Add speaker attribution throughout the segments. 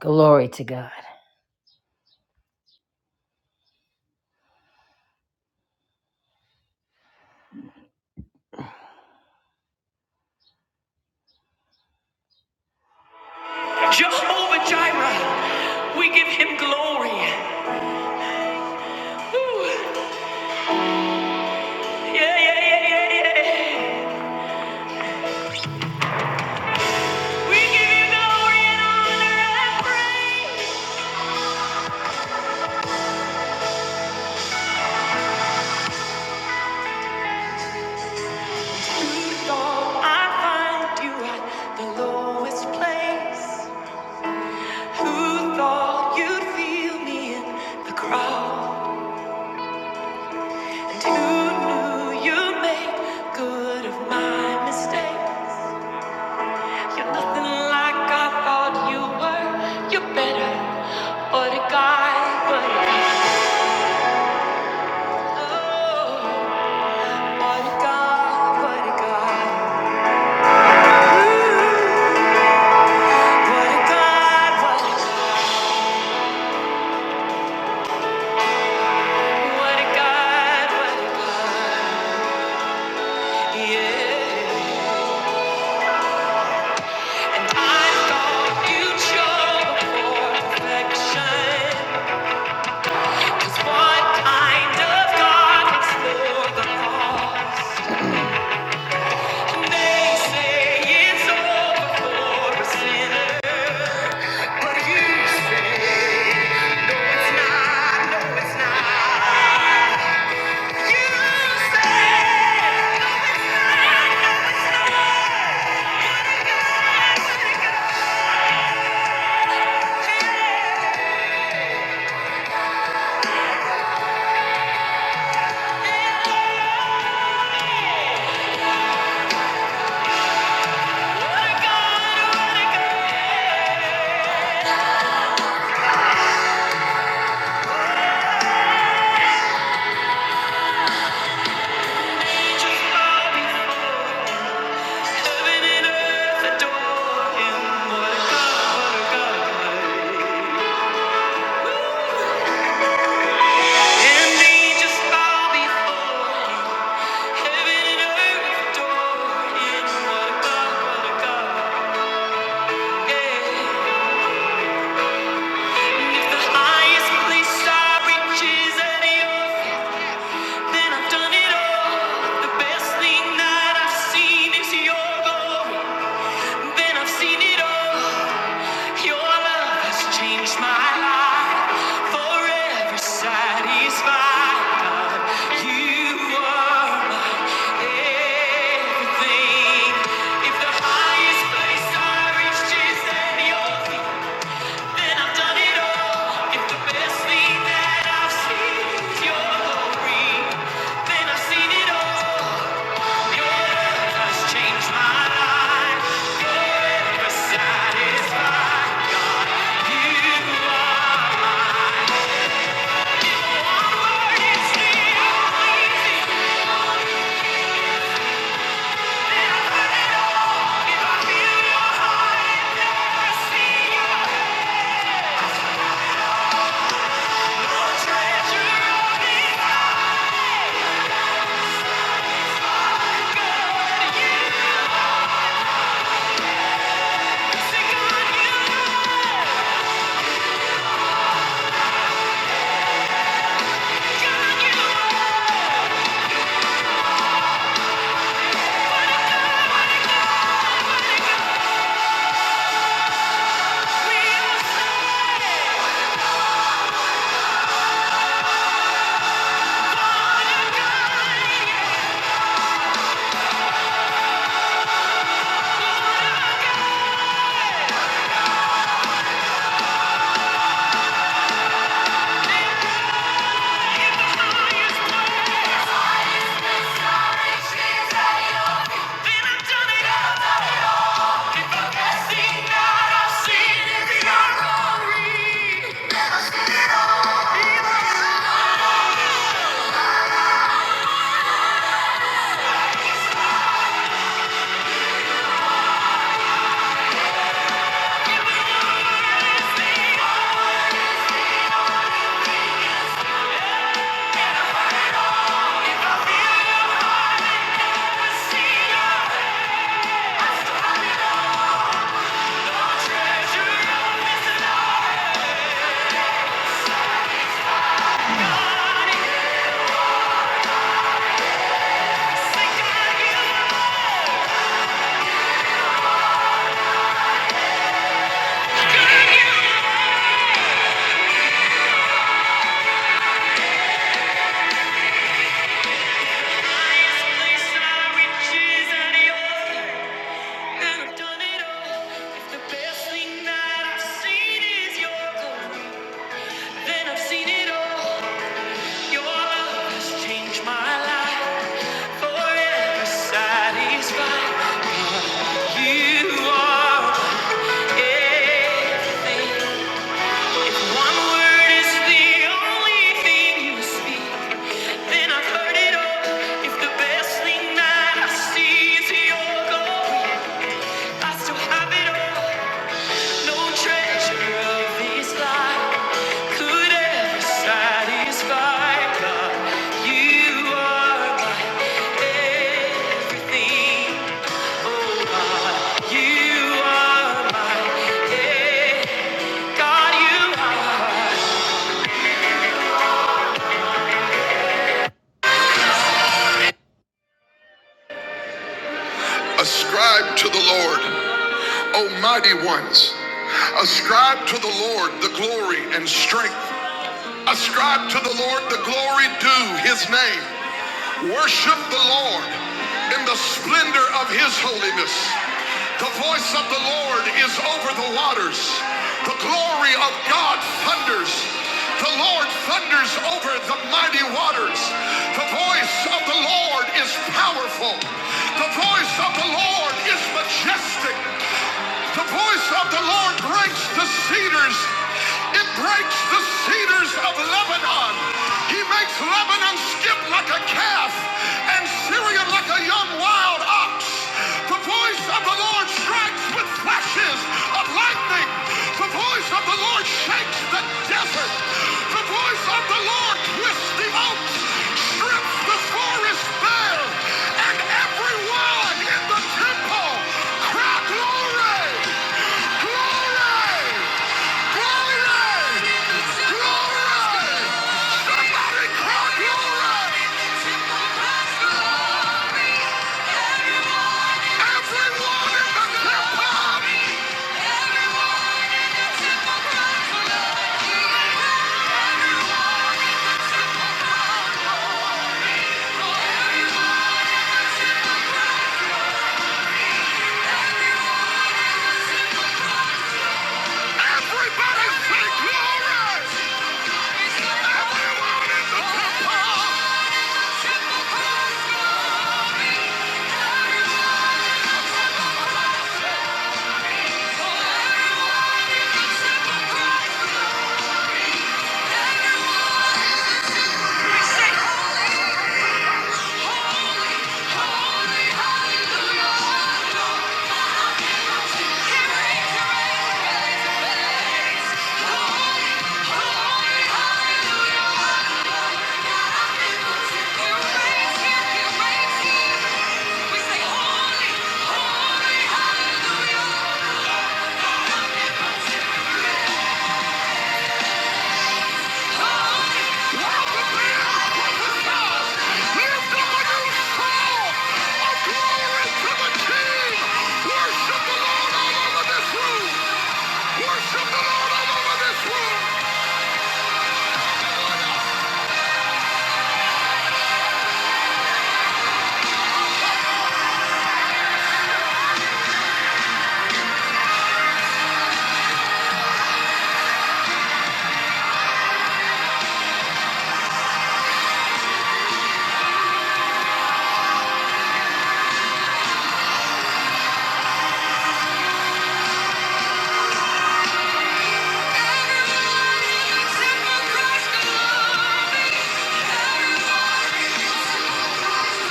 Speaker 1: Glory to God. Jehovah Jireh, we give him glory. Woo. Yeah, yeah, yeah, yeah, yeah. We give you glory and honor and praise. Who thought I'd find you at the lowest place? Who thought you'd feel me in the crowd? And who knew you'd make good of my mistake? You're nothing like I thought you were. You're better. What a guy, what a guy. Oh, what a guy. what a God. What a guy. what a guy. What a God, what a God. Yeah. I thought you'd show perfection. 'Cause what kind of God looks for the lost? They say it's over for a sinner, but you say it's not. No, it's not. You say, What a God, what a God. Angels bow before Him. Heaven and earth adore Him. What a God, what a God. angels bow before Him. Heaven and earth adore Him. What a God, what a God. Yeah. If the highest place I reach is at your feet, then I've done it all. The best thing that I've seen is your glory. Then I've seen it all. Your love has changed my life. Forever satisfied. God, you are my everything. If the highest place I reach is at your feet. And I've done it all. If the best thing that I've seen is your glory, then I've seen it all. Your love has changed my life. You're satisfied. You are mine. Lord, it's the only I see. Your treasure, the good you love, you are my highest praise. Then I've done it all. Change my life forever satisfied. You are. Eh, One word is the only thing you speak. Then I've heard it all. If the best thing that I see is your glory, I still have it all. No treasure of this life could ever satisfy. God, you are my everything. Oh you are my eh, God, you are. Ascribe to the Lord, O mighty ones. Ascribe to the Lord the glory and strength. Ascribe to the Lord the glory due his name. Worship the Lord in the splendor of his holiness. The voice of the Lord is over the waters. The glory of God thunders. The Lord thunders over the mighty waters. The voice of the Lord is powerful. The voice of the Lord is majestic. The voice of the Lord breaks the cedars. It breaks the cedars of Lebanon. He makes Lebanon skip like a calf and Syrian like a young wild ox. The voice of the Lord strikes with flashes of lightning. The voice of the Lord shakes the desert. The voice of the Lord twists the oaks, strips the forest bare, and everyone in the temple cry glory, glory. Everybody say glory! Thank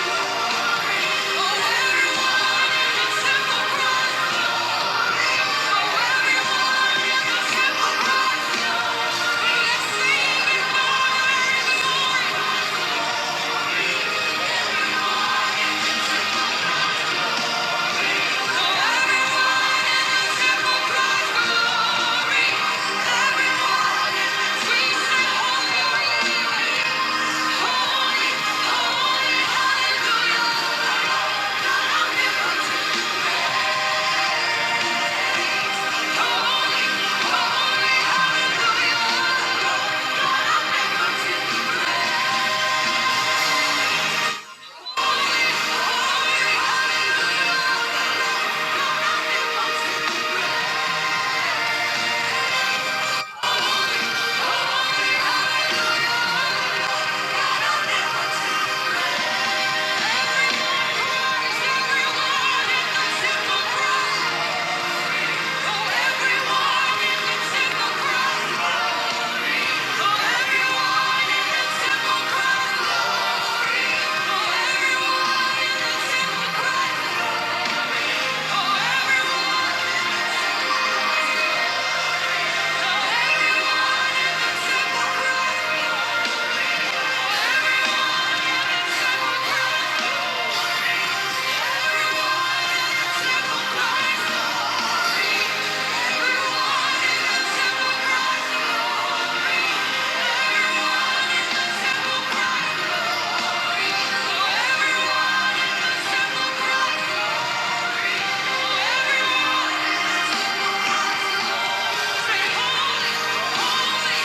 Speaker 1: you. Thank you. Thank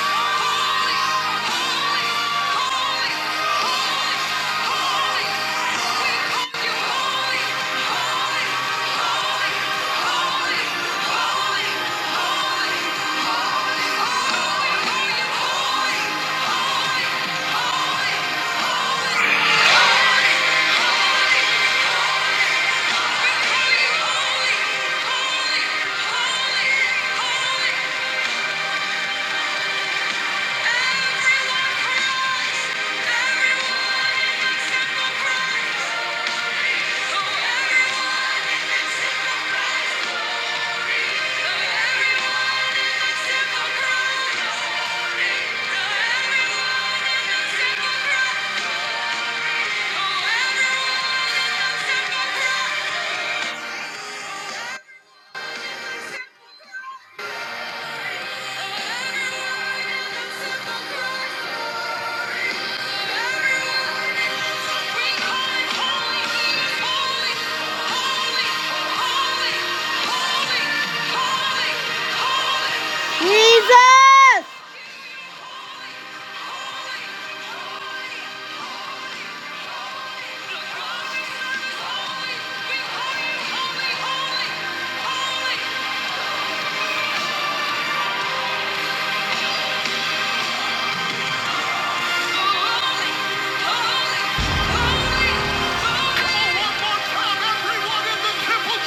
Speaker 1: you. Thank you. Holy, holy, holy, holy. Everyone in the temple.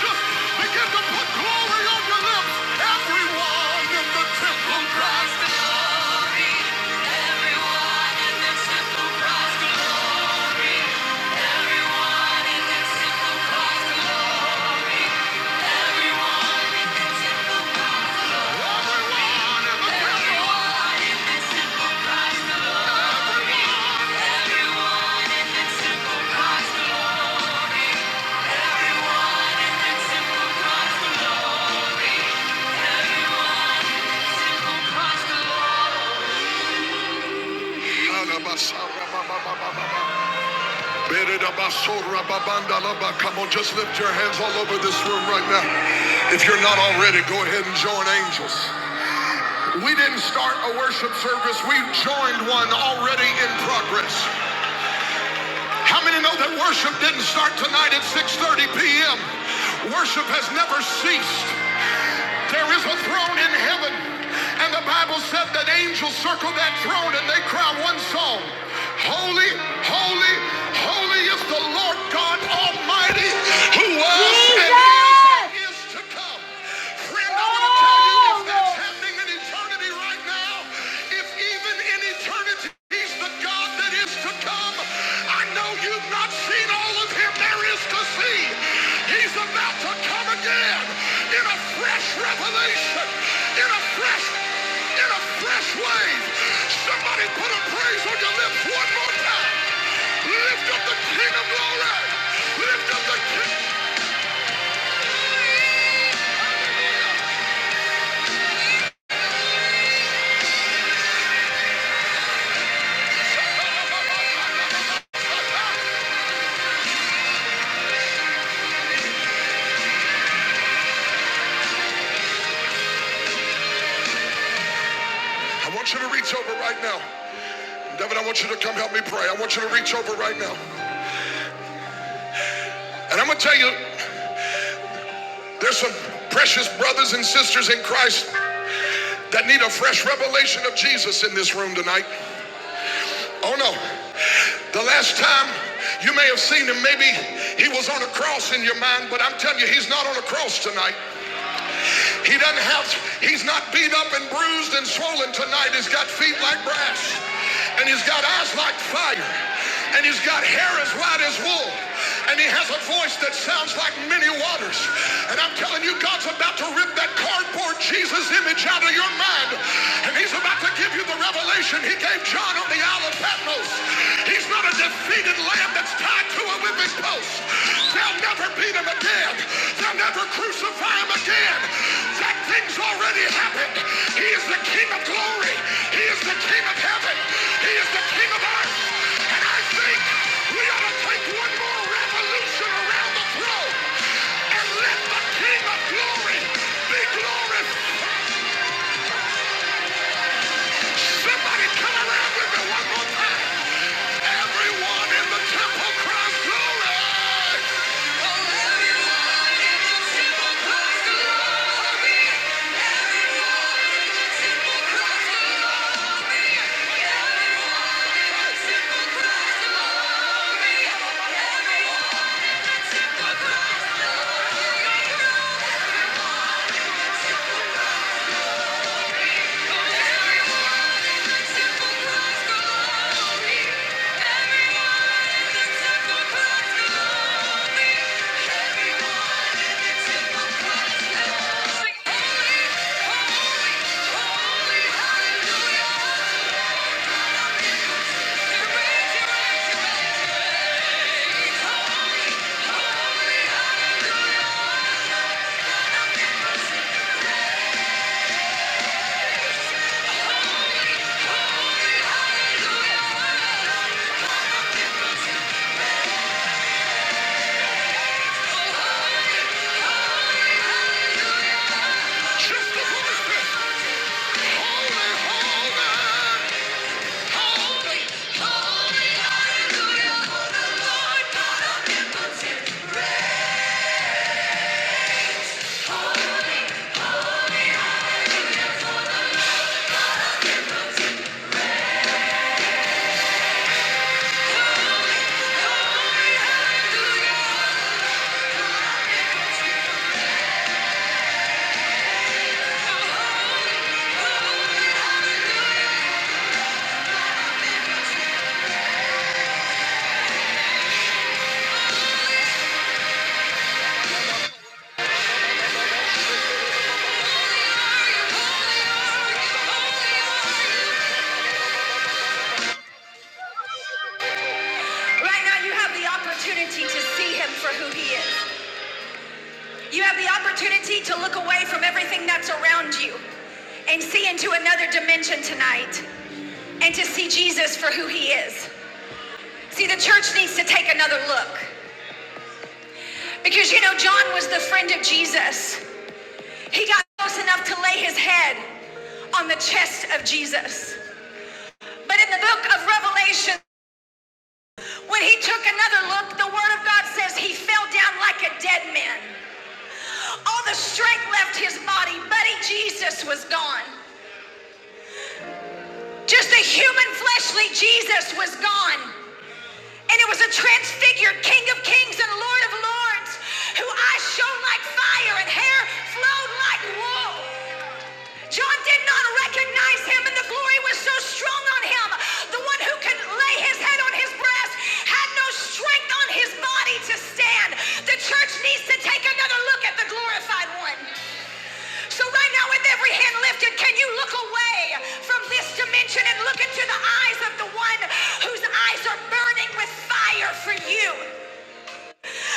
Speaker 1: Come on, just lift your hands all over this room right now. If you're not already, go ahead and join angels. We didn't start a worship service, we joined one already in progress. How many know that worship didn't start tonight at 6:30 p.m.? Worship has never ceased. There is a throne in heaven, and the Bible said that angels circle that throne and they cry one song. Holy, holy, holy is the Lord God Almighty who was Jesus! and is is to come. Friend, I want to tell you if that's happening in eternity right now, if even in eternity he's the God that is to come, I know you've not seen all of him there is to see. He's about to come again in a fresh revelation, in a fresh, in a fresh wave. Somebody put a praise on your lips one more time. Lift up the King of Glory. Lift up the King. I want you to reach over right now. David, I want you to come help me pray. I want you to reach over right now. And I'm going to tell you, there's some precious brothers and sisters in Christ that need a fresh revelation of Jesus in this room tonight. Oh no. The last time you may have seen him, maybe he was on a cross in your mind, but I'm telling you, he's not on a cross tonight. He doesn't have, he's not beat up and bruised and swollen tonight. He's got feet like brass, and he's got eyes like fire, and he's got hair as white as wool, and he has a voice that sounds like many waters. And I'm telling you, God's about to rip that cardboard Jesus image out of your mind, and he's about to give you the revelation he gave John on the Isle of Patmos. He's not a defeated lamb that's tied to a whipping post. They'll never beat him again. They'll never crucify him again. That thing's already happened. He is the King of glory. He is the King of heaven. He is the King of earth. And I think we ought to take one more revolution around the throne and let the King of glory be glorified. Somebody come around with me one more time. Everyone in the temple cries glory. Right now, you have the opportunity to see him for who he is. You have the opportunity to look away from everything that's around you and see into another dimension tonight and to see Jesus for who he is. See, the church needs to take another look because you know, John was the friend of Jesus. He got close enough to lay his head on the chest of Jesus. But in the book of Revelation, when he took another look, the word of God says he fell down like a dead man. All the strength left his body. Buddy Jesus was gone. Just the human fleshly Jesus was gone. And it was a transfigured King of Kings and Lord of Lords who eyes shone like fire and hair flowed like wool. John did not recognize him, and the glory was so strong on him. The one who can lay his head on his breast had no strength on his body to stand. The church needs to take another look at the glorified one. So, right now, with every hand lifted, can you look away from this dimension and look into the eyes of the one whose eyes are burning with fire for you?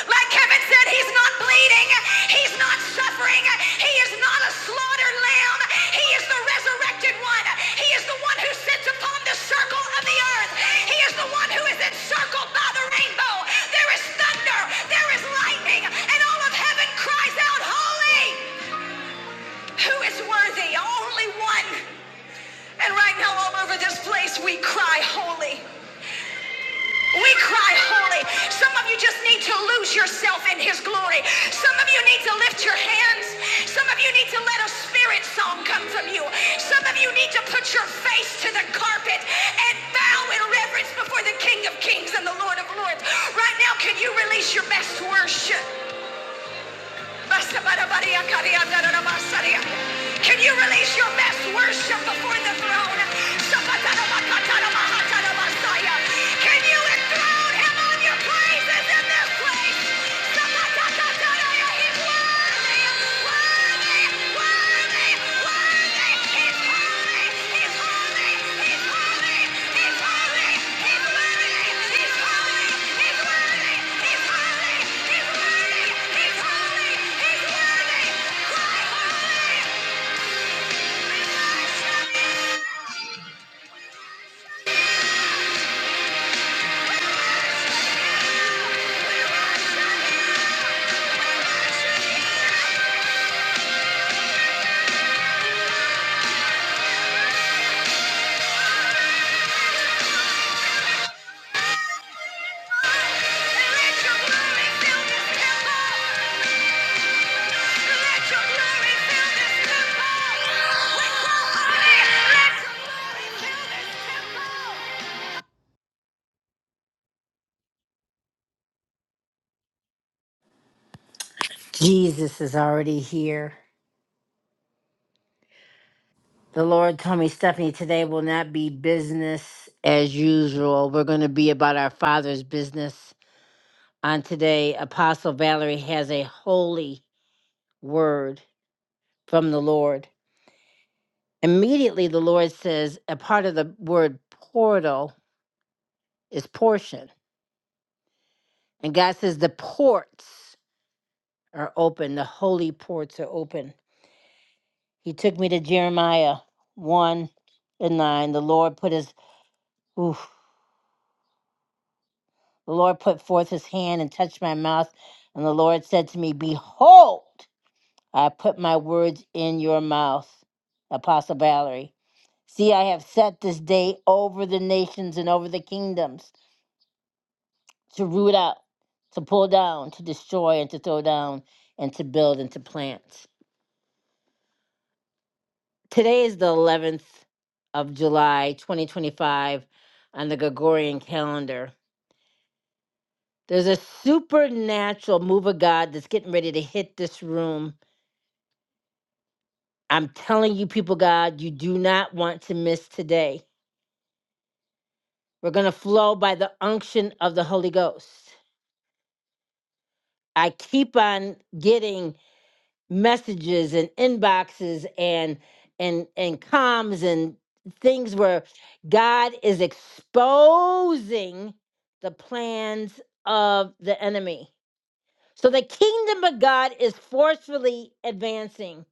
Speaker 1: Like Kevin said, he's not bleeding, he's not suffering, he is not a slaughtered lamb. He is the resurrected one. He is the one who sits upon the circle of the earth. He is the one who is encircled by the rainbow. There is thunder, there is lightning, and all of heaven cries out, Holy! Who is worthy? Only one. And right now, all over this place, we cry, Holy. We cry holy. Some of you just need to lose yourself in his glory. Some of you need to lift your hands. Some of you need to let a spirit song come from you. Some of you need to put your face to the carpet and bow in reverence before the King of Kings and the Lord of Lords. Right now, can you release your best worship? Can you release your best worship before the throne? Can you enthrone him on your praises in this place? He's worthy, worthy, worthy, worthy. He's holy, he's holy, he's holy, he's holy, he's worthy, he's holy, he's worthy, he's holy, he's worthy. Jesus is already here. The Lord told me, Stephanie, today will not be business as usual. We're going to be about our Father's business. On today, Apostle Valerie has a holy word from the Lord. Immediately, the Lord says a part of the word portal is portion. And God says the ports are open, the holy ports are open. He took me to Jeremiah 1 and 9. The Lord put his, oof, the Lord put forth his hand and touched my mouth. And the Lord said to me, Behold, I put my words in your mouth, Apostle Valerie. See, I have set this day over the nations and over the kingdoms to root out, to pull down, to destroy, and to throw down, and to build and to plant. Today is the 11th of July, 2025, on the Gregorian calendar. There's a supernatural move of God that's getting ready to hit this room. I'm telling you, people, God, you do not want to miss today. We're going to flow by the unction of the Holy Ghost. I keep on getting messages and inboxes and and and comms and things where God is exposing the plans of the enemy. So the kingdom of God is forcefully advancing.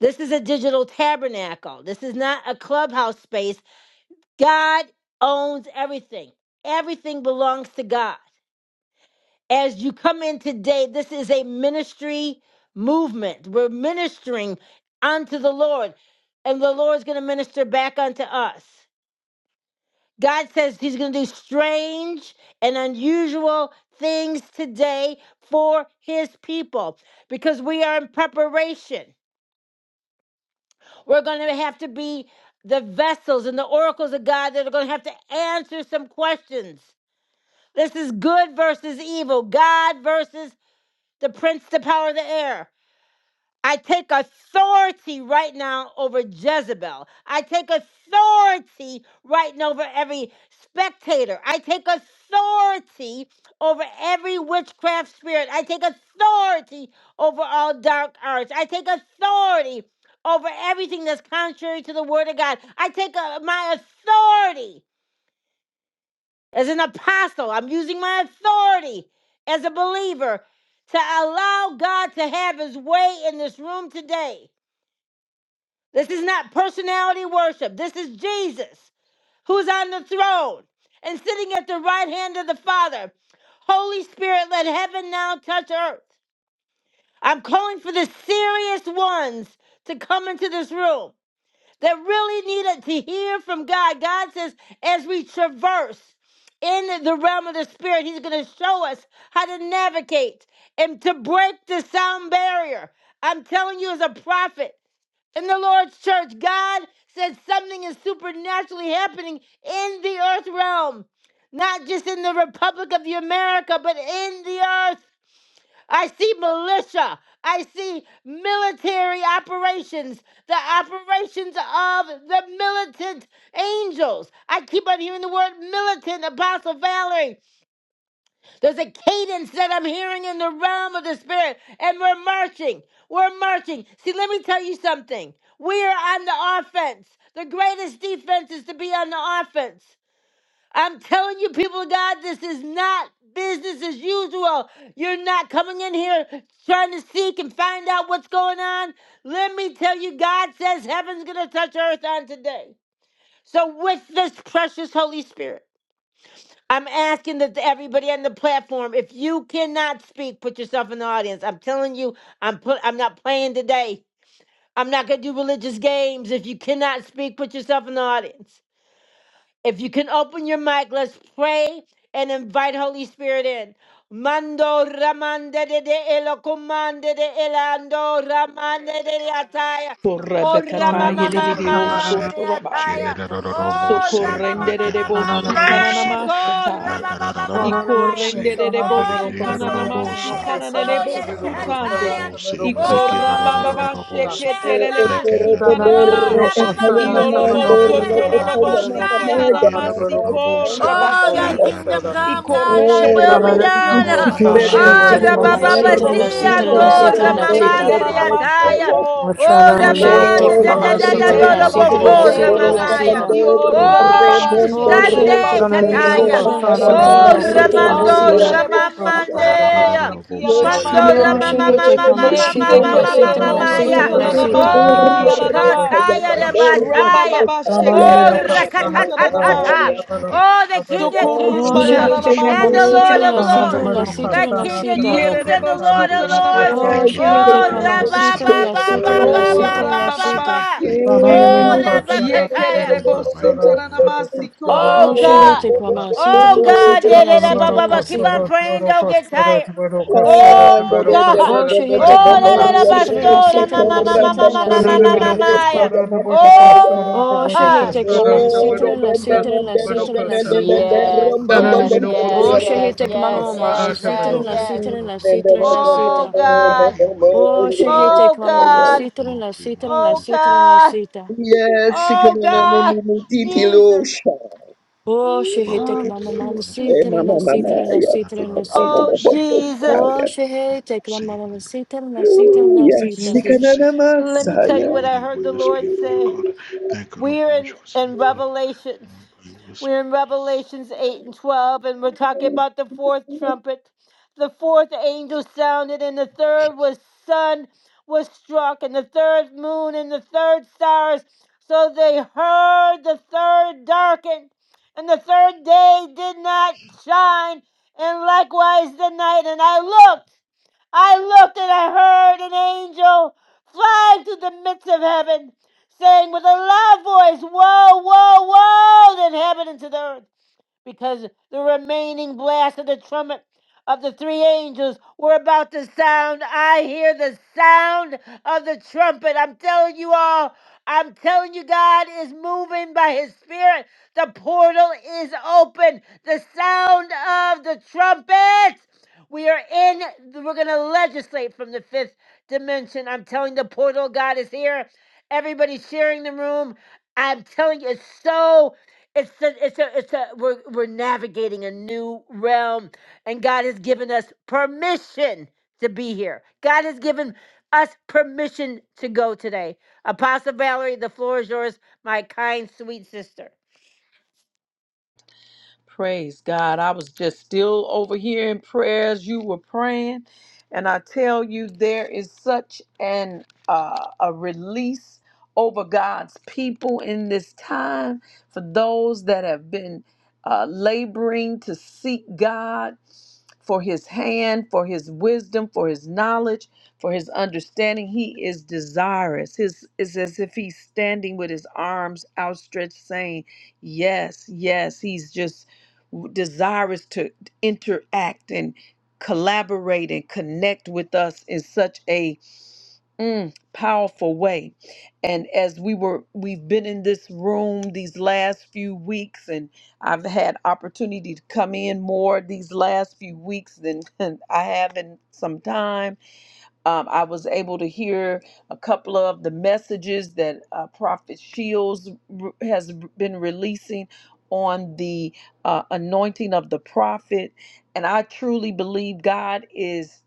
Speaker 1: This is a digital tabernacle. This is not a clubhouse space. God owns everything. Everything belongs to God. as you come in today, this is a ministry movement. We're ministering unto the Lord, and the Lord's going to minister back unto us. God says He's going to do strange and unusual things today for His people because we are in preparation. We're going to have to be the vessels and the oracles of God that are going to have to answer some questions. This is good versus evil, God versus the prince, the power of the air. I take authority right now over Jezebel. I take authority right now over every spectator. I take authority over every witchcraft spirit. I take authority over all dark arts. I take authority over everything that's contrary to the word of God. I take uh, my authority as an apostle. I'm using my authority as a believer to allow God to have his way in this room today. This is not personality worship. This is Jesus who's on the throne and sitting at the right hand of the Father. Holy Spirit, let heaven now touch earth. I'm calling for the serious ones to come into this room that really needed to hear from God. God says, as we traverse in the realm of the Spirit, He's going to show us how to navigate and to break the sound barrier. I'm telling you, as a prophet, in the Lord's church. God says something is supernaturally happening in the earth realm, not just in the Republic of the America, but in the earth. I see militia. I see military operations, the operations of the militant angels. I keep on hearing the word militant, Apostle Valerie. There's a cadence that I'm hearing in the realm of the Spirit, and we're marching. We're marching. See, let me tell you something. We are on the offense. The greatest defense is to be on the offense. I'm telling you, people of God, this is not business as usual. You're not coming in here trying to seek and find out what's going on. Let me tell you, God says heaven's going to touch earth on today. So, with this precious Holy Spirit, I'm asking that everybody on the platform, if you cannot speak, put yourself in the audience. I'm telling you, I'm put, I'm not playing today. I'm not going to do religious games. If you cannot speak, put yourself in the audience. If you can open your mic, let's pray and invite Holy Spirit in. Mando ramande de de elo comande de elando ramande de de ataya. Oh
Speaker 2: Sana
Speaker 3: Korabekata yedidi
Speaker 1: ramamamama
Speaker 3: oso
Speaker 1: de
Speaker 4: Rabose,
Speaker 1: de ataya.
Speaker 3: torabande.
Speaker 1: Oh
Speaker 4: Shenerabose,
Speaker 3: Sokorrenderebo
Speaker 1: ramamamama ye
Speaker 4: Rakarabose,
Speaker 1: ko
Speaker 3: sutananamasataya.
Speaker 1: ramamamamaya.
Speaker 4: Rakarabose,
Speaker 3: Ikorrenderebo
Speaker 1: Oh ramande
Speaker 3: sukananamasi
Speaker 4: Rikirabosa,
Speaker 1: ya ko
Speaker 3: kananebo
Speaker 1: ye de de
Speaker 3: sutande.
Speaker 1: ataya.
Speaker 4: Rabose,
Speaker 3: Ikorambababa
Speaker 1: Oh
Speaker 4: Rikirabose,
Speaker 1: yes
Speaker 3: sheketelelebo
Speaker 1: God. Oh,
Speaker 3: sutananama.
Speaker 1: Rabba
Speaker 4: Rekarabose,
Speaker 1: Baba
Speaker 3: Iolobo
Speaker 1: Bakia,
Speaker 3: sotololobo
Speaker 4: Rakarabose,
Speaker 1: Bosaya.
Speaker 3: sikiananamasi
Speaker 4: Rikirabosa,
Speaker 1: Oh, thy
Speaker 3: korabasi.
Speaker 1: kingdom come, God, thy
Speaker 4: Rakarabose.
Speaker 1: will be
Speaker 3: Ikorrenderebo
Speaker 4: Move
Speaker 1: done.
Speaker 4: by your
Speaker 5: Oh
Speaker 3: sutananamande.
Speaker 5: Shehi
Speaker 4: spirit,
Speaker 1: Oh,
Speaker 5: take
Speaker 4: move by
Speaker 5: mama la
Speaker 4: your,
Speaker 1: Rabababa,
Speaker 4: by
Speaker 5: sita
Speaker 3: Yerebo
Speaker 4: your
Speaker 5: la
Speaker 1: see,
Speaker 4: awareness,
Speaker 5: sita la
Speaker 1: and
Speaker 5: and
Speaker 4: please, Father
Speaker 1: oh,
Speaker 4: God.
Speaker 5: la
Speaker 3: sutoramanande
Speaker 5: sita.
Speaker 1: Ramamande,
Speaker 4: Father,
Speaker 1: the
Speaker 4: we thank
Speaker 1: ataya.
Speaker 4: you for
Speaker 6: Or
Speaker 3: kiananamasoko.
Speaker 4: what you're
Speaker 1: Oh,
Speaker 4: going
Speaker 2: Masana
Speaker 4: to
Speaker 5: Oh
Speaker 2: na
Speaker 4: do,
Speaker 3: Ye
Speaker 5: Shehi
Speaker 4: Father
Speaker 2: minoko
Speaker 5: take
Speaker 1: Ramanda,
Speaker 4: God.
Speaker 1: da
Speaker 5: mama
Speaker 3: koto
Speaker 1: da
Speaker 5: la
Speaker 2: saha
Speaker 1: da da
Speaker 5: sita
Speaker 4: Have
Speaker 1: da
Speaker 2: tabaroko
Speaker 5: la
Speaker 1: da
Speaker 4: your
Speaker 3: shekela la
Speaker 4: way
Speaker 5: sita la
Speaker 1: boko,
Speaker 4: in
Speaker 5: and
Speaker 4: this
Speaker 2: soro
Speaker 4: place,
Speaker 3: base.
Speaker 5: la
Speaker 4: Father
Speaker 2: robaroko
Speaker 4: God.
Speaker 1: Ramamaya.
Speaker 2: sara
Speaker 5: sita.
Speaker 4: Move
Speaker 3: Iorra
Speaker 2: robaroko
Speaker 4: by your
Speaker 2: sa.
Speaker 3: mababa
Speaker 1: Oh,
Speaker 4: spirit,
Speaker 5: Oh
Speaker 4: move by
Speaker 3: shekela
Speaker 4: your
Speaker 3: la
Speaker 5: Shehi
Speaker 1: Sunday,
Speaker 5: take
Speaker 4: willing
Speaker 2: Sana
Speaker 4: way
Speaker 5: mama
Speaker 2: na
Speaker 4: in
Speaker 5: la
Speaker 4: this
Speaker 3: basi
Speaker 5: sita
Speaker 1: Kataya.
Speaker 2: minoko
Speaker 4: place.
Speaker 5: la
Speaker 2: sana na
Speaker 5: sita
Speaker 3: ananamande.
Speaker 4: Father
Speaker 5: la
Speaker 1: Oh,
Speaker 4: God, we
Speaker 2: manoko
Speaker 5: and
Speaker 2: sana
Speaker 5: la
Speaker 2: na
Speaker 1: Ramando,
Speaker 5: sita.
Speaker 4: ra-da-da-da-bo-se,
Speaker 3: Andelele
Speaker 2: manoko soro
Speaker 3: bosuta
Speaker 2: robaroko
Speaker 1: Ramamande.
Speaker 2: sa
Speaker 3: nanamande ki
Speaker 6: Yes,
Speaker 4: ra-da-da-da-da-bo-se,
Speaker 2: tabaroko.
Speaker 1: Mandora
Speaker 5: Oh
Speaker 3: ananamande.
Speaker 1: mama
Speaker 5: Shehi
Speaker 1: mama
Speaker 5: take
Speaker 4: ra-da-da-da-da-bo-se,
Speaker 5: mama la
Speaker 3: Ye
Speaker 1: mama
Speaker 5: sita
Speaker 1: mama
Speaker 2: Sabaroko
Speaker 5: la
Speaker 3: sekede
Speaker 1: mama
Speaker 5: sita
Speaker 3: de
Speaker 1: mama
Speaker 2: sabaroko
Speaker 1: ya.
Speaker 5: la and
Speaker 3: bosuta
Speaker 5: la
Speaker 2: sabaroko
Speaker 5: sita.
Speaker 3: nanamande
Speaker 2: sabaroko
Speaker 1: Oh
Speaker 3: ki
Speaker 4: ra-da-da-da-da-bo-se.
Speaker 3: ananama.
Speaker 2: sabaroko
Speaker 4: Move
Speaker 1: kataya
Speaker 4: by
Speaker 2: sara.
Speaker 1: de
Speaker 4: your spirit, Father
Speaker 3: Ramba
Speaker 1: bataya.
Speaker 4: God.
Speaker 3: baba
Speaker 2: Sana na
Speaker 4: Move
Speaker 1: Oh
Speaker 4: by
Speaker 3: shekede de
Speaker 4: your
Speaker 2: minoko
Speaker 4: spirit,
Speaker 2: sana
Speaker 3: bosuta
Speaker 4: Father God, in
Speaker 2: tabaroko
Speaker 4: this
Speaker 1: rakatatata.
Speaker 4: place,
Speaker 3: nanamaye.
Speaker 4: Father God.
Speaker 2: sabaroko
Speaker 1: Oh the King
Speaker 2: sabaroko
Speaker 1: of
Speaker 5: Oh
Speaker 1: Kings
Speaker 3: Socorrumba
Speaker 4: Move by
Speaker 1: uh,
Speaker 5: Shehi
Speaker 4: your
Speaker 2: sabaroko.
Speaker 5: take mama
Speaker 4: spirit,
Speaker 1: and
Speaker 5: la
Speaker 3: talalabasi
Speaker 1: the
Speaker 4: Father
Speaker 3: ki
Speaker 5: sita
Speaker 1: Lord
Speaker 4: God.
Speaker 1: of
Speaker 5: la
Speaker 2: Sana
Speaker 5: sita
Speaker 2: na
Speaker 4: Move
Speaker 1: Lords.
Speaker 3: ananamasa.
Speaker 4: by
Speaker 5: la
Speaker 4: your
Speaker 2: minoko
Speaker 5: sita
Speaker 4: willing
Speaker 1: The
Speaker 5: la
Speaker 4: witness,
Speaker 2: sana
Speaker 1: King
Speaker 4: please.
Speaker 1: of
Speaker 5: sita.
Speaker 3: Yere
Speaker 1: Kings
Speaker 2: tabaroko
Speaker 3: de
Speaker 1: and the
Speaker 2: sara
Speaker 1: Lord
Speaker 3: bosuta
Speaker 1: of
Speaker 4: Ra-ra-ra-ra-ra-ra-ra-bo-si.
Speaker 2: robaroko
Speaker 1: Lords.
Speaker 3: nanamase
Speaker 2: soro
Speaker 5: Oh
Speaker 3: ki
Speaker 5: Shehi take
Speaker 1: Oh
Speaker 5: mama la
Speaker 3: ananamasa.
Speaker 1: rabba
Speaker 2: robaroko
Speaker 4: Re-ki-ri-ra-ra-ra-ra-bo-si.
Speaker 5: sita
Speaker 1: ba
Speaker 5: la
Speaker 2: sara
Speaker 1: ba
Speaker 5: sita
Speaker 1: ba
Speaker 2: tabaroko
Speaker 5: la
Speaker 1: ba
Speaker 3: Oh,
Speaker 1: ba
Speaker 2: sa.
Speaker 5: sita la
Speaker 1: ba ba.
Speaker 4: Ba-ra-ra-ra-ra-ra-ra-bo-si.
Speaker 5: sita.
Speaker 4: re
Speaker 3: Rambababashe.
Speaker 4: ki ri
Speaker 2: Sarana
Speaker 1: Oh
Speaker 2: Miroka
Speaker 4: ra
Speaker 2: Sara to the
Speaker 1: rabakataya.
Speaker 3: Yekererebo
Speaker 2: Roka
Speaker 4: Move by your
Speaker 2: Sara to
Speaker 4: willing,
Speaker 2: the Roka
Speaker 3: sutaranamansiko.
Speaker 2: Sara
Speaker 5: Oh
Speaker 1: Oh
Speaker 2: to the
Speaker 4: Move by
Speaker 5: Shehi
Speaker 2: Roka
Speaker 1: God.
Speaker 4: your
Speaker 5: take mama
Speaker 4: willingness,
Speaker 2: Sara.
Speaker 5: la
Speaker 4: please,
Speaker 5: sita
Speaker 4: Father
Speaker 1: Oh
Speaker 5: la
Speaker 4: God.
Speaker 1: God.
Speaker 5: sita
Speaker 2: Sarana
Speaker 4: Move
Speaker 5: la and
Speaker 4: by
Speaker 5: la
Speaker 1: Da-da-da-ba-ba-ba.
Speaker 2: Miroka
Speaker 4: your
Speaker 1: Keep
Speaker 4: willing
Speaker 5: sita.
Speaker 1: on
Speaker 2: Sara to
Speaker 4: witness,
Speaker 2: the
Speaker 1: praying.
Speaker 4: please,
Speaker 1: Don't
Speaker 2: Roka
Speaker 4: Father
Speaker 1: get
Speaker 4: God.
Speaker 2: Sara
Speaker 1: tired.
Speaker 2: to
Speaker 4: Move
Speaker 6: Yes,
Speaker 4: by your willingness,
Speaker 2: the Roka Sara to
Speaker 4: please,
Speaker 2: the
Speaker 1: Oh
Speaker 4: Father
Speaker 2: Roka
Speaker 4: God.
Speaker 1: God.
Speaker 5: Oh,
Speaker 2: Sara to the
Speaker 4: ra
Speaker 5: shehete
Speaker 1: Oh
Speaker 4: ra
Speaker 2: Roka
Speaker 1: la
Speaker 4: ra
Speaker 1: la
Speaker 2: Sara.
Speaker 5: kramamana
Speaker 1: la
Speaker 5: sitarin la
Speaker 1: basura. ma
Speaker 5: sitarin
Speaker 1: ma
Speaker 5: la
Speaker 1: ma ma ma
Speaker 5: sitarin
Speaker 1: ma
Speaker 5: la
Speaker 1: ma. ma
Speaker 2: Sarana
Speaker 1: ma
Speaker 5: sita.
Speaker 1: ma
Speaker 2: Miroka
Speaker 1: ma.
Speaker 2: Sara to the Roka Sara to
Speaker 5: Oh,
Speaker 1: Oh
Speaker 2: the
Speaker 4: Move by
Speaker 2: Roka
Speaker 1: ha.
Speaker 5: shehete
Speaker 4: your
Speaker 2: Sara to
Speaker 5: kramana
Speaker 4: spirit,
Speaker 2: the
Speaker 4: Father, for
Speaker 5: sitarin
Speaker 2: Roka
Speaker 4: the
Speaker 5: la
Speaker 4: honor
Speaker 2: Sara
Speaker 4: of
Speaker 5: sitarin la
Speaker 4: the
Speaker 2: to the
Speaker 4: Most
Speaker 5: sitarin
Speaker 2: Roka
Speaker 5: la
Speaker 4: High.
Speaker 2: Sara.
Speaker 4: And
Speaker 5: sita.
Speaker 4: in the name
Speaker 1: Yes,
Speaker 4: of the
Speaker 2: Sarana
Speaker 1: yes,
Speaker 4: Most High.
Speaker 2: Miroka
Speaker 1: yes,
Speaker 4: And
Speaker 5: Oh,
Speaker 2: Sara
Speaker 4: I got an
Speaker 1: yes,
Speaker 2: to the
Speaker 5: shehete
Speaker 4: honor of
Speaker 1: yes,
Speaker 4: the
Speaker 2: Roka
Speaker 5: kramamama
Speaker 4: Most
Speaker 5: la
Speaker 2: Sara
Speaker 1: yes,
Speaker 4: High.
Speaker 2: to the
Speaker 1: yes,
Speaker 5: sitarin
Speaker 2: Roka.
Speaker 5: la
Speaker 4: And I
Speaker 1: yes.
Speaker 4: got an
Speaker 5: sitarin
Speaker 4: honor of
Speaker 5: la
Speaker 4: the
Speaker 5: sitarin
Speaker 4: Most
Speaker 5: la
Speaker 4: High.
Speaker 1: Oh
Speaker 5: sita.
Speaker 4: Move by
Speaker 1: God.
Speaker 4: your will and
Speaker 5: Oh,
Speaker 4: words, Father.
Speaker 5: shehete
Speaker 1: Oh
Speaker 5: kramamana
Speaker 1: God.
Speaker 5: sitarin
Speaker 4: Move
Speaker 5: la
Speaker 4: by your will
Speaker 5: sitarin
Speaker 4: and
Speaker 5: la
Speaker 1: Oh
Speaker 4: words, please,
Speaker 5: sitarin la
Speaker 1: God.
Speaker 4: Father.
Speaker 5: sita.
Speaker 6: you
Speaker 1: Oh
Speaker 4: Move by
Speaker 1: God.
Speaker 4: your spirit,
Speaker 6: can
Speaker 4: Father.
Speaker 1: Jesus.
Speaker 5: Oh,
Speaker 4: Move
Speaker 5: shehete
Speaker 4: by
Speaker 1: Oh
Speaker 4: your will and
Speaker 5: kramamana
Speaker 4: words,
Speaker 6: Hey,
Speaker 4: please,
Speaker 1: Jesus.
Speaker 5: sitarin
Speaker 4: Father.
Speaker 6: mama,
Speaker 5: la
Speaker 6: mama,
Speaker 5: sitarin
Speaker 1: Jesus.
Speaker 5: la
Speaker 4: I got an
Speaker 5: sitarin
Speaker 4: honor of
Speaker 5: la
Speaker 4: the
Speaker 5: sita.
Speaker 1: Oh
Speaker 4: Most High. And I
Speaker 1: Jesus.
Speaker 5: Oh,
Speaker 6: yes,
Speaker 4: got an honor of the
Speaker 5: shehete
Speaker 4: Most High. And I got an
Speaker 5: kramamana
Speaker 4: honor
Speaker 5: sitarin la
Speaker 4: of
Speaker 5: sitarin
Speaker 6: Ooh,
Speaker 5: la
Speaker 6: yes,
Speaker 5: sita.
Speaker 4: the
Speaker 1: Jesus.
Speaker 4: Most High.
Speaker 1: Let me
Speaker 4: Move by
Speaker 1: tell
Speaker 4: your
Speaker 6: Masaya.
Speaker 1: you what I
Speaker 4: will and
Speaker 1: heard the
Speaker 4: words,
Speaker 1: Lord
Speaker 4: please, Father.
Speaker 1: say.
Speaker 4: God, thank you, Lord,
Speaker 1: We're
Speaker 4: for what
Speaker 1: in,
Speaker 4: you consider,
Speaker 1: in
Speaker 4: Father.
Speaker 1: Revelations.
Speaker 4: Move by your will,
Speaker 1: We're in
Speaker 4: please.
Speaker 1: Revelations 8 and 12, and we're talking about the fourth trumpet. The fourth angel sounded, and the third was sun was struck, and the third moon, and the third stars. So they heard the third darkened, and the third day did not shine, and likewise the night. And I looked. I looked and I heard an angel flying through the midst of heaven, saying with a loud voice, Woe, woe, woe, the inhabitants of the earth, because the remaining blast of the trumpet of the three angels were about to sound. I hear the sound of the trumpet. I'm telling you all, I'm telling you, God is moving by his spirit. The portal is open. The sound of the trumpet. We are in, we're going to legislate from the fifth dimension. I'm telling the portal of God is here. Everybody's sharing the room. I'm telling you, it's so, it's a, it's a, it's a, we're, we're navigating a new realm and God has given us permission to be here. God has given us permission to go today. Apostle Valerie, the floor is yours, my kind, sweet sister.
Speaker 3: Praise God. I was just still over here in prayers. You were praying. And I tell you, there is such an uh, a release over God's people in this time for those that have been uh, laboring to seek God for his hand, for his wisdom, for his knowledge, for his understanding. He is desirous. His it's as if he's standing with his arms outstretched, saying, Yes, yes. He's just desirous to interact and collaborate and connect with us in such a mm, powerful way and as we were we've been in this room these last few weeks and i've had opportunity to come in more these last few weeks than i have in some time um, I was able to hear a couple of the messages that uh, Prophet Shields r- has been releasing on the uh, anointing of the prophet. And I truly believe God is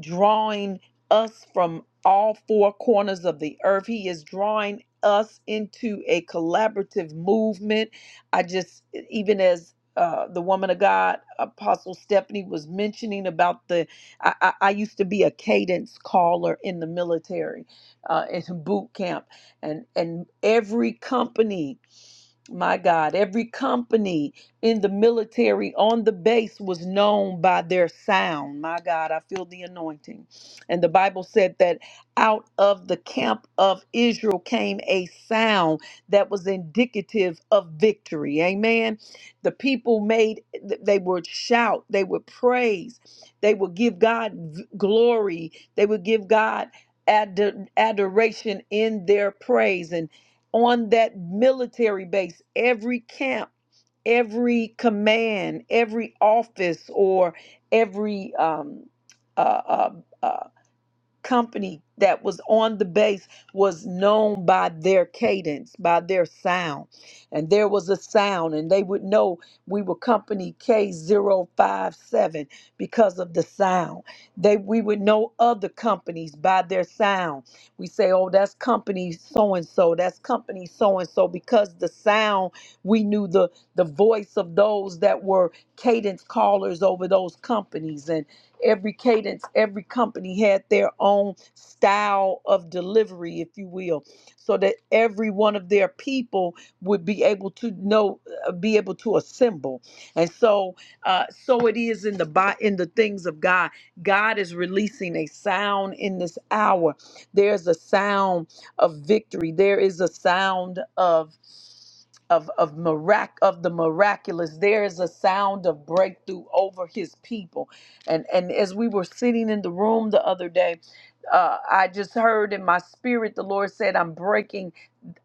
Speaker 3: drawing us from all four corners of the earth. He is drawing us into a collaborative movement. I just, even as uh, the woman of God, Apostle Stephanie, was mentioning about the. I, I, I used to be a cadence caller in the military, uh, in boot camp, and and every company, my God, every company in the military on the base was known by their sound. My God, I feel the anointing. And the Bible said that out of the camp of Israel came a sound that was indicative of victory. Amen. The people made, they would shout, they would praise, they would give God v- glory, they would give God ad- adoration in their praise. And on that military base, every camp every command, every office, or every um, uh, uh, uh, company that was on the bass was known by their cadence, by their sound. And there was a sound, and they would know we were company k zero five seven because of the sound. They we would know other companies by their sound. We say, oh, that's company so and so, that's company so and so, because the sound we knew the the voice of those that were cadence callers over those companies. And Every cadence, every company had their own style of delivery, if you will, so that every one of their people would be able to know, uh, be able to assemble. And so, uh, so it is in the bi- in the things of God. God is releasing a sound in this hour. There's a sound of victory. There is a sound of of of mirac of the miraculous. There is a sound of breakthrough over his people. And and as we were sitting in the room the other day, uh, I just heard in my spirit the Lord said, "I'm breaking."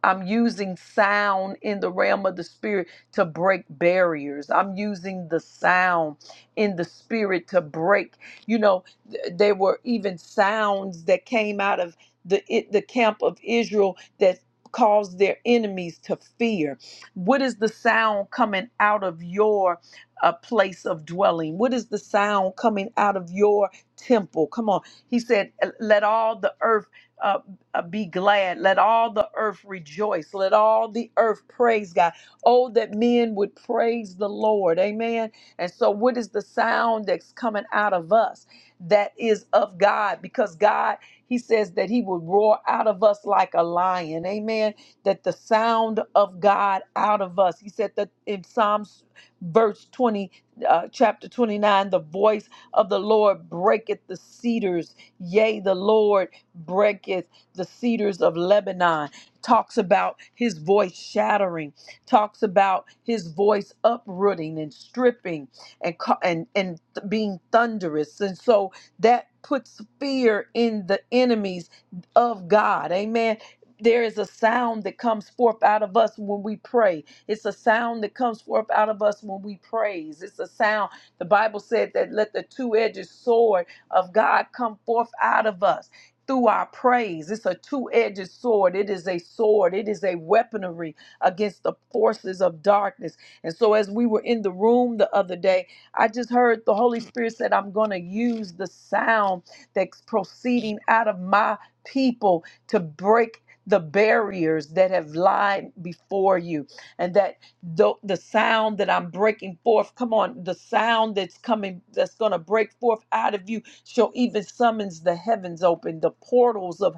Speaker 3: I'm using sound in the realm of the spirit to break barriers. I'm using the sound in the spirit to break. You know, th- there were even sounds that came out of the it, the camp of Israel that caused their enemies to fear. What is the sound coming out of your uh, place of dwelling? What is the sound coming out of your temple? Come on. He said, "Let all the earth." uh, uh, be glad. Let all the earth rejoice. Let all the earth praise God. Oh, that men would praise the Lord. Amen. And so, what is the sound that's coming out of us that is of God? Because God, He says that He will roar out of us like a lion. Amen. That the sound of God out of us. He said that in Psalms verse 20 uh, chapter 29 the voice of the lord breaketh the cedars yea the lord breaketh the cedars of Lebanon, talks about his voice shattering, talks about his voice uprooting and stripping and ca- and and th- being thunderous. And so that puts fear in the enemies of God. Amen. There is a sound that comes forth out of us when we pray. It's a sound that comes forth out of us when we praise. It's a sound. The Bible said that let the two-edged sword of God come forth out of us through our praise. It's a two edged sword. It is a sword. It is a weaponry against the forces of darkness. And so, as we were in the room the other day, I just heard the Holy Spirit said, I'm going to use the sound that's proceeding out of my people to break. The barriers that have lied before you, and that the, the sound that I'm breaking forth, come on, the sound that's coming, that's going to break forth out of you, shall even summons the heavens open. The portals of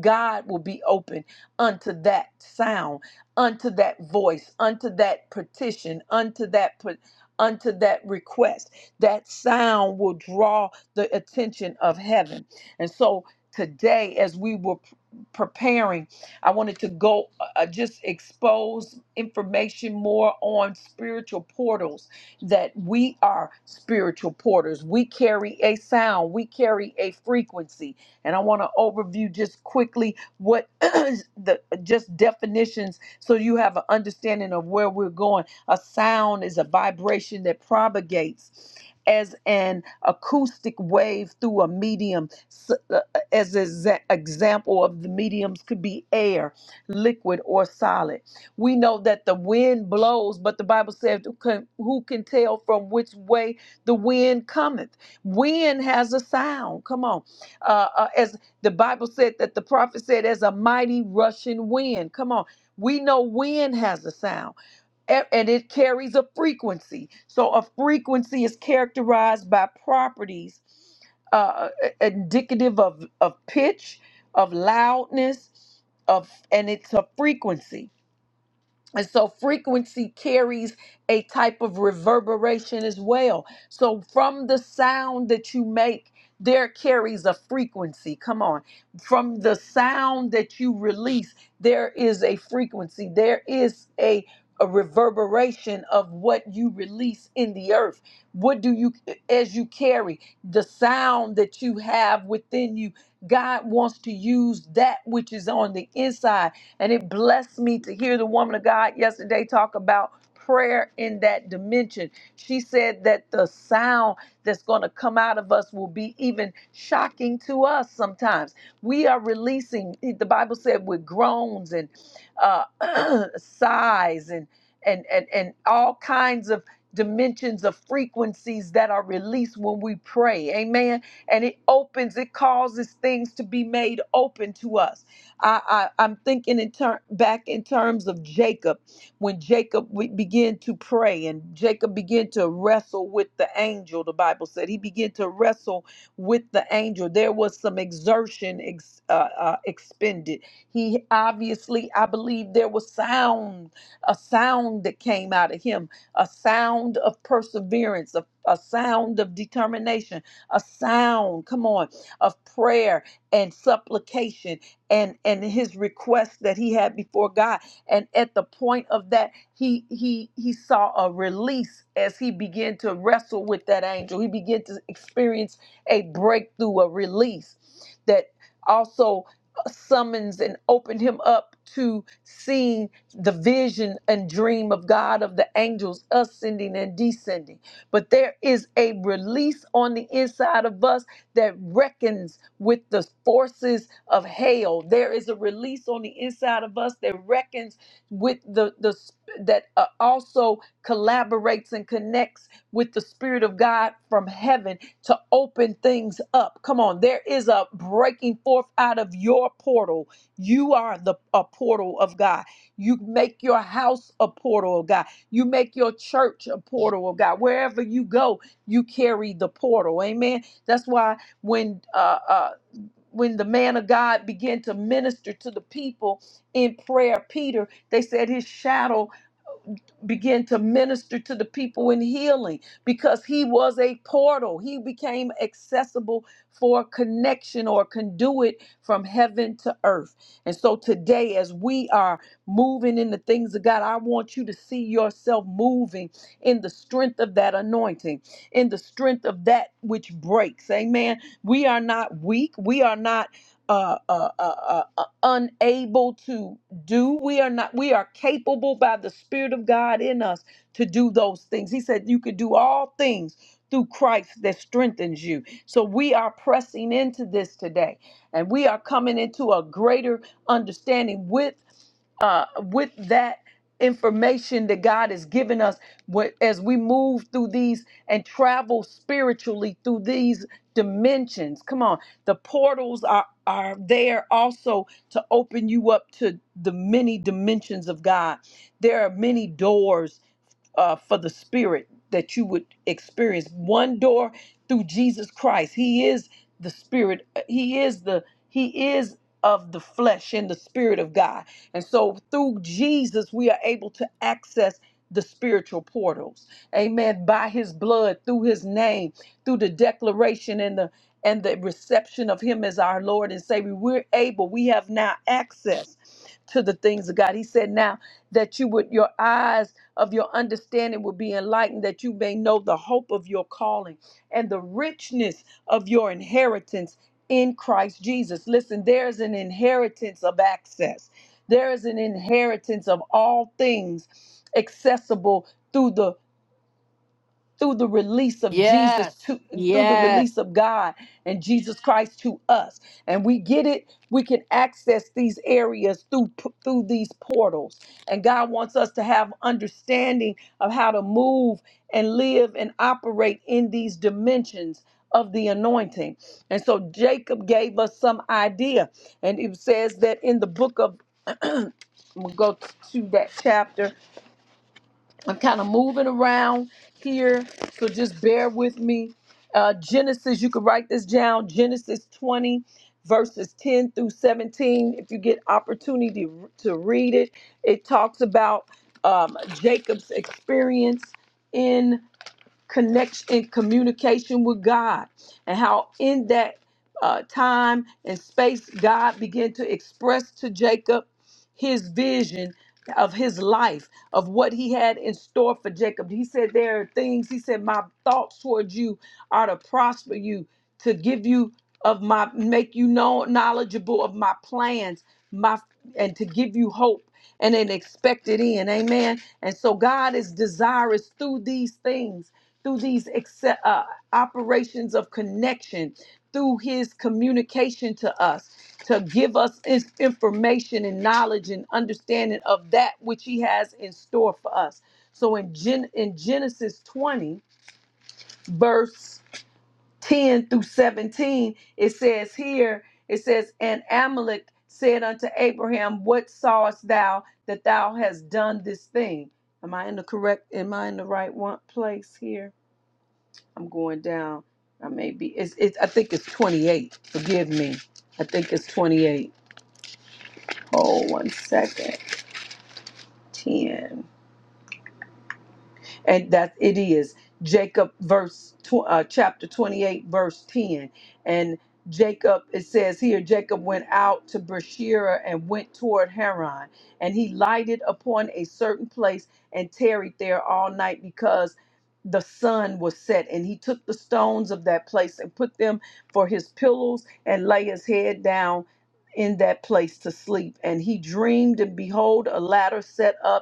Speaker 3: God will be open unto that sound, unto that voice, unto that petition, unto that put. Unto that request, that sound will draw the attention of heaven. And so today, as we were p- preparing, I wanted to go uh, just expose information more on spiritual portals that we are spiritual porters. We carry a sound, we carry a frequency. And I want to overview just quickly what the just definitions so you have an understanding of where we're going. A sound is a vibration that propagates as an acoustic wave through a medium S- uh, as an example of the mediums could be air liquid or solid. We know that the wind blows, but the Bible says, who can, who can tell from which way the wind cometh? Wind has a sound. Come on. Uh, uh, as the Bible said, that the prophet said, as a mighty rushing wind. Come on. We know wind has a sound. A- and it carries a frequency. So a frequency is characterized by properties uh, indicative of of pitch, of loudness, of and it's a frequency. And so frequency carries a type of reverberation as well. So from the sound that you make, there carries a frequency. Come on. From the sound that you release, there is a frequency. There is a, a reverberation of what you release in the earth. What do you, as you carry the sound that you have within you, God wants to use that which is on the inside and it blessed me to hear the woman of God yesterday talk about prayer in that dimension. She said that the sound that's going to come out of us will be even shocking to us sometimes. We are releasing, the Bible said, with groans and uh, sighs and, and, and, and all kinds of dimensions of frequencies that are released when we pray. Amen. And it opens, it causes things to be made open to us. I, I, I'm thinking in ter- back in terms of Jacob, when Jacob we- began to pray and Jacob began to wrestle with the angel, the Bible said he began to wrestle with the angel. There was some exertion ex, uh, uh, expended. He obviously, I believe, there was sound, a sound that came out of him, a sound of perseverance, a, a sound of determination, a sound, come on, of prayer and supplication and and his request that he had before God. And at the point of that, he he he saw a release as he began to wrestle with that angel. He began to experience a breakthrough, a release that also summons and opened him up to seeing the vision and dream of God of the angels ascending and descending. But there is a release on the inside of us that reckons with the forces of hail. There is a release on the inside of us that reckons with the the sp- that uh, also collaborates and connects with the spirit of God from heaven to open things up. Come on, there is a breaking forth out of your portal. You are the a portal of God. You make your house a portal of God. You make your church a portal of God. Wherever you go, you carry the portal. Amen. That's why when uh, uh, when the man of God began to minister to the people in prayer, Peter, they said his shadow began to minister to the people in healing because he was a portal. He became accessible for connection or conduit from heaven to earth. And so today, as we are moving in the things of God, I want you to see yourself moving in the strength of that anointing, in the strength of that which breaks. Amen. We are not weak. We are not uh, uh, uh, uh, uh, unable to do. We are not, we are capable by the Spirit of God in us to do those things. He said, You could do all things through Christ that strengthens you. So we are pressing into this today and we are coming into a greater understanding with uh, with that information that God has given us wh- as we move through these and travel spiritually through these dimensions. Come on, the portals are are there also to open you up to the many dimensions of God. There are many doors uh, for the spirit that you would experience one door through jesus christ he is the spirit uh, he is the he is of the flesh and the spirit of god and so through jesus we are able to access the spiritual portals amen by his blood through his name through the declaration and the and the reception of him as our lord and savior we're able we have now access to the things of god he said now that you would your eyes of your understanding will be enlightened, that you may know the hope of your calling and the richness of your inheritance in Christ Jesus. Listen, there is an inheritance of access, there is an inheritance of all things accessible. Through the through the release of Jesus
Speaker 1: Yes.
Speaker 3: to through the
Speaker 1: Yes.
Speaker 3: release of God and Jesus Christ to us. And we get it, we can access these areas through through these portals. And God wants us to have understanding of how to move and live and operate in these dimensions of the anointing. And so Jacob gave us some idea. And it says that in the book of we'll go to that chapter I'm kind of moving around here, so just bear with me. Uh, Genesis, you can write this down. Genesis 20, verses 10 through 17. If you get opportunity to read it, it talks about um, Jacob's experience in connection and communication with God, and how in that uh, time and space, God began to express to Jacob his vision of his life, of what he had in store for Jacob. He said, There are things, he said, My thoughts towards you are to prosper you, to give you of my make you know knowledgeable of my plans, my and to give you hope and an expected end. Amen. And so God is desirous through these things through these exce- uh, operations of connection, through his communication to us, to give us his information and knowledge and understanding of that which he has in store for us. So in, Gen- in Genesis 20, verse 10 through 17, it says here, it says, And Amalek said unto Abraham, What sawest thou that thou hast done this thing? Am I in the correct, am I in the right one place here? I'm going down. I may be. It's. It's. I think it's 28. Forgive me. I think it's 28. Oh, one second. 10. and that it is Jacob verse tw- uh, chapter 28 verse 10 and Jacob it says here Jacob went out to Beersheba and went toward Haran and he lighted upon a certain place and tarried there all night because the sun was set and he took the stones of that place and put them for his pillows and lay his head down in that place to sleep and he dreamed and behold a ladder set up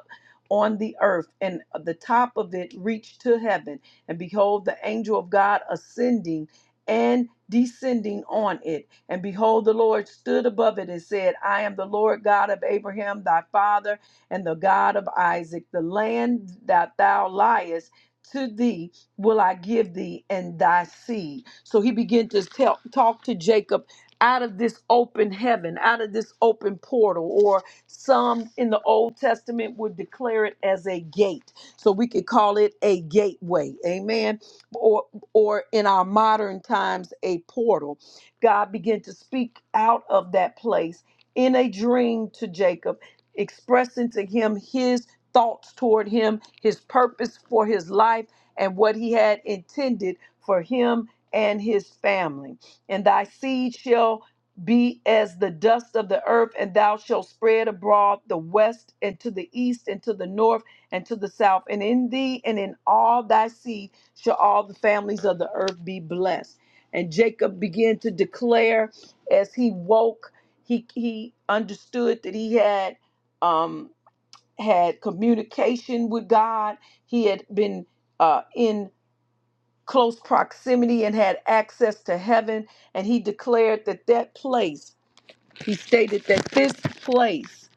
Speaker 3: on the earth, and the top of it reached to heaven. And behold, the angel of God ascending and descending on it. And behold, the Lord stood above it and said, I am the Lord God of Abraham, thy father, and the God of Isaac. The land that thou liest to thee will I give thee and thy seed. So he began to tell, talk to Jacob out of this open heaven, out of this open portal, or some in the Old Testament would declare it as a gate. So we could call it a gateway. Amen. Or or in our modern times a portal. God began to speak out of that place in a dream to Jacob, expressing to him his thoughts toward him, his purpose for his life and what he had intended for him and his family. And thy seed shall be as the dust of the earth, and thou shalt spread abroad the west and to the east and to the north and to the south. And in thee and in all thy seed shall all the families of the earth be blessed. And Jacob began to declare as he woke, he he understood that he had um had communication with God. He had been uh in close proximity and had access to heaven and he declared that that place he stated that this place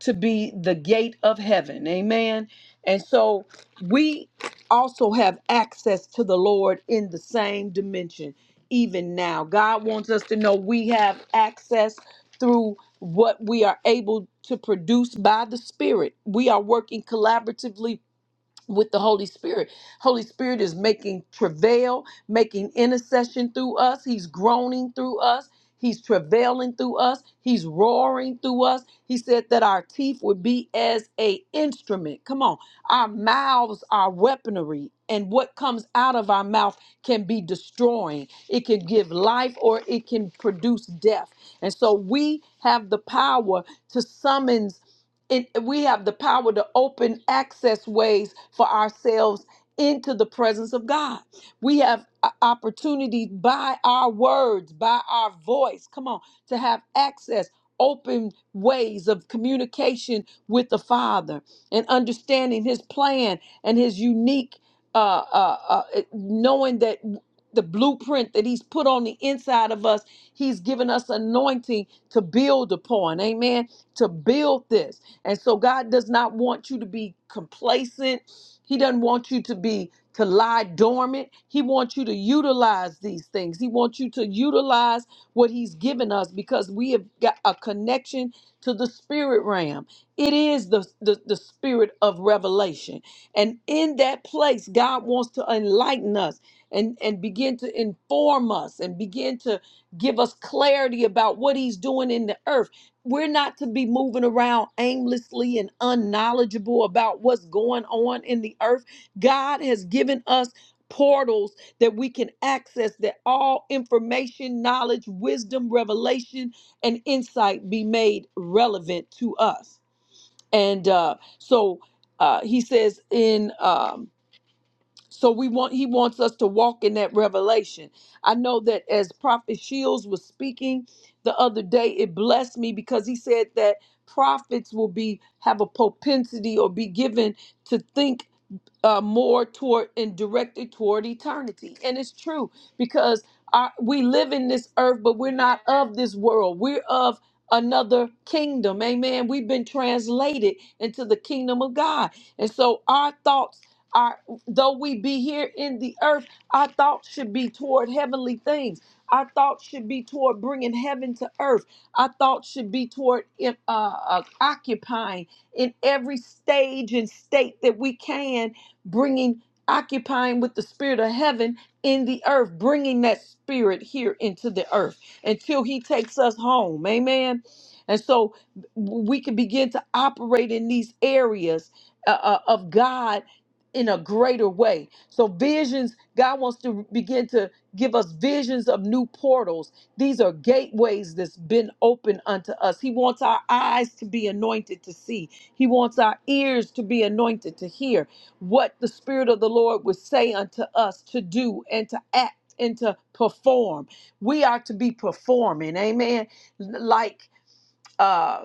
Speaker 3: to be the gate of heaven. Amen. And so we also have access to the Lord in the same dimension, even now. God wants us to know we have access through what we are able to produce by the Spirit. We are working collaboratively with the Holy Spirit. Holy Spirit is making travail, making intercession through us. He's groaning through us. He's travailing through us. He's roaring through us. He said that our teeth would be as a instrument. Come on. Our mouths are weaponry and what comes out of our mouth can be destroying. It can give life or it can produce death. And so we have the power to summons and we have the power to open access ways for ourselves into the presence of God. We have o- opportunities by our words, by our voice, come on, to have access, open ways of communication with the Father and understanding His plan and His unique, uh, uh, uh, it- knowing that. The blueprint that he's put on the inside of us, he's given us anointing to build upon. Amen. To build this. And so God does not want you to be complacent. He doesn't want you to be to lie dormant. He wants you to utilize these things. He wants you to utilize what he's given us because we have got a connection to the spirit realm. It is the, the, the spirit of revelation. And in that place, God wants to enlighten us and, and begin to inform us and begin to give us clarity about what he's doing in the earth we're not to be moving around aimlessly and unknowledgeable about what's going on in the earth. God has given us portals that we can access that all information, knowledge, wisdom, revelation, and insight be made relevant to us. And uh, so uh, he says in. Um, so we want he wants us to walk in that revelation. I know that as Prophet Shields was speaking the other day, it blessed me because he said that prophets will be have a propensity or be given to think uh, more toward and directed toward eternity. And it's true because our, we live in this earth, but we're not of this world. We're of another kingdom. Amen. We've been translated into the kingdom of God. And so our thoughts are, though we be here in the earth, our thoughts should be toward heavenly things. Our thoughts should be toward bringing heaven to earth. Our thoughts should be toward uh, uh, occupying in every stage and state that we can bringing, occupying with the spirit of heaven in the earth, bringing that spirit here into the earth until he takes us home. Amen. And so we can begin to operate in these areas uh, uh, of God in a greater way. So visions, God wants to begin to give us visions of new portals. These are gateways that's been opened unto us. He wants our eyes to be anointed to see. He wants our ears to be anointed to hear what the Spirit of the Lord would say unto us to do and to act and to perform. We are to be performing, amen. Like, uh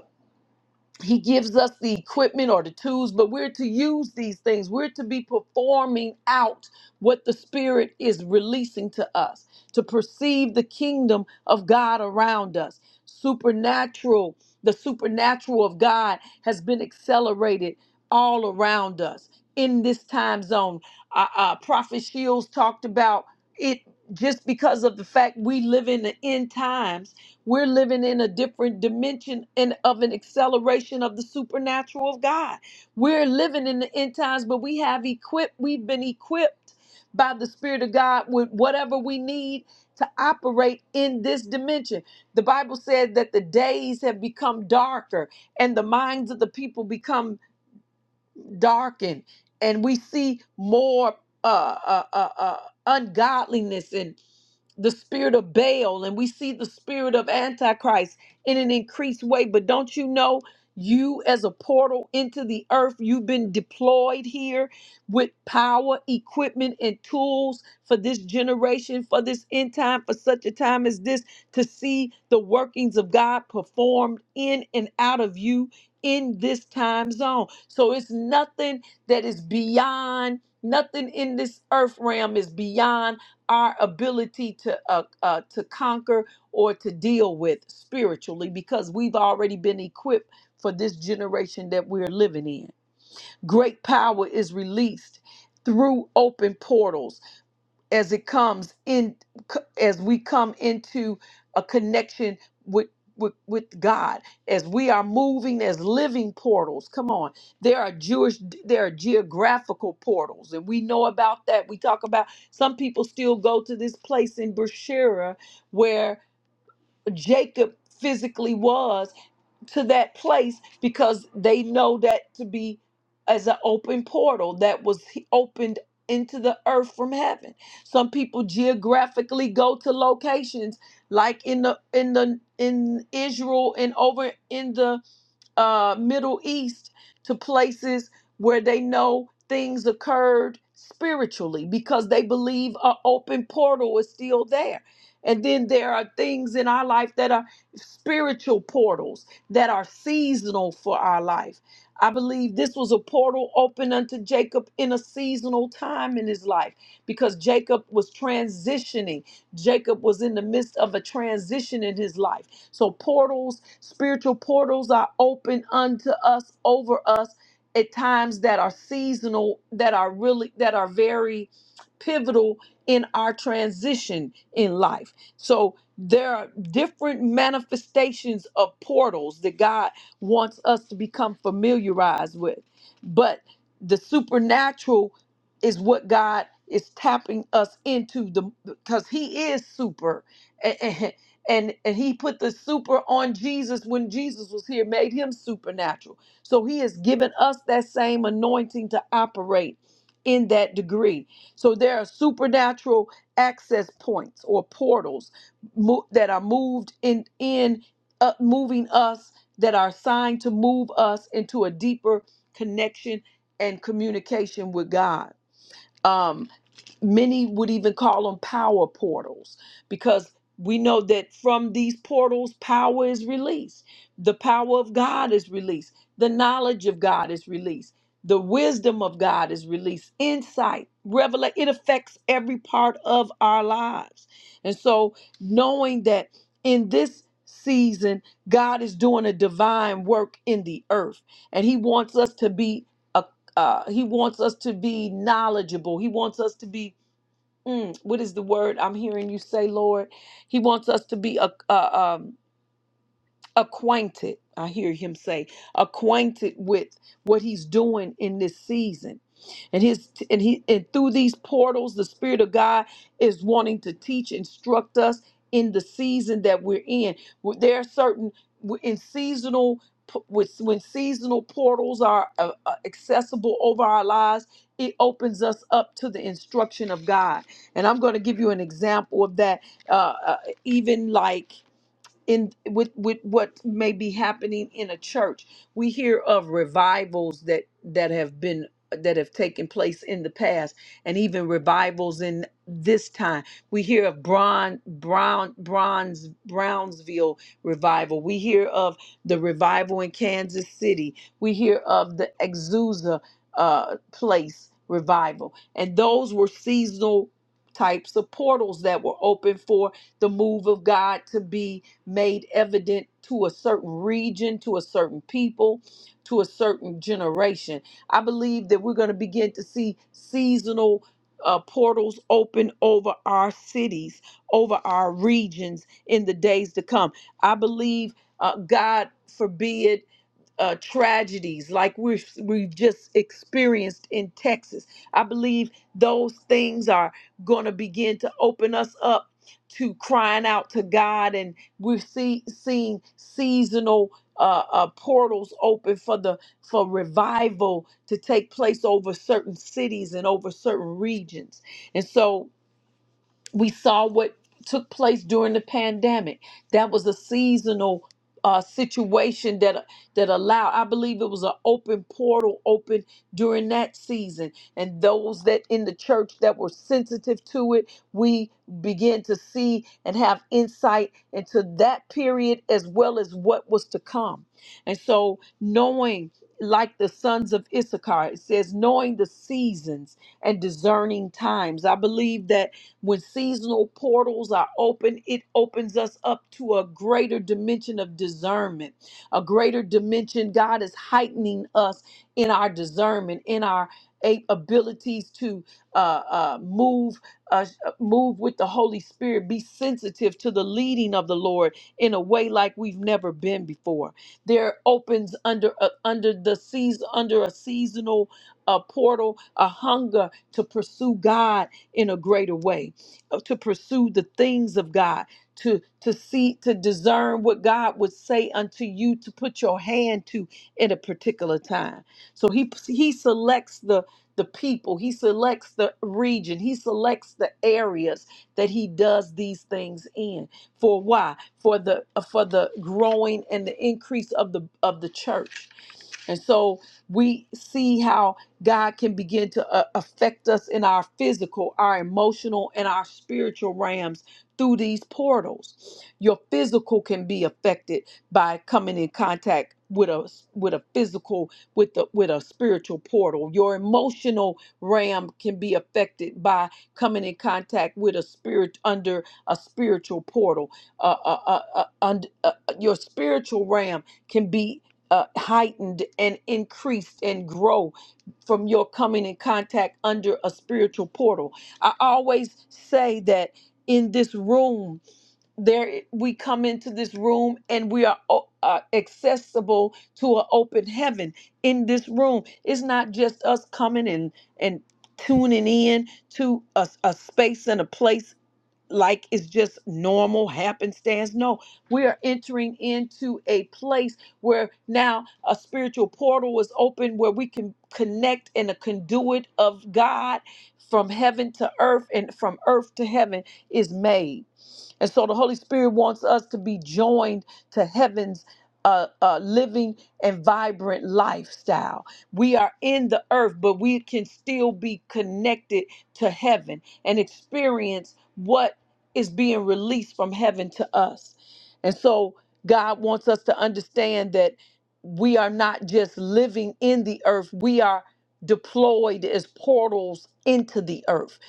Speaker 3: he gives us the equipment or the tools, but we're to use these things. We're to be performing out what the Spirit is releasing to us, to perceive the kingdom of God around us. Supernatural, the supernatural of God has been accelerated all around us in this time zone. Uh, uh, Prophet Shields talked about it just because of the fact we live in the end times we're living in a different dimension and of an acceleration of the supernatural of God. We're living in the end times, but we have equipped, we've been equipped by the Spirit of God with whatever we need to operate in this dimension. The Bible said that the days have become darker and the minds of the people become darkened, and we see more uh, uh, uh, uh, ungodliness and the spirit of Baal and we see the spirit of Antichrist in an increased way. But don't you know, you as a portal into the earth, you've been deployed here with power, equipment, and tools for this generation, for this end time, for such a time as this, to see the workings of God performed in and out of you in this time zone. So it's nothing that is beyond, nothing in this earth realm is beyond our ability to uh, uh, to conquer or to deal with spiritually because we've already been equipped for this generation that we're living in. Great power is released through open portals as it comes in as we come into a connection with with, with God as we are moving as living portals come on there are Jewish there are geographical portals and we know about that we talk about some people still go to this place in Beersheba where Jacob physically was to that place because they know that to be as an open portal that was he- opened into the earth from heaven. Some people geographically go to locations like in the in the in Israel and over in the uh, Middle East to places where they know things occurred spiritually because they believe an open portal is still there. And then there are things in our life that are spiritual portals that are seasonal for our life. I believe this was a portal open unto Jacob in a seasonal time in his life because Jacob was transitioning. Jacob was in the midst of a transition in his life so portals, spiritual portals are open unto us, over us at times that are seasonal, that are really that are very pivotal in our transition in life. So there are different manifestations of portals that God wants us to become familiarized with. But the supernatural is what God is tapping us into the because he is super and and he put the super on Jesus when Jesus was here, made him supernatural. So he has given us that same anointing to operate in that degree. So there are supernatural access points or portals mo- that are moved in in uh, moving us that are assigned to move us into a deeper connection and communication with God. Um, many would even call them power portals because we know that from these portals power is released the power of god is released the knowledge of god is released the wisdom of god is released insight revelation it affects every part of our lives and so knowing that in this season god is doing a divine work in the earth and he wants us to be a uh, he wants us to be knowledgeable. He wants us to be Mm, what is the word I'm hearing you say, Lord? He wants us to be a, a um, acquainted, I hear him say, acquainted with what he's doing in this season. And his and he and through these portals, the Spirit of God is wanting to teach, instruct us in the season that we're in. Where There are certain w- in seasonal p- with when seasonal portals are uh, uh, accessible over our lives, it opens us up to the instruction of God. And I'm going to give you an example of that. Uh, uh, even like in with with what may be happening in a church we hear of revivals that that have been that have taken place in the past and even revivals in this time we hear of brown brown bronze brownsville revival we hear of the revival in kansas city we hear of the exusa uh, place revival and those were seasonal types of portals that were open for the move of god to be made evident to a certain region, to a certain people, to a certain generation. I believe that we're going to begin to see seasonal uh, portals open over our cities, over our regions in the days to come. I believe, uh, God forbid uh, tragedies like we've, we've just experienced in Texas. I believe those things are going to begin to open us up to crying out to God, and we're see, seeing seasonal. Uh, uh, portals open for the for revival to take place over certain cities and over certain regions, and so we saw what took place during the pandemic that was a seasonal uh, situation that that allowed i believe it was an open portal open during that season and those that in the church that were sensitive to it we began to see and have insight into that period as well as what was to come and so knowing like the sons of issachar it says knowing the seasons and discerning times i believe that when seasonal portals are open, it opens us up to a greater dimension of discernment, a greater dimension. God is heightening us in our discernment, in our a- abilities to uh, uh, move, uh, move with the Holy Spirit, be sensitive to the leading of the Lord in a way like we've never been before. There opens under uh, under the season under a seasonal uh, portal a hunger to pursue God in a greater way uh, to pursue the things of God, to to see to discern what God would say unto you to put your hand to in a particular time. So he he selects the the people, he selects the region, he selects the areas that he does these things in. For why? For the for the growing and the increase of the of the church. And so we see how God can begin to uh, affect us in our physical, our emotional, and our spiritual realms through these portals. Your physical can be affected by coming in contact with a with a physical with the with a spiritual portal. Your emotional realm can be affected by coming in contact with a spirit under a spiritual portal. Uh, uh, uh, uh, und- uh, uh, your spiritual realm can be uh, heightened and increased and grow from your coming in contact under a spiritual portal. I always say that in this room, there we come into this room and we are o- uh, accessible to an open heaven. In this room, it's not just us coming and and tuning in to a, a space and a place like it's just normal happenstance. No, we are entering into a place where now a spiritual portal is open where we can connect in a conduit of God from heaven to earth and from earth to heaven is made. And so the Holy Spirit wants us to be joined to heaven's uh, uh, living and vibrant lifestyle. We are in the earth, but we can still be connected to heaven and experience what is being released from heaven to us. And so God wants us to understand that we are not just living in the earth, we are deployed as portals into the earth.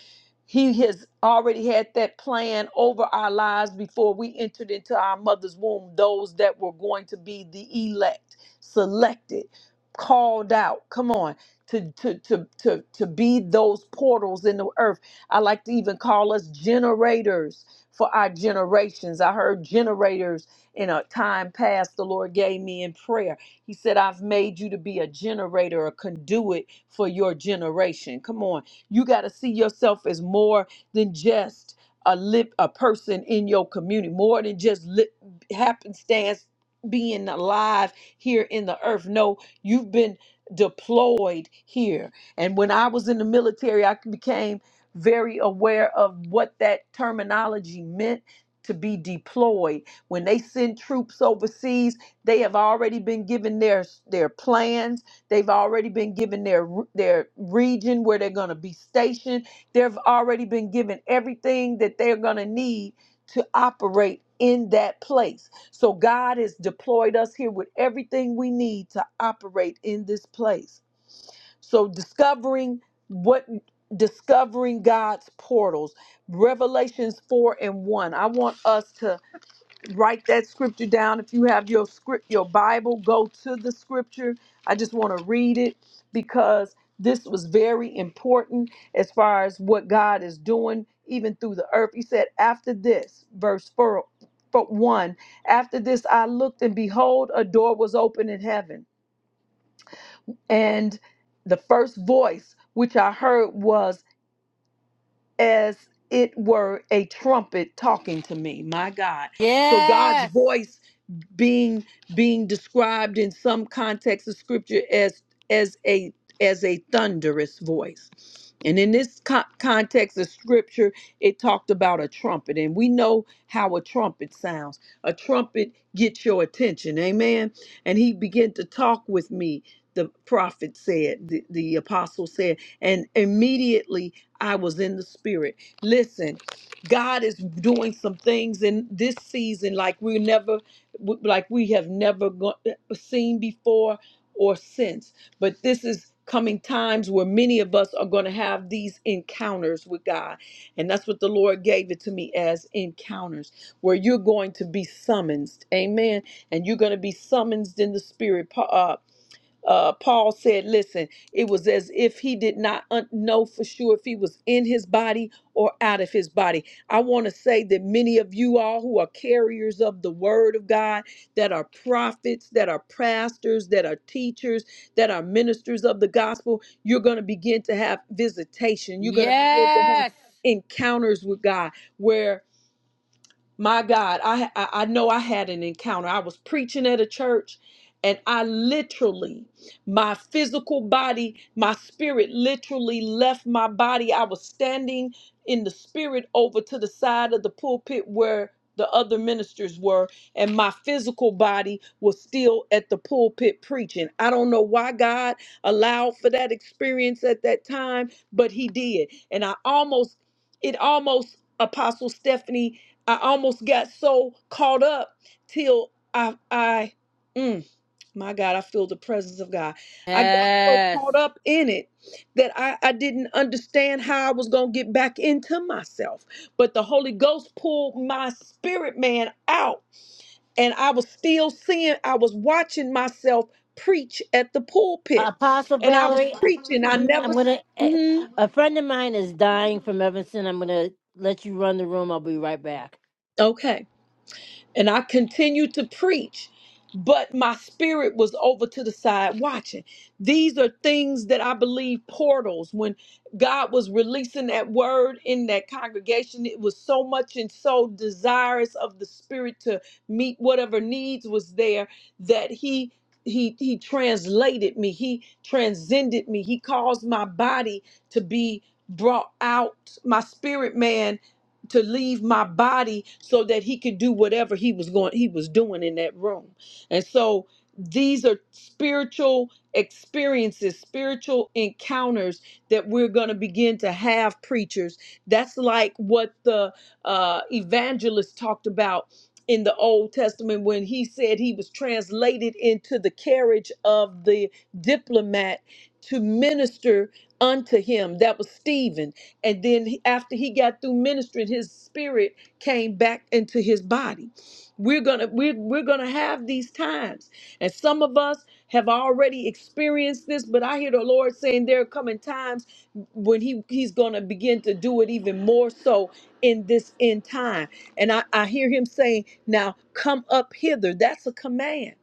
Speaker 3: He has already had that plan over our lives before we entered into our mother's womb, those that were going to be the elect, selected, called out. Come on. To, to, to, to, to be those portals in the earth I like to even call us generators for our generations. I heard generators in a time past the Lord gave me in prayer. He said, I've made you to be a generator, a conduit for your generation. Come on. You got to see yourself as more than just a lip, a person in your community, more than just lip, happenstance being alive here in the earth. No, you've been deployed here. And when I was in the military, I became very aware of what that terminology meant to be deployed. When they send troops overseas, they have already been given their their plans. They've already been given their their region where they're going to be stationed. They've already been given everything that they're going to need to operate in that place. So God has deployed us here with everything we need to operate in this place. So discovering what discovering God's portals, Revelations 4 and 1. I want us to write that scripture down. If you have your script, your Bible, go to the scripture. I just want to read it because this was very important as far as what God is doing, even through the earth. He said, after this, verse 4, four 1, after this I looked and behold, a door was open in heaven. And the first voice which I heard was as it were a trumpet talking to me. My God. So God's
Speaker 1: Yes.
Speaker 3: voice being being described in some context of scripture as as a as a thunderous voice and in this co- context of scripture it talked about a trumpet and we know how a trumpet sounds a trumpet gets your attention amen and he began to talk with me the prophet said the, the apostle said and immediately i was in the spirit listen god is doing some things in this season like we never w- like we have never go- uh, seen before or since. But this is coming times where many of us are going to have these encounters with God. And that's what the Lord gave it to me as encounters, where you're going to be summoned. Amen. And you're going to be summoned in the spirit. Pa- Uh, uh, Paul said, listen, it was as if he did not un- know for sure if he was in his body or out of his body. I want to say that many of you all who are carriers of the word of God, that are prophets, that are pastors, that are teachers, that are ministers of the gospel, you're going to begin to have visitation. You're going to begin to have
Speaker 1: Yes.
Speaker 3: encounters with God where my God, I, I I know I had an encounter. I was preaching at a church, and I literally, my physical body, my spirit literally left my body. I was standing in the spirit over to the side of the pulpit where the other ministers were, and my physical body was still at the pulpit preaching. I don't know why God allowed for that experience at that time, but He did. And I almost, it almost, Apostle Stephanie I almost got so caught up till I I mm, my God, I feel the presence of God. I got so
Speaker 1: Yes.
Speaker 3: caught up in it that I, I didn't understand how I was gonna get back into myself. But the Holy Ghost pulled my spirit man out, and I was still seeing, I was watching myself preach at the pulpit.
Speaker 1: Apostle
Speaker 3: And I was
Speaker 1: Valerie,
Speaker 3: preaching. I never
Speaker 1: I'm gonna. eh,
Speaker 3: Mhm.
Speaker 1: A friend of mine is dying from Evanston. I'm gonna let you run the room. I'll be right back.
Speaker 3: okay. and I continued to preach, but my spirit was over to the side watching. These are things that I believe portals. When God was releasing that word in that congregation, it was so much and so desirous of the spirit to meet whatever needs was there that he he he translated me he transcended me he caused my body to be brought out my spirit man to leave my body so that he could do whatever he was going he was doing in that room and so these are spiritual experiences spiritual encounters that we're going to begin to have preachers that's like what the uh, evangelist talked about in the old testament when he said he was translated into the carriage of the diplomat to minister unto him that was stephen and then he- after he got through ministering, his spirit came back into his body. We're gonna we're, we're gonna have these times, and some of us have already experienced this. But I hear the Lord saying there are coming times when he he's gonna begin to do it even more so in this end time. And I I hear him saying, "Now come up hither." That's a command.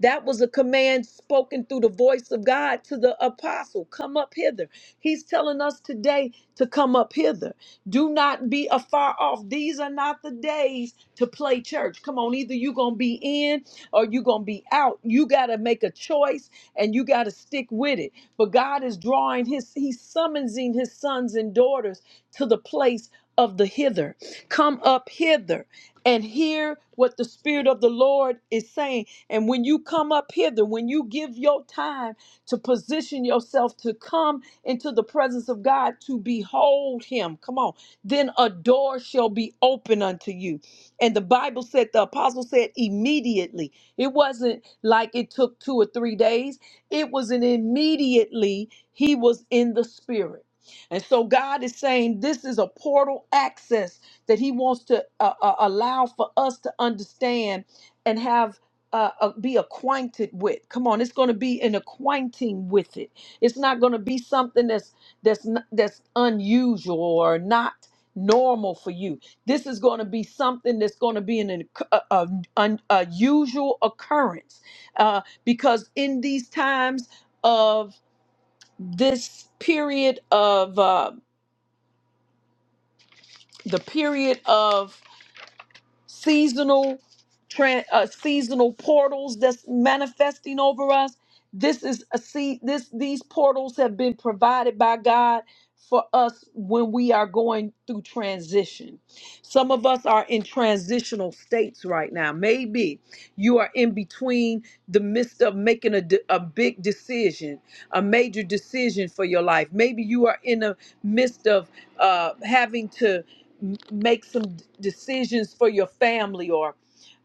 Speaker 3: That was a command spoken through the voice of God to the apostle come up hither. He's telling us today to come up hither. Do not be afar off. These are not the days to play church. Come on, either you're going to be in or you're going to be out. You got to make a choice and you got to stick with it. But God is drawing his, he's summoning his sons and daughters to the place of the hither. Come up hither and hear what the Spirit of the Lord is saying. And when you come up hither, when you give your time to position yourself to come into the presence of God to behold Him, come on, then a door shall be open unto you. And the Bible said, the apostle said, immediately. It wasn't like it took two or three days, it was an immediately he was in the Spirit. And so God is saying, this is a portal access that he wants to uh, uh, allow for us to understand and have uh, uh, be acquainted with come on it's going to be an acquainting with it it's not going to be something that's that's n- that's unusual or not normal for you this is going to be something that's going to be an unc- a, a, un- a occurrence uh, because in these times of this period of uh, the period of seasonal tran uh, seasonal portals that's manifesting over us this is a see this these portals have been provided by god for us when we are going through transition some of us are in transitional states right now maybe you are in between the midst of making a, de- a big decision, a major decision for your life. Maybe you are in the midst of uh, having to m- make some d- decisions for your family or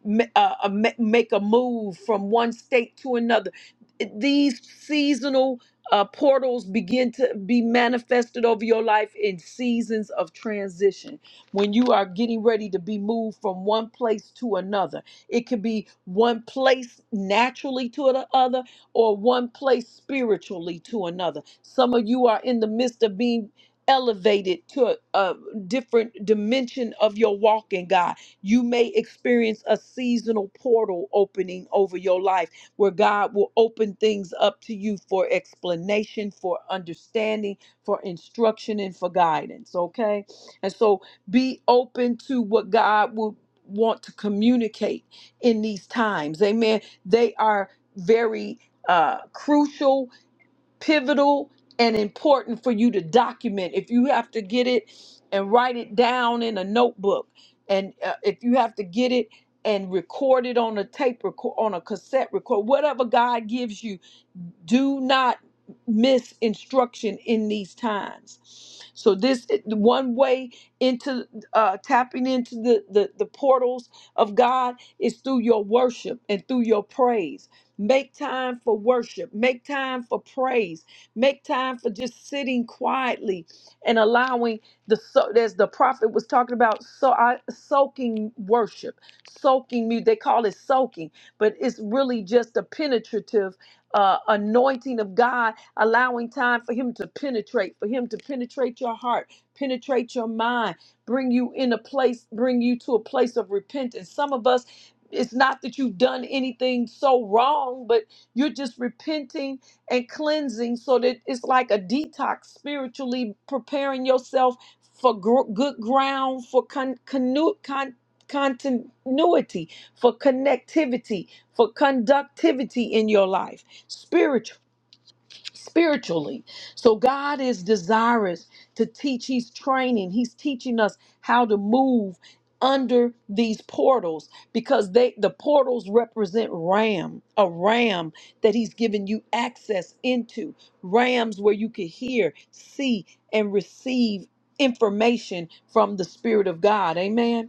Speaker 3: ma- uh, uh, ma- make a move from one state to another. It- These seasonal uh, portals begin to be manifested over your life in seasons of transition when you are getting ready to be moved from one place to another it could be one place naturally to the other or one place spiritually to another. Some of you are in the midst of being elevated to a, a different dimension of your walk in God. You may experience a seasonal portal opening over your life where God will open things up to you for explanation, for understanding, for instruction, and for guidance. Okay? And so be open to what God will want to communicate in these times. Amen. They are very uh, crucial, pivotal, and important for you to document. If you have to get it and write it down in a notebook, and uh, if you have to get it and record it on a tape record, on a cassette record, whatever God gives you do not miss instruction in these times so this one way into uh tapping into the, the the portals of god is through your worship and through your praise make time for worship make time for praise make time for just sitting quietly and allowing the so as the prophet was talking about so I, soaking worship soaking music they call it soaking but it's really just a penetrative uh, anointing of God, allowing time for Him to penetrate, for Him to penetrate your heart, penetrate your mind, bring you in a place, bring you to a place of repentance. Some of us, it's not that you've done anything so wrong, but you're just repenting and cleansing so that it's like a detox spiritually, preparing yourself for gr- good ground, for con- connu- con- continuity, for connectivity, for conductivity in your life spiritual spiritually so god is desirous to teach he's training he's teaching us how to move under these portals because they the portals represent ram a ram that he's given you access into rams where you can hear see and receive information from the spirit of god amen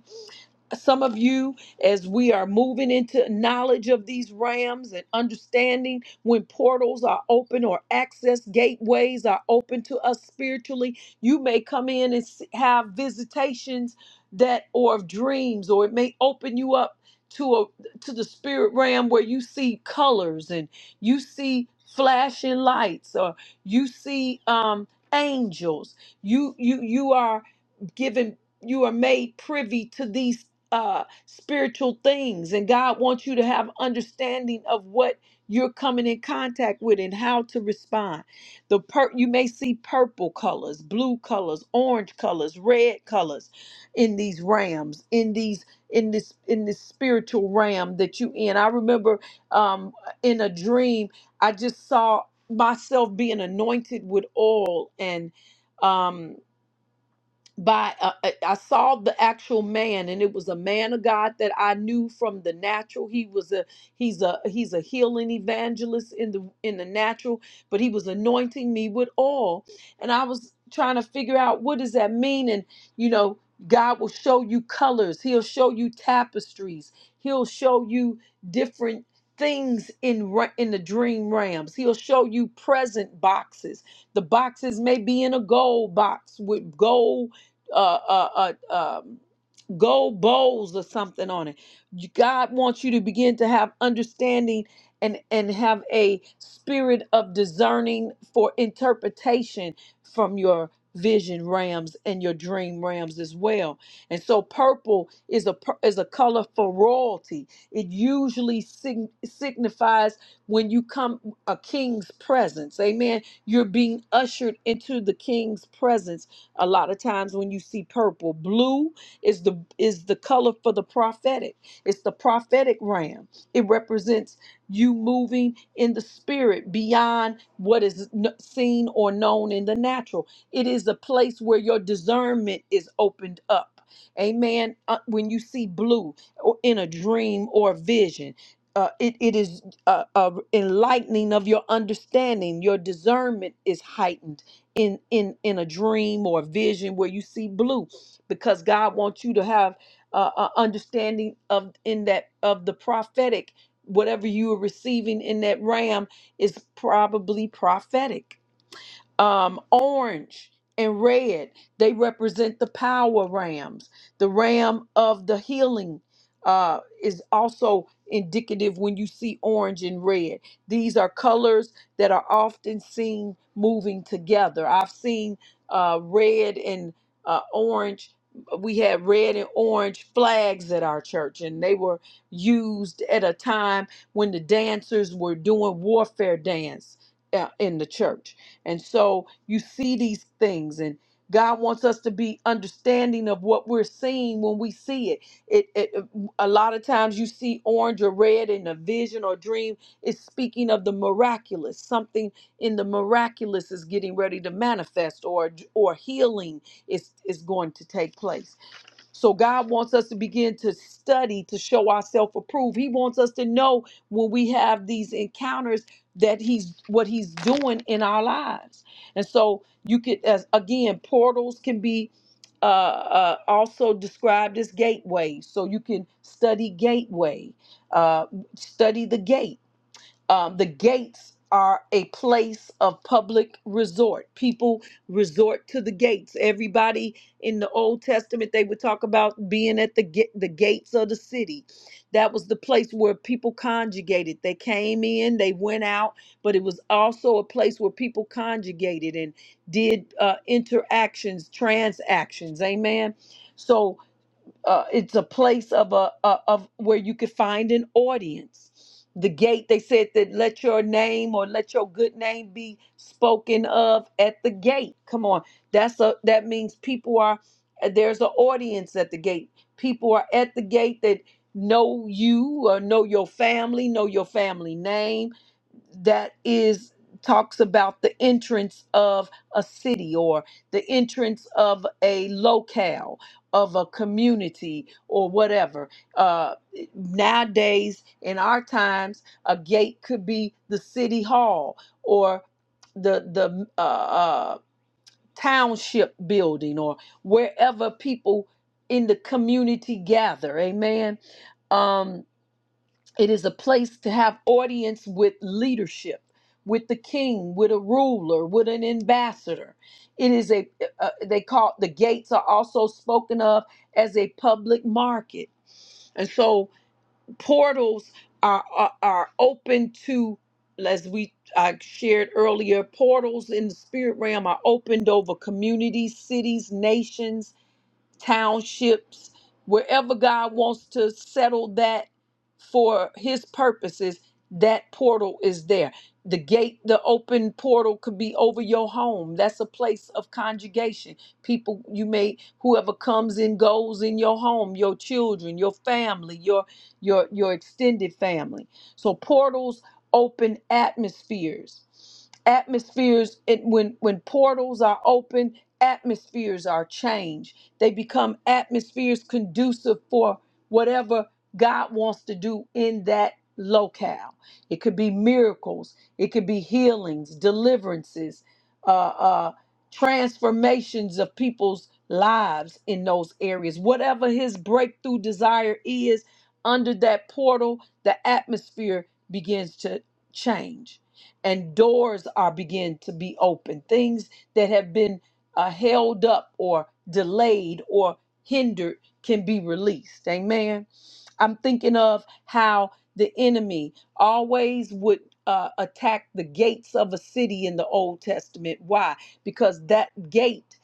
Speaker 3: some of you as we are moving into knowledge of these rams and understanding when portals are open or access gateways are open to us spiritually you may come in and s- have visitations that or dreams or it may open you up to a to the spirit realm where you see colors and you see flashing lights or you see um angels you you you are given you are made privy to these uh, spiritual things, and God wants you to have understanding of what you're coming in contact with and how to respond. The per- you may see purple colors, blue colors, orange colors, red colors in these rams, in these in this in this spiritual ram that you in. I remember um, in a dream, I just saw myself being anointed with oil and. um by uh, I I saw the actual man and it was a man of God that I knew from the natural he was a he's a he's a healing evangelist in the in the natural but he was anointing me with oil and I was trying to figure out what does that mean and you know God will show you colors he'll show you tapestries he'll show you different things in ra- in the dream realms he'll show you present boxes the boxes may be in a gold box with gold uh, uh, uh, um, gold bowls or something on it. You- God wants you to begin to have understanding and and have a spirit of discerning for interpretation from your vision rams and your dream rams as well. And so purple is a pur- is a color for royalty. It usually sign, signifies when you come a king's presence. Amen. You're being ushered into the king's presence a lot of times when you see purple. Blue is the is the color for the prophetic. It's the prophetic ram. It represents you moving in the spirit beyond what is kn- seen or known in the natural. It is a place where your discernment is opened up. Amen. Uh, when you see blue or in a dream or vision, uh, it, it is uh, uh, enlightening of your understanding. Your discernment is heightened in in in a dream or a vision where you see blue because god wants you to have uh, a understanding of in that of the prophetic whatever you are receiving in that ram is probably prophetic um, orange and red they represent the power rams the ram of the healing uh, is also indicative when you see orange and red these are colors that are often seen moving together i've seen uh, red and uh, orange we had red and orange flags at our church and they were used at a time when the dancers were doing warfare dance uh, in the church and so you see these things and God wants us to be understanding of what we're seeing when we see it. It, it. A lot of times you see orange or red in a vision or dream. It's speaking of the miraculous. Something in the miraculous is getting ready to manifest, or or healing is is going to take place. So God wants us to begin to study to show ourselves approved. He wants us to know when we have these encounters that he's what he's doing in our lives. And so you could as again portals can be uh, uh, also described as gateways. So you can study gateway, uh, study the gate um, the gates are a place of public resort. People resort to the gates. Everybody in the Old Testament, they would talk about being at the ga- the gates of the city. That was the place where people conjugated. They came in, they went out, but it was also a place where people conjugated and did uh, interactions, transactions. Amen. So uh, it's a place of a, a of where you could find an audience. The gate they said that let your name or let your good name be spoken of at the gate. Come on, that's a that means people are there's an audience at the gate. People are at the gate that know you or know your family, know your family name that is talks about the entrance of a city or the entrance of a locale of a community or whatever uh, nowadays in our times a gate could be the city hall or the the uh, uh, township building or wherever people in the community gather amen um it is a place to have audience with leadership, with the king, with a ruler, with an ambassador. It is a, uh, uh, they call the gates are also spoken of as a public market. And so portals are, are, are open to, as we I shared earlier, portals in the spirit realm are opened over communities, cities, nations, townships, wherever God wants to settle that for his purposes, that portal is there. The gate, the open portal could be over your home. That's a place of conjugation. People you may whoever comes and goes in your home, your children, your family, your your your extended family. So portals open atmospheres. Atmospheres it, when when portals are open, atmospheres are changed they become atmospheres conducive for whatever God wants to do in that locale. It could be miracles, it could be healings, deliverances, uh, uh, transformations of people's lives in those areas. Whatever his breakthrough desire is under that portal, the atmosphere begins to change and doors are begin to be open things that have been uh, held up or delayed or hindered can be released. Amen. I'm thinking of how the enemy always would uh, attack the gates of a city in the Old Testament. Why? Because that gate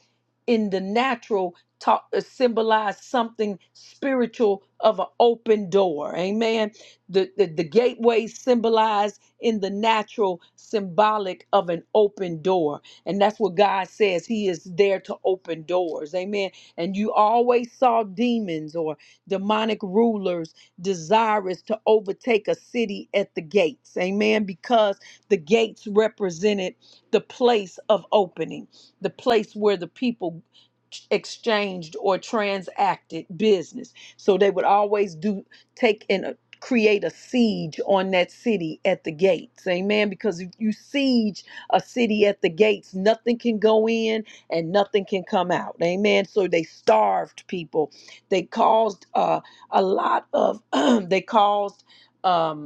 Speaker 3: in the natural talk uh, symbolize something spiritual of an open door amen the, the the gateway symbolized in the natural symbolic of an open door and that's what god says he is there to open doors amen and you always saw demons or demonic rulers desirous to overtake a city at the gates amen because the gates represented the place of opening the place where the people exchanged or transacted business. So they would always do take and uh, create a siege on that city at the gates. Amen. Because if you siege a city at the gates, nothing can go in and nothing can come out. Amen. So they starved people. They caused uh, a lot of they caused um,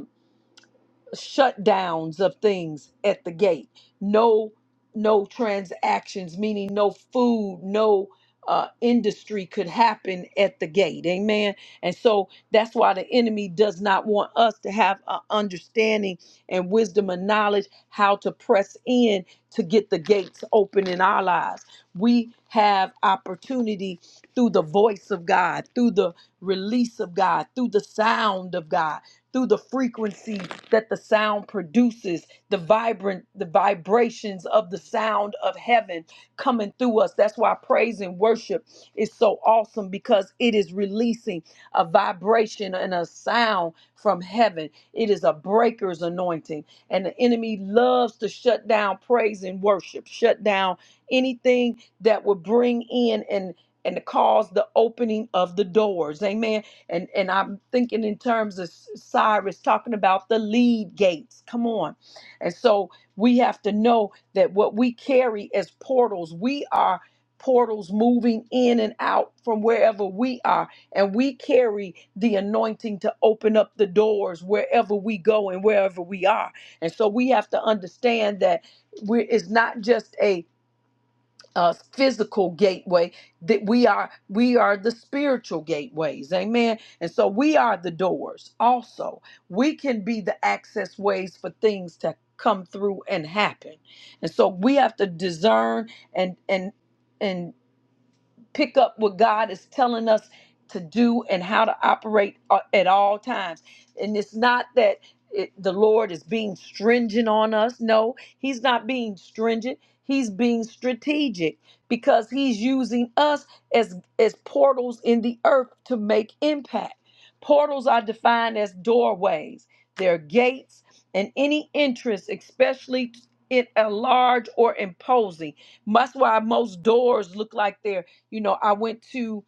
Speaker 3: shutdowns of things at the gate no no transactions meaning no food no uh, industry could happen at the gate amen and so that's why the enemy does not want us to have a understanding and wisdom and knowledge how to press in to get the gates open in our lives we have opportunity through the voice of god through the release of god through the sound of god through the frequency that the sound produces, the vibrant, the vibrations of the sound of heaven coming through us. That's why praise and worship is so awesome because it is releasing a vibration and a sound from heaven. It is a breaker's anointing. And the enemy loves to shut down praise and worship, shut down anything that would bring in and and cause the opening of the doors. Amen and and I'm thinking in terms of Cyrus talking about the lead gates. Come on, and so we have to know that what we carry as portals, we are portals moving in and out from wherever we are and we carry the anointing to open up the doors wherever we go and wherever we are and so we have to understand that we it's not just a uh, physical gateway that we are we are the spiritual gateways amen and so we are the doors also we can be the access ways for things to come through and happen and so we have to discern and and and pick up what God is telling us to do and how to operate a- at all times. And it's not that it, the Lord is being stringent on us. No, He's not being stringent. He's being strategic because He's using us as as portals in the earth to make impact. Portals are defined as doorways. They're gates and any entrance, especially in a large or imposing. That's why most doors look like they're you know, I went to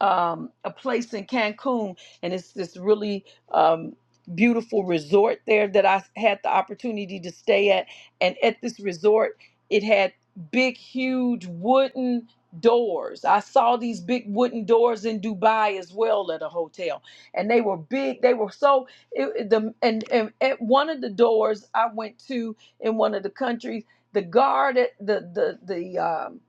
Speaker 3: um, a place in Cancun, and it's this really um, beautiful resort there that I had the opportunity to stay at. And at this resort, it had big, huge wooden doors. I saw these big wooden doors in Dubai as well at a hotel, and they were big. They were so it, the and, and at one of the doors I went to in one of the countries, the guard at the the the um,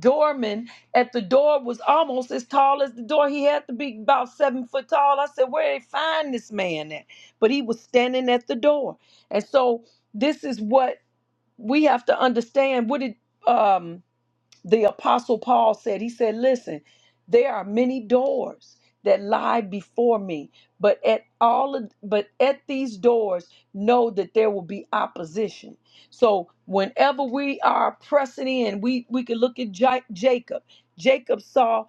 Speaker 3: doorman at the door was almost as tall as the door. He had to be about seven foot tall. I said, Where they find this man at? But he was standing at the door. And so this is what we have to understand. What did um the apostle paul said he said listen there are many doors that lie before me but at all of, but at these doors know that there will be opposition so whenever we are pressing in we we can look at Ja- jacob jacob saw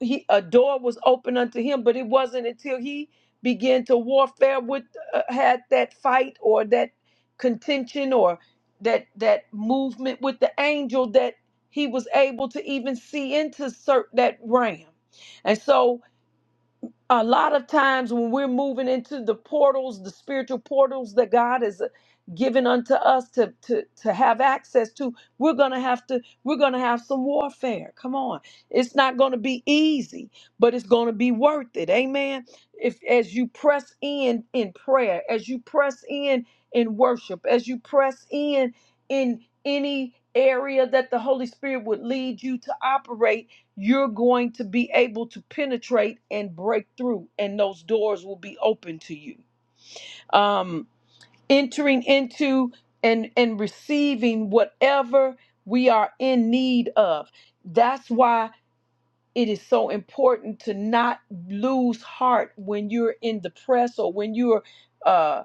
Speaker 3: he a door was open unto him, but it wasn't until he began to warfare with uh, had that fight or that contention or that that movement with the angel that he was able to even see into cert- that realm. And so a lot of times when we're moving into the portals, the spiritual portals that God has given unto us to to to have access to, we're gonna have to we're gonna have some warfare. Come on, it's not gonna be easy, but it's gonna be worth it. Amen. If as you press in in prayer, as you press in in worship, as you press in in any area that the Holy Spirit would lead you to operate you're going to be able to penetrate and break through, and those doors will be open to you. Um, entering into and and receiving whatever we are in need of. That's why it is so important to not lose heart when you're in the press or when you're uh,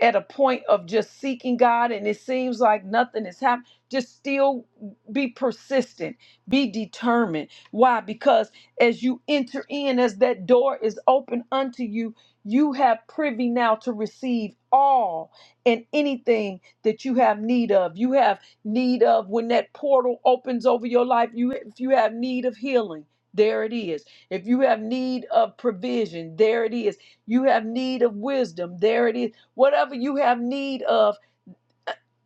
Speaker 3: at a point of just seeking God and it seems like nothing is happening. Just still be persistent, be determined. Why? Because as you enter in, as that door is open unto you, you have privy now to receive all and anything that you have need of. You have need of when that portal opens over your life. You if you have need of healing there it is. If you have need of provision, there it is. You have need of wisdom, there it is. Whatever you have need of,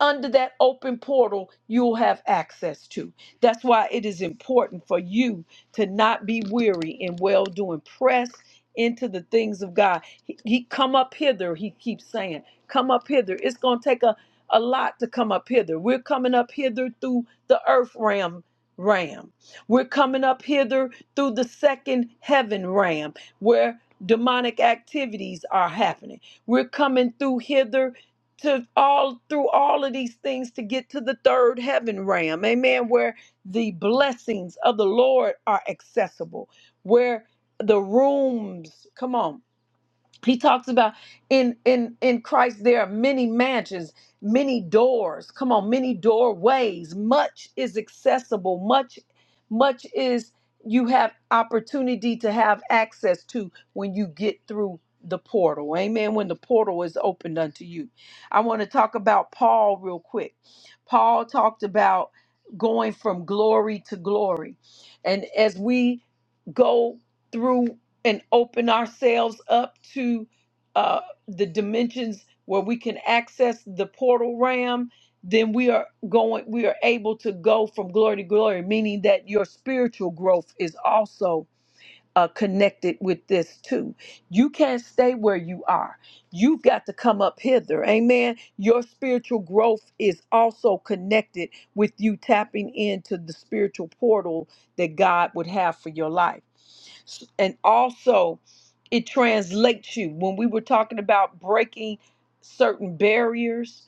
Speaker 3: under that open portal you'll have access to. That's why it is important for you to not be weary in well doing. Press into the things of God. He, he- come up hither, he keeps saying. Come up hither. It's going to take a, a lot to come up hither. We're coming up hither through the earth ram ram. We're coming up hither through the second heaven ram where demonic activities are happening. We're coming through hither to all through all of these things to get to the third heaven realm amen where the blessings of the lord are accessible where the rooms come on he talks about in in in christ there are many mansions many doors come on many doorways much is accessible much much is you have opportunity to have access to when you get through the portal amen when the portal is opened unto you i want to talk about paul real quick paul talked about going from glory to glory and as we go through and open ourselves up to uh, the dimensions where we can access the portal ram, then we are going, we are able to go from glory to glory, meaning that your spiritual growth is also uh, connected with this too. You can't stay where you are. You've got to come up hither. Amen. Your spiritual growth is also connected with you tapping into the spiritual portal that God would have for your life. S- And also, it translates you. When we were talking about breaking certain barriers,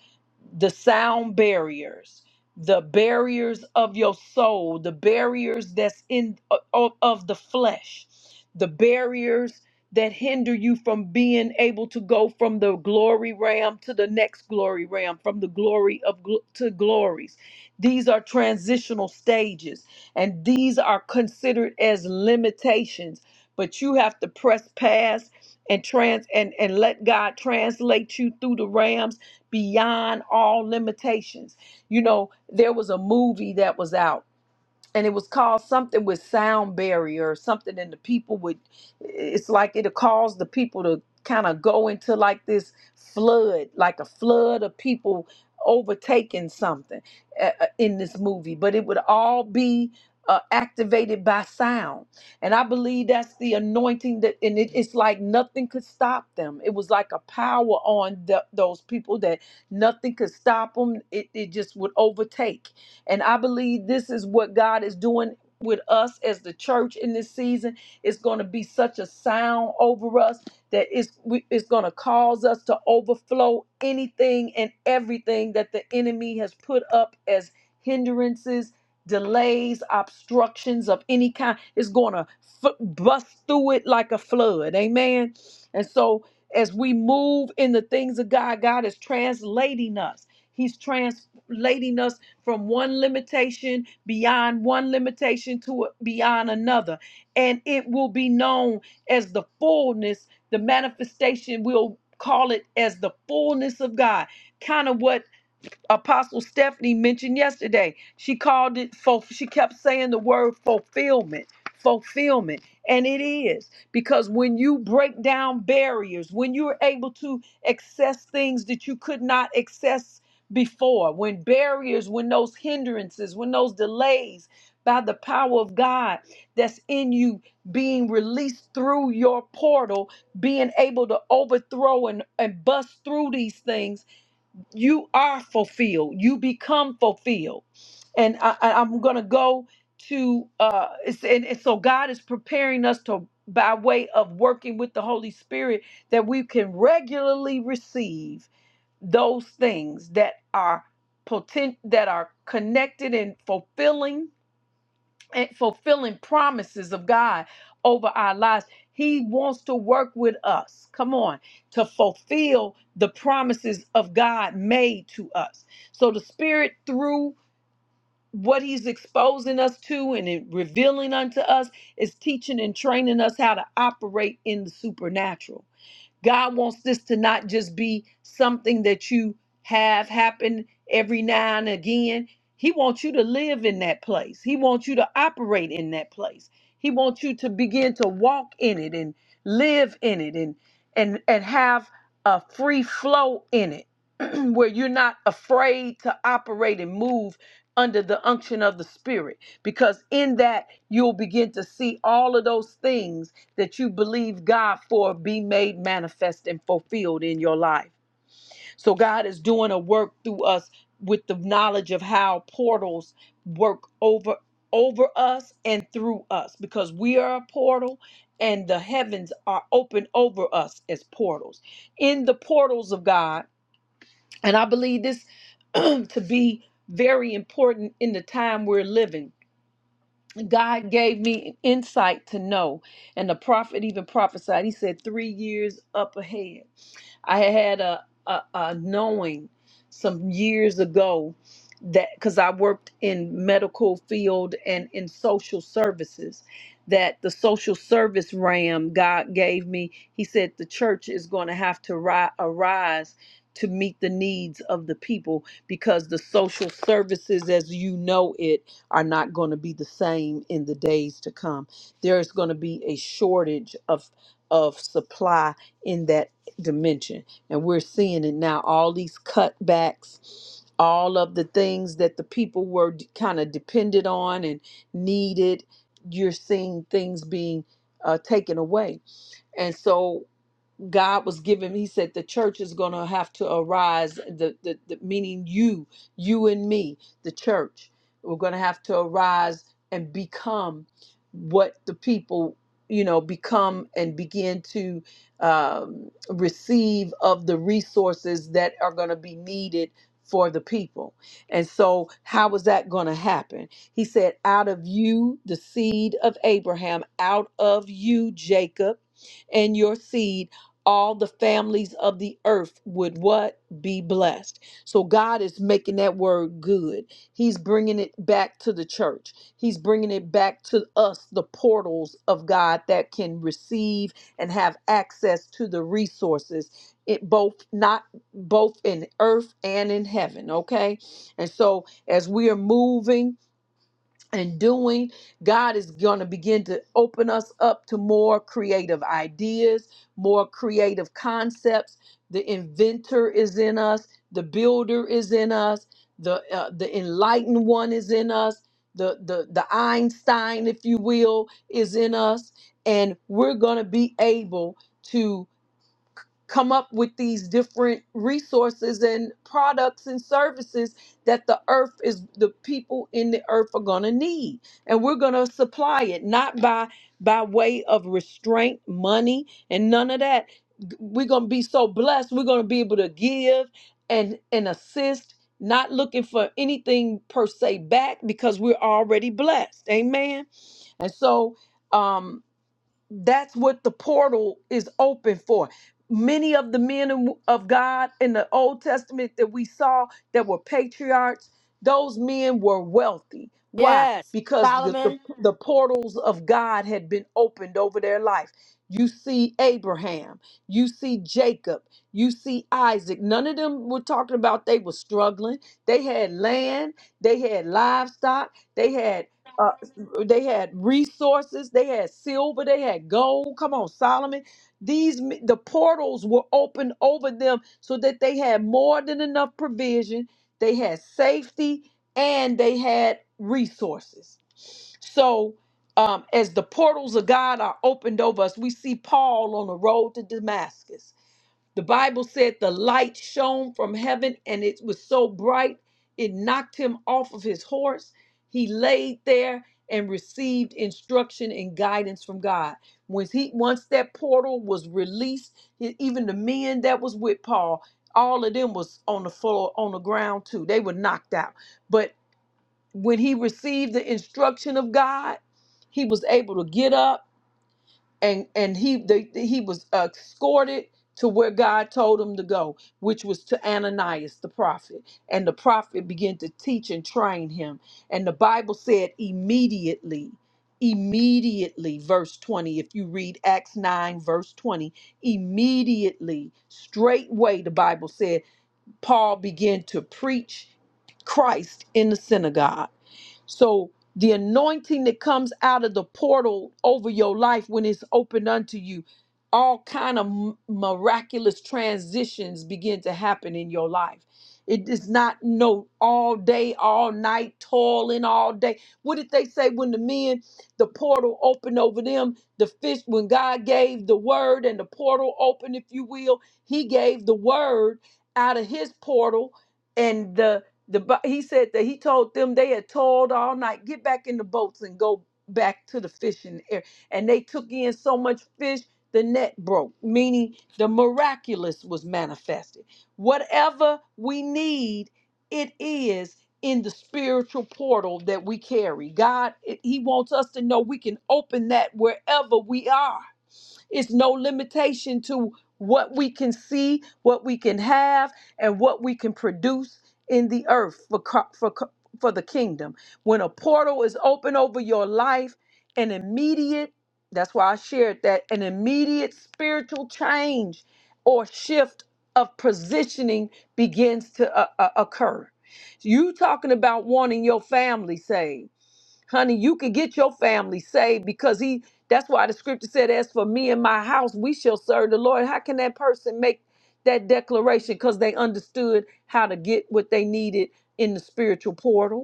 Speaker 3: the sound barriers the barriers of your soul the barriers that's in of, of the flesh the barriers that hinder you from being able to go from the glory realm to the next glory realm from the glory of gl- to glories these are transitional stages and these are considered as limitations but you have to press past and trans and and let God translate you through the rams beyond all limitations. You know, there was a movie that was out and it was called something with sound barrier or something and the people would it's like it'll cause the people to kind of go into like this flood like a flood of people overtaking something uh, uh, in this movie but it would all be uh, activated by sound and i believe that's the anointing that and it, it's like nothing could stop them it was like a power on the, those people that nothing could stop them it, it just would overtake and I believe this is what God is doing with us as the church in this season. It's going to be such a sound over us that it's, we- it's going to cause us to overflow anything and everything that the enemy has put up as hindrances. Delays, obstructions of any kind It's going to f- bust through it like a flood. Amen. And so, as we move in the things of God, God is translating us. He's translating us from one limitation beyond one limitation to beyond another. And it will be known as the fullness, the manifestation, we'll call it as the fullness of God. Kind of what Apostle Stephanie mentioned yesterday. She called it ful- she kept saying the word fulfillment, fulfillment, and it is because when you break down barriers, when you're able to access things that you could not access before, when barriers, when those hindrances, when those delays by the power of God that's in you being released through your portal, being able to overthrow and, and bust through these things you are fulfilled you become fulfilled and I, I- i'm gonna go to uh it's, and, and so god is preparing us to by way of working with the holy spirit that we can regularly receive those things that are potent that are connected and fulfilling and fulfilling promises of God over our lives. He wants to work with us, come on, to fulfill the promises of God made to us. So the Spirit, through what He's exposing us to and it revealing unto us, is teaching and training us how to operate in the supernatural. God wants this to not just be something that you have happen every now and again. He wants you to live in that place. He wants you to operate in that place. He wants you to begin to walk in it and live in it and and and have a free flow in it where you're not afraid to operate and move under the unction of the spirit because in that you'll begin to see all of those things that you believe God for be made manifest and fulfilled in your life. So God is doing a work through us with the knowledge of how portals work over over us and through us because we are a portal and the heavens are open over us as portals. In the portals of God, and I believe this to be very important in the time we're living God gave me insight to know. And the prophet even prophesied. He said, three years up ahead. I had a, a, a knowing some years ago that because I worked in medical field and in social services, that the social service ram God gave me, He said the church is going to have to ri- arise to meet the needs of the people because the social services as you know it are not going to be the same in the days to come. There's going to be a shortage of of supply in that dimension. And we're seeing it now all these cutbacks, all of the things that the people were kind of dependent on and needed. You're seeing things being uh, taken away. And so God was giving me, he said, the church is going to have to arise, the, the, the meaning you, you and me, the church. We're going to have to arise and become what the people, you know, become and begin to um, receive of the resources that are going to be needed for the people. And so, how was that going to happen? He said, out of you, the seed of Abraham, out of you, Jacob and your seed all the families of the earth would what be blessed so god is making that word good he's bringing it back to the church he's bringing it back to us the portals of god that can receive and have access to the resources it both not both in earth and in heaven okay and so as we are moving and doing, God is going to begin to open us up to more creative ideas, more creative concepts. The inventor is in us, the builder is in us, the uh, the enlightened one is in us, the the the Einstein, if you will, is in us, and we're going to be able come up with these different resources and products and services that the earth is the people in the earth are going to need and we're going to supply it not by by way of restraint money and none of that G- we're going to be so blessed we're going to be able to give and and assist not looking for anything per se back because we're already blessed amen and so um that's what the portal is open for many of the men and w- of god in the old testament that we saw that were patriarchs those men were wealthy why
Speaker 1: Yes.
Speaker 3: because the, the,
Speaker 1: Solomon,
Speaker 3: the portals of god had been opened over their life you see abraham you see jacob you see isaac none of them were talking about they were struggling they had land they had livestock they had uh, they had resources, they had silver, they had gold. Come on, Solomon. These m- the portals were opened over them so that they had more than enough provision. They had safety and they had resources. So um, as the portals of God are opened over us, we see Paul on the road to Damascus the Bible said the light shone from heaven and it was so bright it knocked him off of his horse. He laid there and received instruction and guidance from God. When he once that portal was released, e- even the men that was with Paul, all of them was on the floor on the ground too. They were knocked out. But when he received the instruction of God, he was able to get up and and he they, he was uh, escorted to where God told him to go, which was to Ananias the prophet. And the prophet began to teach and train him. And the Bible said immediately, immediately, verse 20, if you read Acts 9, verse 20, immediately, straightway, the Bible said, Paul began to preach Christ in the synagogue so the anointing that comes out of the portal over your life when it's opened unto you, all kind of m- miraculous transitions begin to happen in your life. It is not no all day, all night, toiling all day. What did they say when the men, the portal opened over them? The fish, when God gave the word and the portal opened, if you will, He gave the word out of His portal, and the the Bi- he said that he told them they had toiled all night, get back in the boats and go back to the fishing area. And they took in so much fish, the net broke, meaning the miraculous was manifested. Whatever we need, it is in the spiritual portal that we carry. God, it- he wants us to know we can open that wherever we are it's no limitation to what we can see, what we can have, and what we can produce in the earth for co- for co- for the kingdom. When a portal is open over your life, an immediate that's why I shared that an immediate spiritual change or shift of positioning begins to uh, uh, occur. You talking about wanting your family saved honey, you can get your family saved because he that's why the scripture said, As for me and my house, we shall serve the Lord. How can that person make that declaration? Because they understood how to get what they needed in the spiritual portal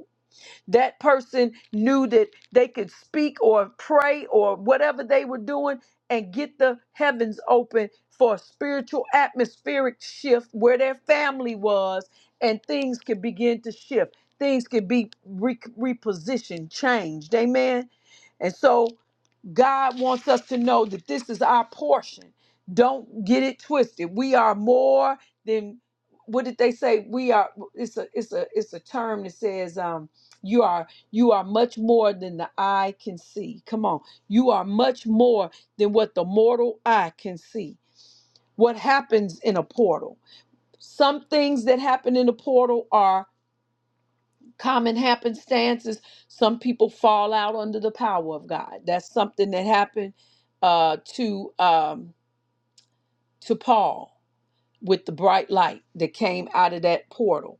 Speaker 3: that person knew that they could speak or pray or whatever they were doing and get the heavens open for a spiritual atmospheric shift where their family was and things could begin to shift. Things could be re- repositioned, changed. Amen. And so God wants us to know that this is our portion. Don't get it twisted. We are more than what did they say? We are it's a it's a it's a term that says um you are you are much more than the eye can see. Come on. You are much more than what the mortal eye can see. What happens in a portal? Some things that happen in a portal are common happenstances. some people fall out under the power of God. That's something that happened uh, to um, to Paul with the bright light that came out of that portal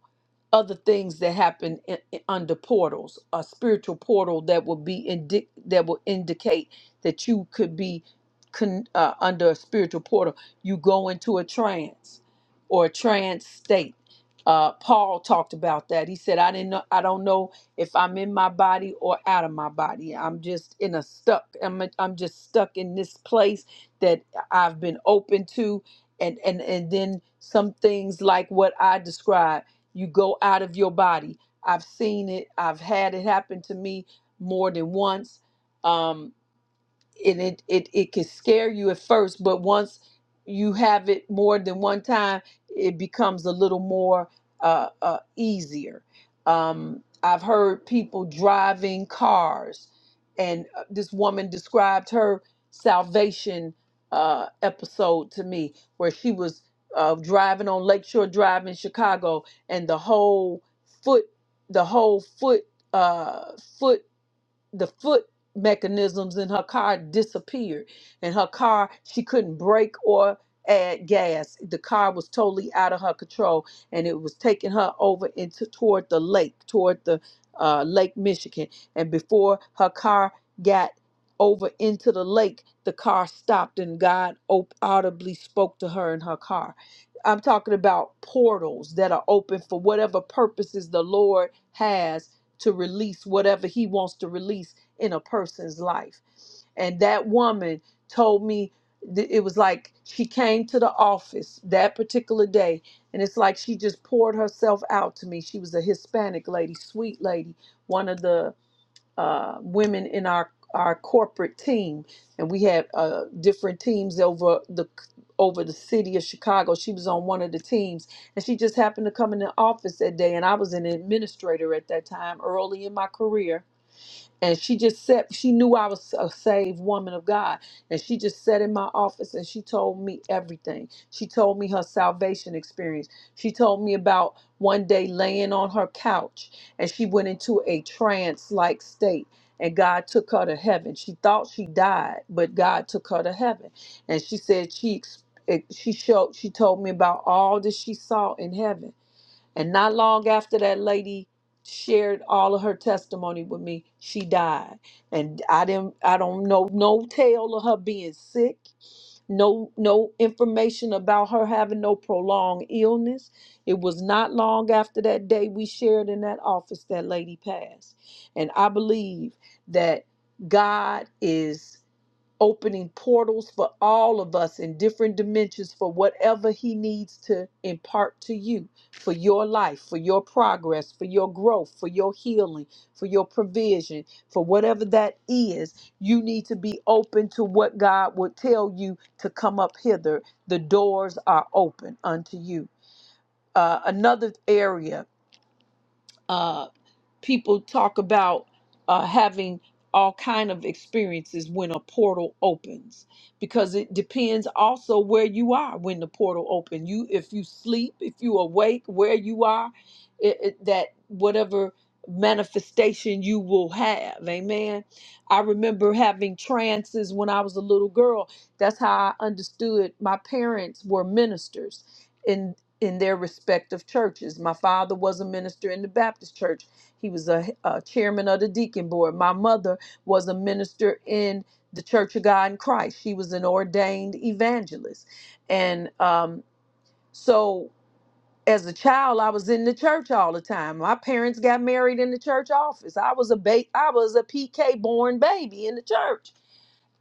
Speaker 3: other things that happen in, in- under portals, a spiritual portal that will be indi- that will indicate that you could be con- uh, under a spiritual portal. You go into a trance or a trance state. Uh, Paul talked about that. He said, "I didn't know. I don't know if I'm in my body or out of my body. I'm just in a stuck. I'm I'm just stuck in this place that I've been open to, and and and then some things like what I described." You go out of your body. I've seen it. I've had it happen to me more than once. Um, and it it it can scare you at first, but once you have it more than one time, it becomes a little more uh, uh, easier. Um, I've heard people driving cars, and uh, this woman described her salvation uh, episode to me, where she was uh, driving on Lakeshore Drive in Chicago, and the whole foot, the whole foot, uh, foot the foot mechanisms in her car disappeared and her car she couldn't brake or add gas the car was totally out of her control and it was taking her over into toward the lake toward the uh, lake michigan and before her car got over into the lake the car stopped and god op- audibly spoke to her in her car i'm talking about portals that are open for whatever purposes the lord has to release whatever he wants to release in a person's life. And that woman told me th- it was like she came to the office that particular day, and it's like she just poured herself out to me. She was a Hispanic lady, sweet lady, one of the uh, women in our our corporate team, and we had uh, different teams over the over the city of Chicago. She was on one of the teams, and she just happened to come in the office that day, and I was an administrator at that time, early in my career, and she just said she knew I was a saved woman of God, and she just sat in my office and she told me everything. She told me her salvation experience. She told me about one day laying on her couch and she went into a trance-like state. And God took her to heaven. She thought she died, but God took her to heaven. And she said she ex- it- she showed she told me about all that she saw in heaven and not long after that lady shared all of her testimony with me, she died. And I didn't I don't know no tale of her being sick, no no information about her having no prolonged illness. It was not long after that day we shared in that office that lady passed. And I believe that God is opening portals for all of us in different dimensions for whatever He needs to impart to you for your life, for your progress, for your growth, for your healing, for your provision, for whatever that is. You need to be open to what God would tell you to come up hither. The doors are open unto you. Uh, another area. uh people talk about uh, having all kind of experiences when a portal opens because it depends also where you are when the portal open you if you sleep if you awake where you are it, it- that whatever manifestation you will have amen i remember having trances when i was a little girl that's how i understood my parents were ministers in in their respective churches my father was a minister in the baptist church he was a, a chairman of the deacon board. My mother was a minister in the Church of God in Christ. She was an ordained evangelist. And um, so as a child, I was in the church all the time. My parents got married in the church office. I was a ba- I was a PK born baby in the church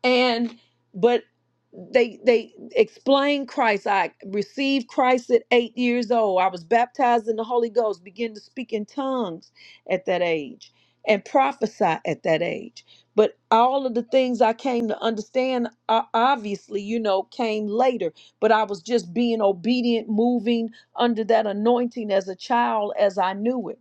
Speaker 3: and but they they explain christ i received christ at eight years old i was baptized in the holy ghost began to speak in tongues at that age and prophesy at that age but all of the things i came to understand uh, obviously you know came later but i was just being obedient moving under that anointing as a child as i knew it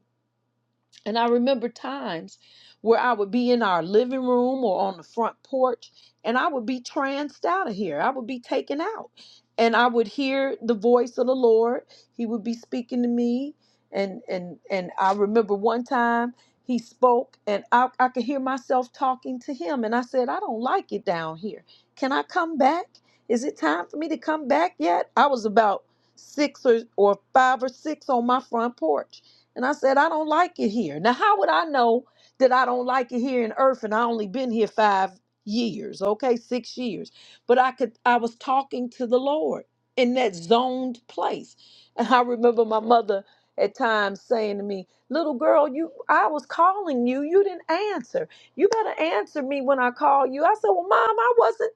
Speaker 3: and I remember times where I would be in our living room or on the front porch and I would be tranced out of here. I would be taken out. And I would hear the voice of the Lord. He would be speaking to me. And and and I remember one time he spoke and I, I could hear myself talking to him. And I said, I don't like it down here. Can I come back? Is it time for me to come back yet? I was about six or, or five or six on my front porch and I said, I don't like it here. Now, how would I know that I don't like it here in Earth and I only been here five years, okay, six years? But I could I was talking to the Lord in that zoned place. And I remember my mother at times saying to me, Little girl, you I was calling you. You didn't answer. You better answer me when I call you. I said, Well, mom, I wasn't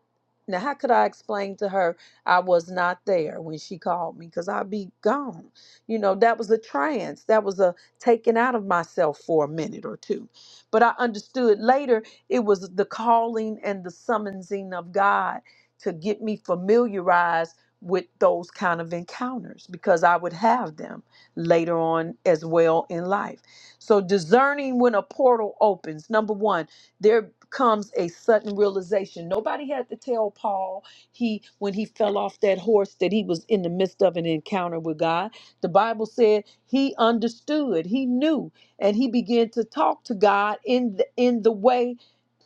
Speaker 3: now, how could I explain to her I was not there when she called me? Because I'd be gone. You know, that was a trance. That was a taking out of myself for a minute or two. But I understood later it was the calling and the summonsing of God to get me familiarized with those kind of encounters because I would have them later on as well in life. So, discerning when a portal opens, number one there comes a sudden realization nobody had to tell paul he when he fell off that horse that he was in the midst of an encounter with god the bible said he understood he knew and he began to talk to god in the, in the way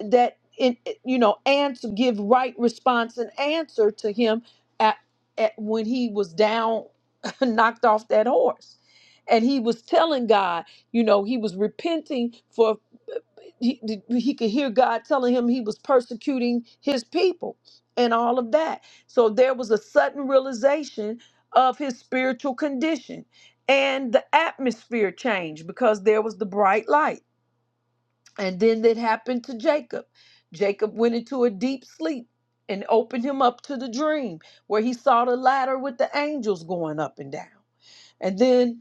Speaker 3: that in you know answer give right response and answer to him at, at when he was down knocked off that horse and he was telling god you know he was repenting for he, he could hear God telling him he was persecuting his people and all of that. So there was a sudden realization of his spiritual condition. And the atmosphere changed because there was the bright light. And then it happened to Jacob. Jacob went into a deep sleep and opened him up to the dream where he saw the ladder with the angels going up and down. And then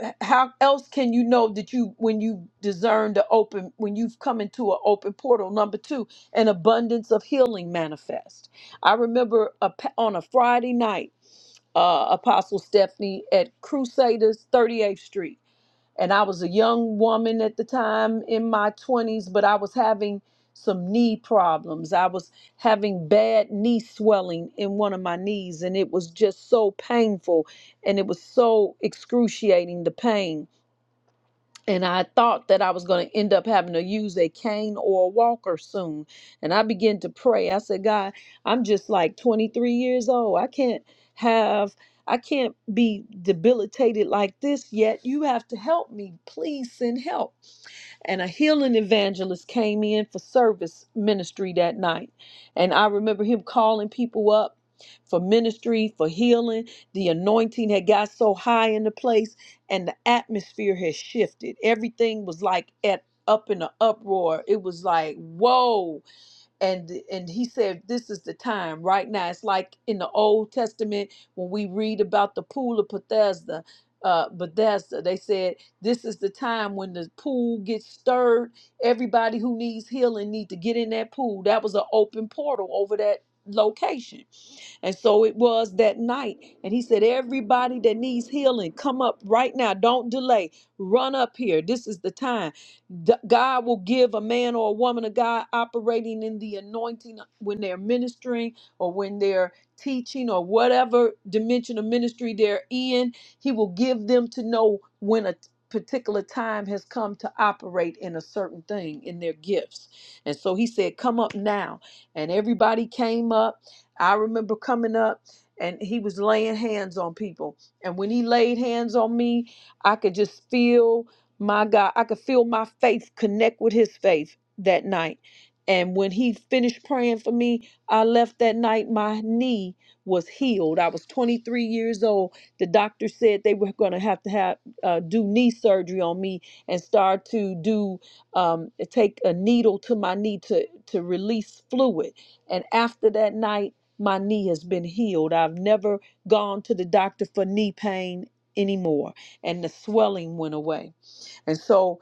Speaker 3: h- how else can you know that you when you discern the open when you've come into an open portal number two an abundance of healing manifest i remember a, pa- on a friday night uh, apostle stephanie at crusaders 38th street and i was a young woman at the time in my 20s but i was having some knee problems i was having bad knee swelling in one of my knees and it was just so painful and it was so excruciating the pain and I thought that I was going to end up having to use a cane or a walker soon. And I began to pray. I said, God, I'm just like 23 years old. I can't have, I can't be debilitated like this yet. You have to help me. Please send help and a healing evangelist came in for service ministry that night. And I remember him calling people up for ministry, for healing. The anointing had got so high in the place, and the atmosphere had shifted. Everything was like at up in an uproar. It was like, whoa and and he said this is the time right now it's like in the old testament when we read about the pool of bethesda uh, bethesda they said this is the time when the pool gets stirred everybody who needs healing need to get in that pool that was an open portal over that location and so it was that night and he said everybody that needs healing come up right now don't delay run up here this is the time D- God will give a man or a woman of God operating in the anointing uh, when they're ministering or when they're teaching or whatever dimension of ministry they're in. He will give them to know when a particular time has come to operate in a certain thing in their gifts. And so he said, Come up now. And everybody came up. I remember coming up and he was laying hands on people. And when he laid hands on me, I could just feel. My God, I could feel my faith connect with his faith that night. And when he finished praying for me, I left that night. My knee was healed. I was 23 years old. The doctor said they were going to have to have uh, do knee surgery on me and start to do um, take a needle to my knee to to release fluid. And after that night, my knee has been healed. I've never gone to the doctor for knee pain anymore, and the swelling went away. And so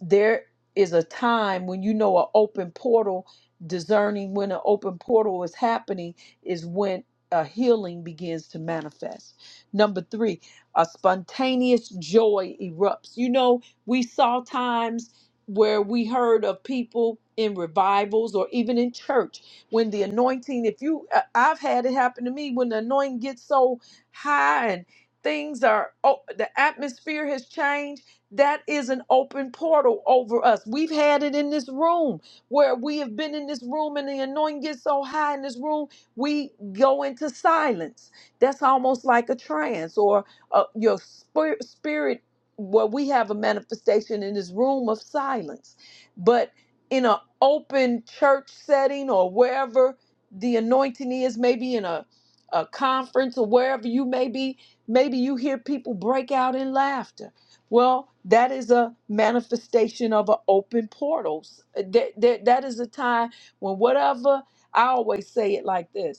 Speaker 3: there is a time when you know an open portal, discerning when an open portal is happening is when a healing begins to manifest. Number three, a spontaneous joy erupts. You know, we saw times where we heard of people in revivals or even in church when the anointing if you I- i've had it happen to me when the anointing gets so high and things are oh the atmosphere has changed that is an open portal over us. We've had it in this room where we have been in this room and the anointing gets so high in this room, we go into silence. That's almost like a trance or uh, your spirit, spirit. Well, we have a manifestation in this room of silence, but in an open church setting or wherever the anointing is, maybe in a, a conference or wherever you may be, maybe you hear people break out in laughter well, that is a manifestation of an open portals. That, that, that is a time when whatever, I always say it like this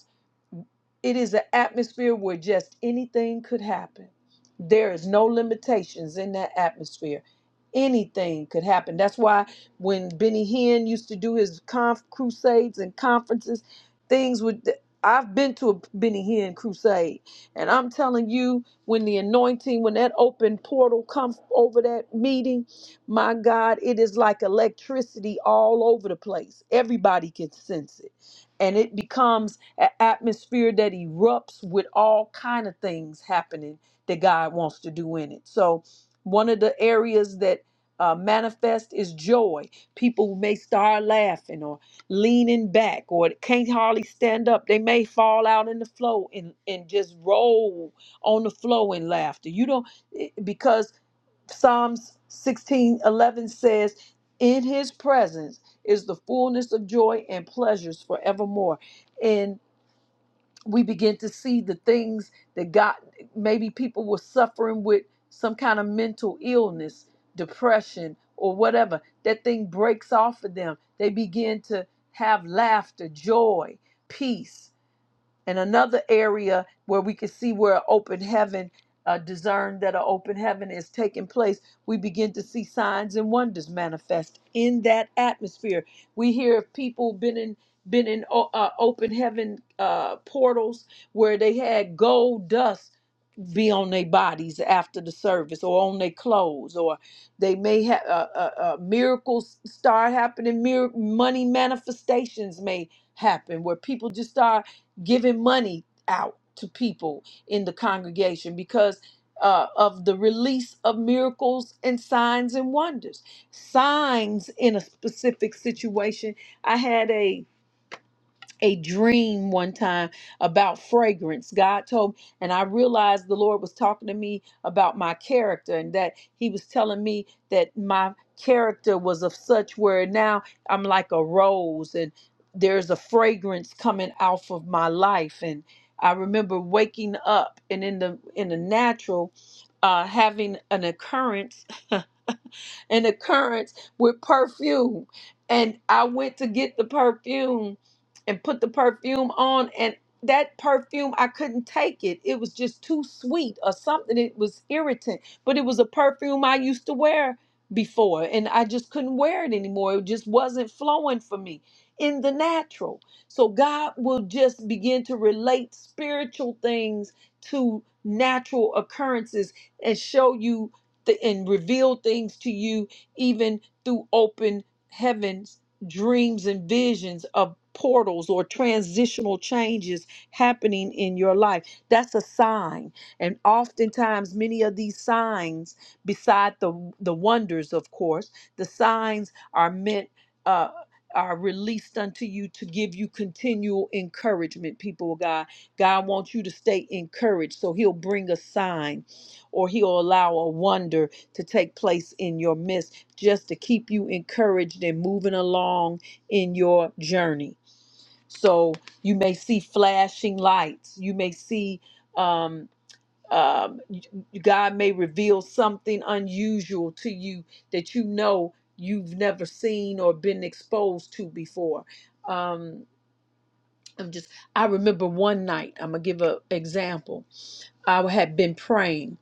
Speaker 3: it is an atmosphere where just anything could happen. There is no limitations in that atmosphere. Anything could happen. That's why when Benny Hinn used to do his conf- crusades and conferences, things would. I've been to a Benny Hinn crusade, and I'm telling you, when the anointing, when that open portal comes over that meeting, my God, it is like electricity all over the place. Everybody can sense it, and it becomes a- atmosphere that erupts with all kind of things happening that God wants to do in it. So one of the areas that uh, manifest is joy. People may start laughing or leaning back or can't hardly stand up. They may fall out in the flow and, and just roll on the flow in laughter. You don't, eh, because Psalms 16 11 says, In his presence is the fullness of joy and pleasures forevermore. And we begin to see the things that God maybe people were suffering with some kind of mental illness, depression, or whatever. That thing breaks off of them. They begin to have laughter, joy, peace and another area where we can see where open heaven uh, discern that an open heaven is taking place we begin to see signs and wonders manifest in that atmosphere we hear of people been in been in o- uh, open heaven uh, portals where they had gold dust be on their bodies after the service or on their clothes or they may have uh, uh, uh, miracles start happening mir- money manifestations may happen where people just start giving money out to people in the congregation because uh, of the release of miracles and signs and wonders. Signs in a specific situation. I had a a dream one time about fragrance. God told me, and I realized the Lord was talking to me about my character and that He was telling me that my character was of such where now I'm like a rose and there's a fragrance coming off of my life. And I remember waking up and in the in the natural uh, having an occurrence an occurrence with perfume. And I went to get the perfume and put the perfume on and that perfume I couldn't take it. It was just too sweet or something. It was irritant. But it was a perfume I used to wear before and I just couldn't wear it anymore. It just wasn't flowing for me in the natural. So God will just begin to relate spiritual things to natural occurrences and show you th- and reveal things to you even through open heavens dreams and visions of portals or transitional changes happening in your life that's a sign and oftentimes many of these signs beside the the wonders of course the signs are meant uh are released unto you to give you continual encouragement people of god god wants you to stay encouraged so he'll bring a sign or he'll allow a wonder to take place in your midst just to keep you encouraged and moving along in your journey. So you may see flashing lights. You may see um, um, y- y- God may reveal something unusual to you that you know you've never seen or been exposed to before. Um, I'm just, I remember one night, I'm going to give an example. I had been praying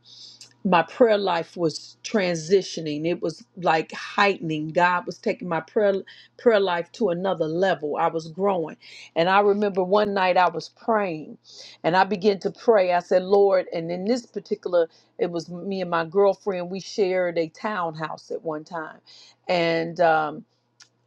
Speaker 3: my prayer life was transitioning it was like heightening god was taking my prayer prayer life to another level i was growing and i remember one night i was praying and i began to pray i said lord and in this particular it was me and my girlfriend we shared a townhouse at one time and um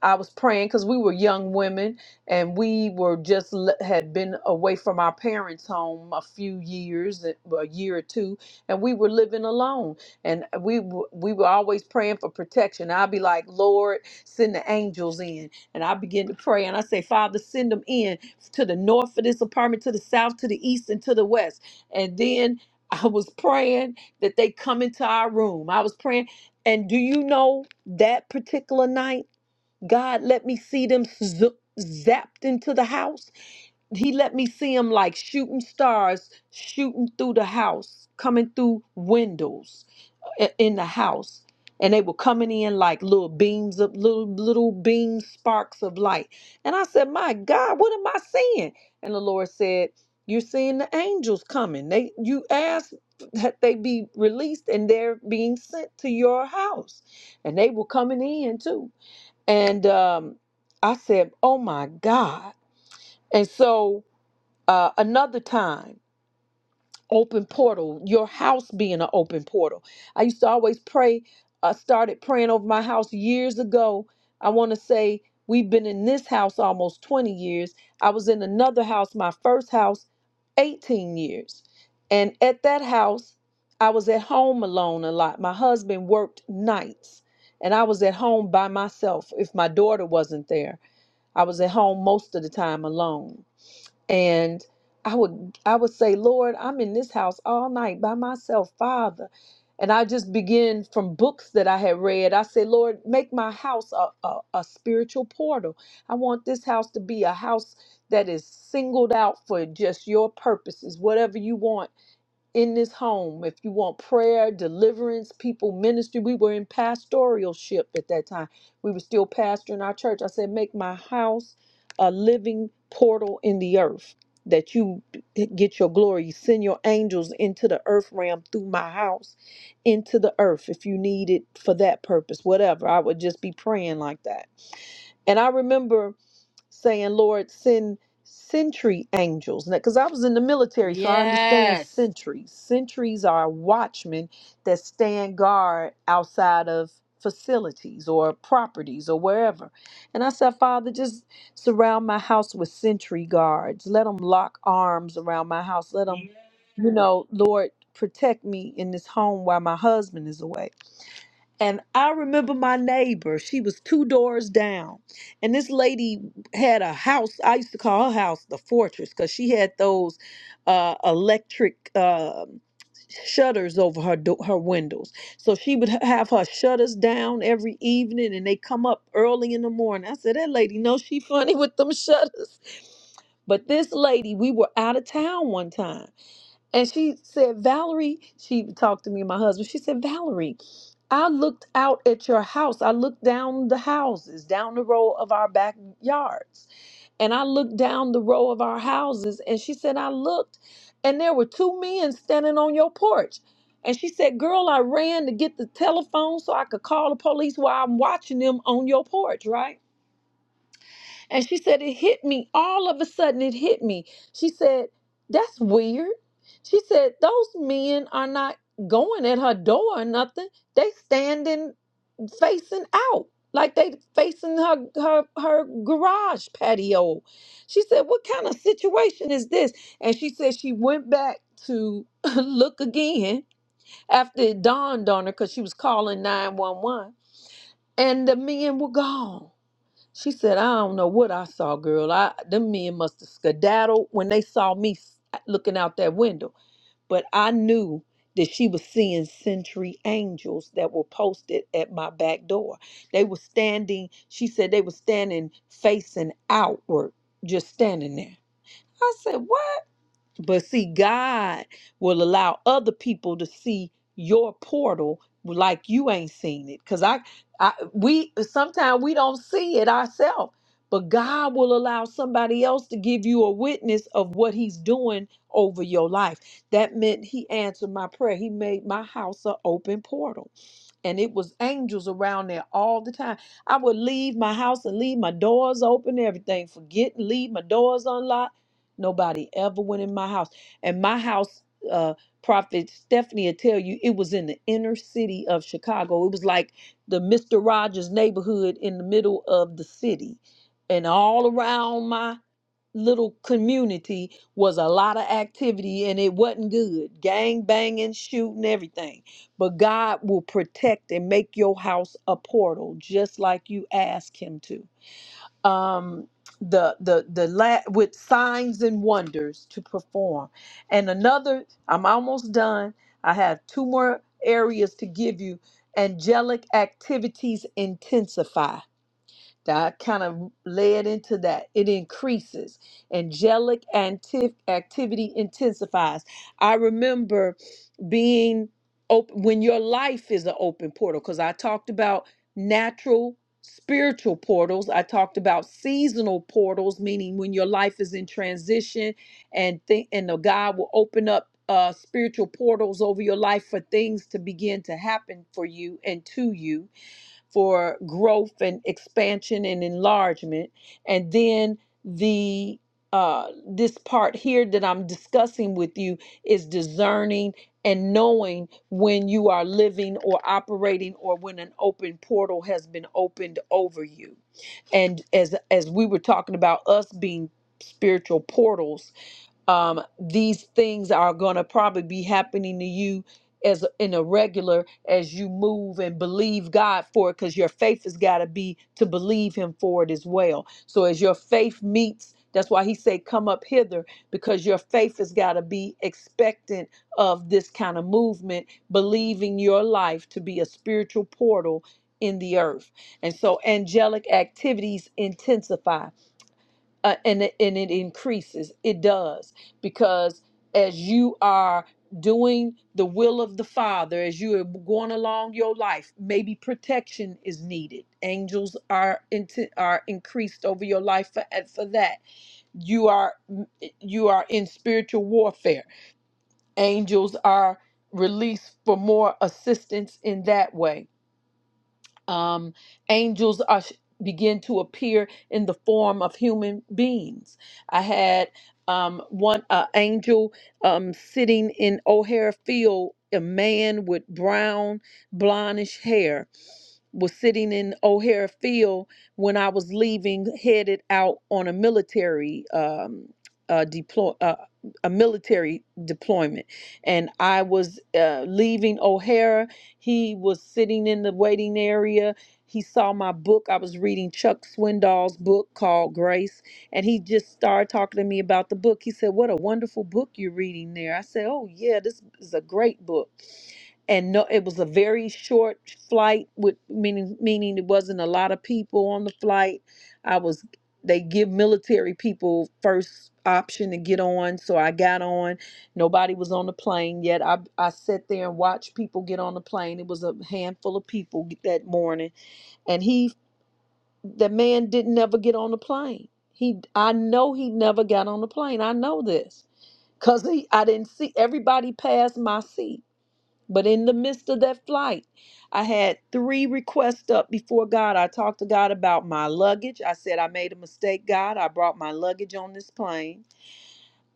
Speaker 3: I was praying because we were young women and we were just le- had been away from our parents' home a few years, a a year or two, and we were living alone. And we w- we were always praying for protection. I'd be like, Lord, send the angels in, and I begin to pray and I say, Father, send them in to the north of this apartment, to the south, to the east, and to the west. And then I was praying that they come into our room. I was praying, and do you know that particular night? God let me see them z- zapped into the house. He let me see them like shooting stars, shooting through the house, coming through windows i- in the house. And they were coming in like little beams of little little beam sparks of light. And I said, My God, what am I seeing? And the Lord said, You're seeing the angels coming. They you asked that they be released and they're being sent to your house. And they were coming in too. And um, I said, Oh my God. And so uh, another time, open portal, your house being an open portal. I used to always pray. I started praying over my house years ago. I want to say we've been in this house almost 20 years. I was in another house, my first house, 18 years. And at that house, I was at home alone a lot. My husband worked nights and I was at home by myself if my daughter wasn't there I was at home most of the time alone. And I would I would say, Lord, I'm in this house all night by myself, Father. And I just begin from books that I had read. I say, Lord, make my house a, a, a spiritual portal. I want this house to be a house that is singled out for just your purposes, whatever you want in this home. If you want prayer, deliverance, people ministry, we were in pastoralship at that time. We were still pastoring our church. I said, make my house a living portal in the earth that you get your glory. You send your angels into the earth realm through my house, into the earth if you need it for that purpose, whatever. I would just be praying like that. And I remember saying, Lord, send sentry angels. Because I was in the military, so I understand
Speaker 1: Yes.
Speaker 3: sentries. Sentries are watchmen that stand guard outside of facilities or properties or wherever. And I said, Father, just surround my house with sentry guards. Let them lock arms around my house. Let them, you know, Lord, protect me in this home while my husband is away. And I remember my neighbor, she was two doors down. And this lady had a house. I used to call her house the fortress because she had those uh, electric um shutters over her do- her windows. So she would ha- have her shutters down every evening and they come up early in the morning. I said, That lady knows she funny with them shutters. But this lady, we were out of town one time and she said, Valerie, she talked to me and my husband. She said, Valerie, I looked out at your house. I looked down the houses, down the row of our backyards. And I looked down the row of our houses. And she said, I looked and there were two men standing on your porch. And she said, Girl, I ran to get the telephone so I could call the police while I'm watching them on your porch, right? And she said, It hit me. All of a sudden, it hit me. She said, That's weird. She said, Those men are not going at her door or nothing. They standing facing out, like they facing her, her, her garage patio. She said, What kind of situation is this? And she said, She went back to look again after it dawned on her because she was calling 911 and the men were gone. She said, I don't know what I saw, girl. I them men must have skedaddled when they saw me s- looking out that window. But I knew that she was seeing sentry angels that were posted at my back door. They were standing, she said they were standing facing outward, just standing there. I said, What? But see, God will allow other people to see your portal like you ain't seen it. Cause I, I we sometimes we don't see it ourselves. But God will allow somebody else to give you a witness of what He's doing over your life. That meant He answered my prayer. He made my house an open portal. And it was angels around there all the time. I would leave my house and leave my doors open, everything. Forget, leave my doors unlocked Nobody ever went in my house. And my house, uh, Prophet Stephanie will tell you, it was in the inner city of Chicago. It was like the Mr. Rogers neighborhood in the middle of the city. And all around my little community was a lot of activity and it wasn't good. Gang banging, shooting, everything. But God will protect and make your house a portal just like you ask Him to um, the the the la- with signs and wonders to perform. And another, I'm almost done. I have two more areas to give you. Angelic activities intensify that I kind of led into that. It increases. Angelic anti- activity intensifies. I remember being open when your life is an open portal, because I talked about natural spiritual portals. I talked about seasonal portals, meaning when your life is in transition and think and the God will open up uh spiritual portals over your life for things to begin to happen for you and to you for growth and expansion and enlargement. And then the uh, this part here that I'm discussing with you is discerning and knowing when you are living or operating or when an open portal has been opened over you. And as as we were talking about us being spiritual portals, um, these things are going to probably be happening to you as in a regular as you move and believe God for it because your faith has got to be to believe him for it as well. So as your faith meets, that's why he said come up hither because your faith has got to be expectant of this kind of movement, believing your life to be a spiritual portal in the earth. And so angelic activities intensify uh, and it- and it increases. It does because as you are doing the will of the Father, as you are going along your life, maybe protection is needed. Angels are into, are increased over your life for and for that. You are you are in spiritual warfare. Angels are released for more assistance in that way um, angels are begin to appear in the form of human beings. I had um, one uh, angel um, sitting in O'Hare Field. A man with brown, blondish hair was sitting in O'Hare Field when I was leaving, headed out on a military um, uh, deploy uh, a military deployment, and I was uh, leaving O'Hara he was sitting in the waiting area. He saw my book. I was reading Chuck Swindoll's book called Grace, and he just started talking to me about the book. He said, "What a wonderful book you're reading there." I said, "Oh yeah, this is a great book." and no, it was a very short flight with meaning meaning it wasn't a lot of people on the flight. I was they give military people first option to get on, so I got on Nobody was on the plane yet. I I sat there and watched people get on the plane. It was a handful of people that morning, and he, the man, didn't never get on the plane. He, I know he never got on the plane. I know this because he, I didn't see everybody pass my seat. But in the midst of that flight, I had three requests up before God. I talked to God about my luggage. I said I made a mistake, God. I brought my luggage on this plane.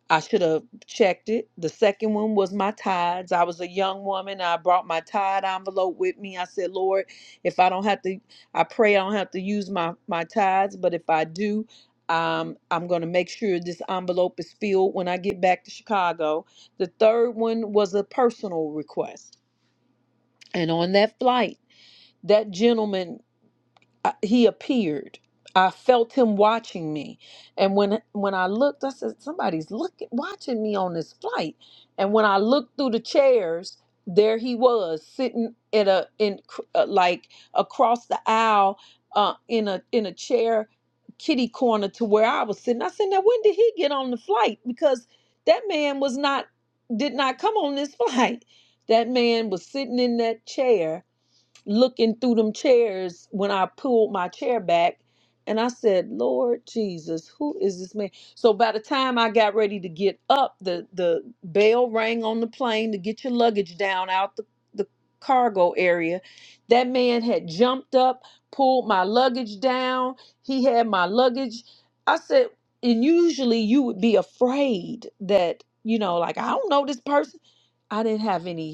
Speaker 3: I should have checked it. The second one was my tithes. I was a young woman. I brought my tithe envelope with me. I said, Lord, if I don't have to, I pray I don't have to use my, my tithes, but if I do, um, I'm going to make sure this envelope is filled when I get back to Chicago. The third one was a personal request. And on that flight, that gentleman I, he appeared. I felt him watching me. And when when I looked, I said, somebody's looking watching me on this flight. And when I looked through the chairs, there he was sitting at a in cr- uh, like across the aisle uh, in a in a chair kitty corner to where I was sitting. I said, now when did he get on the flight? Because that man was not did not come on this flight. That man was sitting in that chair looking through them chairs when I pulled my chair back. And I said, Lord Jesus, who is this man? So by the time I got ready to get up, the, the bell rang on the plane to get your luggage down out the, the cargo area. That man had jumped up, pulled my luggage down. He had my luggage. I said, and usually you would be afraid that, you know, like, I don't know this person. I didn't have any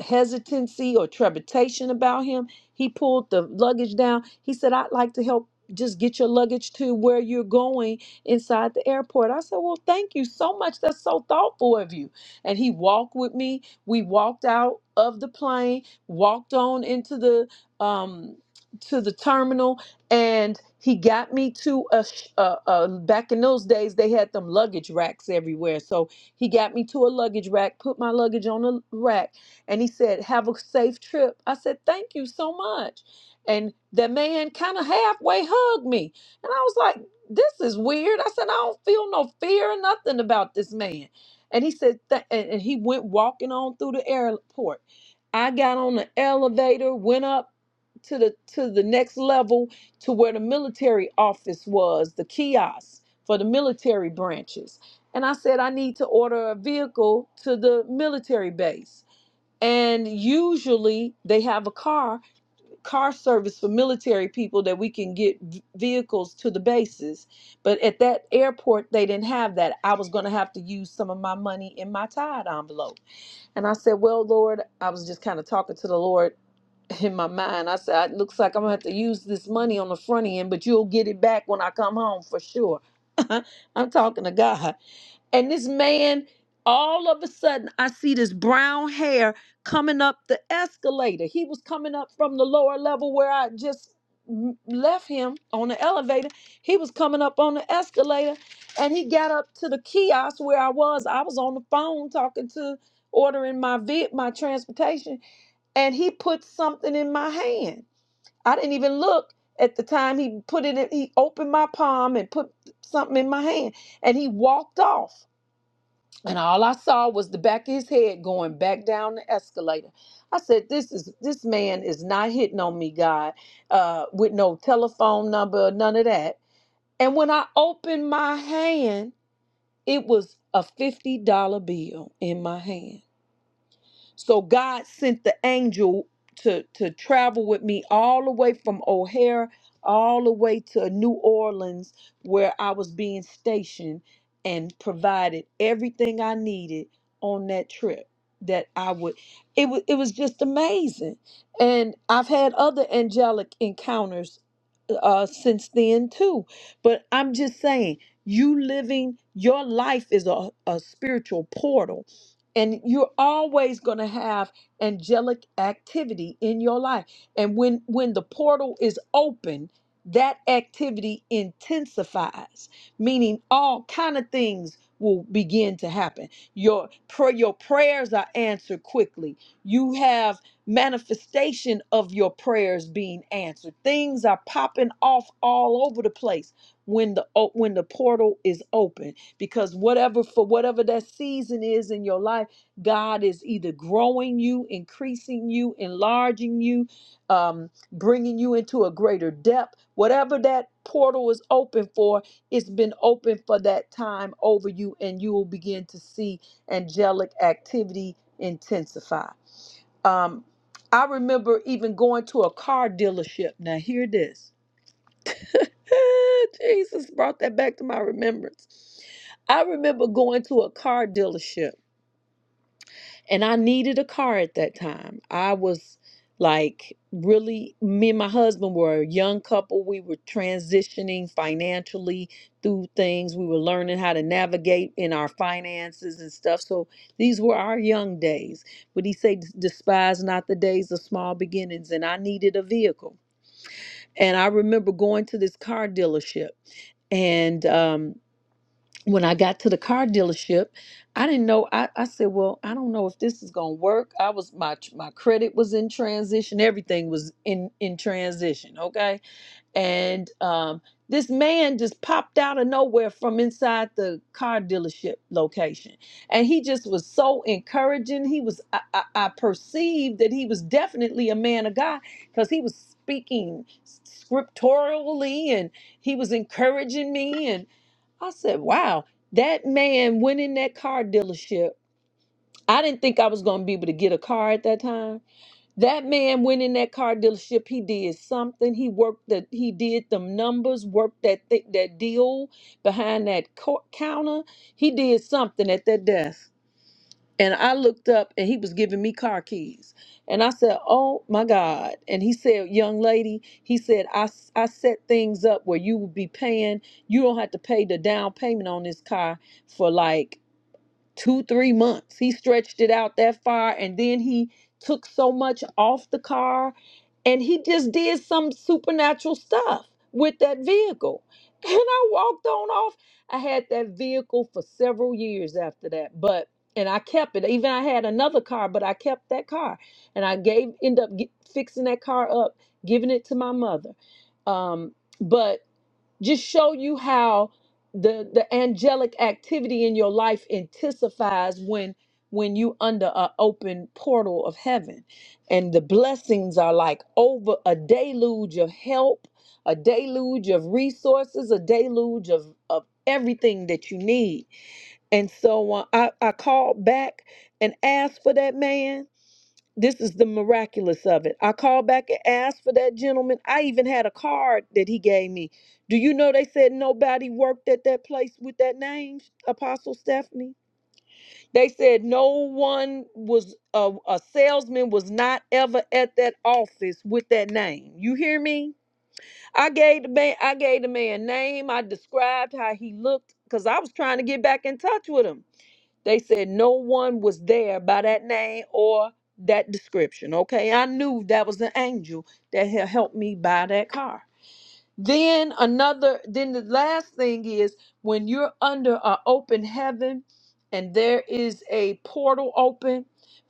Speaker 3: hesitancy or trepidation about him. He pulled the luggage down. He said, I'd like to help just get your luggage to where you're going inside the airport. I said, Well, thank you so much. That's so thoughtful of you. And he walked with me. We walked out of the plane, walked on into the um to the terminal and he got me to a, sh- a, a back in those days they had them luggage racks everywhere so he got me to a luggage rack put my luggage on a rack and he said, Have a safe trip. I said, Thank you so much. And the man kind of halfway hugged me. And I was like, This is weird. I said, I don't feel no fear or nothing about this man. And he said, "Th- and and he went walking on through the airport. I got on the elevator, went up to the to the next level to where the military office was, the kiosk for the military branches. And I said, I need to order a vehicle to the military base and usually they have a car car service for military people that we can get v- vehicles to the bases but at that airport they didn't have that i was going to have to use some of my money in my tide envelope and i said well lord i was just kind of talking to the lord in my mind i said it looks like i'm going to have to use this money on the front end but you'll get it back when i come home for sure i'm talking to god and this man, all of a sudden, I see this brown hair coming up the escalator. He was coming up from the lower level where I just m- left him on the elevator. He was coming up on the escalator and he got up to the kiosk where I was. I was on the phone talking to ordering my vid, my transportation, and he put something in my hand. I didn't even look at the time he put it in, he opened my palm and put something in my hand and he walked off and all I saw was the back of his head going back down the escalator. I said, "This is this man is not hitting on me, God, uh, with no telephone number, none of that." And when I opened my hand, it was a fifty dollar bill in my hand. So God sent the angel to to travel with me all the way from O'Hare all the way to New Orleans where I was being stationed and provided everything I needed on that trip that I would it was it was just amazing. And I've had other angelic encounters uh since then too. But I'm just saying you living your life is a, a spiritual portal and you're always going to have angelic activity in your life. And when when the portal is open, that activity intensifies, meaning all kind of things will begin to happen. Your pray, your prayers are answered quickly. You have manifestation of your prayers being answered. Things are popping off all over the place when the o- when the portal is open because whatever for whatever that season is in your life God is either growing you, increasing you, enlarging you, um, bringing you into a greater depth. Whatever that portal is open for, it's been open for that time over you, and you will begin to see angelic activity intensify. Um, I remember even going to a car dealership. Now, hear this. Jesus brought that back to my remembrance. I remember going to a car dealership and I needed a car at that time. I was like really me and my husband were a young couple. We were transitioning financially through things. We were learning how to navigate in our finances and stuff. So these were our young days. But he said despise not the days of small beginnings and I needed a vehicle. And I remember going to this car dealership and um when I got to the car dealership, I didn't know. I, I said, "Well, I don't know if this is gonna work." I was my my credit was in transition. Everything was in in transition. Okay, and um, this man just popped out of nowhere from inside the car dealership location and he just was so encouraging he was i, I, I perceived that he was definitely a man of god because he was speaking scripturally and he was encouraging me and i said wow that man went in that car dealership i didn't think i was going to be able to get a car at that time that man went in that car dealership. He did something. He worked that. He did them numbers. Worked that thi- that deal behind that co- counter. He did something at that desk. And I looked up, and he was giving me car keys. And I said, "Oh my God!" And he said, "Young lady," he said, "I s- I set things up where you will be paying. You don't have to pay the down payment on this car for like." two, three months. He stretched it out that far and then he took so much off the car and he just did some supernatural stuff with that vehicle. And I walked on off. I had that vehicle for several years after that, but and I kept it. Even I had another car, but I kept that car, and I gave end up get, fixing that car up, giving it to my mother. Um, but just show you how the the angelic activity in your life intensifies when when you under an open portal of heaven and the blessings are like over a deluge of help a deluge of resources a deluge of of everything that you need and so uh, i i called back and asked for that man this is the miraculous of it. I called back and asked for that gentleman. I even had a card that he gave me. Do you know they said nobody worked at that place with that name, Apostle Stephanie? They said no one was, a, a salesman was not ever at that office with that name. You hear me? I gave the man, I gave the man name. I described how he looked because I was trying to get back in touch with him. They said no one was there by that name or that description. Okay, I knew that was an angel that had helped me buy that car. Then another, then the last thing is when you're under an open heaven and there is a portal open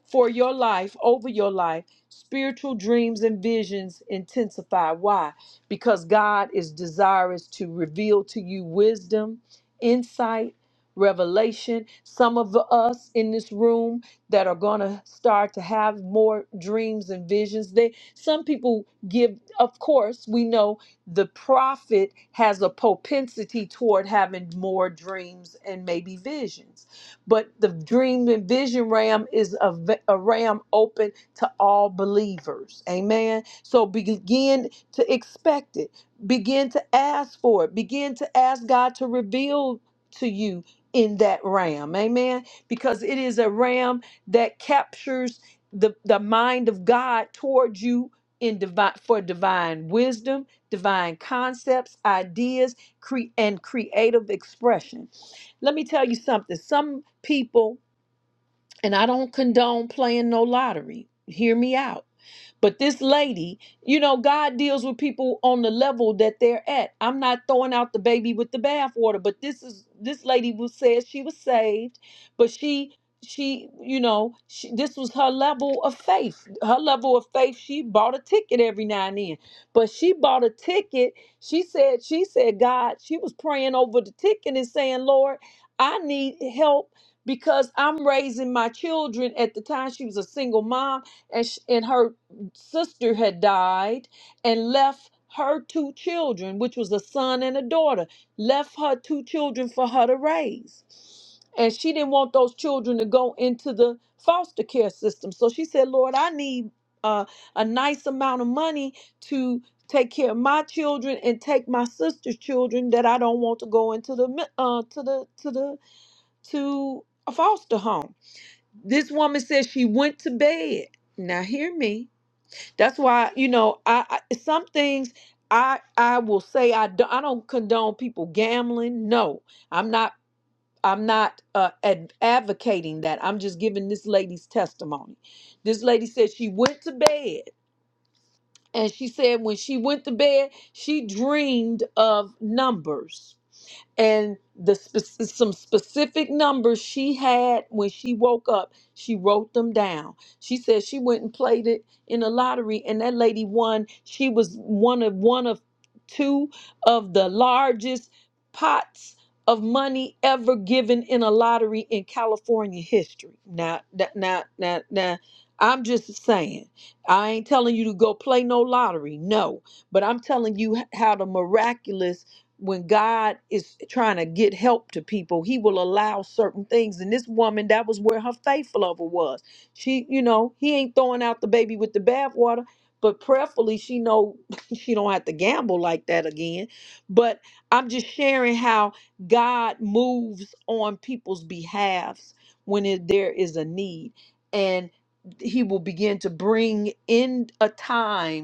Speaker 3: for your life, over your life, spiritual dreams and visions intensify. Why? Because God is desirous to reveal to you wisdom, insight, revelation. Some of us in this room that are going to start to have more dreams and visions. They some people give of course, we know the prophet has a propensity toward having more dreams and maybe visions. But the dream and vision ram is a, v- a ram open to all believers. Amen. So begin to expect it, begin to ask for it, begin to ask God to reveal to you in that ram. Amen. Because it is a ram that captures the, the mind of God toward you in divine for divine wisdom divine concepts, ideas, cre- and creative expression. Let me tell you something. Some people, and I don't condone playing no lottery. Hear me out but this lady, you know, God deals with people on the level that they're at. I'm not throwing out the baby with the bathwater, but this is this lady who said she was saved, but she she you know she, this was her level of faith her level of faith she bought a ticket every now and then but she bought a ticket she said she said god she was praying over the ticket and saying lord i need help because i'm raising my children at the time she was a single mom and sh and her sister had died and left her two children, which was a son and a daughter, left her two children for her to raise. And she didn't want those children to go into the foster care system. So she said, Lord, I need uh, a nice amount of money to take care of my children and take my sister's children that I don't want to go into the mi- uh, to the to the to a foster home. This woman said she went to bed. Now hear me that's why you know I, I some things I I will say I don't I don't condone people gambling. No, I'm not I'm not uh, ad- advocating that. I'm just giving this lady's testimony. This lady said she went to bed and she said when she went to bed she dreamed of numbers and the spec- some specific numbers she had when she woke up she wrote them down she said she went and played it in a lottery and that lady won she was one of one of two of the largest pots of money ever given in a lottery in California history now that now now now I'm just saying I ain't telling you to go play no lottery no but I'm telling you how the miraculous when God is trying to get help to people, he will allow certain things. And this woman, that was where her faith level was. She, you know, he ain't throwing out the baby with the bathwater, but prayerfully she know she don't have to gamble like that again. But I'm just sharing how God moves on people's behalves when it, there is a need. And he will begin to bring in a time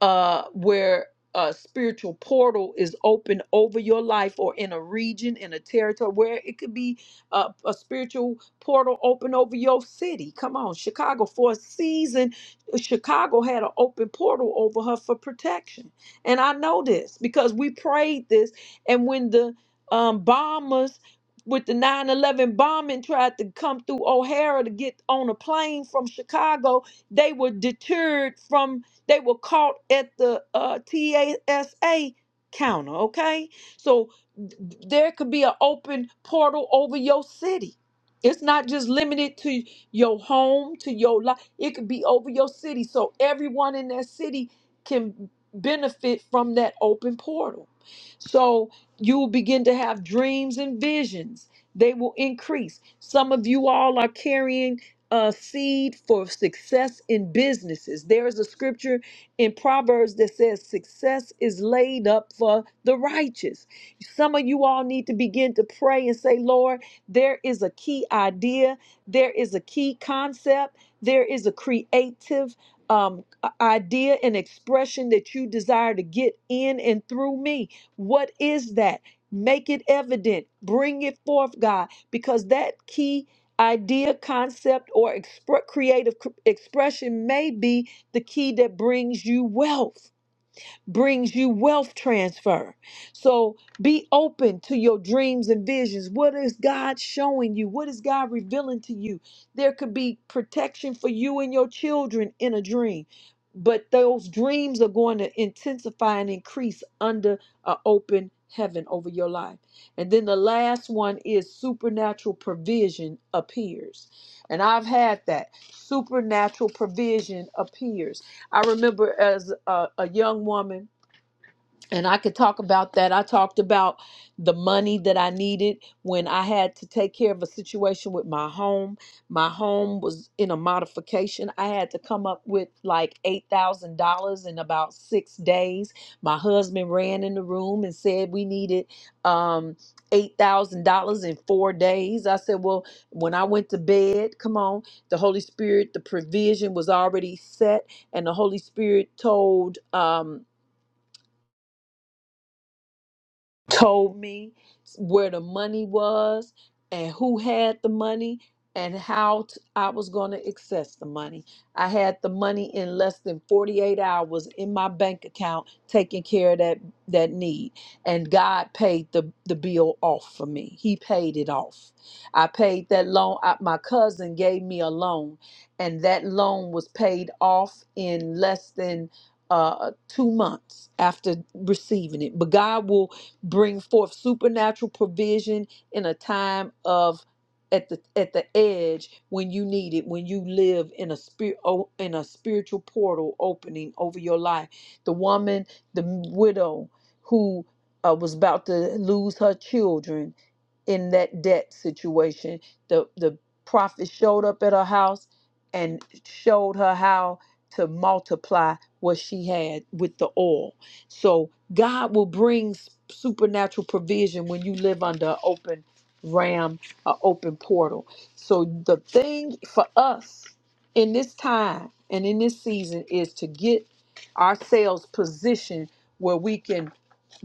Speaker 3: uh, where a spiritual portal is open over your life or in a region, in a territory, where it could be a, a spiritual portal open over your city. Come on, Chicago, for a season, Chicago had an open portal over her for protection. And I know this because we prayed this. And when the um, bombers with the 9 11 bombing tried to come through O'Hara to get on a plane from Chicago, they were deterred from they were caught at the uh, TASA counter, okay? So there could be an open portal over your city. It's not just limited to your home, to your life. It could be over your city. So everyone in that city can benefit from that open portal. So you will begin to have dreams and visions. They will increase. Some of you all are carrying a seed for success in businesses. There is a scripture in Proverbs that says success is laid up for the righteous. Some of you all need to begin to pray and say, Lord, there is a key idea, there is a key concept, there is a creative um, a- idea and expression that you desire to get in and through me. What is that? Make it evident, bring it forth, God, because that key idea, concept, or expre- creative cr- expression may be the key that brings you wealth brings you wealth transfer. So be open to your dreams and visions. What is God showing you? What is God revealing to you? There could be protection for you and your children in a dream. But those dreams are going to intensify and increase under an open heaven over your life. And then the last one is supernatural provision appears. And I've had that. Supernatural provision appears I remember as a, a young woman, and I could talk about that. I talked about the money that I needed when I had to take care of a situation with my home. My home was in a modification. I had to come up with like $8,000 in about six days. My husband ran in the room and said we needed um, $8,000 in four days. I said, Well, when I went to bed, come on, the Holy Spirit, the provision was already set, and the Holy Spirit told. Um, told me where the money was and who had the money and how t- I was going to access the money. I had the money in less than 48 hours in my bank account taking care of that that need. And God paid the the bill off for me. He paid it off. I paid that loan I, my cousin gave me a loan and that loan was paid off in less than uh, 2 months after receiving it. But God will bring forth supernatural provision in a time of at the at the edge when you need it when you live in a spirit in a spiritual portal opening over your life the woman the widow who uh, was about to lose her children in that debt situation the the prophet showed up at her house and showed her how to multiply what she had with the oil so God will bring s- supernatural provision when you live under an open ram, an open portal. So the thing for us in this time and in this season is to get ourselves positioned where we can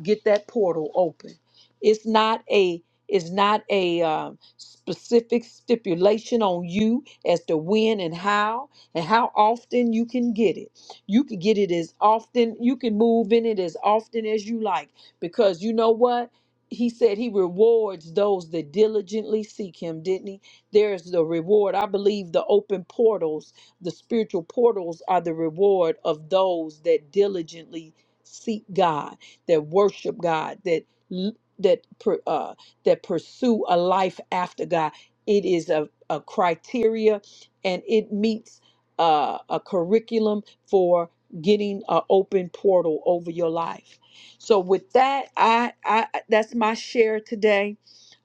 Speaker 3: get that portal open. It's not a it's not a um, specific stipulation on you as to when and how and how often you can get it. You can get it as often you can move in it as often as you like because you know what he said he rewards those that diligently seek him, didn't he? There's the reward. I believe the open portals, the spiritual portals, are the reward of those that diligently seek God that worship God, that l- that per- uh, that pursue a life after God. It is a, a criteria, and it meets uh, a curriculum for getting an open portal over your life. So with that, I, I that's my share today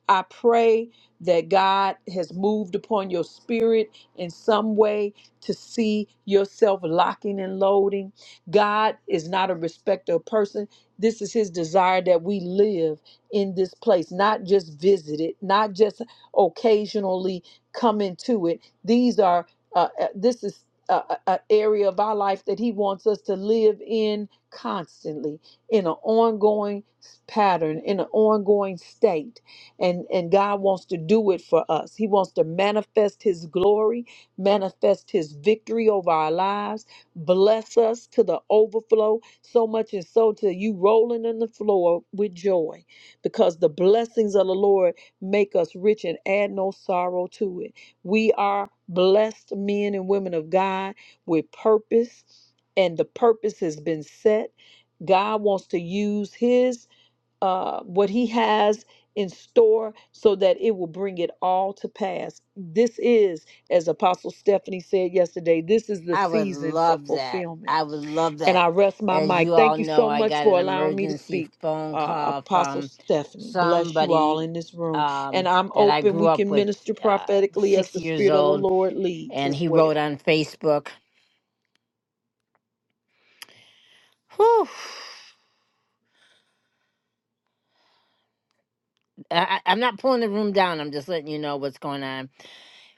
Speaker 3: I pray that God has moved upon your spirit in some way to see yourself locking and loading. God is not a respecter of person. This is his desire that we live in this place, not just visit it, not just occasionally come into it. These are uh, uh, this is an area of our life that he wants us to live in constantly in an ongoing pattern, in an ongoing state and and God wants to do it for us. He wants to manifest his glory, manifest his victory over our lives, bless us to the overflow, so much and so to you rolling on the floor with joy because the blessings of the Lord make us rich and add no sorrow to it. We are blessed men and women of God with purpose and the purpose has been set. God wants to use his uh, what he has in store so that it will bring it all to pass. This is, as Apostle Stephanie said yesterday, this is the
Speaker 1: I would
Speaker 3: season for
Speaker 1: love that.
Speaker 3: fulfillment.
Speaker 1: I would love
Speaker 3: And
Speaker 1: that.
Speaker 3: I rest my
Speaker 1: As
Speaker 3: mic.
Speaker 1: you all
Speaker 3: Thank you
Speaker 1: know,
Speaker 3: so
Speaker 1: I
Speaker 3: much
Speaker 1: got
Speaker 3: for
Speaker 1: an
Speaker 3: allowing me to
Speaker 1: emergency
Speaker 3: speak.
Speaker 1: phone
Speaker 3: Uh,
Speaker 1: call
Speaker 3: Apostle
Speaker 1: from
Speaker 3: Stephanie, bless you all
Speaker 1: somebody
Speaker 3: in this room. And
Speaker 1: um,
Speaker 3: I'm
Speaker 1: that I
Speaker 3: open.
Speaker 1: grew
Speaker 3: We
Speaker 1: up
Speaker 3: can
Speaker 1: with,
Speaker 3: minister
Speaker 1: uh,
Speaker 3: prophetically as
Speaker 1: six
Speaker 3: the
Speaker 1: years
Speaker 3: Spirit of the
Speaker 1: old,
Speaker 3: Lord leads
Speaker 1: and
Speaker 3: as
Speaker 1: he wrote
Speaker 3: well.
Speaker 1: on Facebook. Whew. I, I- I'm not pulling the room down. I'm just letting you know what's going on.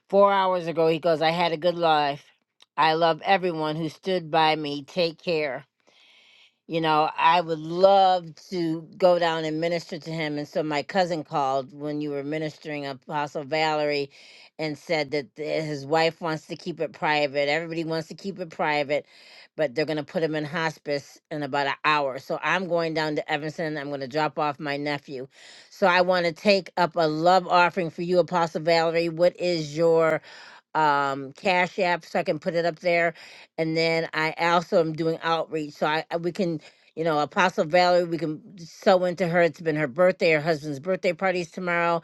Speaker 1: Four hours ago, he goes, I had a good life. I love everyone who stood by me. Take care you know, I would love to go down and minister to him. And so my cousin called when you were ministering Apostle Valerie and said that th- his wife wants to keep it private. Everybody wants to keep it private, but they're going to put him in hospice in about an hour. So I'm going down to Evanston. I'm going to drop off my nephew. So I want to take up a love offering for you, Apostle Valerie. What is your um cash app so I can put it up there and then I also am doing outreach. So I I- we can, you know, Apostle Valerie, we can sew into her. It's been her birthday. Her husband's birthday party's tomorrow.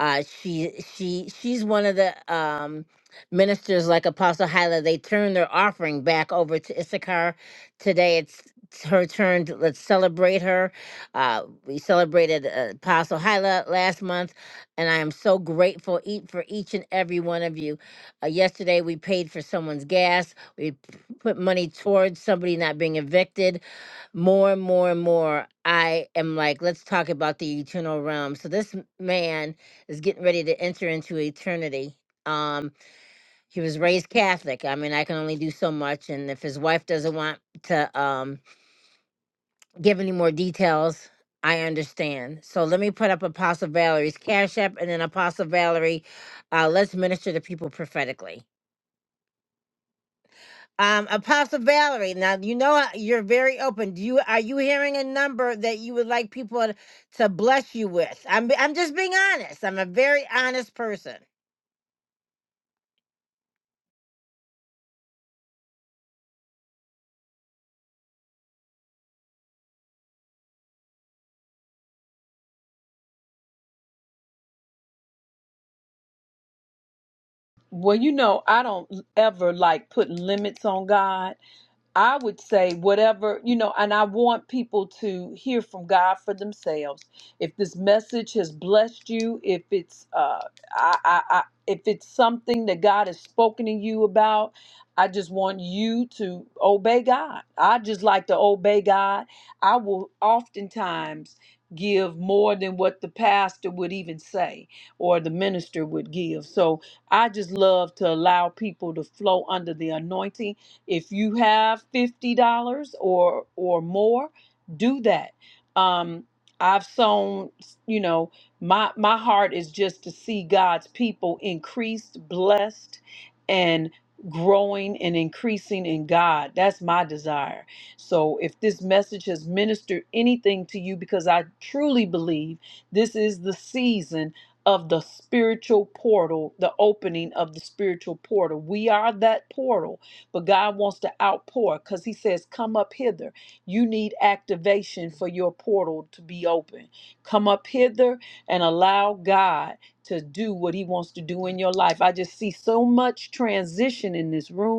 Speaker 1: Uh, she she she's one of the um ministers like Apostle Hyla. They turned their offering back over to Issachar today. It's it's her turn. To, let's celebrate her. Uh, we celebrated uh, Apostle Hyla last month, and I am so grateful eat for each and every one of you. Uh, yesterday, we paid for someone's gas put money towards somebody not being evicted more and more and more i am like let's talk about the eternal realm so this m- man is getting ready to enter into eternity um he was raised catholic i mean i can only do so much and if his wife doesn't want to um give any more details i understand so let me put up apostle valerie's cash app and then apostle valerie uh let's minister to people prophetically Um, Apostle Valerie, now you know I- you're very open. Do you are you hearing a number that you would like people to bless you with? I'm I'm just being honest. I'm a very honest person.
Speaker 3: Well, you know, I don't ever like putting limits on God. I would say whatever, you know, and I want people to hear from God for themselves. If this message has blessed you, if it's uh I, I, I if it's something that God has spoken to you about, I just want you to obey God. I just like to obey God. I will oftentimes give more than what the pastor would even say or the minister would give. So I just love to allow people to flow under the anointing if you have fifty dollars or or more, do that. Um, I've sown, you know, my my heart is just to see God's people increased, blessed, and growing and increasing in God. That's my desire. So if this message has ministered anything to you, because I truly believe this is the season of the spiritual portal, the opening of the spiritual portal. We are that portal but God wants to outpour because He says, Come up hither. You need activation for your portal to be open. Come up hither and allow God to do what He wants to do in your life. I just see so much transition in this room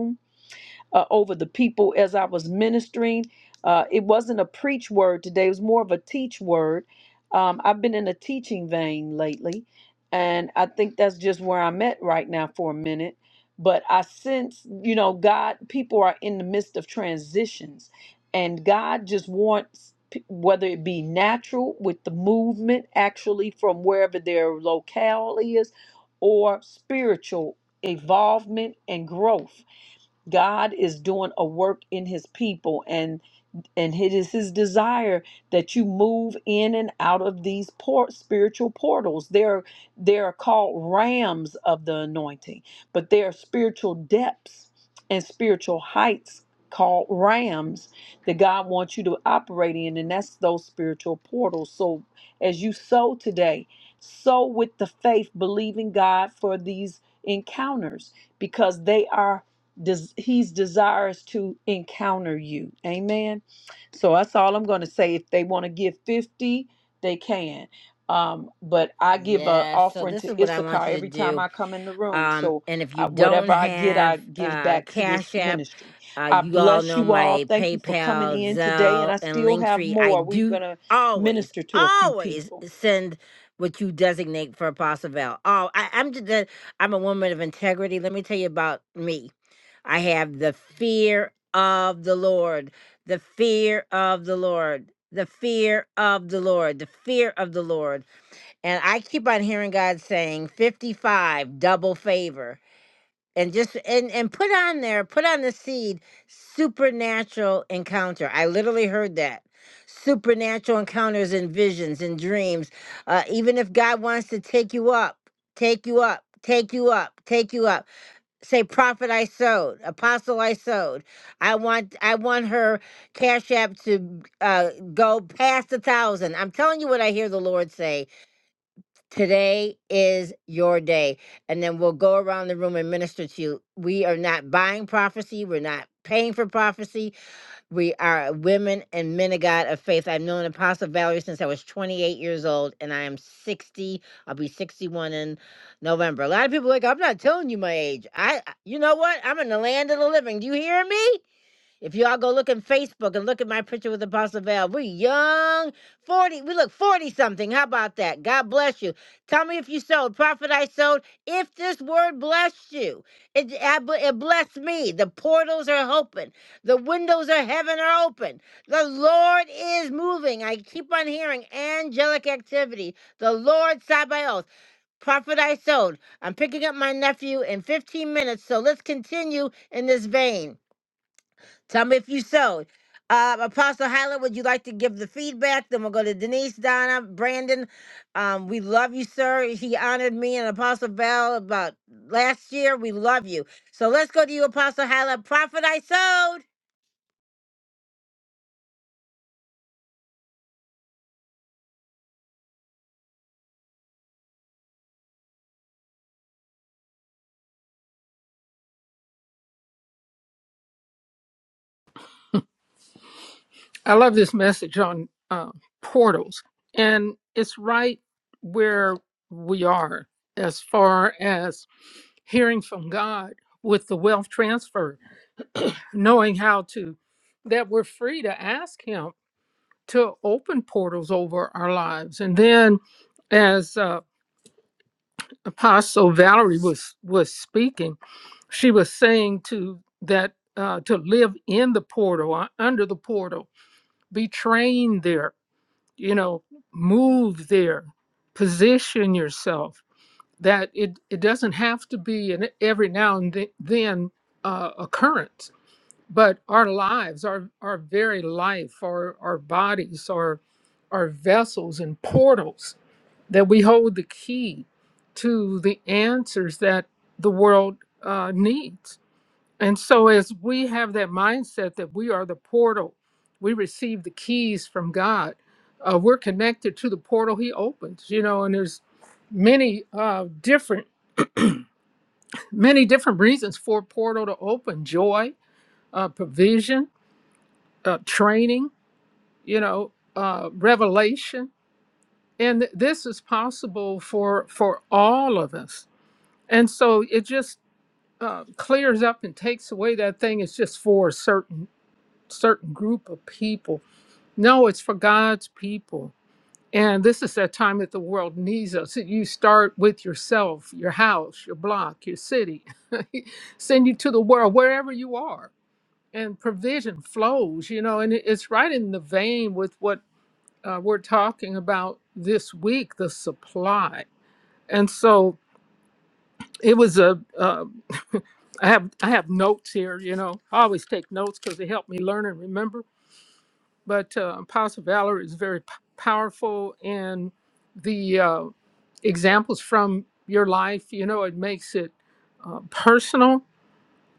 Speaker 3: uh, over the people as I was ministering. Uh, it wasn't a preach word today, it was more of a teach word. Um, I've been in a teaching vein lately, and I think that's just where I'm at right now for a minute. But I sense, you know, God, people are in the midst of transitions, and God just wants, p- whether it be natural with the movement actually from wherever their locale is, or spiritual evolvement and growth God is doing a work in his people and and it is his desire that you move in and out of these port spiritual portals they're they're called rams of the anointing but they are spiritual depths and spiritual heights called rams that god wants you to operate in and that's those spiritual portals so as you sow today sow with the faith believing god for these encounters because they are des- he's desirous to encounter you amen so that's all I'm going to say. If they want to give 50, they can. Um, but I give an
Speaker 1: Yeah, so
Speaker 3: offering
Speaker 1: this is
Speaker 3: to
Speaker 1: what I want
Speaker 3: Issachar
Speaker 1: you to
Speaker 3: every time
Speaker 1: do.
Speaker 3: I come in the room.
Speaker 1: Um,
Speaker 3: So
Speaker 1: and if you
Speaker 3: I,
Speaker 1: don't
Speaker 3: whatever I get, I
Speaker 1: have
Speaker 3: give
Speaker 1: uh,
Speaker 3: back to
Speaker 1: Cash
Speaker 3: this
Speaker 1: App,
Speaker 3: ministry.
Speaker 1: uh,
Speaker 3: I
Speaker 1: you all
Speaker 3: bless
Speaker 1: know
Speaker 3: you all.
Speaker 1: my
Speaker 3: Thank you for coming
Speaker 1: PayPal,
Speaker 3: in today. And
Speaker 1: Zelle,
Speaker 3: I
Speaker 1: and
Speaker 3: still have
Speaker 1: Linktree. I
Speaker 3: more. We're
Speaker 1: do
Speaker 3: going to
Speaker 1: always,
Speaker 3: minister to a few
Speaker 1: always
Speaker 3: people.
Speaker 1: send what you designate for Apostle Val. Oh, I, I'm just a, I'm a woman of integrity. Let me tell you about me. I have the fear of the Lord, the fear of the Lord, the fear of the Lord, the fear of the Lord and I keep on hearing God saying 55 double favor and just and and put on there put on the seed supernatural encounter. I literally heard that. Supernatural encounters and visions and dreams. Uh, even if God wants to take you up, take you up, take you up, take you up. Say, prophet I sowed, apostle I sowed. I want I want her cash app to uh, go past a thousand. I'm telling you what I hear the Lord say Today is your day. And then we'll go around the room and minister to you. We are not buying prophecy. We're not paying for prophecy. We are women and men of God of faith. I've known Apostle Valerie since I was 28 years old, and I am 60. I'll be 61 in November. A lot of people are like, I'm not telling you my age. I, I- you know what? I'm in the land of the living. Do you hear me? If y'all go look in Facebook and look at my picture with Apostle Val, we young, 40, we look 40 something. How about that? God bless you. Tell me if you sold. Prophet, I sold. If this word blessed you, it, I b- it blessed me. The portals are open, the windows of heaven are open. The Lord is moving. I keep on hearing angelic activity. The Lord Sabaoth. Prophet I sold. I'm picking up my nephew in 15 minutes, so let's continue in this vein. Tell me if you sewed. Uh, Apostle Hyla, would you like to give the feedback? Then we'll go to Denise, Donna, Brandon. Um, we love you, sir. He honored me and Apostle Bell about last year. We love you. So let's go to you, Apostle Hyla. Prophet I sowed.
Speaker 2: I love this message on uh, portals, and it's right where we are as far as hearing from God with the wealth transfer, knowing how to, that we're free to ask Him to open portals over our lives. And then, as uh, Apostle Valerie was was speaking, she was saying to that uh, to live in the portal, uh, under the portal, be trained there. You know, move there, position yourself. That it it doesn't have to be an every now and th- then uh, occurrence but our lives, our our very life, our our bodies are are vessels and portals that we hold the key to the answers that the world uh, needs. And so, as we have that mindset that we are the portal, we receive the keys from God. Uh, we're connected to the portal He opens, you know. And there's many uh, different many different reasons for a portal to open: joy, uh, provision, uh, training you know, uh, revelation. And this is possible for for all of us. And so it just uh, clears up and takes away that thing. It's just for a certain certain group of people. No, it's for God's people. And this is that time that the world needs us. You start with yourself, your house, your block, your city. Send you to the world, wherever you are. And provision flows, you know, and it- it's right in the vein with what uh, we're talking about this week, the supply. And so it was a, uh, I have I have notes here, you know. I always take notes because they help me learn and remember. But uh, Apostle Valerie is very p- powerful in the uh, examples from your life. You know, it makes it uh, personal.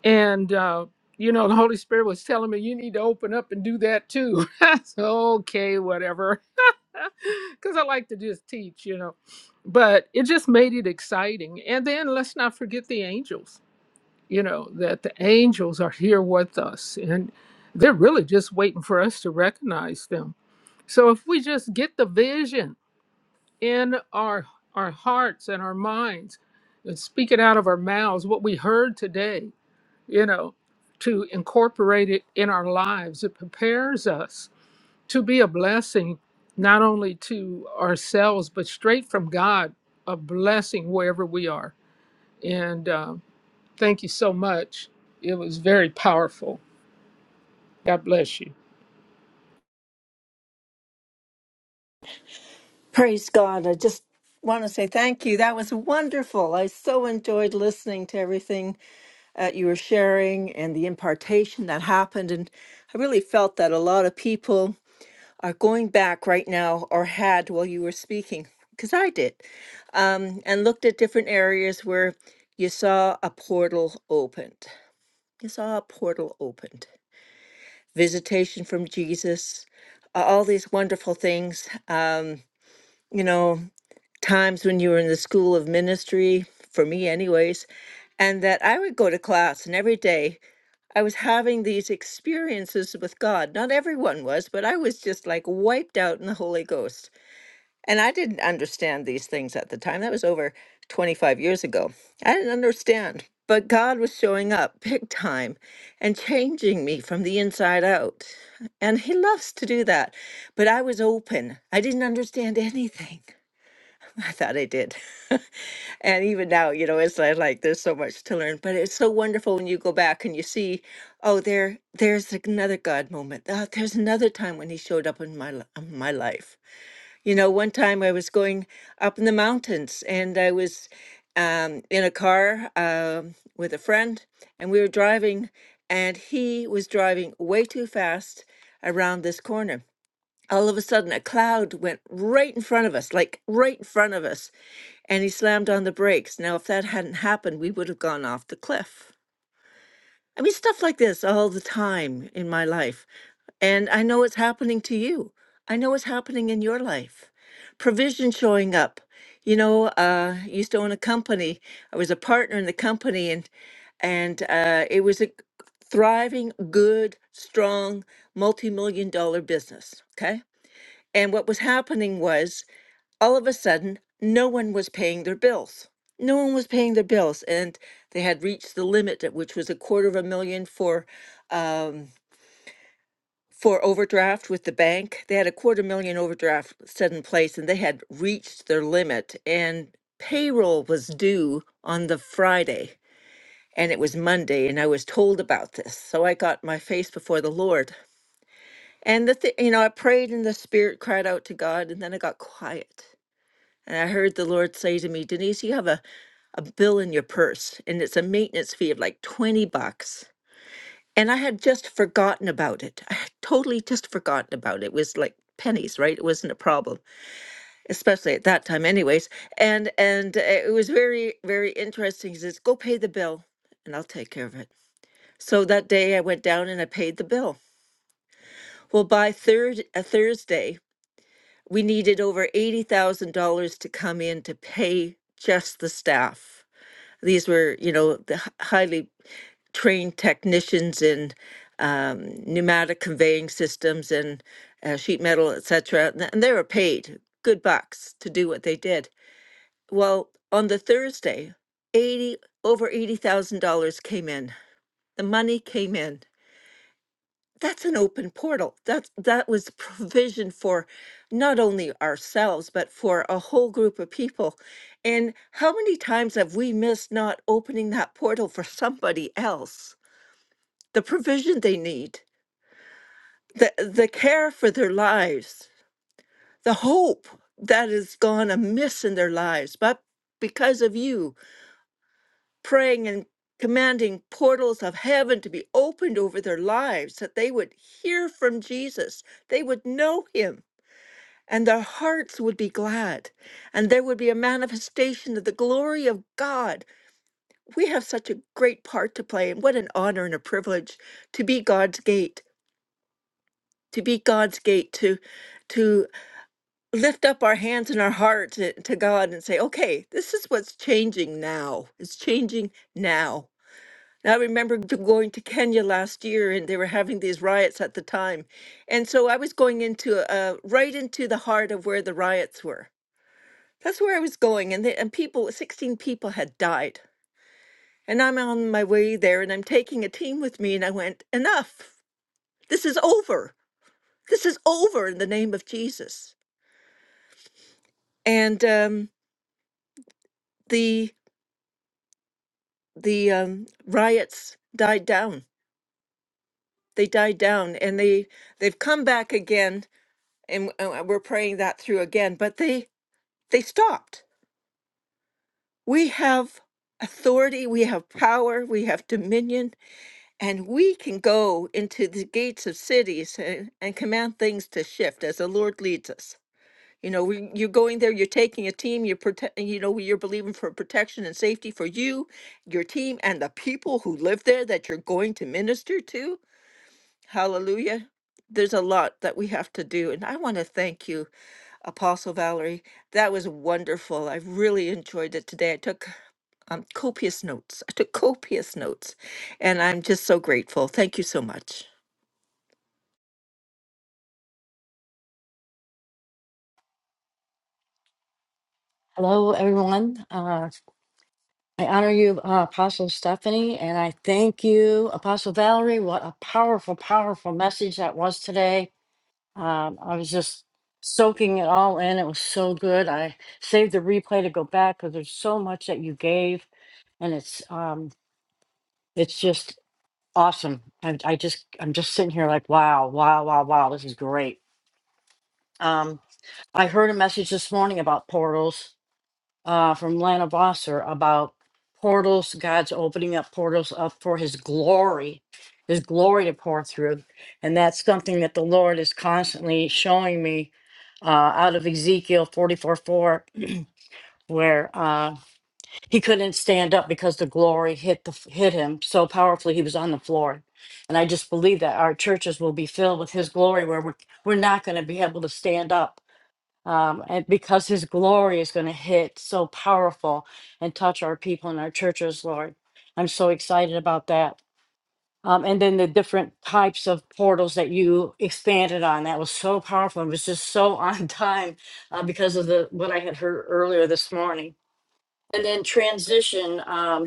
Speaker 2: And uh, you know, the Holy Spirit was telling me you need to open up and do that too. I said, okay, whatever. because I like to just teach, you know. But it just made it exciting. And then let's not forget the angels, you know, that the angels are here with us and they're really just waiting for us to recognize them. So if we just get the vision in our our hearts and our minds and speak it out of our mouths, what we heard today, you know, to incorporate it in our lives, it prepares us to be a blessing not only to ourselves but straight from god a blessing wherever we are and uh, thank you so much it was very powerful god bless you
Speaker 7: Praise God. I just want to say thank you. That was wonderful. I so enjoyed listening to everything that you were sharing and the impartation that happened. And I really felt that a lot of people are going back right now or had while you were speaking, because I did, um, and looked at different areas where you saw a portal opened. You saw a portal opened. Visitation from Jesus, a- all these wonderful things. Um, you know, times when you were in the school of ministry, for me, anyways, and that I would go to class and every day I was having these experiences with God. Not everyone was, but I was just like wiped out in the Holy Ghost. And I didn't understand these things at the time. That was over 25 years ago. I didn't understand. But God was showing up big time and changing me from the inside out. And He loves to do that. But I was open, I didn't understand anything. I thought I did. and even now, you know, it's like, like there's so much to learn, but it's so wonderful when you go back and you see, oh, there, there's another God moment. Oh, there's another time when He showed up in my li- in my life. You know, one time I was going up in the mountains and I was um, in a car um, with a friend, and we were driving, and he was driving way too fast around this corner all of a sudden a cloud went right in front of us like right in front of us and he slammed on the brakes. Now, if that hadn't happened, we would have gone off the cliff. I mean, stuff like this all the time in my life. And I know it's happening to you. I know it's happening in your life. Provision showing up. You know, uh, I used to own a company. I was a partner in the company, and and uh, it was a thriving, good, strong, multi-million dollar business. Okay. And what was happening was all of a sudden, no one was paying their bills. No one was paying their bills, and they had reached the limit, at which was a quarter of a million for um, for overdraft with the bank. They had a quarter million overdraft set in place, and they had reached their limit. And payroll was due on the Friday, and it was Monday, and I was told about this, so I got my face before the Lord. And the th- you know, I prayed, and the Spirit cried out to God, and then I got quiet. And I heard the Lord say to me, Denise, you have a a bill in your purse and it's a maintenance fee of like 20 bucks. And I had just forgotten about it. I had totally just forgotten about it. It was like pennies, right? It wasn't a problem, especially at that time anyways. And and uh, it was very very interesting. He says, "Go pay the bill and I'll take care of it." So that day I went down and I paid the bill. Well, by third a Thursday, we needed over $80,000 to come in to pay just the staff. These were, you know, the h- highly trained technicians in um, pneumatic conveying systems and uh, sheet metal, etc. And th- and they were paid good bucks to do what they did. Well, on the Thursday, eighty over eighty thousand dollars came in. The money came in. That's an open portal. That that was provision for not only ourselves but for a whole group of people. And how many times have we missed not opening that portal for somebody else? the provision they need. the the care for their lives, the hope that is gone amiss in their lives, but because of you praying and commanding portals of heaven to be opened over their lives, that they would hear from Jesus, they would know him, and their hearts would be glad, and there would be a manifestation of the glory of God. We have such a great part to play, and what an honor and a privilege to be God's gate, to be God's gate to to lift up our hands and our heart to, to God and say, okay, this is what's changing now. It's changing now. And I remember g- going to Kenya last year and they were having these riots at the time. And so I was going into uh, right into the heart of where the riots were. That's where I was going. And, the, and people, 16 people had died. And I'm on my way there and I'm taking a team with me. And I went, enough. This is over. This is over in the name of Jesus. And um, the the um, riots died down. They died down, and they they've come back again, and uh, we're praying that through again. But they they stopped. We have authority, we have power, we have dominion, and we can go into the gates of cities and, and command things to shift as the Lord leads us. You know, we, you're going there, you're taking a team, you're prote- you know, you're believing for protection and safety for you, your team, and the people who live there that you're going to minister to Hallelujah. There's a lot that we have to do. And I want to thank you, Apostle Valerie. That was wonderful. I really enjoyed it today. I took um, copious notes. I took copious notes. And I'm just so grateful. Thank you so much.
Speaker 5: Hello, everyone. I honor you, uh, Apostle Stephanie, and I thank you, Apostle Valerie. What a powerful, powerful message that was today. Um, I was just soaking it all in. It was so good. I saved the replay to go back because there's so much that you gave, and it's um, it's just awesome. I, I just I'm just sitting here like, wow, wow, wow, wow. This is great. Um, I heard a message this morning about portals uh, from Lana Bosser about portals, God's opening up portals up for His glory, His glory to pour through. And that's something that the Lord is constantly showing me uh, out of Ezekiel 44 4, where uh, he couldn't stand up because the glory hit, the, hit him so powerfully he was on the floor. And I just believe that our churches will be filled with His glory, where we're, we're not going to be able to stand up um, and because his glory is going to hit so powerful and touch our people and our churches, Lord. I'm so excited about that. Um, and then the different types of portals that you expanded on that was so powerful and was just so on time uh, because of the what I had heard earlier this morning. And then transition. um,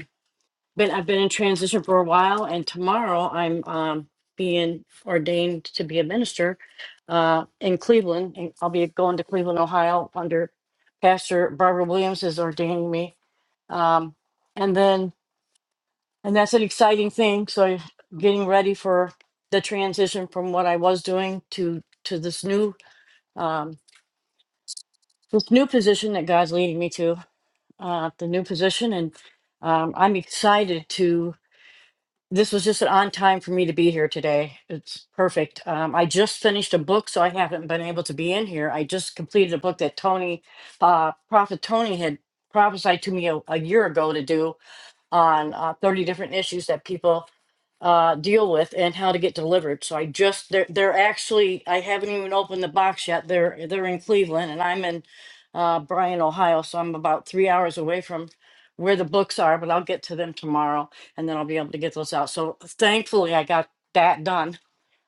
Speaker 5: been I've been in transition for a while, and tomorrow I'm um, being ordained to be a minister uh, in Cleveland. And I'll be going to Cleveland, Ohio, under Pastor Barbara Williams is ordaining me, um, and then and that's an exciting thing. So I'm getting ready for the transition from what I was doing to to this new um, this new position that God's leading me to, uh, the new position, and um, I'm excited to This was just an on time for me to be here today. It's perfect. Um, I just finished a book, so I haven't been able to be in here. I just completed a book that Tony, uh, Prophet Tony, had prophesied to me a, a year ago to do on uh, 30 different issues that people uh, deal with and how to get delivered. So I just they're they're actually I haven't even opened the box yet. They're they're in Cleveland and I'm in uh, Bryan, Ohio, so I'm about three hours away from where the books are. But I'll get to them tomorrow, and then I'll be able to get those out. So thankfully I got that done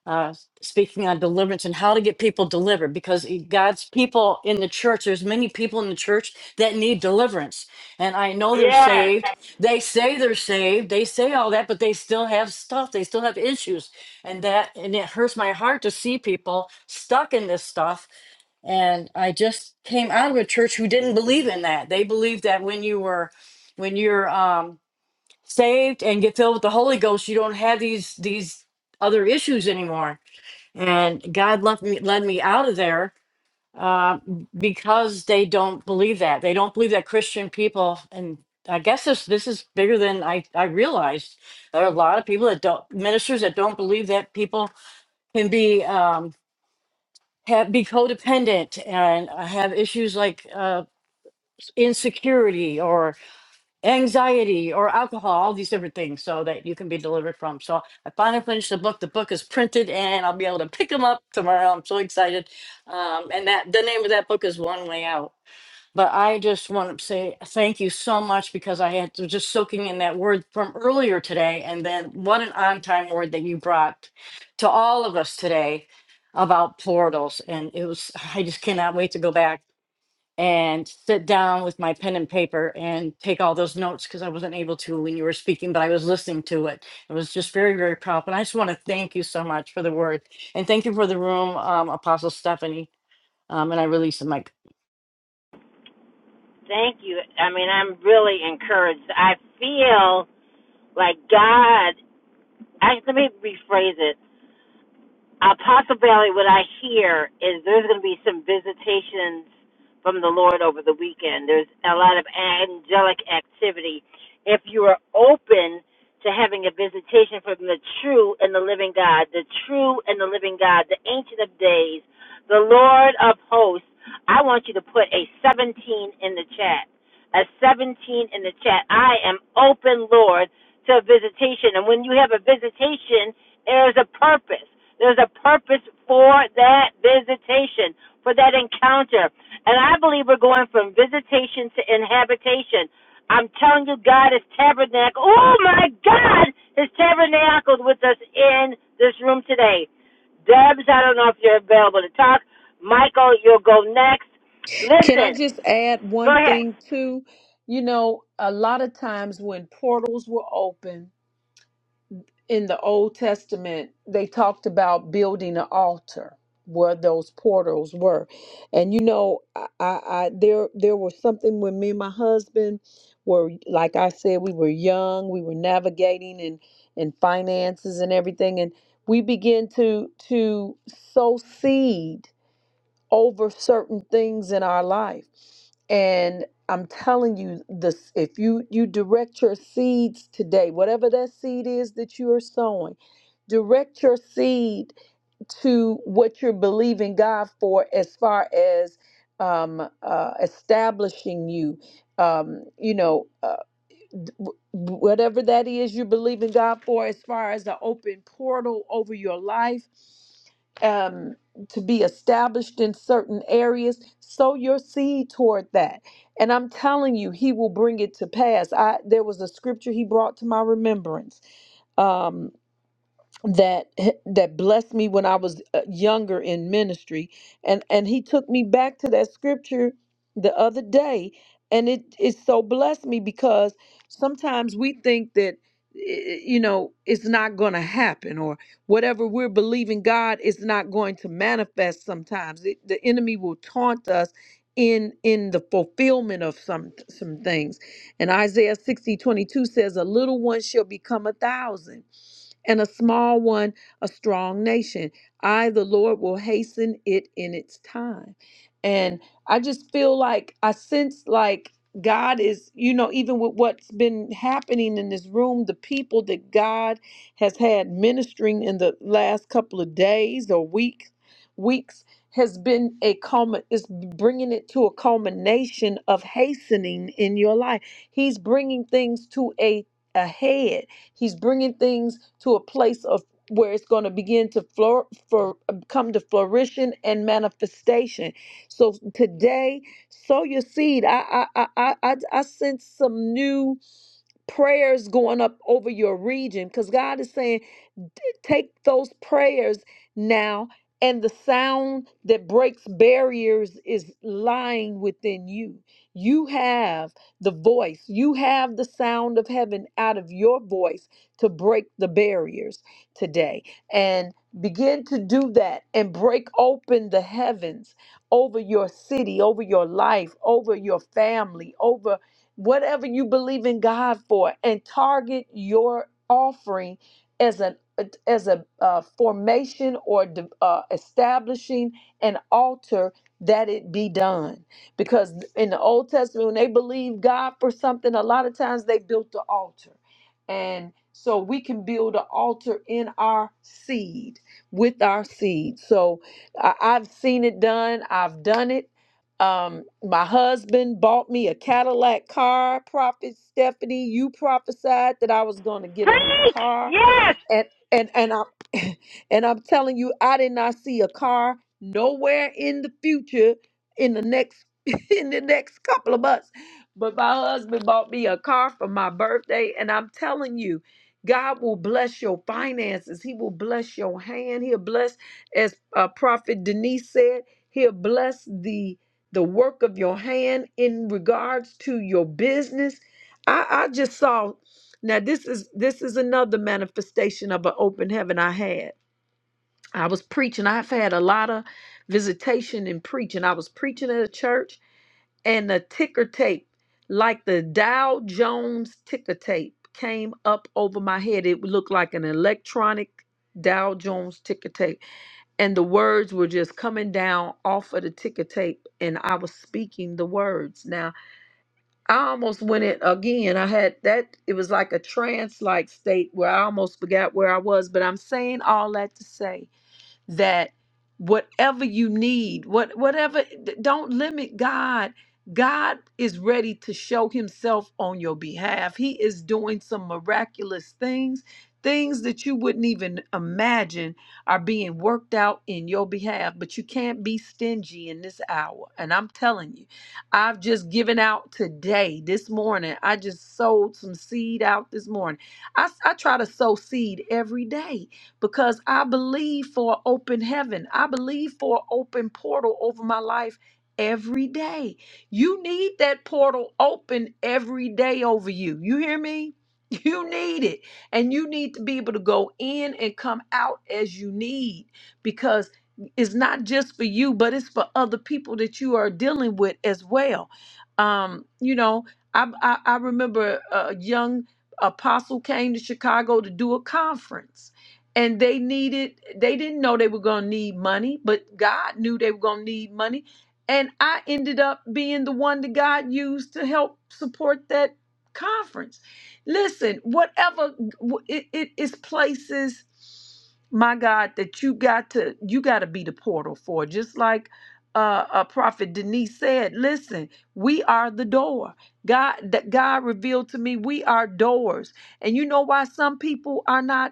Speaker 5: uh, speaking on deliverance and how to get people delivered because he- God's people in the church, there's many people in the church that need deliverance. And I know they're saved. They say they're saved. They say all that, but they still have stuff. They still have issues. And that, and it hurts my heart to see people stuck in this stuff. And I just came out of a church who didn't believe in that. They believed that when you were, when you're, um, saved and get filled with the holy ghost you don't have these these other issues anymore and God left me led me out of there uh, because they don't believe that they don't believe that Christian people and I guess this this is bigger than I I realized. There are a lot of people that don't ministers that don't believe that people can be um, have, be codependent and uh, have issues like uh, insecurity anxiety or alcohol, all these different things, so that you can be delivered from. So I finally finished the book. The book is printed, and I'll be able to pick them up tomorrow. I'm so excited. Um, and that the name of that book is One Way Out. But I just want to say thank you so much because I had was just soaking in that word from earlier today, and then what an on time word that you brought to all of us today about portals. And it was I just cannot wait to go back and sit down with my pen and paper and take all those notes because I wasn't able to when you were speaking, but I was listening to it. It was just very, very powerful. And I just want to thank you so much for the word and thank you for the room, um, Apostle Stephanie. Um, and I release the mic.
Speaker 1: Thank you. I mean, I'm really encouraged. I feel like God. I, let me rephrase it. Uh, possibly what I hear is there's going to be some visitations from the Lord over the weekend. There's a lot of angelic activity. If you are open to having a visitation from the true and the living God, the true and the living God, the Ancient of Days, the Lord of Hosts, I want you to put a 17 in the chat at 17 in the chat. I am open, Lord, to a visitation. And when you have a visitation, there's a purpose. There's a purpose for that visitation, for that encounter. And I believe we're going from visitation to inhabitation. I'm telling you, God is tabernacle. Oh my God, is tabernacled with us in this room today. Debs, I don't know if you're available to talk. Michael, you'll go next.
Speaker 3: Can I
Speaker 1: Listen,
Speaker 3: just add
Speaker 1: go
Speaker 3: one
Speaker 1: ahead.
Speaker 3: thing, too? You know, a lot of times when portals were open in the Old Testament, they talked about building an altar where those portals were. And you know, I, I, I there there was something when me and my husband were like I said, we were young, we were navigating and and finances and everything, and we began to to sow seed over certain things in our life and i'm telling you this if you you direct your seeds today whatever that seed is that you are sowing direct your seed to what you're believing god for as far as um, uh, establishing you um, you know uh, whatever that is you believe in God for, as far as the open portal over your life, um, to be established in certain areas, sow your seed toward that. And I'm telling you, He will bring it to pass. I there was a scripture He brought to my remembrance. Um, that that blessed me when I was uh, younger in ministry and and he took me back to that scripture the other day and it it so blessed me because sometimes we think that eh, you know it's not going to happen or whatever we're believing God is not going to manifest sometimes it, the enemy will taunt us in in the fulfillment of some some things and Isaiah 60 22 says a little one shall become a thousand and a small one a strong nation. I, the Lord, will hasten it in its time. And I just feel like I sense like God is, you know, even with what's been happening in this room, the people that God has had ministering in the last couple of days or week, weeks has been a culmin is bringing it to a culmination of hastening in your life. He's bringing things to a ahead He's bringing things to a place of where it's going to begin to flor- for um, come to flourishing and manifestation. So today, sow your seed. I I I I, I I sense some new prayers going up over your region because God is saying take those prayers now and the sound that breaks barriers is lying within you you have the voice you have the sound of heaven out of your voice to break the barriers today and begin to do that and break open the heavens over your city over your life over your family over whatever you believe in God for and target your offering as an as a uh, formation or de- uh, establishing an altar that it be done because in the old testament when they believed god for something a lot of times they built the altar and so we can build an altar in our seed with our seed so I, i've seen it done i've done it um, my husband bought me a Cadillac car. Prophet Stephanie, you prophesied that I was going to get a new car
Speaker 1: Yes.
Speaker 3: and and and I'm and I'm telling you, I did not see a car nowhere in the future in the next in the next couple of months. But my husband bought me a car for my birthday, and I'm telling you, God will bless your finances. He will bless your hand. He'll bless, as uh, Prophet Denise said, He'll bless the the work of your hand in regards to your business. I, I just saw. Now this is this is another manifestation of an open heaven I had. I was preaching. I've had a lot of visitation and preaching. I was preaching at a church and the ticker tape, like the Dow Jones ticker tape, came up over my head. It looked like an electronic Dow Jones ticker tape. And the words were just coming down off of the ticker tape. And I was speaking the words. now. I almost went in again. I had that, it was like a trance like state where I almost forgot where I was. But I'm saying all that to say that whatever you need, what whatever d- don't limit God. God is ready to show himself on your behalf. He is doing some miraculous things, things that you wouldn't even imagine are being worked out in your behalf, but you can't be stingy in this hour. And I'm telling you, I've just given out today, this morning. I just sowed some seed out this morning. I, s- I try to sow seed every day because I believe for open heaven. I believe for open portal over my life every day. You need that portal open every day over you. You hear me? You need it. And you need to be able to go in and come out as you need because it's not just for you, but it's for other people that you are dealing with as well. Um, you know, I, I, I remember a young apostle came to Chicago to do a conference and they needed they didn't know they were going to need money but god knew they were going to need money and i ended up being the one that god used to help support that conference listen whatever it, it is places my god that you got to you got to be the portal for just like uh, uh prophet denise said listen we are the door god that god revealed to me we are doors and you know why some people are not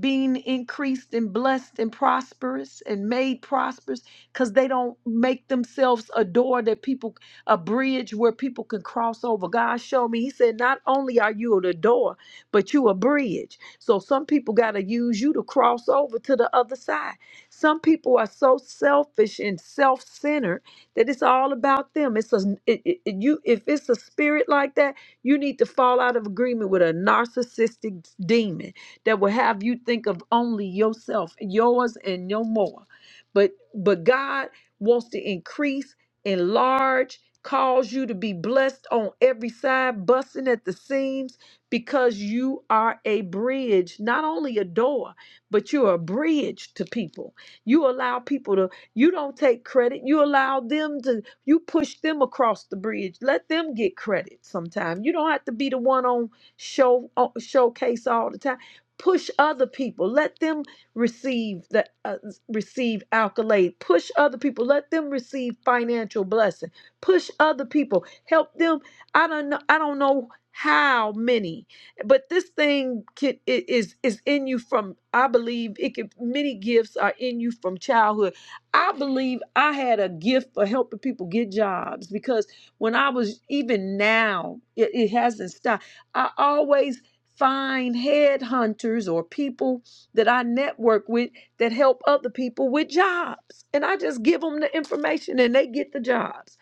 Speaker 3: being increased and blessed and prosperous and made prosperous because they don't make themselves a door that people a bridge where people can cross over god showed me he said not only are you the door but you a bridge so some people got to use you to cross over to the other side some people are so selfish and self-centered that it's all about them it's a it, it, it- you if it's a spirit like that you need to fall out of agreement with a narcissistic demon that will have you think of only yourself, yours and no more. But but God wants to increase, enlarge, cause you to be blessed on every side, busting at the seams because you are a bridge, not only a door, but you're a bridge to people. You allow people to you don't take credit. You allow them to, you push them across the bridge. Let them get credit sometime. You don't have to be the one on show on, showcase all the time push other people let them receive the uh, receive accolade push other people let them receive financial blessing push other people help them i don't know i don't know how many but this thing can, i- is is in you from i believe it could many gifts are in you from childhood i believe i had a gift for helping people get jobs because when i was even now it, it hasn't stopped I always find headhunters or people that I network with that help other people with jobs. And I just give them the information and they get the jobs.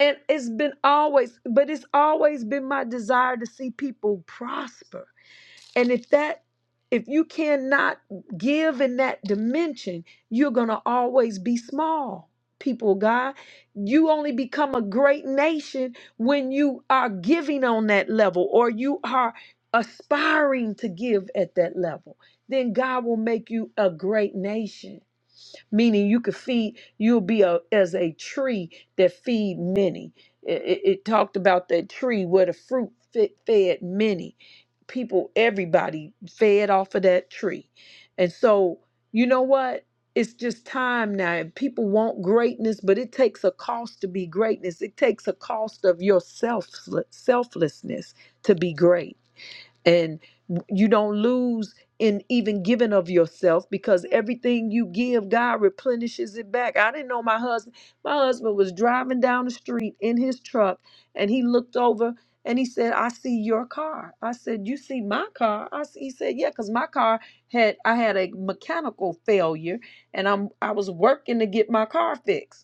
Speaker 3: And it's been always, but it's always been my desire to see people prosper and if that if you cannot give in that dimension, you're going to always be small. People, of God, you only become a great nation when you are giving on that level or you are aspiring to give at that level. Then God will make you a great nation meaning you could feed, you'll be a, as a tree that feed many. It, it, it talked about that tree where the fruit fit, fed many. People, everybody fed off of that tree. And so, you know what? It's just time now. And people want greatness, but it takes a cost to be greatness. It takes a cost of your selfless, selflessness to be great and you don't lose in even giving of yourself because everything you give god replenishes it back i didn't know my husband my husband was driving down the street in his truck and he looked over and he said i see your car i said you see my car I s- he said yeah because my car had i had a mechanical failure and i'm i was working to get my car fixed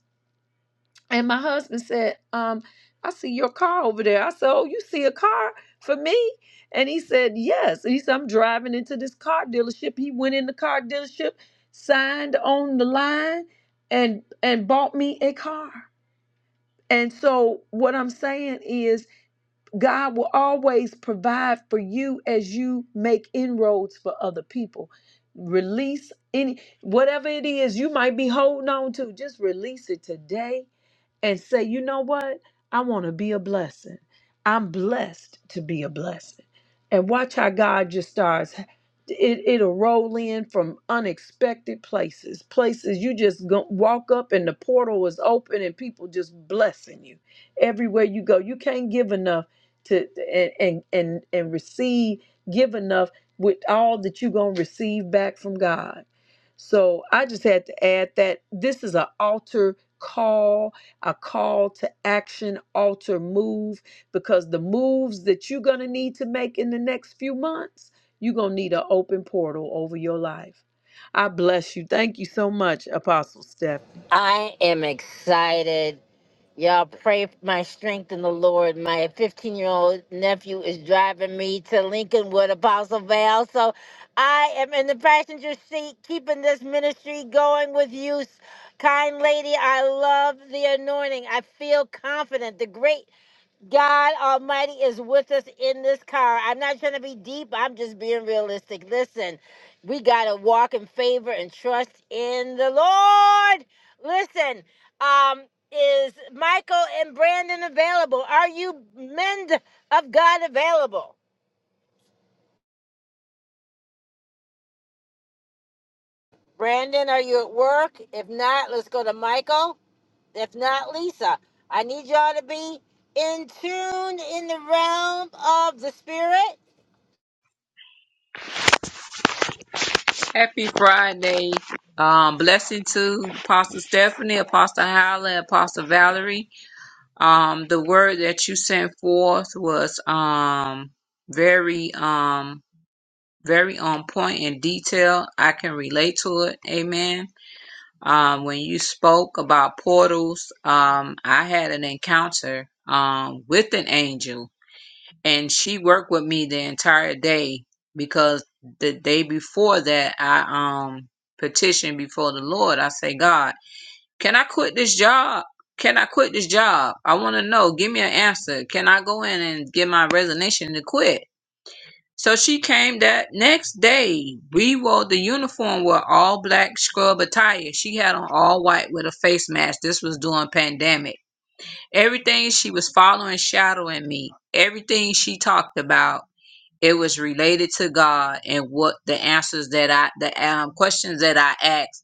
Speaker 3: and my husband said, um, I see your car over there. I said, Oh, you see a car for me? And he said, Yes. And he said, I'm driving into this car dealership. He went in the car dealership, signed on the line, and and bought me a car. And so what I'm saying is God will always provide for you as you make inroads for other people. Release any whatever it is you might be holding on to, just release it today and say, you know what? I want to be a blessing. I'm blessed to be a blessing. And watch how God just starts. It, it'll roll in from unexpected places, places you just go, walk up and the portal is open and people just blessing you everywhere you go. You can't give enough to and and and, and receive, give enough with all that you're gonna receive back from God. So I just had to add that this is an altar call a call to action, alter, move, because the moves that you're going to need to make in the next few months, you're going to need an open portal over your life. I bless you. Thank you so much, Apostle Stephanie.
Speaker 1: I am excited. Y'all pray for my strength in the Lord. My 15 year old nephew is driving me to Lincoln with Apostle Val. So I am in the passenger seat keeping this ministry going with you. Kind lady, I love the anointing. I feel confident. The great God Almighty is with us in this car. I'm not trying to be deep. I'm just being realistic. Listen, we got to walk in favor and trust in the Lord. Listen, um, is Michael and Brandon available? Are you men of God available? Brandon, are you at work? If not, let's go to Michael. If not, Lisa. I need y'all to be in tune in the realm of the spirit.
Speaker 8: Happy Friday. Um, blessing to Apostle Stephanie, Apostle Howland, Apostle Valerie. Um, the word that you sent forth was um very um very on point in detail. I can relate to it. Amen. Um, when you spoke about portals, um, I had an encounter um with an angel and she worked with me the entire day because the day before that I um petitioned before the Lord. I say, God, can I quit this job? Can I quit this job? I want to know. Give me an answer. Can I go in and get my resignation to quit? So she came that next day. We wore the uniform with all black scrub attire. She had on all white with a face mask. This was during pandemic. Everything she was following, shadowing me. Everything she talked about it was related to God and what the answers that I, the um, questions that I asked,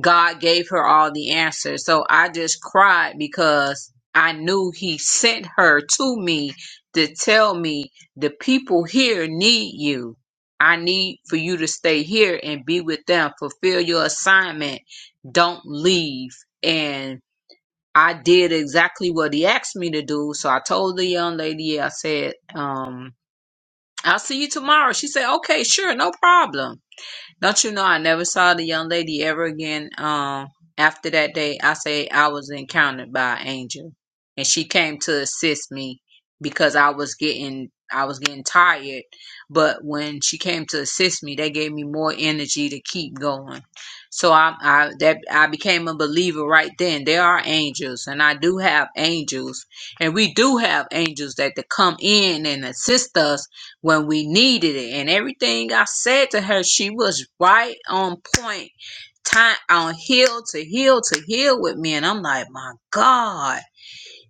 Speaker 8: God gave her all the answers. So I just cried because I knew He sent her to me to tell me the people here need you. I need for you to stay here and be with them, fulfill your assignment, don't leave. And I did exactly what he asked me to do. So I told the young lady, I said, um, I'll see you tomorrow. She said, okay, sure, no problem. Don't you know I never saw the young lady ever again. Um, after that day, I say I was encountered by an angel, and she came to assist me because I was getting I was getting tired. But when she came to assist me, they gave me more energy to keep going. So I, I that I became a believer right then. There are angels, and I do have angels, and we do have angels that to come in and assist us when we needed it. And everything I said to her, she was right on point, time on heel to heel to heel with me. And I'm like, my God,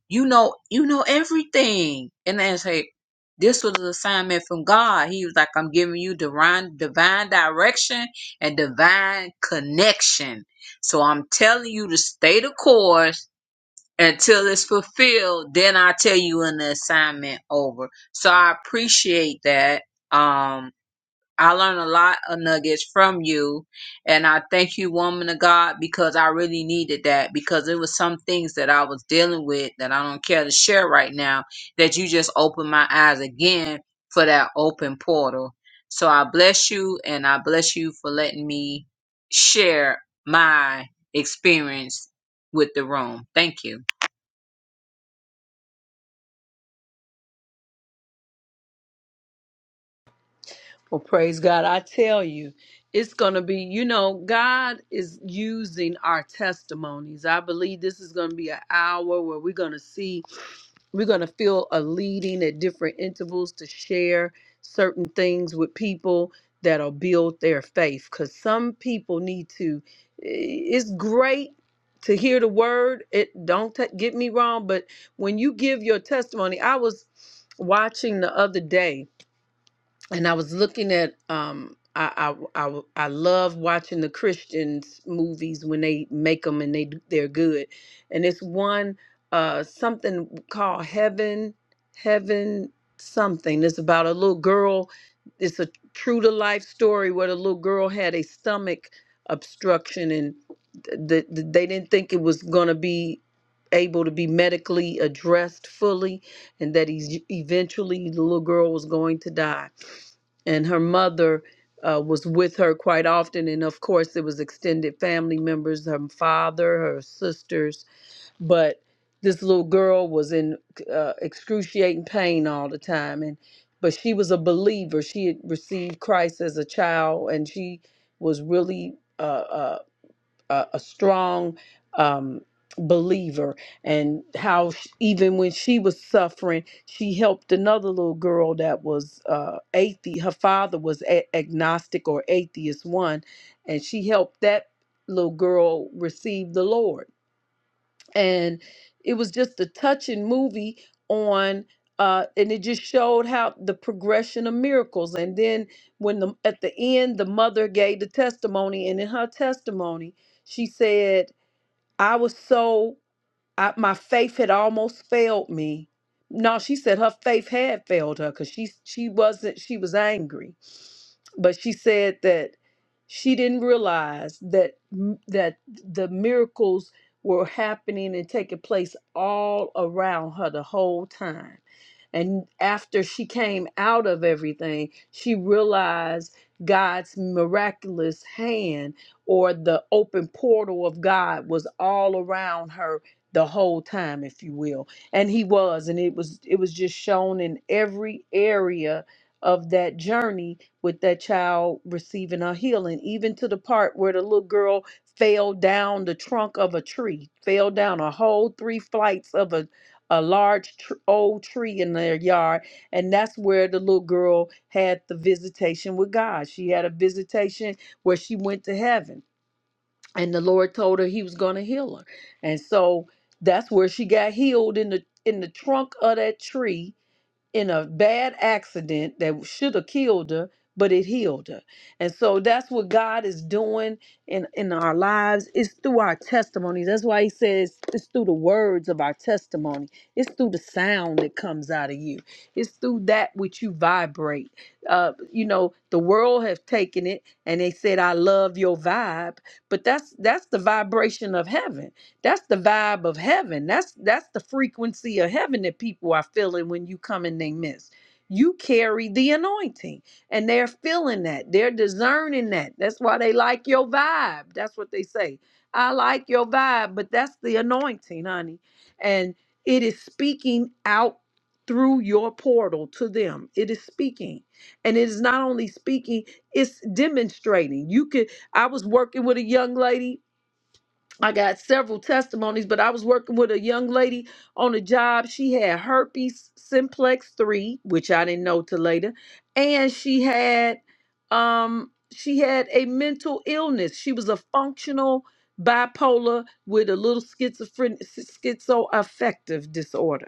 Speaker 8: you know, you know everything. And then I say, this was an assignment from God. He was like, I'm giving you divine, divine direction and divine connection. So I'm telling you to stay the course until it's fulfilled, then I'll tell you when the assignment over. So I appreciate that. Um, I learned a lot of nuggets from you, and I thank you, woman of God, because I really needed that because it was some things that I was dealing with that I don't care to share right now. That you just opened my eyes again for that open portal. So I bless you, and I bless you for letting me share my experience with the room. Thank you.
Speaker 3: Well, praise God. I tell you, it's going to be, you know, God is using our testimonies. I believe this is going to be an hour where we're going to see We're going to feel a leading at different intervals to share certain things with people that'll build their faith. Because some people need to, eh, it's great to hear the word. It don't t- get me wrong, but when you give your testimony, I was watching the other day and I was looking at um I I I, I love watching the Christians movies when they make them and they do- they're good, and it's one uh something called Heaven Heaven something. It's about a little girl. It's a true to life story where the little girl had a stomach obstruction and the, the, they didn't think it was going to be able to be medically addressed fully and that he's eventually the little girl was going to die and her mother uh, was with her quite often and of course it was extended family members her father her sisters but this little girl was in uh, excruciating pain all the time and but she was a believer she had received christ as a child and she was really uh, uh, a, a strong um, believer and how sh even when she was suffering she helped another little girl that was uh atheist her father was a- agnostic or atheist one and she helped that little girl receive the lord and it was just a touching movie on uh and it just showed how the progression of miracles and then when the at the end the mother gave the testimony and in her testimony she said i was so I, my faith had almost failed me. No, she said her faith had failed her because she she wasn't she was angry, but she said that she didn't realize that m- that the miracles were happening and taking place all around her the whole time. And after she came out of everything, she realized God's miraculous hand or the open portal of God was all around her the whole time if you will and he was and it was it was just shown in every area of that journey with that child receiving a healing even to the part where the little girl fell down the trunk of a tree fell down a whole three flights of a a large tr- old tree in their yard and that's where the little girl had the visitation with God she had a visitation where she went to heaven and the Lord told her he was going to heal her. And so that's where she got healed in the in the trunk of that tree in a bad accident that should have killed her, but it healed her. And so that's what God is doing in, in our lives. It's through our testimonies. That's why he says it's through the words of our testimony. It's through the sound that comes out of you. It's through that which you vibrate. Uh, you know, the world have taken it and they said, I love your vibe, but that's that's the vibration of heaven that's the vibe of heaven. That's that's the frequency of heaven that people are feeling when you come in they miss. You carry the anointing and they're feeling that. They're discerning that. That's why they like your vibe. That's what they say. I like your vibe, but that's the anointing, honey. And it is speaking out through your portal to them. It is speaking. And it is not only speaking, it's demonstrating. You could I was working with a young lady I got several testimonies, but I was working with a young lady on a job. She had herpes simplex 3, which I didn't know till later, and she had um she had a mental illness. She was a functional bipolar with a little schizophrenic schizoaffective disorder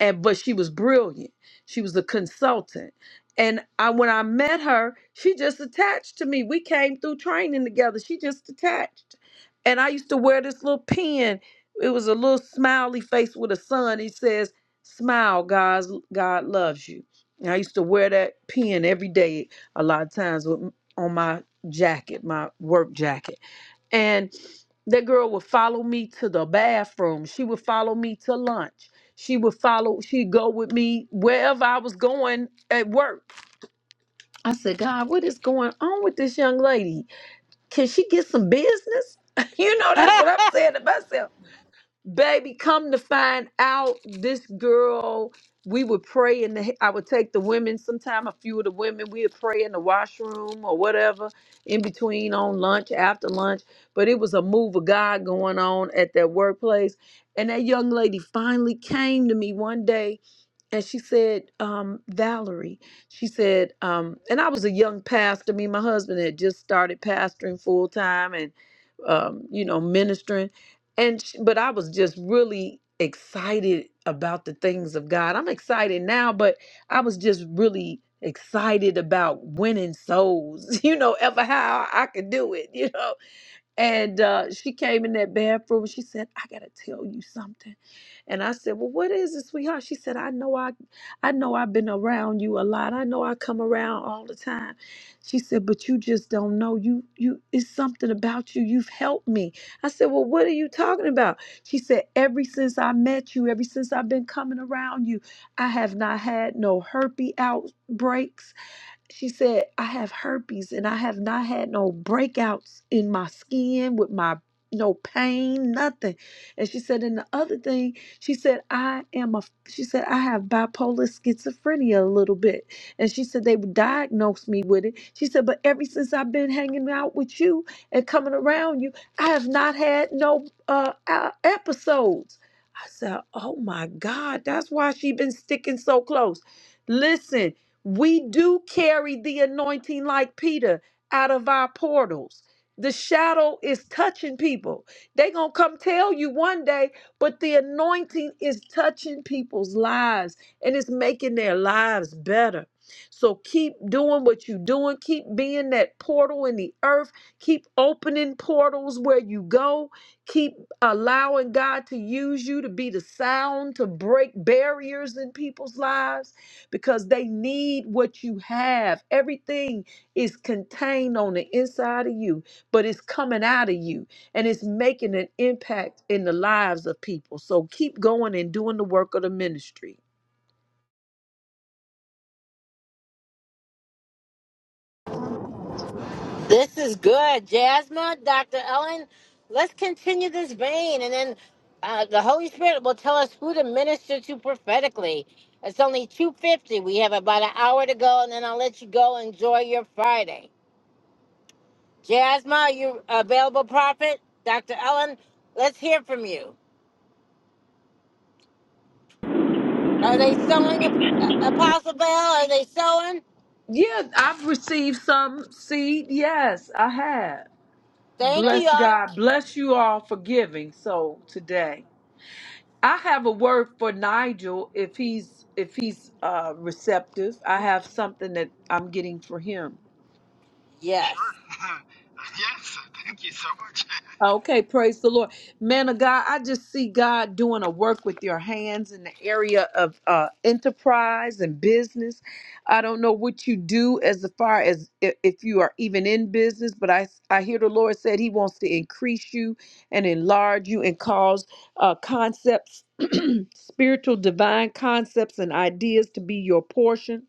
Speaker 3: and but she was brilliant. She was a consultant. And I when I met her, she just attached to me. We came through training together. She just attached. And I used to wear this little pin. It was a little smiley face with a sun. It says, "Smile, guys. God loves you." And I used to wear that pin every day. A lot of times with, on my jacket, my work jacket and that girl would follow me to the bathroom. She would follow me to lunch. She would follow, she'd go with me wherever I was going at work. I said, God, what is going on with this young lady? Can she get some business? you know, that's what I'm saying to myself baby come to find out this girl we would pray in the i would take the women sometime a few of the women we would pray in the washroom or whatever in between on lunch after lunch but it was a move of god going on at that workplace and that young lady finally came to me one day and she said um, valerie she said um, and i was a young pastor me and my husband had just started pastoring full time um, you know, ministering. And sh- but I was just really excited about the things of God. I'm excited now, but I was just really excited about winning souls. You know, ever how I could do it. You know, and uh, she came in that bathroom. She said, "I gotta tell you something." And I said, "Well, what is it, sweetheart?" She said, "I know I, I know I've been around you a lot. I know I come around all the time." She said, "But you just don't know. You, you, it's something about you. You've helped me." I said, "Well, what are you talking about?" She said, "Ever since I met you, ever since I've been coming around you, I have not had no herpes outbreaks. She said, I have herpes and I have not had no breakouts in my skin with my no pain, nothing. And she said, and the other thing, she said, I am a, she said, I have bipolar schizophrenia a little bit. And she said, they diagnosed me with it. She said, but ever since I've been hanging out with you and coming around you, I have not had no uh, uh, episodes. I said, oh my God, that's why she been sticking so close. Listen, we do carry the anointing like Peter out of our portals. The shadow is touching people. They going to come tell you one day, but the anointing is touching people's lives and it's making their lives better. So keep doing what you're doing. Keep being that portal in the earth. Keep opening portals where you go. Keep allowing God to use you to be the sound to break barriers in people's lives because they need what you have. Everything is contained on the inside of you, but it's coming out of you and it's making an impact in the lives of people. So keep going and doing the work of the ministry.
Speaker 1: This is good, Jasmine, Dr. Ellen. Let's continue this vein, and then uh, the Holy Spirit will tell us who to minister to prophetically. It's only two fifty. We have about an hour to go, and then I'll let you go. Enjoy your Friday, Jasmine. Are you available, Prophet? Dr. Ellen, let's hear from you. Are they sowing, uh, Apostle Bell? Are they sowing?
Speaker 3: Yeah, I've received some seed. Yes, I have.
Speaker 1: Thank you,
Speaker 3: Bless
Speaker 1: y'all.
Speaker 3: God. Bless you all for giving so today. I have a word for Nigel if he's if he's uh receptive. I have something that I'm getting for him.
Speaker 9: Sure.
Speaker 1: Yes.
Speaker 9: yes, thank you so much.
Speaker 3: Okay, praise the Lord. Man of God, I just see God doing a work with your hands in the area of uh, enterprise and business. I don't know what you do as far as i- if you are even in business, but I, I hear the Lord said He wants to increase you and enlarge you and cause uh, concepts, spiritual, divine concepts, and ideas to be your portion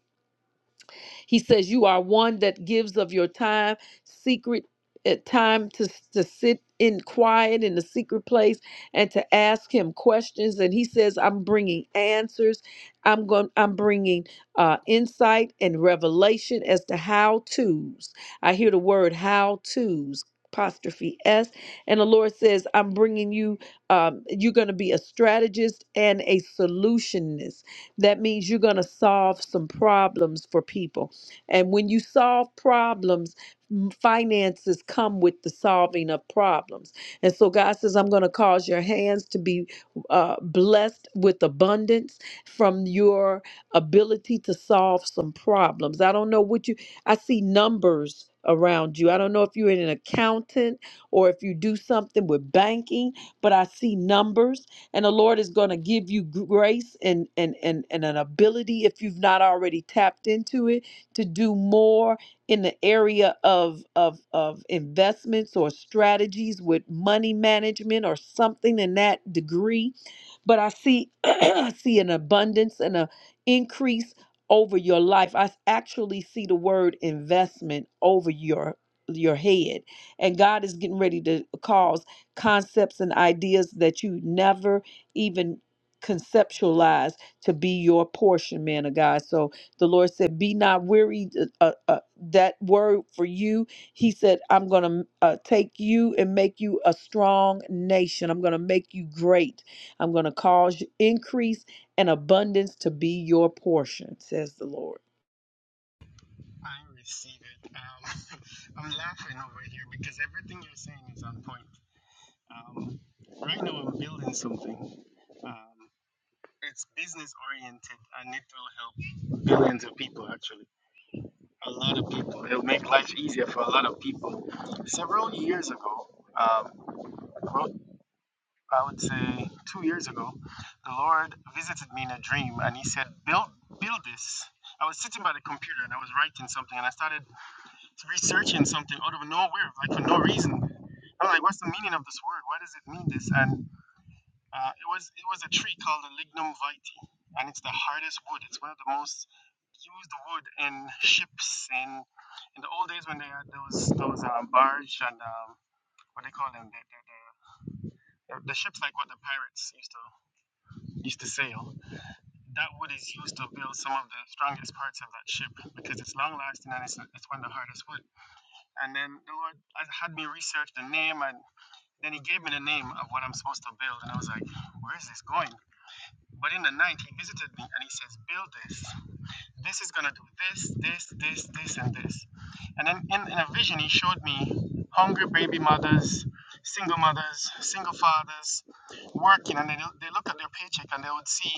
Speaker 3: he says, You are one that gives of your time, secret uh, time to, to sit in quiet in the secret place and to ask him questions and he says i'm bringing answers i'm going i'm bringing uh, insight and revelation as to how to's i hear the word how to's apostrophe s and the lord says i'm bringing you um, you're going to be a strategist and a solutionist that means you're going to solve some problems for people and when you solve problems, m- finances come with the solving of problems. And so God says, I'm going to cause your hands to be uh, blessed with abundance from your ability to solve some problems. I don't know what you, I see numbers around you. I don't know if you're an accountant or if you do something with banking, but I see numbers and the Lord is going to give you grace and, and, and, and an ability if you've not already tapped into it to do more in the area of, of, of investments or strategies with money management or something in that degree. But I see I see an abundance and an increase over your life. I actually see the word investment over your your head. And God is getting ready to cause concepts and ideas that you never even conceptualize to be your portion, man of God. So the Lord said, Be not weary. Uh, uh, uh, that word for you, He said, I'm going to uh, take you and make you a strong nation. I'm going to make you great. I'm going to cause increase and abundance to be your portion, says the Lord.
Speaker 9: I receive it. Um, I'm laughing over here because everything you're saying is on point. Um, right now, I'm building something. Um, it's business oriented and it will help billions of people, actually. A lot of people. It'll make life easier for a lot of people. Several years ago, um, I would say two years ago, the Lord visited me in a dream and he said, Build build this. I was sitting by the computer and I was writing something and I started researching something out of nowhere, like for no reason. I'm like, what's the meaning of this word? Why does it mean this? And uh, it was it was a tree called the lignum vitae, and it's the hardest wood. It's one of the most used wood in ships and in the old days when they had those those um, barge and um, what they call them, the, the, the, the ships like what the pirates used to. used to sail, that wood is used to build some of the strongest parts of that ship because it's long lasting and it's, it's one of the hardest wood. And then the Lord had me research the name, and then He gave me the name of what I'm supposed to build. And I was like, where is this going? But in the night, He visited me and He says, build this. This is going to do this, this, this, this, and this. And then in, in a vision, He showed me hungry baby mothers, single mothers, single fathers working, and they, they look at their paycheck and they would see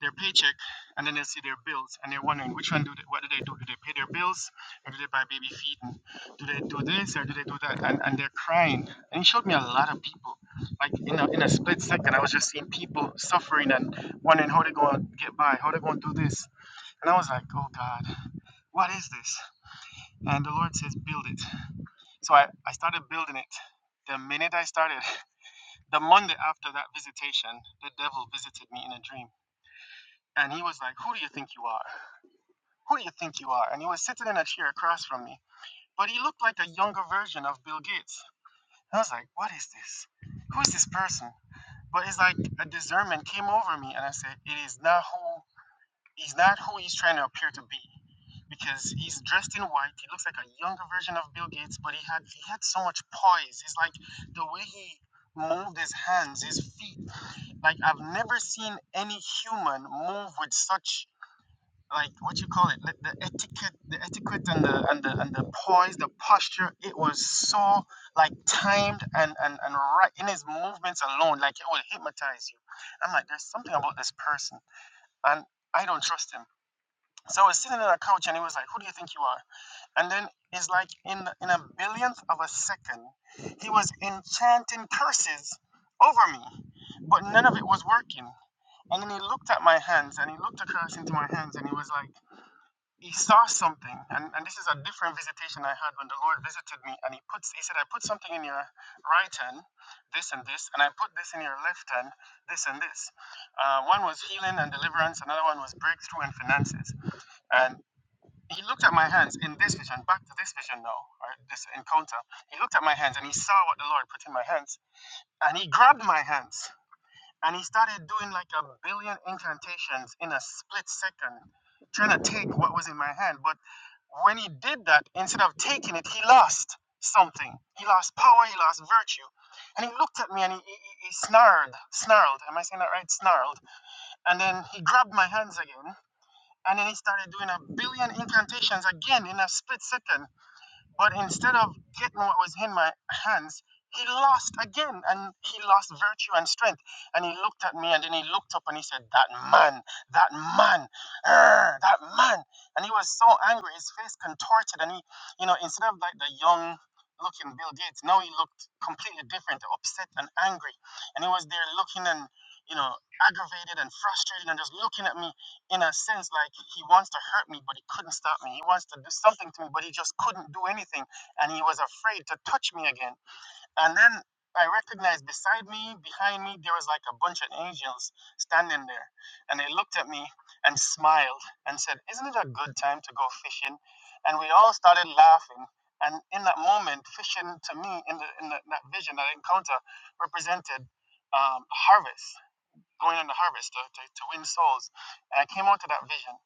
Speaker 9: their paycheck and then they see their bills and they're wondering which one do they, what do they do do they pay their bills or do they buy baby feed and do they do this or do they do that and, and they're crying and he showed me a lot of people like in a, in a split second i was just seeing people suffering and wondering how they're going to get by how they're going to do this and i was like oh god what is this and the lord says build it so i, I started building it the minute i started the monday after that visitation the devil visited me in a dream and he was like who do you think you are Who do you think you are? And he was sitting in a chair across from me. But he looked like a younger version of Bill Gates. I was like, what is this? Who is this person? But it's like a discernment came over me and I said, it is not who he's not who he's trying to appear to be. Because he's dressed in white, he looks like a younger version of Bill Gates, but he had he had so much poise. It's like the way he moved his hands, his feet. Like I've never seen any human move with such like what you call it the, the etiquette the etiquette and the and the and the poise the posture it was so like timed and and and right in his movements alone like it will hypnotize you i'm like there's something about this person and i don't trust him so i was sitting on a couch and he was like who do you think you are and then it's like in in a billionth of a second he was enchanting curses over me but none of it was working and then he looked at my hands and he looked across into my hands and he was like he saw something, and, and this is a different visitation I had when the Lord visited me, and he puts he said, I put something in your right hand, this and this, and I put this in your left hand, this and this. Uh, one was healing and deliverance, another one was breakthrough and finances. And he looked at my hands in this vision, back to this vision now, or this encounter. He looked at my hands and he saw what the Lord put in my hands, and he grabbed my hands and he started doing like a billion incantations in a split second, trying to take what was in my hand. But when he did that, instead of taking it, he lost something. He lost power, he lost virtue. And he looked at me and he, he, he snarled, snarled, am I saying that right? Snarled. And then he grabbed my hands again. And then he started doing a billion incantations again in a split second. But instead of getting what was in my hands, he lost again and he lost virtue and strength. And he looked at me and then he looked up and he said, That man, that man, er, that man. And he was so angry, his face contorted. And he, you know, instead of like the young looking Bill Gates, now he looked completely different, upset and angry. And he was there looking and, you know, aggravated and frustrated and just looking at me in a sense like he wants to hurt me but he couldn't stop me he wants to do something to me but he just couldn't do anything and he was afraid to touch me again and then i recognized beside me behind me there was like a bunch of angels standing there and they looked at me and smiled and said isn't it a good time to go fishing and we all started laughing and in that moment fishing to me in, the, in the, that vision that encounter represented um, harvest going in the harvest to, to, to win souls. And I came out to that vision.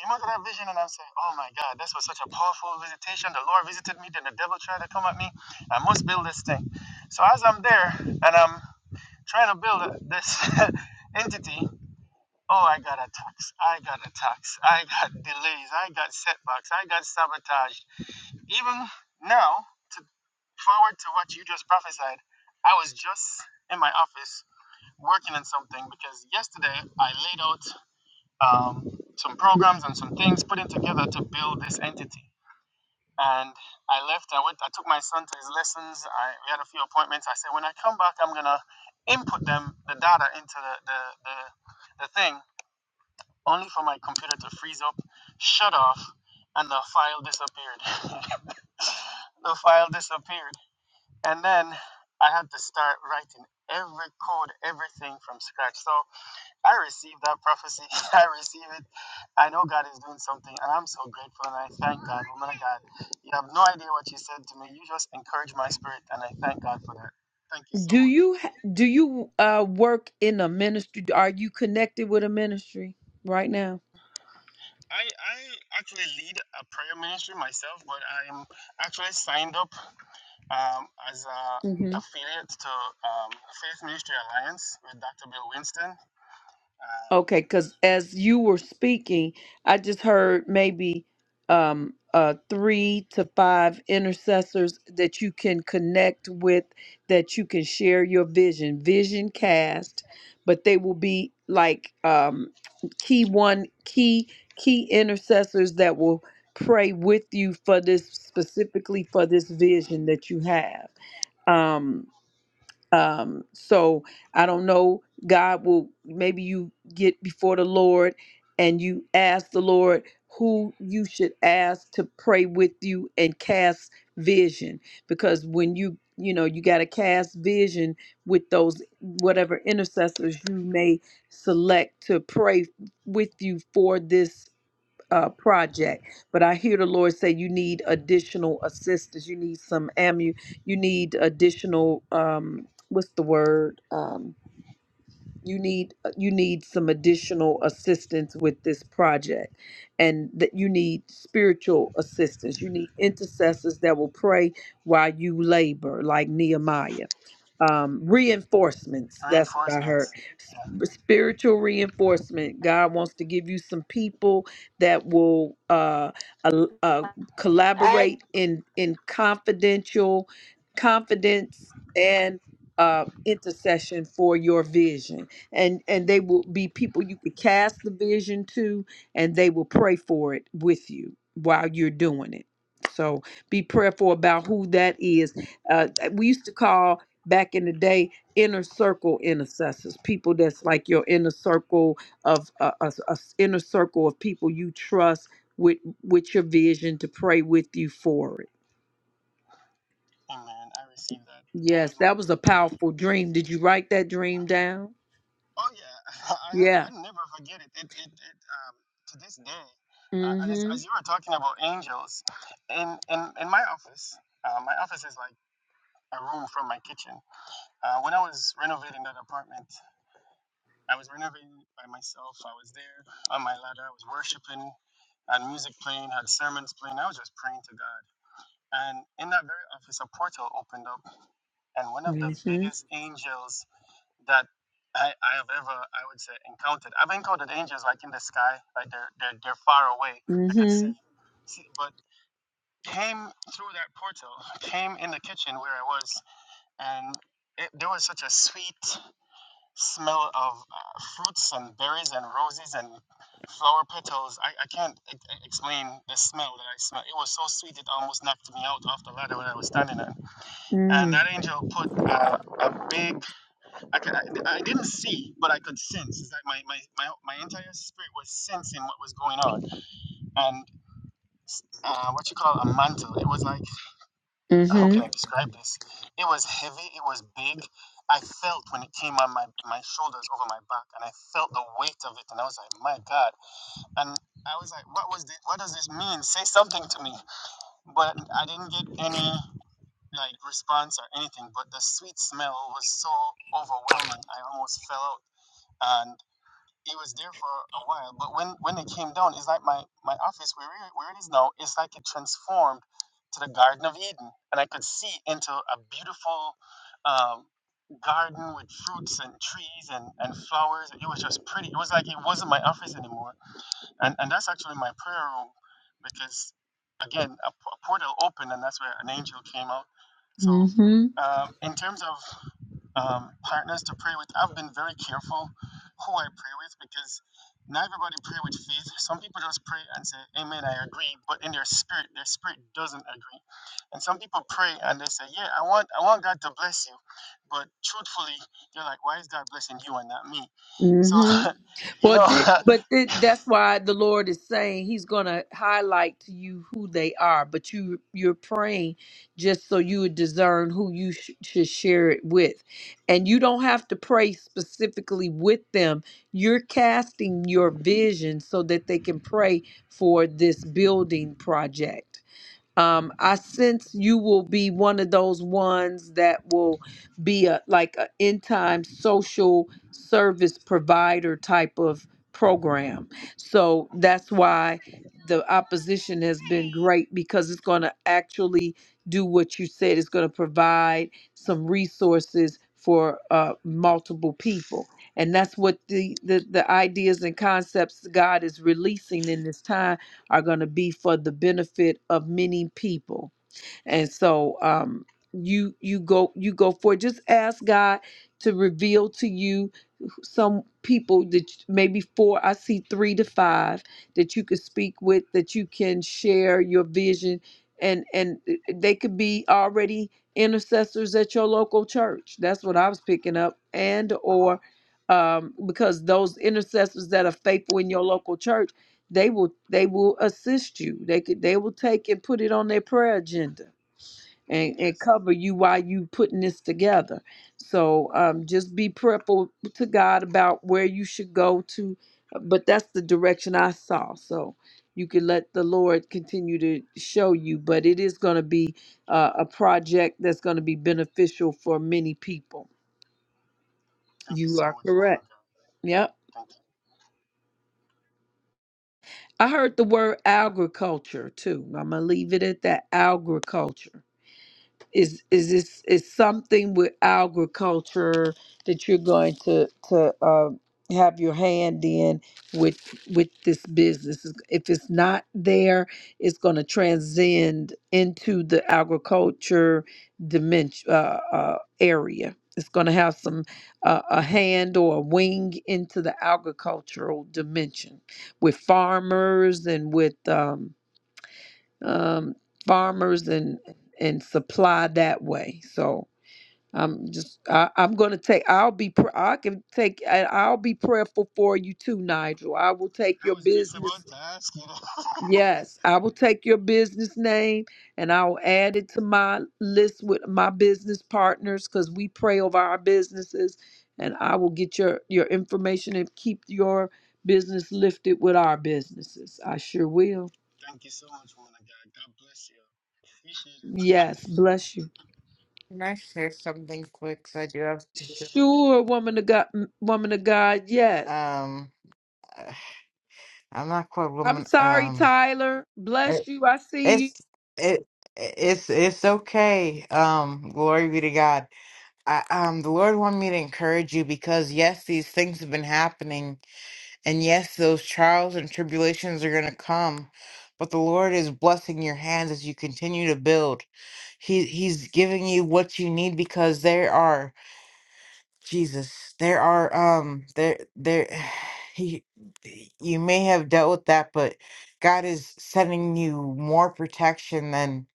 Speaker 9: Came out to that vision and I'm saying, oh my God, this was such a powerful visitation. The Lord visited me, then the devil tried to come at me. I must build this thing. So as I'm there and I'm trying to build this entity, oh, I got attacks. I got attacks. I got delays. I got setbacks. I got sabotage. Even now, to forward to what you just prophesied, I was just in my office working on something because yesterday I laid out um, some programs and some things putting together to build this entity. And I left. I went. I took my son to his lessons. I we had a few appointments. I said, when I come back, I'm gonna input them the data into the the, the, the thing, only for my computer to freeze up, shut off, and the file disappeared. the file disappeared, and then I had to start writing every code, everything from scratch. So I receive that prophecy. I receive it. I know God is doing something, and I'm so grateful. And I thank God, woman of God. You have no idea what you said to me. You just encouraged my spirit, and I thank God for that. Thank you so
Speaker 3: Do
Speaker 9: much.
Speaker 3: you ha- do you uh, work in a ministry? Are you connected with a ministry right now?
Speaker 9: I, I actually lead a prayer ministry myself, but I'm actually signed up um, as a
Speaker 3: Mm-hmm.
Speaker 9: affiliate to um, Faith Ministry Alliance with Dr. Bill Winston. Um,
Speaker 3: Okay, because as you were speaking, I just heard maybe um, uh, three to five intercessors that you can connect with, that you can share your vision, vision cast, but they will be like um, key one, key, key intercessors that will pray with you for this, specifically for this vision that you have. Um, um, so I don't know, God will maybe you get before the Lord and you ask the Lord who you should ask to pray with you and cast vision because when you you know you got to cast vision with those whatever intercessors you may select to pray with you for this uh, project. But I hear the Lord say you need additional assistance. You need some ammu. You need additional um, what's the word? Um, you need uh, you need some additional assistance with this project and that you need spiritual assistance you need intercessors that will pray while you labor like nehemiah um, reinforcements that's what i heard
Speaker 9: reinforcements.
Speaker 3: S- spiritual reinforcement god wants to give you some people that will uh, al- uh,
Speaker 1: All right.
Speaker 3: collaborate in in confidential confidence and uh, intercession for your vision and and they will be people you could cast the vision to and they will pray for it with you while you're doing it so be prayerful about who that is uh, we used to call back in the day inner circle intercessors people that's like your inner circle of uh, a, a s- inner circle of people you trust with with your vision to pray with you for it
Speaker 9: Amen. I received that.
Speaker 3: yes
Speaker 9: Um,
Speaker 3: that was a powerful dream did you write that dream down
Speaker 9: Oh yeah, I have.
Speaker 3: yeah
Speaker 9: I never forget it. It it, it um, to this day. Uh, and as,
Speaker 3: mm-hmm
Speaker 9: as you were talking about angels, in in, in my office, uh, my office is like a room from my kitchen. Uh, when I was renovating that apartment, I was renovating by myself. I was there on my ladder. I was worshiping, had music playing, had sermons playing. I was just praying to God. And in that very office, a portal opened up, and one of the
Speaker 3: Mm-hmm.
Speaker 9: biggest angels that I, I have ever, I would say, encountered. I've encountered angels like in the sky, like they're they're, they're far away. I could see,
Speaker 3: Mhm.
Speaker 9: see, but came through that portal, came in the kitchen where I was, and it, there was such a sweet smell of uh, fruits and berries and roses and flower petals. I, I can't e- e- explain the smell that I smelled. It was so sweet, it almost knocked me out off the ladder when I was standing on. And
Speaker 3: Mm.
Speaker 9: that angel put uh, a big I, could, I, I didn't see, but I could sense. It's like my, my, my, my entire spirit was sensing what was going on. And uh, what you call a mantle, it was like, how can I
Speaker 3: Mhm.
Speaker 9: describe this? It was heavy, it was big. I felt when it came on my, my shoulders over my back, and I felt the weight of it, and I was like, my God. And I was like, what was this? What does this mean? Say something to me. But I didn't get any like response or anything. But the sweet smell was so overwhelming. I almost fell out. and. it was there for a while, but when when it came down, it's like my my office where it- where it is now, it's like it transformed to the Garden of Eden, and I could see into a beautiful um, garden with fruits and trees and and flowers. It was just pretty. It was like it wasn't my office anymore, and and that's actually my prayer room, because again a, p- a portal opened, and that's where an angel came out. So
Speaker 3: Mhm.
Speaker 9: um, in terms of um, partners to pray with. I've been very careful who I pray with because not everybody pray with faith. Some people just pray and say, "Amen, I agree," but in their spirit, their spirit doesn't agree. And some people pray and they say, "Yeah, I want, I want God to bless you," but truthfully, they're like, "Why is God blessing you and not me?" So,
Speaker 3: Mhm.
Speaker 9: you
Speaker 3: Well,
Speaker 9: know.
Speaker 3: thi- but thi- that's why the Lord is saying He's going to highlight to you who they are. But you you're praying just so you would discern who you sh- should share it with, and you don't have to pray specifically with them. You're casting your vision so that they can pray for this building project. Um, I sense you will be one of those ones that will be a like an end time social service provider type of program. So that's why the opposition has been great because it's going to actually do what you said. It's going to provide some resources for uh, multiple people, and that's what the, the the ideas and concepts God is releasing in this time are going to be for the benefit of many people. And so um you you go you go for it. Just ask God to reveal to you some people that maybe four, I see three to five that you could speak with, that you can share your vision, and and uh, they could be already intercessors at your local church. That's what I was picking up, and
Speaker 9: Mhm.
Speaker 3: or um, because those intercessors that are faithful in your local church, they will they will assist you. They could they will take and put it on their prayer agenda and, and
Speaker 9: Yes.
Speaker 3: cover you while you putting this together. So um, just be prayerful to God about where you should go to, but that's the direction I saw. So you can let the Lord continue to show you, but it is going to be uh, a project that's going to be beneficial for many people.
Speaker 9: Thank you
Speaker 3: You
Speaker 9: so
Speaker 3: are
Speaker 9: much, woman
Speaker 3: correct.
Speaker 9: of God.
Speaker 3: Yep.
Speaker 9: Thank you.
Speaker 3: I heard the word agriculture too. I'm going to leave it at that agriculture is is this is something with agriculture that you're going to to uh, have your hand in with with this business if it's not there it's going to transcend into the agriculture dimension uh, uh, area it's going to have some uh, a hand or a wing into the agricultural dimension with farmers and with um, um, farmers and and supply that way. So I'm just I, I'm gonna take I'll be pr- I can take I- I'll be prayerful for you too, Nigel. I will take
Speaker 9: I
Speaker 3: your
Speaker 9: was just about
Speaker 3: business.
Speaker 9: to ask you.
Speaker 3: Yes, I will take your business name and I'll add it to my list with my business partners because we pray over our businesses and I will get your your information and keep your business lifted with our businesses. I sure will.
Speaker 9: Thank you so much, woman of God. God bless you. Appreciate it.
Speaker 3: Yes, bless you.
Speaker 10: Can I share something quick? 'Cause I do have. to go.
Speaker 3: Sure, woman of God, m- woman of God, yes.
Speaker 10: Um, uh, I'm not quite
Speaker 3: I'm
Speaker 10: woman.
Speaker 3: sorry,
Speaker 10: Um,
Speaker 3: Tyler. Bless
Speaker 10: it-
Speaker 3: you. I see you.
Speaker 10: it's it it's it's okay. Um, glory be to God. I, um, the Lord wanted me to encourage you because yes, these things have been happening, and yes, those trials and tribulations are going to come. But the Lord is blessing your hands as you continue to build. He He's giving you what you need because there are. Jesus, there are um there there he you may have dealt with that, but God is sending you more protection than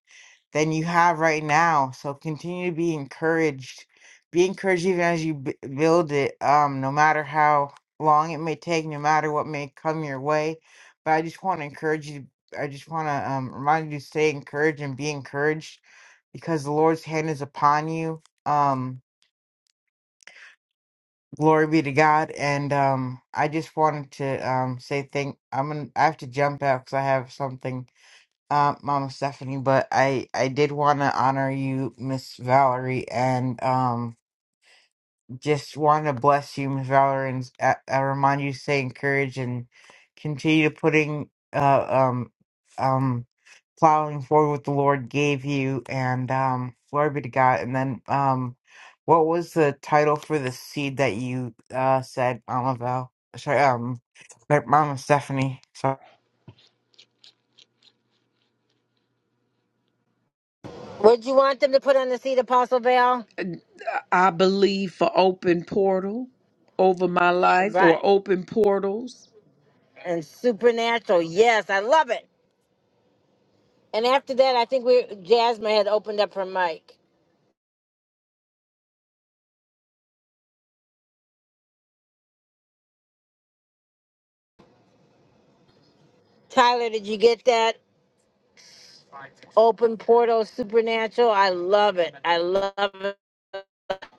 Speaker 10: than you have right now. So continue to be encouraged. Be encouraged even as you b- build it, um, no matter how long it may take, no matter what may come your way. But I just want to encourage you. I just want to um, remind you to stay encouraged and be encouraged because the Lord's hand is upon you. Um, Glory be to God. And um, I just wanted to um, say thank. I'm gonna. I have to jump out because I have something, uh, Mama Stephanie. But I I did want to honor you, Miss Valerie, and um. Just want to bless you, Miss Valor, and uh, I remind you to stay encouraged and continue putting, uh, um, um, plowing forward what the Lord gave you, and um, glory be to God. And then, um, what was the title for the seed that you uh said, Mama Val? Sorry, um, Mama Stephanie. So,
Speaker 1: Would you want them to put on the seat, Apostle Bell?
Speaker 3: I believe for open portal over my life
Speaker 1: Right.
Speaker 3: or open portals.
Speaker 1: and supernatural. Yes, I love it. And after that, I think we Jasmine had opened up her mic. Tyler, did you get that? Open portal, supernatural. I love it. I love it.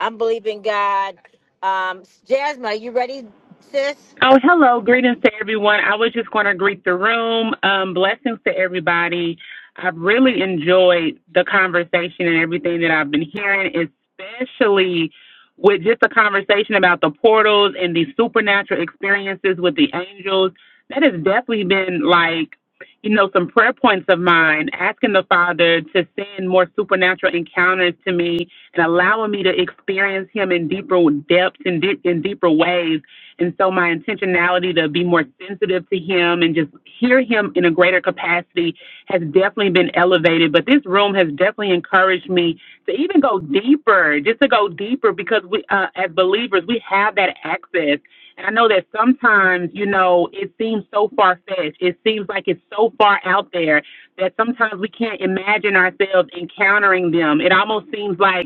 Speaker 1: I'm believing God. Um, Jasmine, are you ready, sis?
Speaker 11: Oh, hello. Greetings to everyone. I was just going to greet the room. Um, blessings to everybody. I've really enjoyed the conversation and everything that I've been hearing, especially with just the conversation about the portals and the supernatural experiences with the angels. That has definitely been like, you know, some prayer points of mine, asking the Father to send more supernatural encounters to me and allowing me to experience Him in deeper depths and deep, in deeper ways and so my intentionality to be more sensitive to him and just hear him in a greater capacity has definitely been elevated. But this room has definitely encouraged me to even go deeper, just to go deeper because we, uh, as believers, we have that access. And I know that sometimes, you know, it seems so far fetched. It seems like it's so far out there that sometimes we can't imagine ourselves encountering them. It almost seems like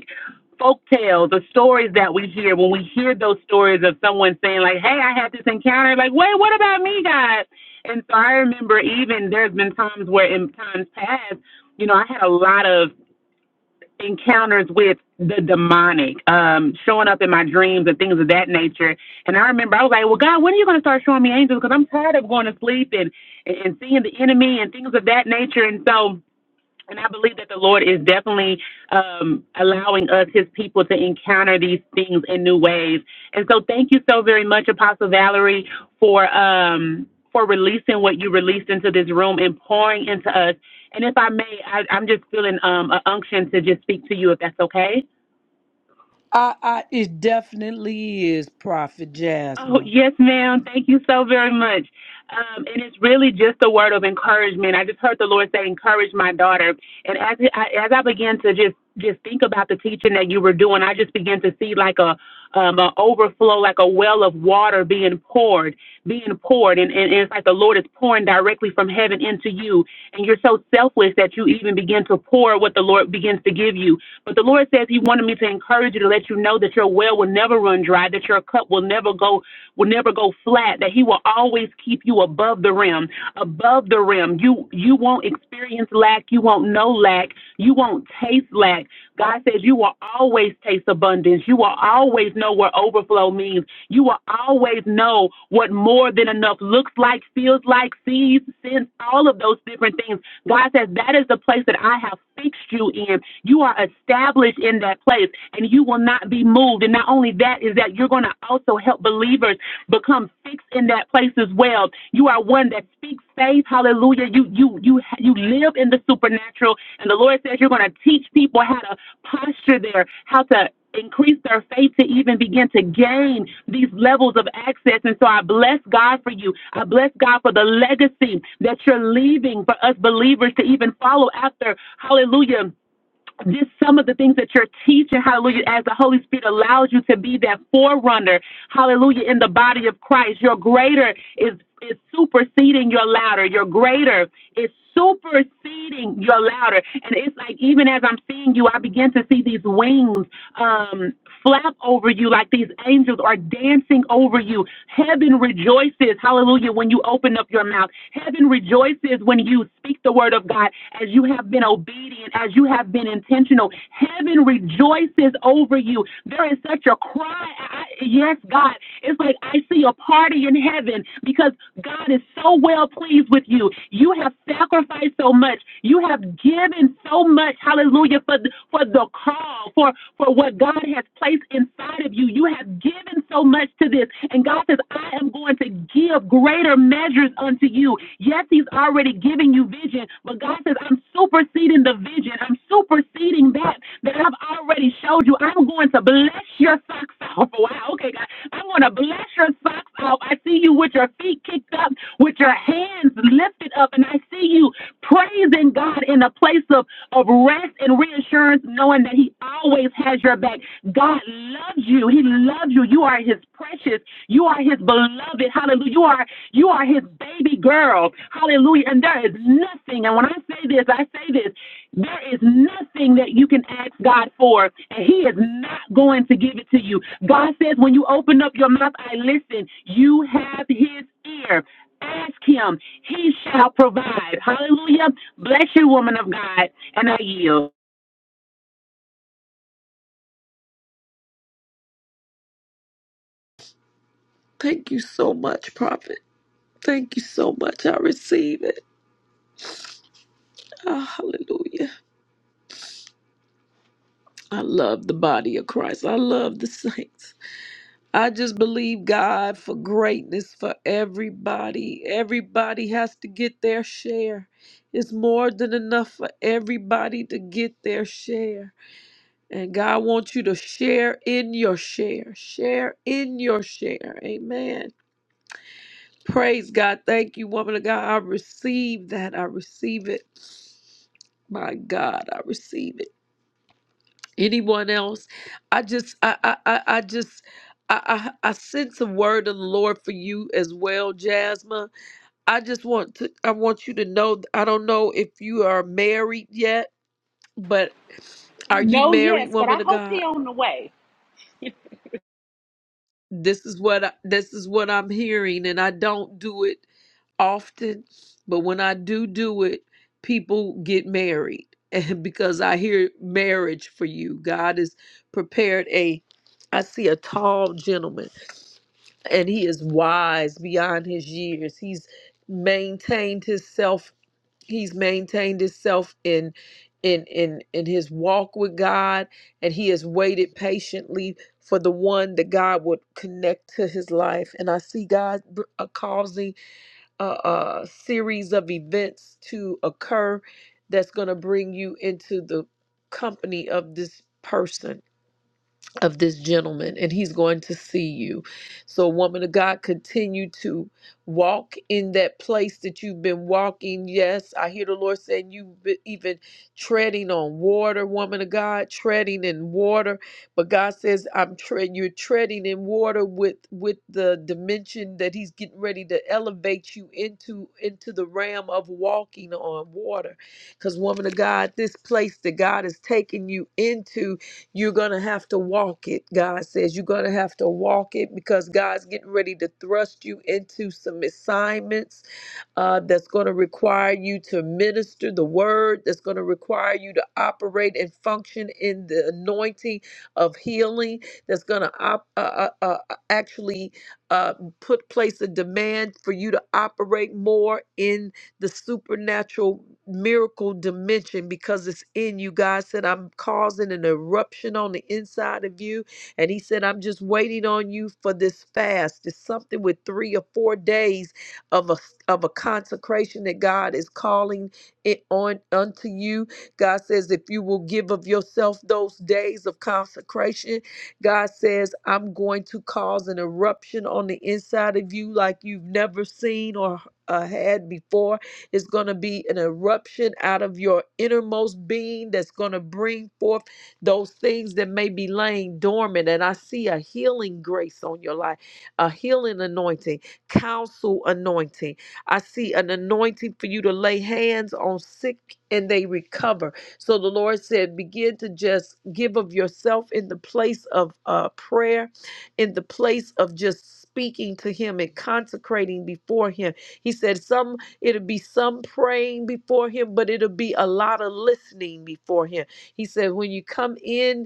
Speaker 11: folk tales, the stories that we hear, when we hear those stories of someone saying, like, hey, I had this encounter, like, wait, what about me, God? And so I remember even there's been times where in times past, you know, I had a lot of encounters with the demonic, um, showing up in my dreams and things of that nature. And I remember I was like, well, God, when are you going to start showing me angels? Because I'm tired of going to sleep and, and seeing the enemy and things of that nature. And so, and I believe that the Lord is definitely um, allowing us, His people, to encounter these things in new ways. And so, thank you so very much, Apostle Valerie, for um, for releasing what you released into this room and pouring into us. And if I may, I, I'm just feeling um, an unction to just speak to you, if that's okay.
Speaker 3: I, I it definitely is Prophet
Speaker 11: Oh,
Speaker 3: Jasmine.
Speaker 11: yes, ma'am. Thank you so very much. Um, and it's really just a word of encouragement. I just heard the Lord say, "Encourage my daughter." And as I, as I began to just just think about the teaching that you were doing, I just began to see like a um, an overflow, like a well of water being poured, being poured, and, and, and it's like the Lord is pouring directly from heaven into you, and you're so selfless that you even begin to pour what the Lord begins to give you. But the Lord says He wanted me to encourage you to let you know that your well will never run dry, that your cup will never go will never go flat, that he will always keep you above the rim, above the rim. You you won't experience lack, you won't know lack, you won't taste lack. God says you will always taste abundance. You will always know what overflow means. You will always know what more than enough looks like, feels like, sees, sends, all of those different things God says, That is the place that I have fixed you in. You are established in that place and you will not be moved. And not only that, is that you're going to also help believers become fixed in that place as well. You are one that speaks faith. Hallelujah. You you you you live in the supernatural natural. And the Lord says you're going to teach people how to posture their, how to increase their faith to even begin to gain these levels of access. And so I bless God for you. I bless God for the legacy that you're leaving for us believers to even follow after. Hallelujah just some of the things that you're teaching, hallelujah, as the Holy Spirit allows you to be that forerunner, hallelujah, in the body of Christ. Your greater is, is superseding your louder. Your greater is superseding your louder. And it's like, even as I'm seeing you, I begin to see these wings um, flap over you like these angels are dancing over you. Heaven rejoices, hallelujah, when you open up your mouth. Heaven rejoices when you speak the word of God, as you have been obedient, as you have been intentional, heaven rejoices over you. There is such a cry. I, yes, God. It's like I see a party in heaven because God is so well pleased with you. You have sacrificed so much. You have given so much. Hallelujah for for the call, for for what God has placed inside of you. You have given so much to this, and God says, "I am going to give greater measures unto you." you. Yes, He's already giving you vision, but God says, I'm superseding the vision. I'm superseding that that I've already showed you. I'm going to bless your socks off. Wow, okay, God. I'm going to bless your socks off. I see you with your feet kicked up, with your hands lifted up, and I see you praising God in a place of, of rest and reassurance, knowing that He always has your back. God loves you. He loves you. You are His precious. You are His beloved. Hallelujah. You are you are his baby girl. Hallelujah. And there is nothing, and when I say this, I say this, there is nothing that you can ask God for, and he is not going to give it to you. God says, when you open up your mouth, I listen. You have his ear. Ask him. He shall provide. Hallelujah. Bless you, woman of God, and I yield.
Speaker 3: Thank you so much, Prophet. Thank you so much. I receive it. Ah, hallelujah. I love the body of Christ. I love the saints. I just believe God for greatness for everybody. Everybody has to get their share. It's more than enough for everybody to get their share. And God wants you to share in your share. Share in your share. Amen. Praise God. Thank you, woman of God. I receive that. I receive it. My God, I receive it anyone else i just i i i, I just I, I, I sense a word of the Lord for you as well, Jasmine. I just want to I want you to know I don't know if you are married yet, but are you married, woman of God?
Speaker 11: On the way.
Speaker 3: This is what I, this is what I'm hearing, and I don't do it often, but when I do do it, people get married. And because I hear marriage for you, God has prepared a. I see a tall gentleman, and he is wise beyond his years. He's maintained his self. He's maintained himself in, in, in, in his walk with God, and he has waited patiently for the one that God would connect to his life. And I see God br- uh, causing a, a series of events to occur that's going to bring you into the company of this person of this gentleman and he's going to see you. So, woman of God, continue to walk in that place that you've been walking. Yes, I hear the Lord saying you've been even treading on water, woman of God, treading in water. But God says, I'm tread you're treading in water with with the dimension that He's getting ready to elevate you into into the realm of walking on water. Because woman of God, this place that God has taken you into you're going to have to walk it, God says. You're going to have to walk it because God's getting ready to thrust you into some assignments uh, that's going to require you to minister the word, that's going to require you to operate and function in the anointing of healing, that's going to op- uh, uh, uh, uh, actually uh, put place a demand for you to operate more in the supernatural miracle dimension because it's in you. God said, I'm causing an eruption on the inside of you. And He said, I'm just waiting on you for this fast. It's something with three or four days of a of a consecration that God is calling it on unto you. God says, if you will give of yourself those days of consecration, God says, I'm going to cause an eruption on the inside of you like you've never seen or uh, had before. It's going to be an eruption out of your innermost being that's going to bring forth those things that may be laying dormant. And I see a healing grace on your life, a healing anointing counsel anointing. I see an anointing for you to lay hands on sick and they recover. So the Lord said, begin to just give of yourself in the place of uh, prayer, in the place of just speaking to Him and consecrating before Him. He said, some it'll be some praying before Him, but it'll be a lot of listening before Him. He said, when you come in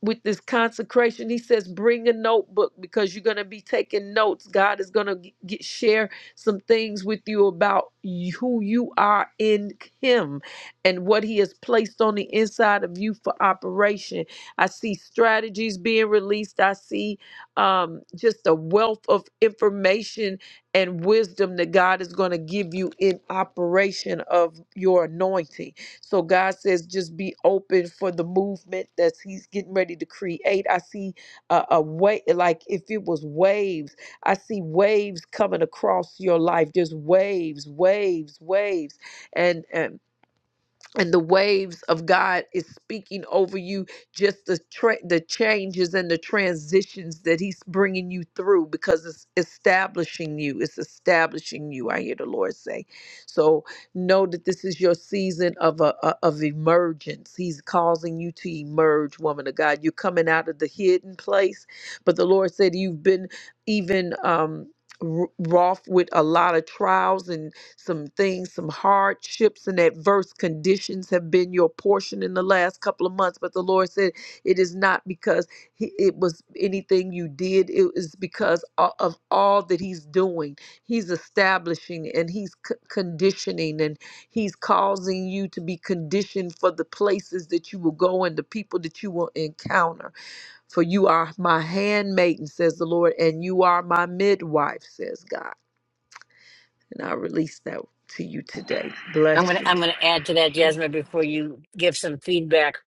Speaker 3: with this consecration he says bring a notebook because you're going to be taking notes god is going to get share some things with you about y- who you are in him and what he has placed on the inside of you for operation i see strategies being released i see um, just a wealth of information and wisdom that god is going to give you in operation of your anointing so God says, just be open for the movement that He's getting ready to create. I see a, a way, like if it was waves, I see waves coming across your life, just waves, waves, waves. And, and and the waves of God is speaking over you just the tra- the changes and the transitions that he's bringing you through because it's establishing you it's establishing you I hear the Lord say so know that this is your season of a, a- of emergence he's causing you to emerge woman of God you're coming out of the hidden place but the Lord said you've been even um r- wroth with a lot of trials some things, some hardships and adverse conditions have been your portion in the last couple of months. But the Lord said it is not because he, it was anything you did, it is because o- of all that He's doing. He's establishing and He's c- conditioning and He's causing you to be conditioned for the places that you will go and the people that you will encounter. For you are my handmaiden, says the Lord, and you are my midwife, says God. And I release that to you today.
Speaker 1: I'm
Speaker 3: Bless
Speaker 1: gonna
Speaker 3: you.
Speaker 1: I'm gonna add to that, Jasmine, before you give some feedback.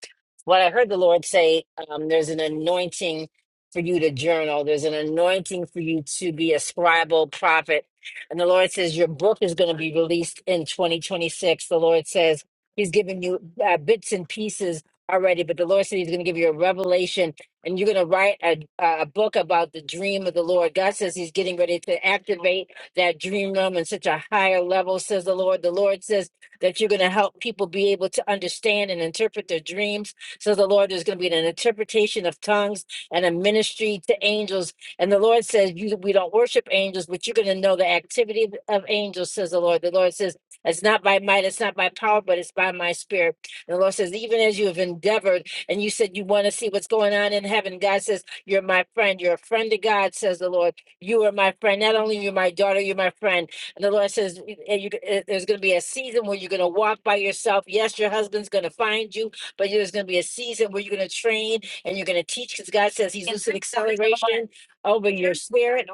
Speaker 1: What I heard the Lord say, um, there's an anointing for you to journal. There's an anointing for you to be a scribal prophet. And the Lord says your book is going to be released in 2026. The Lord says He's giving you uh, bits and pieces already, but the Lord said He's going to give you a revelation, and you're going to write a, a book about the dream of the Lord. God says He's getting ready to activate that dream realm in such a higher level, says the Lord. The Lord says that you're going to help people be able to understand and interpret their dreams. So the Lord is going to be an interpretation of tongues and a ministry to angels. And the Lord says, you, we don't worship angels, but you're going to know the activity of of angels, says the Lord. The Lord says, it's not by might, it's not by power, but it's by my spirit. And the Lord says, even as you have endeavored and you said you want to see what's going on in heaven, God says, you're my friend. You're a friend to God, says the Lord. You are my friend. Not only you're my daughter, you're my friend. And The Lord says, "And you, eh, there's going to be a season where you're going to walk by yourself. Yes, your husband's going to find you, but there's going to be a season where you're going to train and you're going to teach because God says He's loosing acceleration over your spirit.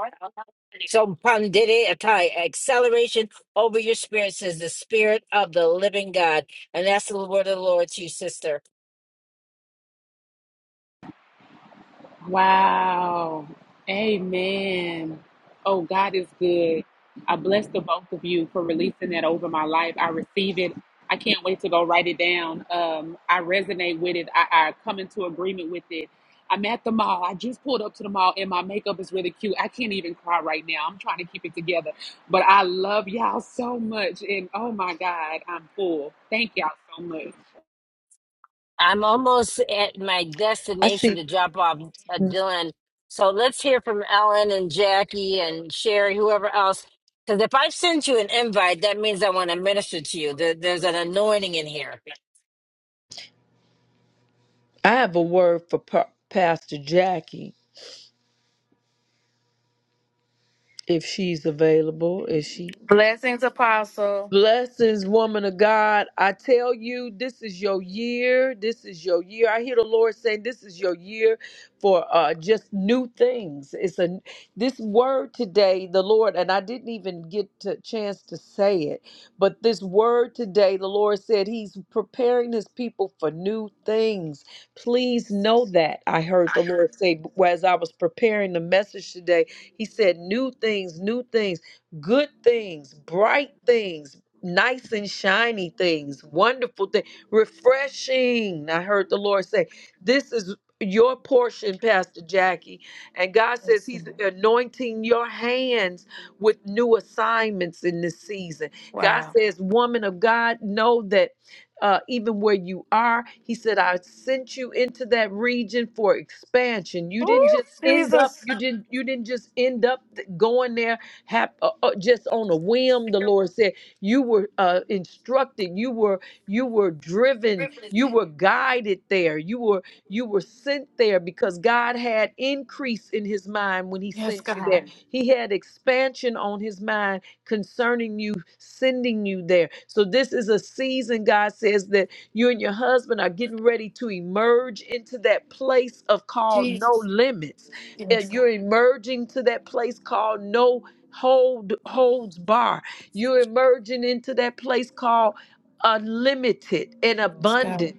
Speaker 1: So, pandere atai, acceleration over your spirit, says the Spirit of the living God. And that's the word of the Lord to you, sister.
Speaker 11: Wow. Amen. Oh, God is good. I bless the both of you for releasing that over my life. I receive it. I can't wait to go write it down. Um, I resonate with it. I, I come into agreement with it. I'm at the mall. I just pulled up to the mall and my makeup is really cute. I can't even cry right now. I'm trying to keep it together. But I love y'all so much. And oh my God, I'm full. Thank y'all so much.
Speaker 1: I'm almost at my
Speaker 3: I
Speaker 1: destination
Speaker 3: see.
Speaker 1: to drop off uh,
Speaker 3: I
Speaker 1: Dylan. So let's hear from Ellen and Jackie and Sherry, whoever else. Because if I send you an invite, that means I want to minister to you. There, there's an anointing in here.
Speaker 3: have a word for Pa- Pastor Jackie if she's available. Is she?
Speaker 12: Blessings, Apostle.
Speaker 3: Blessings, woman of God. I tell you, this is your year. This is your year. I hear the Lord saying, "This is your year for uh, just new things." It's a this word today, the Lord, and I didn't even get a chance to say it, but this word today, the Lord said He's preparing His people for new things. Please know that I heard the Lord say as I was preparing the message today. He said, "New things, new things." good things, bright things, nice and shiny things, wonderful things, refreshing. I heard the Lord say, This is your portion, Pastor Jackie. And God says He's anointing your hands with new assignments in this season. God
Speaker 12: Wow.
Speaker 3: says, Woman of God, know that. Uh, even where you are, he said, I sent you into that region for expansion. You didn't
Speaker 12: Ooh,
Speaker 3: just end up,
Speaker 12: Jesus.
Speaker 3: you didn't, you didn't just end up th- going there hap- uh, uh, just on a whim. The Lord said, you were uh, instructed you were you were driven you were guided there you were you were sent there because god had increase in his mind when he
Speaker 12: Yes,
Speaker 3: sent you
Speaker 12: God.
Speaker 3: there he had expansion on his mind concerning you sending you there so this is a season god says that you and your husband are getting ready to emerge into that place of called no
Speaker 12: Jesus.
Speaker 3: limits
Speaker 12: Yes,
Speaker 3: and
Speaker 12: God.
Speaker 3: you're emerging to that place called no hold holds barred you're emerging into that place called unlimited and abundant.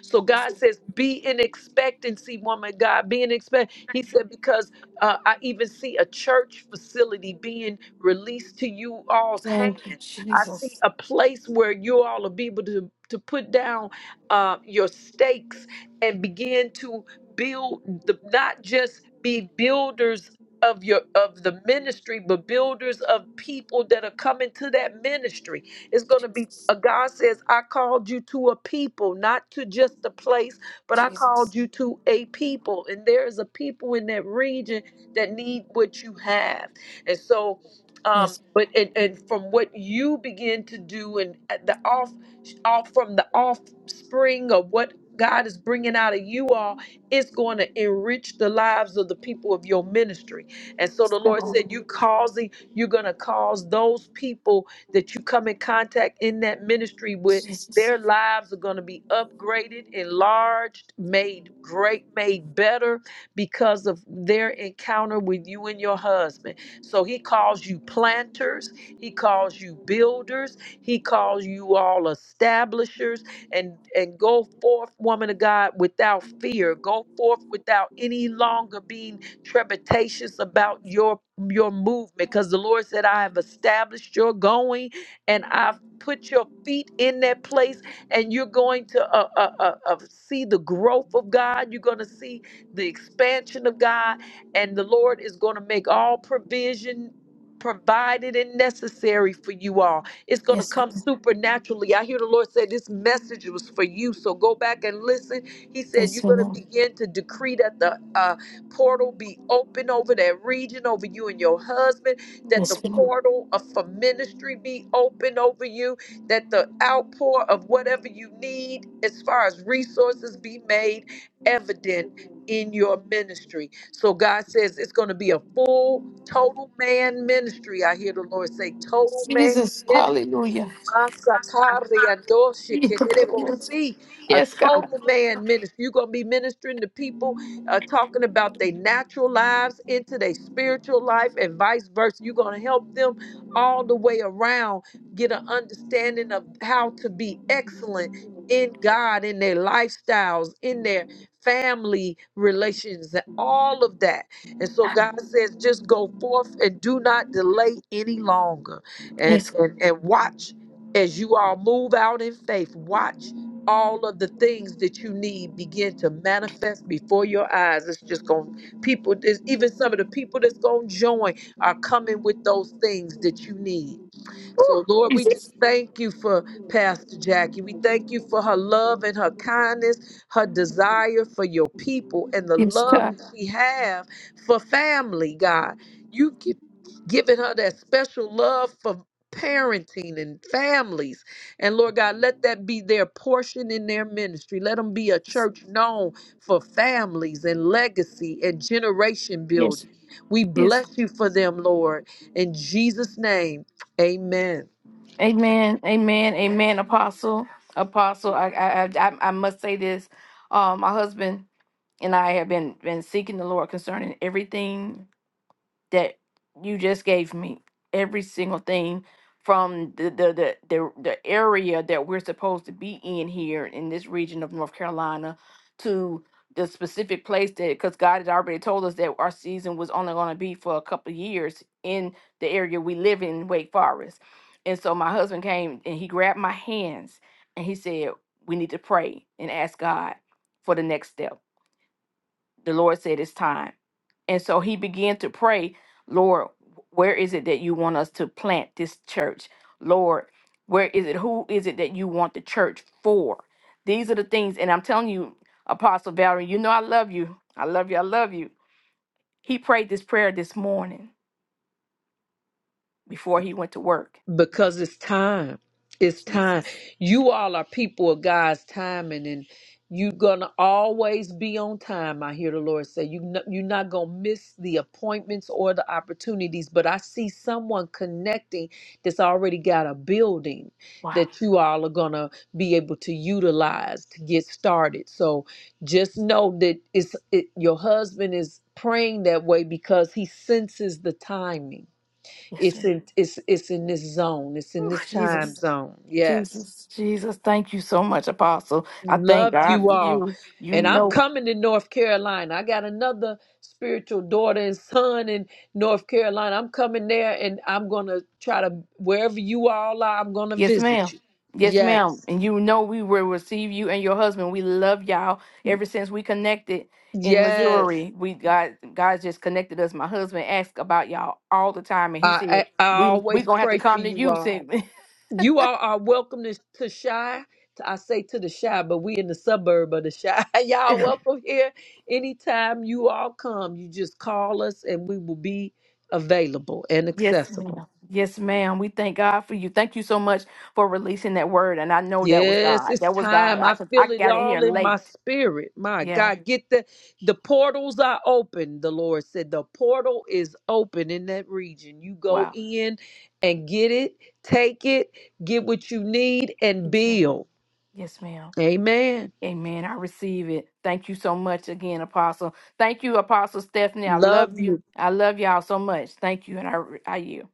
Speaker 3: So
Speaker 12: Yes,
Speaker 3: God
Speaker 12: God.
Speaker 3: says, be in expectancy, woman of God. Be in expect. He said, because uh, I even see a church facility being released to you all's hand.
Speaker 12: Thank you,
Speaker 3: I see
Speaker 12: Jesus.
Speaker 3: a place where you all will be able to, to put down uh, your stakes and begin to build the not just be builders of your of the ministry but builders of people that are coming to that ministry it's going to be
Speaker 12: Jesus.
Speaker 3: uh, god says i called you to a people not to just a place but i
Speaker 12: Jesus.
Speaker 3: called you to a people and there is a people in that region that need what you have and so um
Speaker 12: Yes,
Speaker 3: but and, and from what you begin to do and at the off off from the offspring of what god is bringing out of you all it's going to enrich the lives of the people of your ministry and so
Speaker 12: yes,
Speaker 3: the Lord
Speaker 12: God.
Speaker 3: said, You causing, you're gonna cause those people that you come in contact in that ministry with,
Speaker 12: Jesus.
Speaker 3: their lives are gonna be upgraded, enlarged, made great, made better because of their encounter with you and your husband. So he calls you planters, he calls you builders, he calls you all establishers and and go forth woman of god without fear go forth without any longer being trepidatious about your your movement because the Lord said, I have established your going and I've put your feet in that place and you're going to uh, uh, uh, uh, see the growth of God. You're going to see the expansion of God and the Lord is going to make all provision provided and necessary for you all. It's going to
Speaker 12: Yes, God.
Speaker 3: come Mhm. supernaturally. I hear the Lord say this message was for you. So go back and listen. He said
Speaker 12: Yes,
Speaker 3: you're going to
Speaker 12: Lord.
Speaker 3: begin to decree that the uh, portal be open over that region, over you and your husband, that the
Speaker 12: Yes, Lord.
Speaker 3: portal of, for ministry be open over you, that the outpour of whatever you need as far as resources be made evident in your ministry. So God says it's going to be a full, total man ministry. I hear the Lord say, total man
Speaker 12: Jesus.
Speaker 3: ministry
Speaker 12: Hallelujah.
Speaker 3: Masakari andoshi kererebosi. A
Speaker 12: Yes, God.
Speaker 3: total man ministry. You're going to be ministering to people, uh, talking about their natural lives into their spiritual life and vice versa. You're going to help them all the way around get an understanding of how to be excellent in God, in their lifestyles, in their family relations, and all of that. And so God says, just go forth and do not delay any longer and
Speaker 12: Yes.
Speaker 3: and and watch as you all move out in faith, watch all of the things that you need begin to manifest before your eyes. It's just going to people, there's even some of the people that's going to join are coming with those things that you need.
Speaker 12: Ooh,
Speaker 3: So, Lord, we just
Speaker 12: Jesus.
Speaker 3: thank you for Pastor Jackie. We thank you for her love and her kindness, her desire for your people, and the
Speaker 12: Yes,
Speaker 3: love
Speaker 12: God.
Speaker 3: that she have for family, God. You've gi- given her that special love for parenting and families. And Lord God, let that be their portion in their ministry. Let them be a church known for families and legacy and generation
Speaker 12: Yes.
Speaker 3: building. We
Speaker 12: Yes.
Speaker 3: bless you for them, Lord. In Jesus' name. Amen.
Speaker 12: Amen. Amen. Amen. Apostle. Apostle. I I I, I I must say this. Um, my husband and I have been been seeking the Lord concerning everything that you just gave me every single thing from the the the the, the area that we're supposed to be in here in this region of North Carolina to the specific place that because God had already told us that our season was only going to be for a couple of years in the area we live in Wake Forest. And so my husband came and he grabbed my hands and he said, "We need to pray and ask God for the next step." The Lord said it's time and so he began to pray, Lord, where is it that you want us to plant this church? Lord, where is it? Who is it that you want the church for? These are the things, and I'm telling you, Apostle Valerie, you know I love you. I love you. I love you. He prayed this prayer this morning before he went to work.
Speaker 3: Because it's time. It's time.
Speaker 12: Jesus.
Speaker 3: You all are people of God's timing, and you're gonna always be on time. I hear the Lord say, "You no- you're not gonna miss the appointments or the opportunities." But I see someone connecting that's already got a building
Speaker 12: Wow.
Speaker 3: that you all are gonna be able to utilize to get started. So just know that it's it, your husband is praying that way because he senses the timing
Speaker 12: Yes,
Speaker 3: It's
Speaker 12: ma'am.
Speaker 3: in it's it's in this zone. It's in
Speaker 12: Ooh,
Speaker 3: this time
Speaker 12: Jesus.
Speaker 3: zone. Yes.
Speaker 12: Jesus. Jesus. Thank you so much, Apostle. I thank
Speaker 3: Love
Speaker 12: God
Speaker 3: you
Speaker 12: for
Speaker 3: all.
Speaker 12: you. You
Speaker 3: And I'm
Speaker 12: know
Speaker 3: coming to North Carolina. I got another spiritual daughter and son in North Carolina. I'm coming there and I'm gonna try to wherever you all are, I'm gonna
Speaker 12: Yes,
Speaker 3: visit
Speaker 12: ma'am.
Speaker 3: you.
Speaker 12: Yes, ma'am.
Speaker 3: Yes.
Speaker 12: And you know we will receive you and your husband. We love y'all ever since we connected in
Speaker 3: Yes.
Speaker 12: Missouri. We God God just connected us. My husband asked about y'all all the time and he said,
Speaker 3: I I, I
Speaker 12: We we
Speaker 3: always
Speaker 12: gonna have to
Speaker 3: pray for
Speaker 12: come to
Speaker 3: you
Speaker 12: you
Speaker 3: all.
Speaker 12: since
Speaker 3: You all are welcome to, to Shy. To- I say to the Shy, but we in the suburb of the Shy. Y'all welcome here anytime you all come. You just call us and we will be available and
Speaker 12: Yes,
Speaker 3: accessible.
Speaker 12: ma'am. Yes, ma'am. We thank God for you. Thank you so much for releasing that word. And I know that was
Speaker 3: Yes,
Speaker 12: God.
Speaker 3: it's
Speaker 12: That was God.
Speaker 3: time. I
Speaker 12: I I
Speaker 3: feel it
Speaker 12: got in here
Speaker 3: all in my
Speaker 12: late.
Speaker 3: spirit. My
Speaker 12: Yeah.
Speaker 3: God, get the the portals are open. The Lord said the portal is open in that region. You go
Speaker 12: Wow.
Speaker 3: in and get it, take it, get what you need and
Speaker 12: Yes, ma'am.
Speaker 3: build.
Speaker 12: Yes, ma'am.
Speaker 3: Amen.
Speaker 12: Amen. I receive it. Thank you so much again, Apostle. Thank you, Apostle Stephanie. I love
Speaker 3: Love
Speaker 12: you.
Speaker 3: you.
Speaker 12: I love y'all so much. Thank you. And I, I you.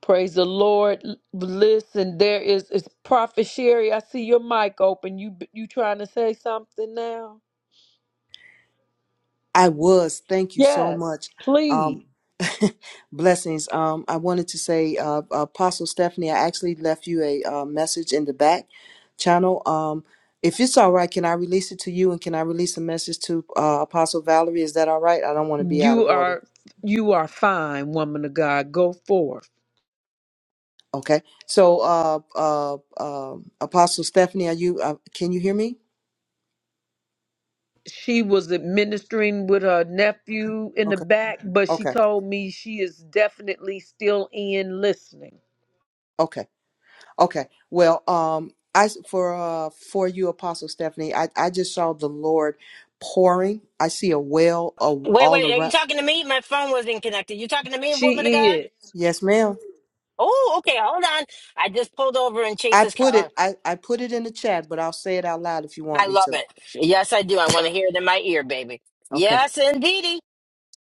Speaker 3: Praise the Lord. L- Listen, there is it's Prophet Sherry. I see your mic open. You you trying to say something now?
Speaker 13: I was. Thank you so
Speaker 3: Yes,
Speaker 13: much.
Speaker 3: please.
Speaker 13: Um, blessings. Um, I wanted to say, uh, Apostle Stephanie, I actually left you a uh, message in the back channel. Um, if it's all right, can I release it to you and can I release a message to uh, Apostle Valerie? Is that all right? I don't want to be out of
Speaker 3: You
Speaker 13: order.
Speaker 3: are you are fine, woman of God. Go forth.
Speaker 13: Okay. So, uh, uh, uh, Apostle Stephanie, are you? Uh, can you hear me?
Speaker 3: She was administering with her nephew in the
Speaker 13: Okay.
Speaker 3: back, but she
Speaker 13: Okay.
Speaker 3: told me she is definitely still in listening.
Speaker 13: Okay. Okay. Well, um, I for uh for you, Apostle Stephanie, I I just saw the Lord pouring. I see a well of
Speaker 1: Wait,
Speaker 13: all
Speaker 1: wait, are you
Speaker 13: around.
Speaker 1: talking to me? My phone wasn't connected. You talking to me, woman of
Speaker 3: She
Speaker 1: God?
Speaker 3: is.
Speaker 13: Yes, ma'am.
Speaker 1: Oh, okay, hold on. I just pulled over in
Speaker 13: I
Speaker 1: Chase's
Speaker 13: put
Speaker 1: car.
Speaker 13: it. I I put it in the chat, but I'll say it out loud if you
Speaker 1: I
Speaker 13: want me
Speaker 1: love
Speaker 13: to.
Speaker 1: it. Yes, I do. I want to hear it in my ear, baby.
Speaker 13: Okay.
Speaker 1: Yes, indeedy.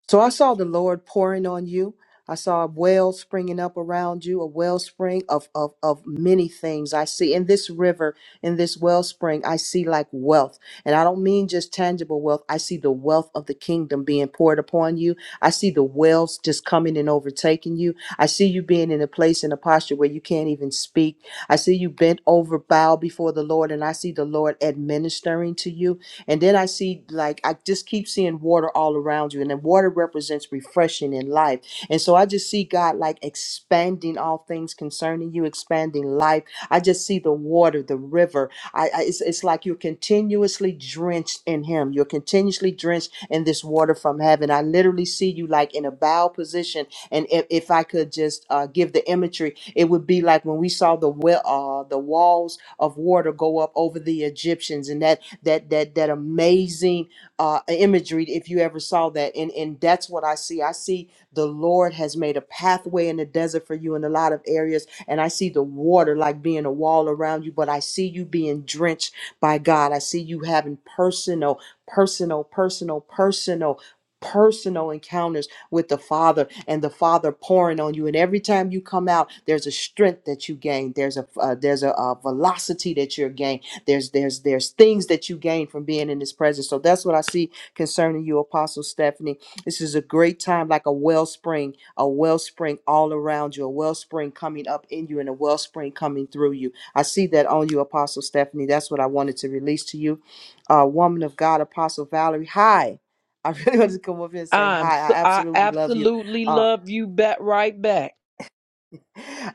Speaker 13: So I saw the Lord pouring on you. I saw a well springing up around you, a wellspring of, of, of many things. I see in this river, in this wellspring, I see like wealth. And I don't mean just tangible wealth. I see the wealth of the kingdom being poured upon you. I see the wells just coming and overtaking you. I see you being in a place, in a posture where you can't even speak. I see you bent over, bow before the Lord, and I see the Lord administering to you. And then I see, like, I just keep seeing water all around you. And then water represents refreshing in life. And so I just see God, like, expanding all things concerning you, expanding life. I just see the water, the river. I, I it's, it's like you're continuously drenched in Him. You're continuously drenched in this water from heaven. I literally see you, like, in a bow position. And if, if I could just uh, give the imagery, it would be like when we saw the well, uh, the walls of water go up over the Egyptians, and that that that that amazing uh, imagery if you ever saw that and and that's what I see I see the Lord has made a pathway in the desert for you in a lot of areas and I see the water like being a wall around you but I see you being drenched by God I see you having personal personal personal personal personal encounters with the Father and the Father pouring on you. And every time you come out, there's a strength that you gain. There's a uh, there's a, uh velocity that you're gained. There's there's there's things that you gain from being in his presence. So that's what I see concerning you, Apostle Stephanie. This is a great time, like a wellspring, a wellspring all around you, a wellspring coming up in you and a wellspring coming through you. I see that on you, Apostle Stephanie. That's what I wanted to release to you. Uh, woman of God, Apostle Valerie. Hi. I really wanted to come up here and say
Speaker 3: I'm
Speaker 13: hi. I
Speaker 3: so I
Speaker 13: absolutely love you.
Speaker 3: absolutely
Speaker 13: Uh,
Speaker 3: love you back right back.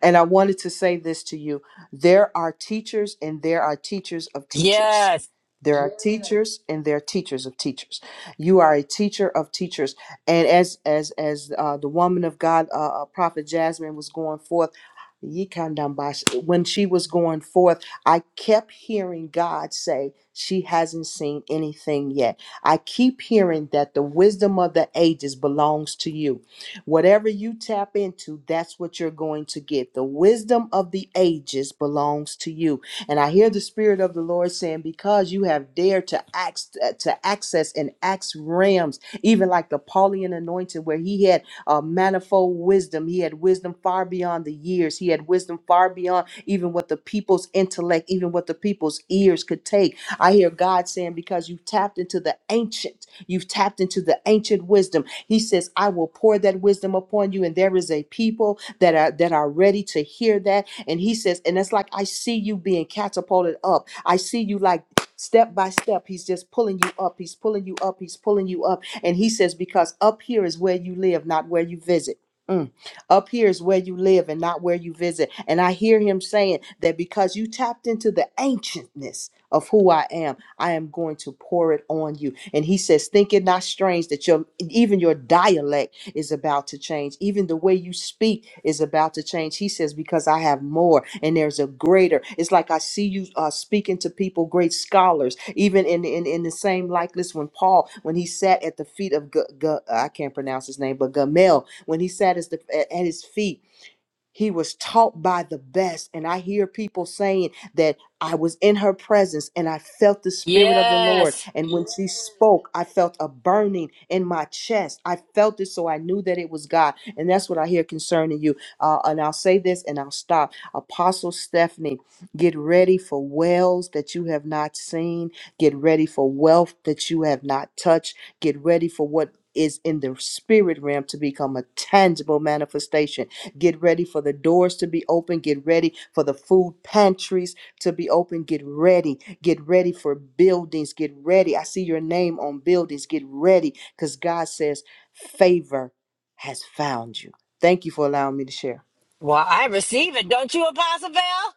Speaker 13: and I wanted to say this to you there are teachers, and there are teachers of teachers.
Speaker 1: Yes,
Speaker 13: There are Yeah. teachers and there are teachers of teachers. You are a teacher of teachers, and as as as uh, the woman of God, uh, uh, Prophet Jasmine was going forth, Yikandambash, when she was going forth, I kept hearing God say she hasn't seen anything yet. I keep hearing that the wisdom of the ages belongs to you Whatever you tap into, that's what you're going to get. The wisdom of the ages belongs to you. And I hear the spirit of the Lord saying, because you have dared to ax, to access and ax realms, even like the Paulian anointing, where he had uh, manifold wisdom. He had wisdom far beyond the years. He had wisdom far beyond even what the people's intellect, even what the people's ears could take. I hear God saying, because you've tapped into the ancient, you've tapped into the ancient wisdom he says, I will pour that wisdom upon you. And there is a people that are that are ready to hear that. And he says, and it's like I see you being catapulted up. I see you like step by step. He's just pulling you up. He's pulling you up. He's pulling you up. And he says, because up here is where you live, not where you visit. Mm. Up here is where you live and not where you visit. And I hear him saying that because you tapped into the ancientness of who I am, I am going to pour it on you. And he says, Think it not strange that your even your dialect is about to change. Even the way you speak is about to change. He says, Because I have more and there's a greater. It's like I see you uh, speaking to people, great scholars, even in, in, in the same likeness when Paul, when he sat at the feet of, G- G- I can't pronounce his name, but Gamel, when he sat at, the, at his feet he was taught by the best. And I hear people saying that I was in her presence and I felt the Spirit of the Lord.
Speaker 1: yes.
Speaker 13: And when she spoke, I felt a burning in my chest. I felt it, so I knew that it was God. And that's what I hear concerning you. Uh, and I'll say this and I'll stop. Apostle Stephanie, get ready for wells that you have not seen, get ready for wealth that you have not touched, get ready for what is in the spirit realm to become a tangible manifestation Get ready for the doors to be open. Get ready for the food pantries to be open. Get ready. Get ready for buildings. Get ready. I see your name on buildings. Get ready because God says favor has found you. Thank you for allowing me to share.
Speaker 1: Well, I receive it, don't you, Apostle Val?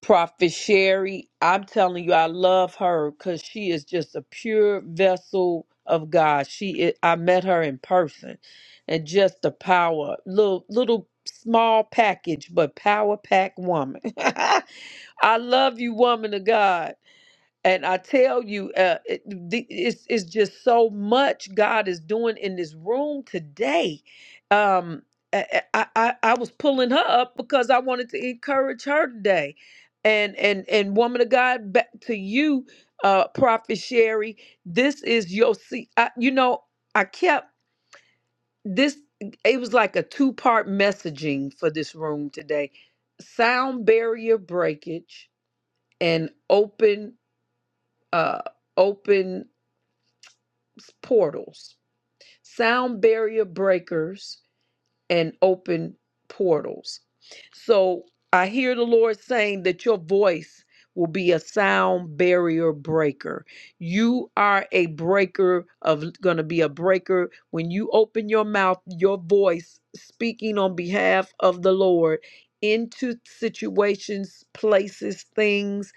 Speaker 3: Prophet Sherry, I'm telling you, I love her because she is just a pure vessel of God. She, is, I met her in person, and just the power, little little small package, but power pack woman. I love you, woman of God and I tell you, uh, it, the, it's it's just so much God is doing in this room today. Um, I, I I I was pulling her up because I wanted to encourage her today, and and and woman of God, back to you, uh, Prophet Sherry. This is your see. I, you know, I kept this. It was like a two part messaging for this room today: sound barrier breakage and open. Uh, open portals, sound barrier breakers, and open portals. So I hear the Lord saying that your voice will be a sound barrier breaker. You are a breaker of going to be a breaker when you open your mouth, your voice speaking on behalf of the Lord into situations, places, things,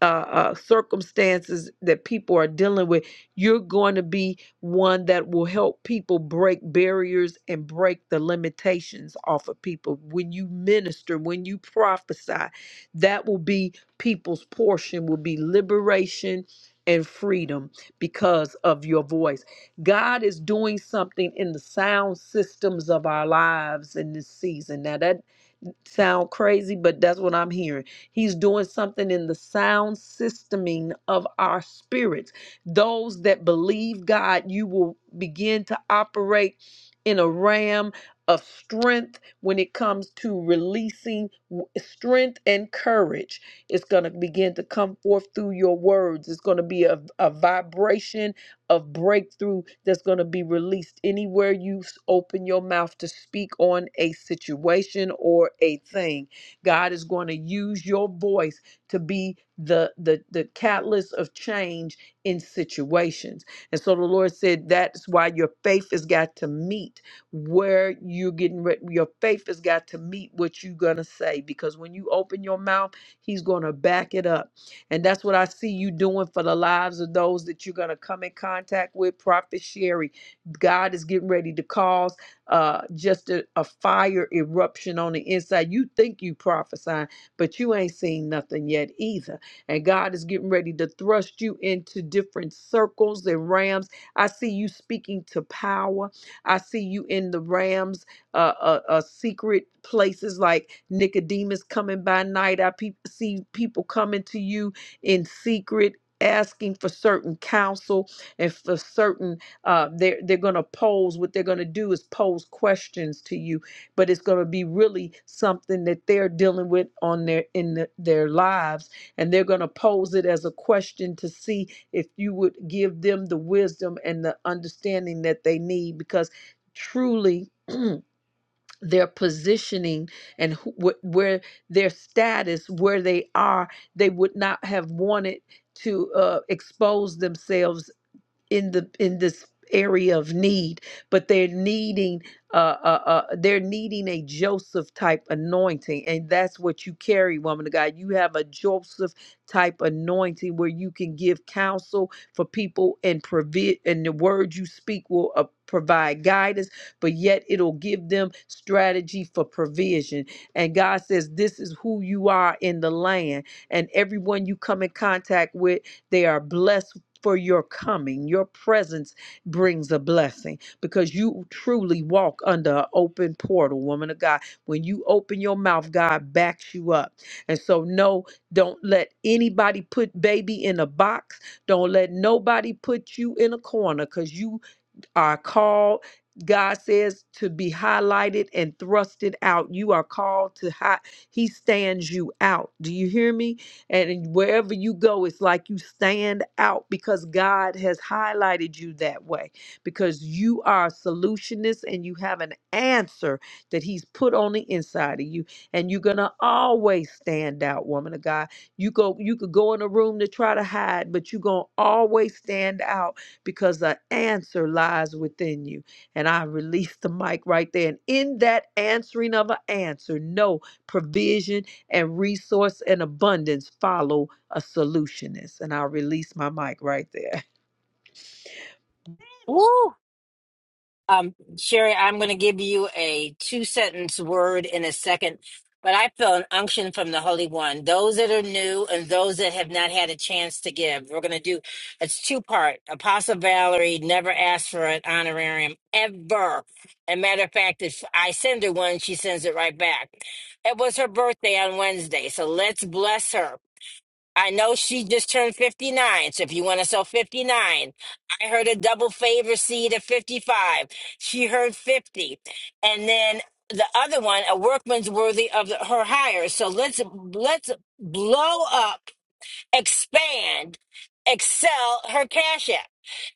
Speaker 3: uh, uh, circumstances that people are dealing with. You're going to be one that will help people break barriers and break the limitations off of people. When you minister, when you prophesy, that will be people's portion, will be liberation and freedom because of your voice. God is doing something in the sound systems of our lives in this season. Now, that sound crazy, but that's what I'm hearing. He's doing something in the sound systeming of our spirits. Those that believe God, you will begin to operate in a ram of strength when it comes to releasing w- strength and courage. It's going to begin to come forth through your words. It's going to be a, a vibration of breakthrough that's going to be released anywhere you s- open your mouth to speak on a situation or a thing. God is going to use your voice to be the the the catalyst of change in situations. And so the Lord said that's why your faith has got to meet where you're getting ready. Your faith has got to meet what you're going to say because when you open your mouth, he's going to back it up and that's what I see you doing for the lives of those that you're going to come in contact with. Prophet Sherry, God is getting ready to cause uh, just a, a fire eruption on the inside. You think you prophesying, but you ain't seen nothing yet either. And God is getting ready to thrust you into different circles and rams. I see you speaking to power. I see you in the rams, uh, uh, uh, secret places like Nicodemus coming by night. I pe- see people coming to you in secret asking for certain counsel and for certain uh they're they're gonna pose what they're gonna do is pose questions to you but it's gonna be really something that they're dealing with on their in the, their lives and they're gonna pose it as a question to see if you would give them the wisdom and the understanding that they need because truly their positioning and who, wh- where their status, where they are, they would not have wanted to uh, expose themselves in the in this area of need but they're needing uh, uh uh they're needing a joseph type anointing and that's what you carry woman of god you have a joseph type anointing where you can give counsel for people and provi and the words you speak will uh, provide guidance but yet it'll give them strategy for provision and god says this is who you are in the land and everyone you come in contact with they are blessed for your coming. Your presence brings a blessing because you truly walk under an open portal, woman of God. When you open your mouth, God backs you up. And so, no, don't let anybody put baby in a box. Don't let nobody put you in a corner because you are called, God says, to be highlighted and thrusted out. You are called to high. He stands you out. Do you hear me? And wherever you go, it's like you stand out because God has highlighted you that way. Because you are a solutionist and you have an answer that He's put on the inside of you. And you're gonna always stand out, woman of God. You go, you could go in a room to try to hide, but you're gonna always stand out because the answer lies within you. And I release the mic right there. And in that answering of an answer, no provision and resource and abundance follow a solutionist. And I release my mic right there.
Speaker 1: Woo! Um, Sherry, I'm going to give you a two sentence word in a second, but I feel an unction from the Holy One. Those that are new and those that have not had a chance to give, we're going to do it's two part. Apostle Valerie never asked for an honorarium ever. And matter of fact, if I send her one, she sends it right back. It was her birthday on Wednesday, so let's bless her. I know she just turned 59. So if you want to sell 59, I heard a double favor seed at 55. She heard 50. And then the other one, a workman's worthy of the, her hire. So let's, let's blow up, expand, excel her cash app.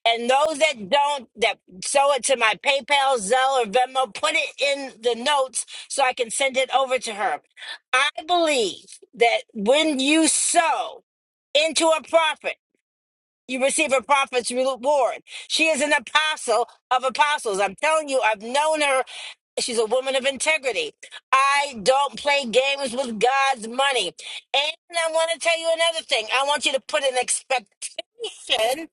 Speaker 1: And those that don't, that sew it to my PayPal, Zelle, or Venmo, put it in the notes so I can send it over to her. I believe that when you sow into a prophet. You receive a prophet's reward. She is an apostle of apostles. I'm telling you, I've known her. She's a woman of integrity. I don't play games with God's money. And I want to tell you another thing. I want you to put an expectation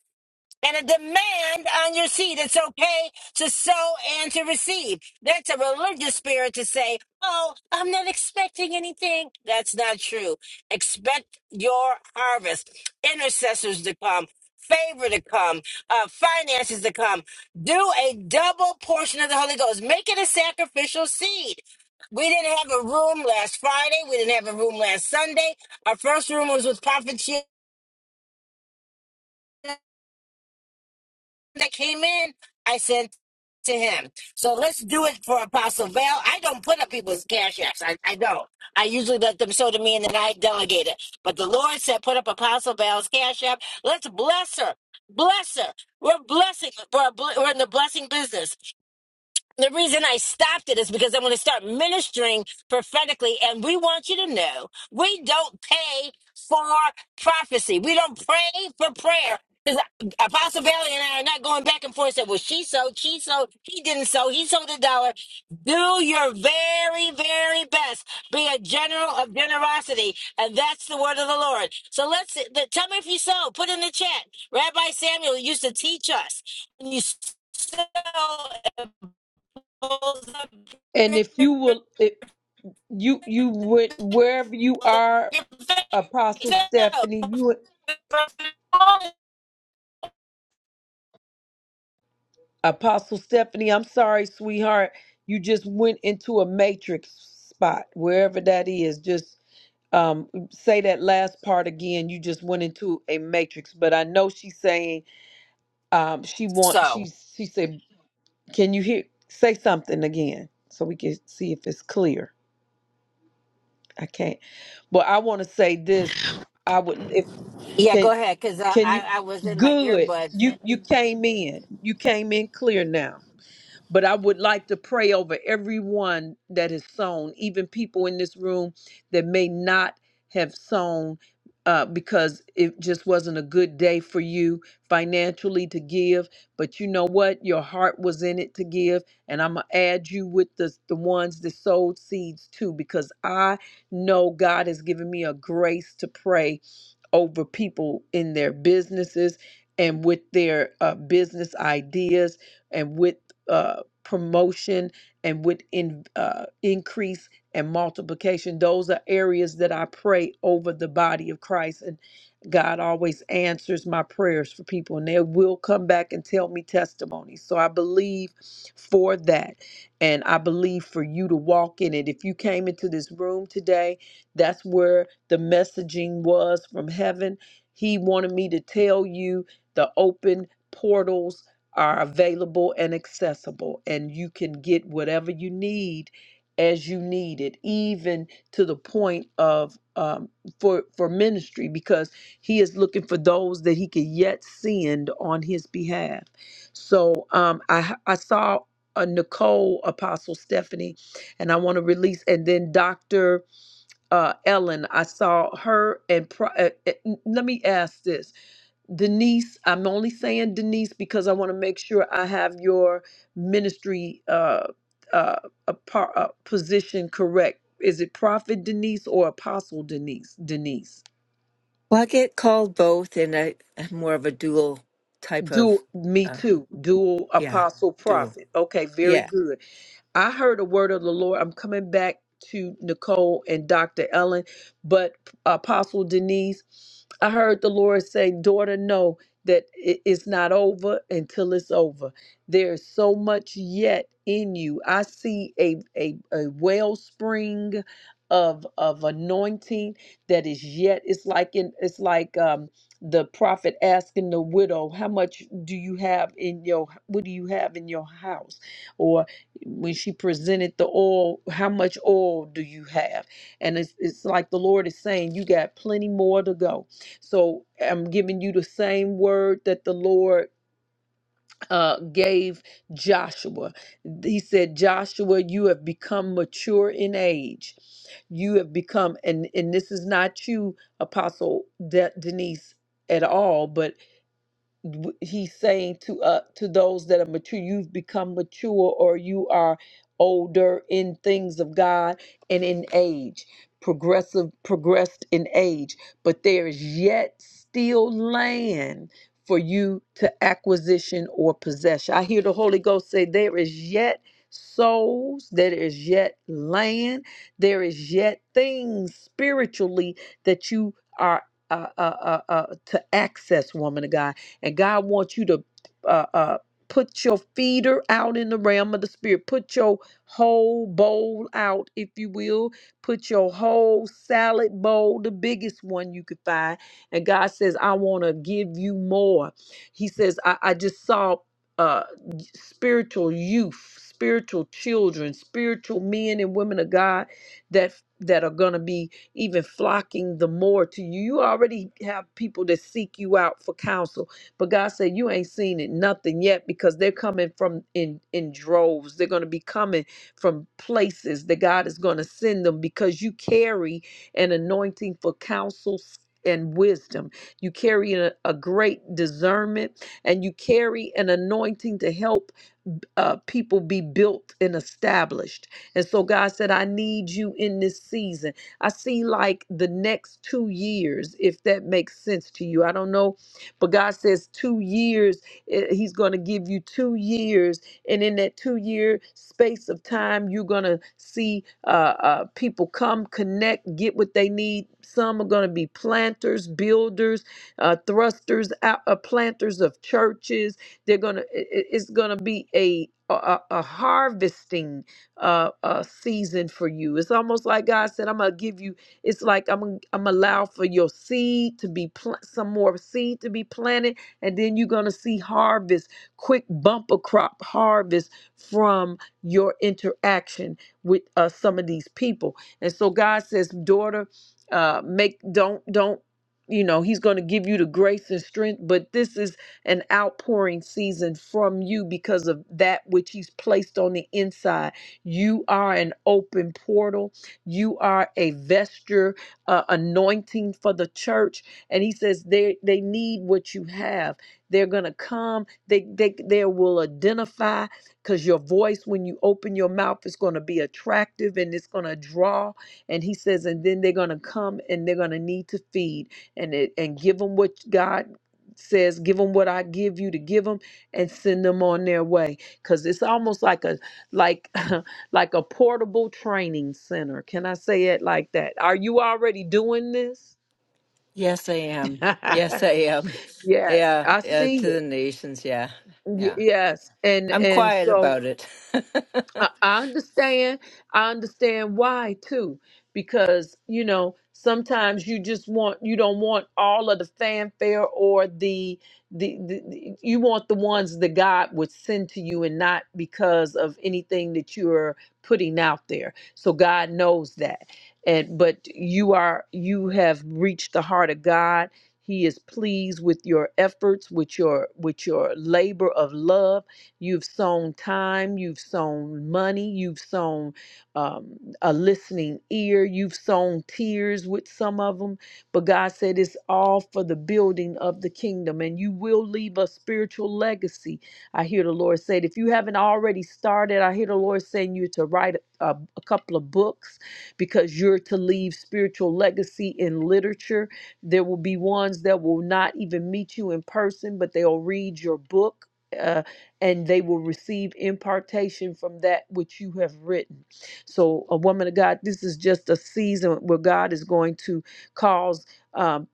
Speaker 1: and a demand on your seed. It's okay to sow and to receive. That's a religious spirit to say, Oh, I'm not expecting anything. That's not true. Expect your harvest, intercessors to come, favor to come, uh, finances to come. Do a double portion of the Holy Ghost. Make it a sacrificial seed. We didn't have a room last Friday. We didn't have a room last Sunday. Our first room was with Prophet Sheila. that came in, I sent to him. So let's do it for Apostle Val. I don't put up people's cash apps. I, I don't. I usually let them show to me and then I delegate it. But the Lord said, put up Apostle Val's cash app. Let's bless her. Bless her. We're blessing. We're, we're in the blessing business. The reason I stopped it is because I'm going to start ministering prophetically. And we want you to know we don't pay for prophecy. We don't pray for prayer. Because Apostle Bailey and I are not going back and forth and say, well, she sold, she sold, he didn't sow, he sold a dollar. Do your very, very best. Be a general of generosity. And that's the word of the Lord. So let's, th- tell me if you sold. Put in the chat. Rabbi Samuel used to teach us. You sow
Speaker 3: And if you will, if you you would wherever you are, Apostle Stephanie, you Apostle Stephanie, I'm sorry, sweetheart. You just went into a matrix spot, wherever that is. Just um, say that last part again. You just went into a matrix, but I know she's saying um, she want. She
Speaker 1: so,
Speaker 3: she said, "Can you hear? Say something again, so we can see if it's clear." I can't, but I want to say this. I would if
Speaker 1: yeah, go
Speaker 3: can
Speaker 1: ahead, because I,
Speaker 3: can
Speaker 1: I,
Speaker 3: you
Speaker 1: I was in my
Speaker 3: good.
Speaker 1: earbuds.
Speaker 3: You you came in. You came in clear now. But I would like to pray over everyone that has sown, even people in this room that may not have sown uh, because it just wasn't a good day for you financially to give. But you know what? Your heart was in it to give. And I'm going to add you with the, the ones that sowed seeds too, because I know God has given me a grace to pray over people in their businesses and with their uh, business ideas and with. uh, promotion and with in, uh, increase and multiplication. Those are areas that I pray over the body of Christ. And God always answers my prayers for people, and they will come back and tell me testimonies. So I believe for that. And I believe for you to walk in it. If you came into this room today, that's where the messaging was from heaven. He wanted me to tell you the open portals are available and accessible, and you can get whatever you need as you need it, even to the point of um, for for ministry, because He is looking for those that He can yet send on His behalf. So um, I I saw uh, Nicole Apostle Stephanie, and I want to release, and then Doctor uh, Ellen. I saw her and pro- uh, uh, n- let me ask this Denise, I'm only saying Denise because I want to make sure I have your ministry uh, uh, a par, uh, position correct. Is it Prophet Denise or Apostle Denise? Denise.
Speaker 7: Well, I get called both, and I, I'm more of a dual type of,
Speaker 3: Dual, me
Speaker 7: uh,
Speaker 3: too. Dual
Speaker 7: yeah,
Speaker 3: apostle
Speaker 7: dual.
Speaker 3: prophet. Okay, very
Speaker 7: Yeah.
Speaker 3: good. I heard a word of the Lord. I'm coming back to Nicole and Dr. Ellen, but Apostle Denise, I heard the Lord say, Daughter, know that it- it's not over until it's over. There's so much yet in you. I see a, a, a wellspring of of anointing that is yet it's like in it's like um the prophet asking the widow how much do you have in your what do you have in your house or when she presented the oil, how much oil do you have? And it's, it's like the Lord is saying, you got plenty more to go. So I'm giving you the same word that the Lord uh, gave Joshua. He said, Joshua, you have become mature in age. You have become, and, and this is not you, Apostle De- Denise, at all, but w- he's saying to uh to those that are mature you've become mature or you are older in things of god and in age progressive progressed in age but there is yet still land for you to acquisition or possession i hear the holy ghost say there is yet souls there is yet land there is yet things spiritually that you are uh, uh, uh, uh, to access woman of god and God wants you to uh, uh, put your feeder out in the realm of the spirit. Put your whole bowl out, if you will. Put your whole salad bowl, the biggest one you could find. And God says, I want to give you more. He says, I, I just saw uh, spiritual youth, spiritual children, spiritual men and women of God that that are going to be even flocking the more to you. You already have people that seek you out for counsel but God said, You ain't seen it nothing yet because they're coming from in, in droves. They're going to be coming from places that God is going to send them because you carry an anointing for counsel and wisdom. You carry a, a great discernment and you carry an anointing to help uh, people be built and established. And so God said, I need you in this season. I see like the next two years, if that makes sense to you. I don't know but God says, two years, eh, He's going to give you two years. And in that two year space of time, you're going to see uh, uh, people come, connect, get what they need. Some are going to be planters, builders, uh, thrusters, out, uh, planters of churches. They're going to, it's going to be a, a, a a harvesting uh, uh, season for you. It's almost like God said, I'm going to give you it's like I'm I'm allow for your seed to be pl- some more seed to be planted, and then you're gonna see harvest, quick bumper crop harvest from your interaction with uh, some of these people. And so God says, daughter, uh, make don't don't you know he's going to give you the grace and strength but this is an outpouring season from you because of that which he's placed on the inside you are an open portal you are a vesture, uh, anointing for the church. And he says they, they need what you have. They're going to come. They, they, they will identify because your voice, when you open your mouth, is going to be attractive and it's going to draw. And he says, and then they're going to come and they're going to need to feed and, it, and give them what God says, give them what I give you to give them and send them on their way. Because it's almost like a, like, like a portable training center. Can I say it like that? Are you already doing this?
Speaker 7: Yes, I am. Yes, I am.
Speaker 3: yes,
Speaker 7: Yeah.
Speaker 3: I
Speaker 7: yeah
Speaker 3: see
Speaker 7: to
Speaker 3: it.
Speaker 7: the nations. Yeah.
Speaker 3: Y-
Speaker 7: Yeah.
Speaker 3: yes, and
Speaker 7: I'm
Speaker 3: and
Speaker 7: quiet
Speaker 3: so
Speaker 7: about it.
Speaker 3: I, I understand. I understand why too, because you know sometimes you just want you don't want all of the fanfare or the the, the the- you want the ones that God would send to you and not because of anything that you're putting out there. So God knows that, and but you are you have reached the heart of God. He is pleased with your efforts, with your with your labor of love You've sown time, you've sown money, you've sown um, a listening ear, you've sown tears with some of them. But God said it's all for the building of the kingdom, and you will leave a spiritual legacy. I hear the Lord said, if you haven't already started, I hear the Lord saying you to write a, a couple of books because you're to leave spiritual legacy in literature. There will be ones that will not even meet you in person, but they'll read your book. uh, and they will receive impartation from that which you have written. So, a woman of God, this is just a season where God is going to cause um,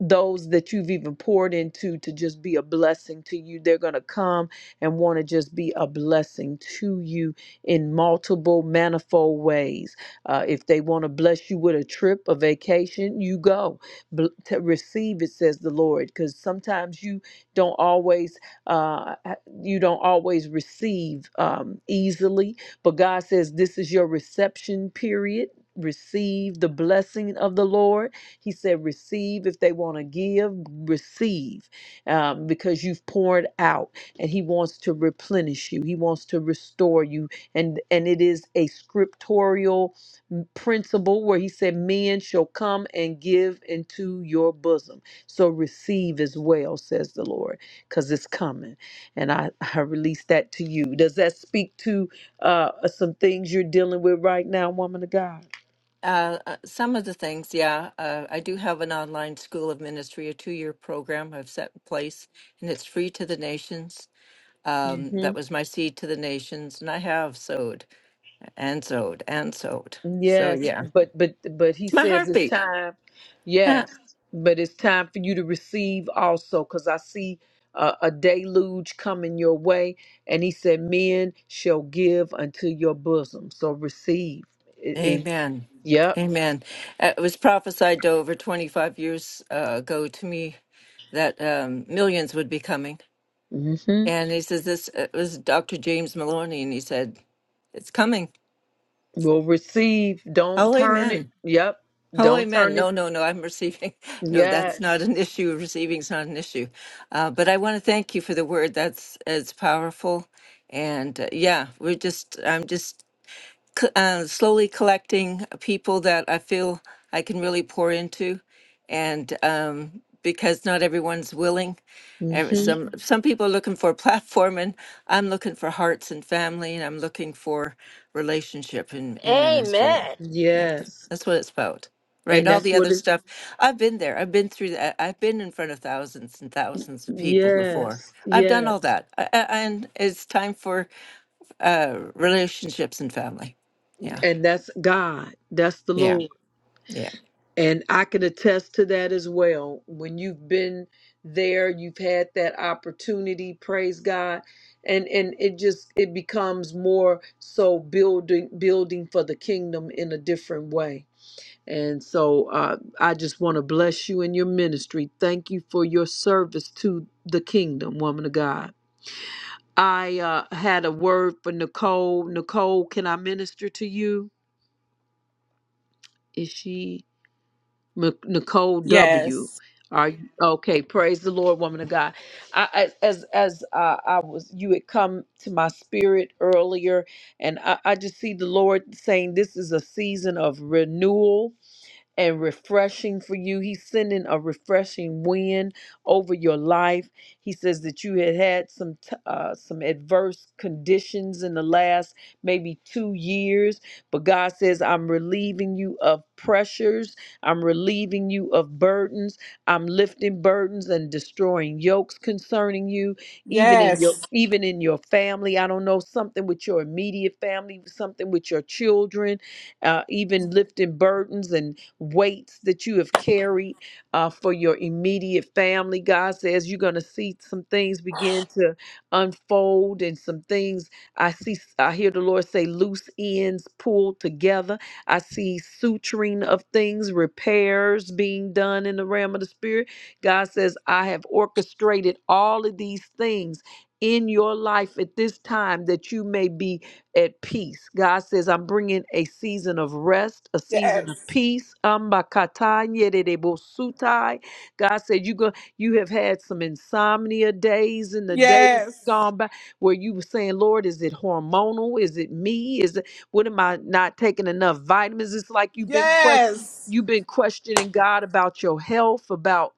Speaker 3: those that you've even poured into to just be a blessing to you. They're going to come and want to just be a blessing to you in multiple, manifold ways. Uh, if they want to bless you with a trip, a vacation, you go. Bl- to receive it, says the Lord, because sometimes you don't always. Uh, you don't always receive um, easily, but God says this is your reception period. Receive the blessing of the Lord. He said, Receive if they want to give, receive um, because you've poured out and He wants to replenish you. He wants to restore you. And, and it is a scriptorial m- principle where He said, Men shall come and give into your bosom. So receive as well, says the Lord, because it's coming and I, I release that to you. Does that speak to uh, some things you're dealing with right now, woman of God?
Speaker 7: Uh, uh, some of the things, yeah. Uh, I do have an online school of ministry, a two-year program I've set in place, and it's free to the nations. Um,
Speaker 3: hmm
Speaker 7: that was my seed to the nations, and I have sowed and sowed and sowed. So
Speaker 3: Yes,
Speaker 7: yeah,
Speaker 3: but but but he
Speaker 7: it's my
Speaker 3: says it's
Speaker 7: heartbeat.
Speaker 3: time.
Speaker 7: Ah,
Speaker 3: Yes, but it's time for you to receive also, because I see a, a deluge coming your way, and he said, "Men shall give unto your bosom." So receive. It, it,
Speaker 7: Amen.
Speaker 3: yep.
Speaker 7: Amen. Uh, It was prophesied over 25 years uh, ago to me that um, millions would be coming.
Speaker 3: Mm-hmm.
Speaker 7: And he says, This it was Dr. James Maloney, and he said, It's coming.
Speaker 3: We'll receive. Don't
Speaker 7: Oh,
Speaker 3: turn it.
Speaker 7: amen.
Speaker 3: Yep.
Speaker 7: Oh,
Speaker 3: Don't
Speaker 7: amen.
Speaker 3: turn it.
Speaker 7: No, no, no. I'm receiving. No, that's
Speaker 3: Yes.
Speaker 7: not an issue. Receiving's not an issue. Uh, but I want to thank you for the word. That's it's powerful, and uh, yeah, we're just. I'm just co- uh, slowly collecting people that I feel I can really pour into, and um, because not everyone's willing, and
Speaker 3: hmm
Speaker 7: some some people are looking for a platform, and I'm looking for hearts and family, and I'm looking for relationship in in ministry.
Speaker 1: Amen.
Speaker 7: Yeah, th-
Speaker 3: Yes.
Speaker 7: That's what it's about, right?
Speaker 3: And
Speaker 7: All
Speaker 3: that's
Speaker 7: the other
Speaker 3: what it
Speaker 7: stuff. I've been there. I've been through that. I've been in front of thousands and thousands of people before.
Speaker 3: yes,
Speaker 7: I've done
Speaker 3: yes.
Speaker 7: all that, I, I, and it's time for uh relationships and family yeah
Speaker 3: And that's God. That's the
Speaker 7: yeah
Speaker 3: Lord.
Speaker 7: yeah
Speaker 3: And I can attest to that as well. When you've been there, you've had that opportunity, praise God. And and it just it becomes more so building building for the kingdom in a different way. And so uh, I just want to bless you in your ministry. Thank you for your service to the kingdom, woman of God. I uh, had a word for Nicole. Nicole, can I minister to you? Is she M- Nicole W?
Speaker 14: Yes.
Speaker 3: Are you okay? Praise the Lord, woman of God. I, as as as uh, I was, you had come to my spirit earlier, and I, I just see the Lord saying this is a season of renewal and refreshing for you. He's sending a refreshing wind over your life. He says that you had had some t- uh, some adverse conditions in the last maybe two years, but God says, "I'm relieving you of pressures. I'm relieving you of burdens. I'm lifting burdens and destroying yokes concerning you, even in your
Speaker 14: Yes.
Speaker 3: Yes. even in your family. I don't know something with your immediate family, something with your children, uh, even lifting burdens and weights that you have carried uh, for your immediate family. God says you're going to see some things begin to unfold and some things I see, I hear the Lord say loose ends pulled together. I see suturing of things, repairs being done in the realm of the spirit. God says, I have orchestrated all of these things in your life at this time that you may be at peace. God says, I'm bringing a season of rest, a season of
Speaker 14: Yes.
Speaker 3: peace. Ambakatanyerebosutai. God said, you, go, you have had some insomnia days in the days
Speaker 14: Yes.
Speaker 3: gone by where you were saying, Lord, is it hormonal? Is it me? Is it, what am I not taking enough vitamins? It's like you've been questioning.
Speaker 14: Yes.
Speaker 3: You've been questioning God about your health, about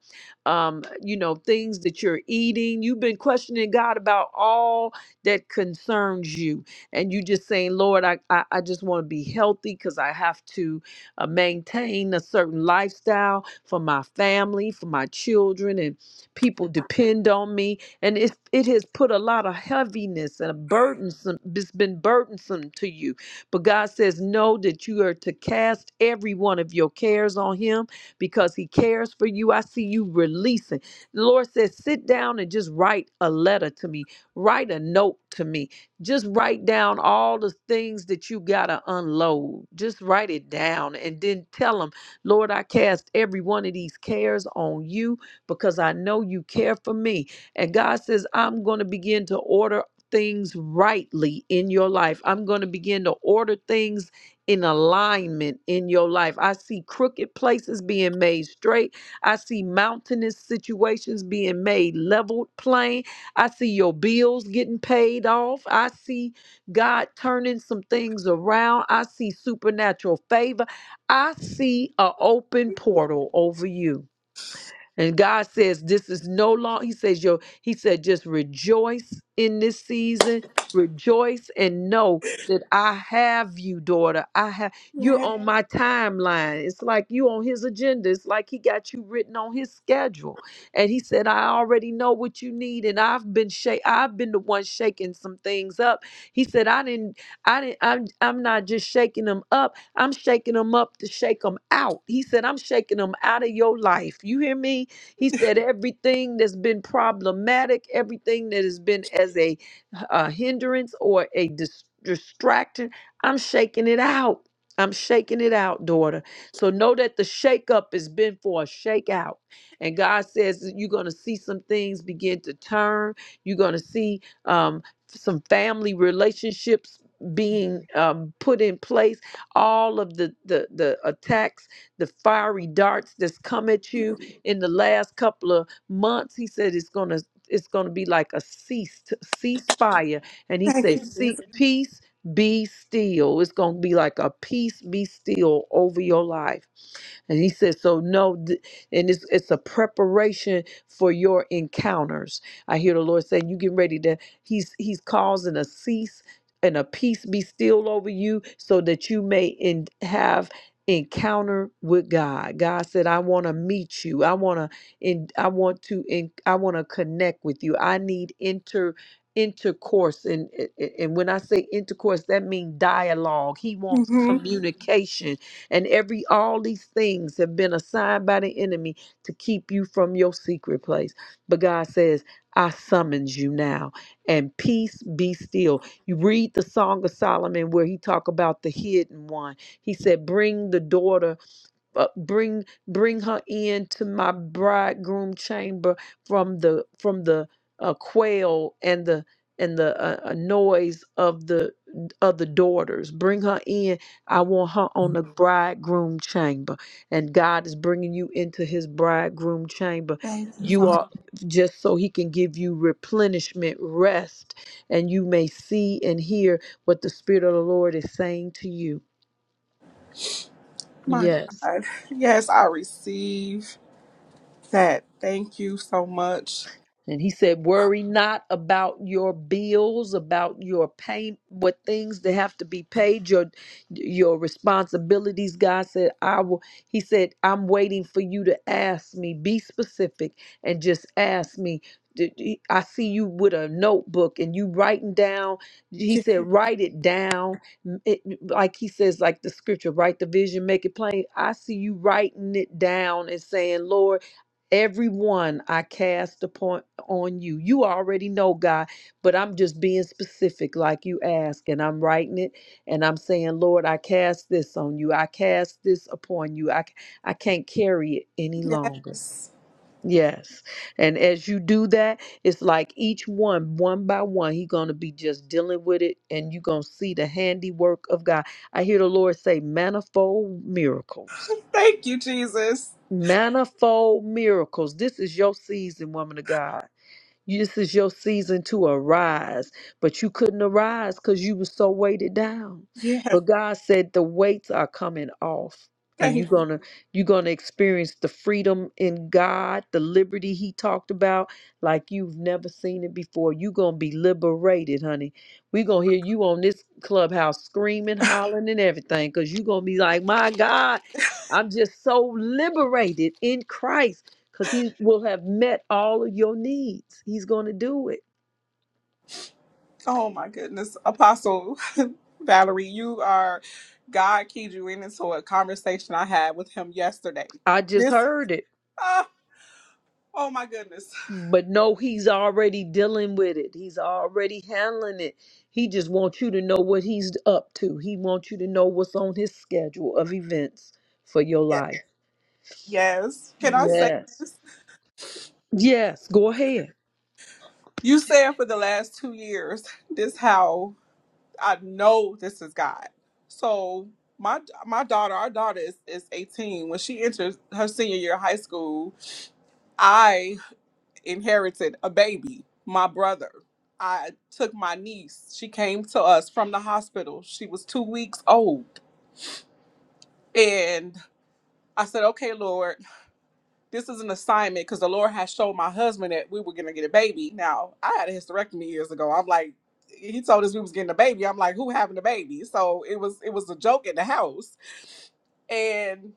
Speaker 3: um, you know things that you're eating. You've been questioning God about all that concerns you and you just saying, Lord, I, I, I just want to be healthy because I have to uh, maintain a certain lifestyle for my family, for my children, and people depend on me. And it, it has put a lot of heaviness and a burdensome, it's been burdensome to you. But God says, No, that you are to cast every one of your cares on Him because He cares for you. I see you releasing. The Lord says, Sit down and just write a letter to me, write a note to me just write down all the things that you got to unload. Just write it down and then tell them, Lord, I cast every one of these cares on you because I know you care for me. And God says, I'm going to begin to order things rightly in your life. I'm going to begin to order things in alignment in your life. I see crooked places being made straight. I see mountainous situations being made leveled plain. I see your bills getting paid off. I see God turning some things around. I see supernatural favor. I see an open portal over you. And God says, This is no long. He says, Yo, He said, just rejoice in this season. Rejoice and know that I have you, daughter. I have you're
Speaker 14: Yes.
Speaker 3: on my timeline. It's like you on his agenda. It's like he got you written on his schedule. And he said, I already know what you need. And I've been shake I've been the one shaking some things up. He said, I didn't, I didn't, I'm I'm not just shaking them up. I'm shaking them up to shake them out. He said, I'm shaking them out of your life. You hear me? He said, everything that's been problematic, everything that has been as a, uh hindrance or a dis- distraction, I'm shaking it out. I'm shaking it out, daughter. So know that the shakeup has been for a shakeout. And God says that you're going to see some things begin to turn. You're going to see um, some family relationships being um, put in place. All of the, the the attacks, the fiery darts that's come at you, in the last couple of months he said it's going to it's going to be like a ceased ceasefire and he
Speaker 14: Thank you,
Speaker 3: said see
Speaker 14: Jesus.
Speaker 3: peace be still it's going to be like a peace be still over your life and he said, so no, th- and it's it's a preparation for your encounters. I hear the Lord saying, you getting ready to. He's he's causing a cease and a peace be still over you, so that you may in, have encounter with God. God said, I want to meet you. I want to in I want to in I want to connect with you. I need inter intercourse and and and when I say intercourse that means dialogue. He wants Mhm.
Speaker 14: hmm
Speaker 3: communication. And every all these things have been assigned by the enemy to keep you from your secret place. But God says, I summons you now and peace be still. You read the Song of Solomon where he talk about the hidden one. He said, Bring the daughter uh, bring bring her into my bridegroom chamber from the from the uh, quail and the and the uh, uh, noise of the of the daughters bring her in i want her on the bridegroom chamber and god is bringing you into his bridegroom chamber
Speaker 14: Thank you,
Speaker 3: you
Speaker 14: Father.
Speaker 3: are just so he can give you replenishment rest and you may see and hear what the spirit of the lord is saying to you
Speaker 14: My
Speaker 3: yes
Speaker 14: God. Yes, I receive that. Thank you so much.
Speaker 3: And he said, Worry not about your bills, about your pay, what things that have to be paid, your your responsibilities. God said, I will he said, I'm waiting for you to ask me. Be specific and just ask me. Did- I see you with a notebook and you writing down. He said, write it down. M- it- like he says, like the scripture, write the vision, make it plain. I see you writing it down and saying, Lord. Everyone I cast upon on you. You already know, God, but I'm just being specific like you ask, and I'm writing it and I'm saying, Lord, I cast this on you. I cast this upon you. I, I can't carry it any longer.
Speaker 14: Yes.
Speaker 3: Yes. And as you do that, it's like each one, one by one, he's going to be just dealing with it, and you are going to see the handiwork of God. I hear the Lord say, manifold miracles
Speaker 14: Thank you, Jesus.
Speaker 3: Manifold miracles. This is your season, woman of God. This is your season to arise, but you couldn't arise because you were so weighted down.
Speaker 14: Yes.
Speaker 3: But God said the weights are coming off. And you're
Speaker 14: Thank you.
Speaker 3: gonna you're gonna experience the freedom in God, the liberty He talked about, like you've never seen it before. You're gonna be liberated, honey. We're gonna hear you on this clubhouse screaming, hollering, and everything, because you're gonna be like, My God, I'm just so liberated in Christ because he will have met all of your needs. He's going to do it.
Speaker 14: Oh, my goodness. Apostle Valerie, you are, God keyed you in into a conversation I had with him yesterday.
Speaker 3: I just
Speaker 14: This,
Speaker 3: heard it,
Speaker 14: ah, oh, my goodness. Yes.
Speaker 3: but no, he's already dealing with it. He's already handling it. He just wants you to know what he's up to. He wants you to know what's on his schedule of events for your life.
Speaker 14: Yes. Can I say
Speaker 3: Yes. Yes, go ahead.
Speaker 14: you said for the last two years this how I know this is God. So my my daughter, our daughter is, is 18. When she enters her senior year of high school, I inherited a baby, my brother. I took my niece. She came to us from the hospital. She was two weeks old. And I said, Okay, Lord, This is an assignment because the Lord has showed my husband that we were gonna get a baby. Now I had a hysterectomy years ago. I'm like, he told us we was getting a baby. I'm like, who having a baby? So it was it was a joke in the house. And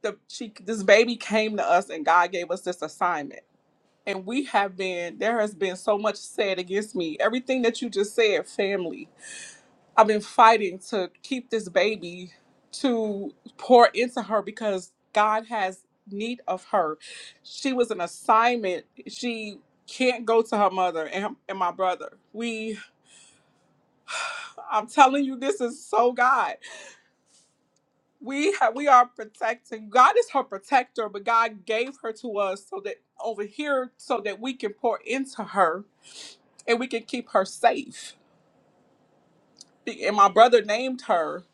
Speaker 14: the she this baby came to us and God gave us this assignment. And we have been there has been so much said against me. Everything that you just said, family I've been fighting to keep this baby to pour into her because God has need of her. She was an assignment. She can't go to her mother and, and my brother. We I'm telling you this is so God. We have we are protecting. God is her protector, but God gave her to us so that over here so that we can pour into her and we can keep her safe and my brother named her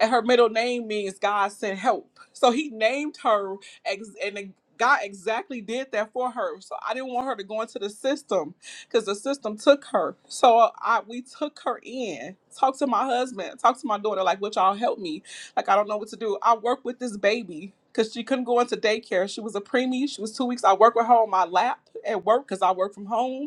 Speaker 14: and her middle name means god sent help so he named her ex- and god exactly did that for her so i didn't want her to go into the system because the system took her so i we took her in talked to my husband talked to my daughter like would y'all help me like i don't know what to do i work with this baby because she couldn't go into daycare she was a preemie she was two weeks i work with her on my lap at work because i work from home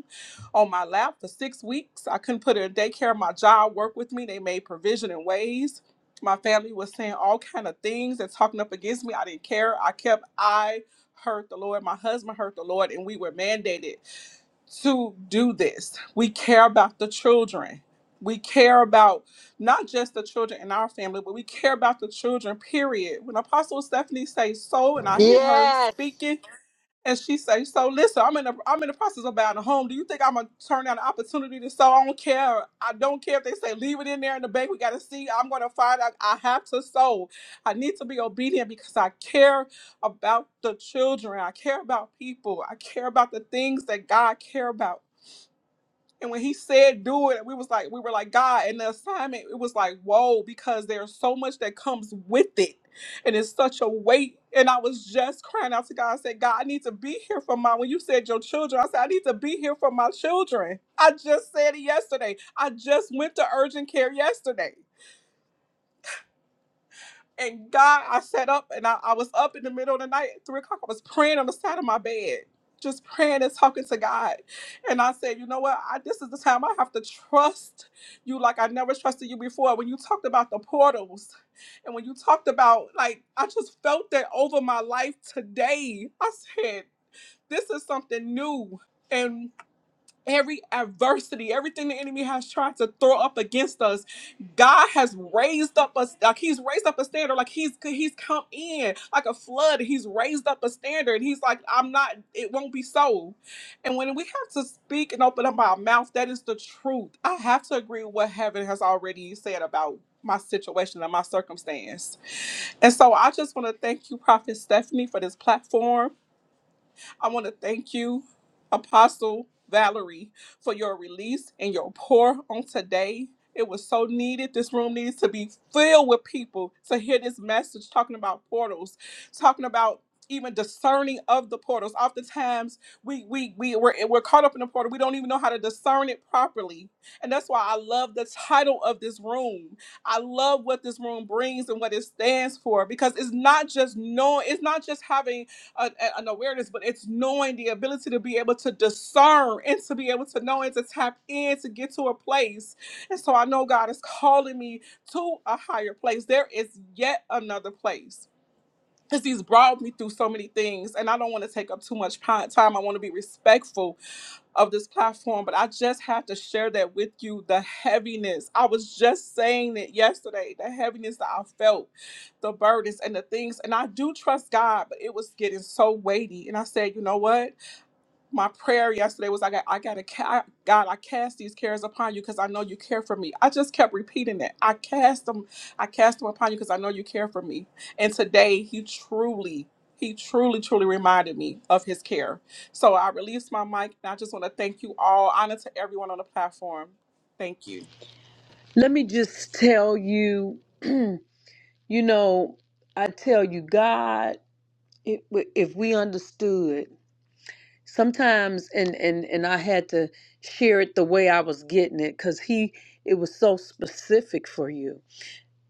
Speaker 14: on my lap for six weeks. I couldn't put her in daycare. My job worked with me. They made provision in ways. My family was saying all kind of things and talking up against me. I didn't care. I kept I heard the Lord. My husband heard the Lord, and we were mandated to do this. We care about the children. We care about not just the children in our family, but we care about the children, period. When Apostle Stephanie says so, and I hear her
Speaker 1: Yes.
Speaker 14: speaking and she say, "So listen, I'm in the I'm in the process of buying a home. Do you think I'm gonna turn down the opportunity to sell? I don't care. I don't care if they say leave it in there in the bank. We gotta see. I'm gonna find. out. I have to sow. I need to be obedient because I care about the children. I care about people. I care about the things that God care about. And when he said do it, we was like, we were like, God, and the assignment, it was like, whoa, because there's so much that comes with it. And it's such a weight. And I was just crying out to God. I said, God, I need to be here for my when you said your children. I said, I need to be here for my children. I just said it yesterday. I just went to urgent care yesterday. And God, I sat up and I, I was up in the middle of the night at three o'clock. I was praying on the side of my bed, just praying and talking to God. And I said, you know what? I, this is the time I have to trust you like I never trusted you before. When you talked about the portals and when you talked about, like, I just felt that over my life today. I said, this is something new. And every adversity, everything the enemy has tried to throw up against us, God has raised up us like He's raised up a standard, like He's He's come in like a flood. He's raised up a standard. He's like, I'm not. It won't be so. And when we have to speak and open up our mouth, that is the truth. I have to agree with what heaven has already said about my situation and my circumstance. And so I just want to thank you, Prophet Stephanie, for this platform. I want to thank you, Apostle Valerie, for your release and your pour on today. It was so needed. This room needs to be filled with people to hear this message talking about portals, talking about even discerning of the portals. Oftentimes we we we we're, we're caught up in the portal. We don't even know how to discern it properly. And that's why I love the title of this room. I love what this room brings and what it stands for because it's not just knowing, it's not just having a, an awareness, but it's knowing the ability to be able to discern and to be able to know and to tap in to get to a place. And so I know God is calling me to a higher place. There is yet another place. Because he's brought me through so many things, and I don't want to take up too much pi- time. I want to be respectful of this platform, but I just have to share that with you the heaviness. I was just saying it yesterday the heaviness that I felt, the burdens and the things. And I do trust God, but it was getting so weighty. And I said, you know what? my prayer yesterday was I got I got to ca- God I cast these cares upon you because I know you care for me. I just kept repeating it. I cast them I cast them upon you because I know you care for me. And today he truly he truly truly reminded me of his care. So I released my mic and I just want to thank you all. Honor to everyone on the platform. Thank you.
Speaker 3: Let me just tell you, you know, I tell you, God, if if we understood sometimes and and and I had to share it the way I was getting it cuz he it was so specific for you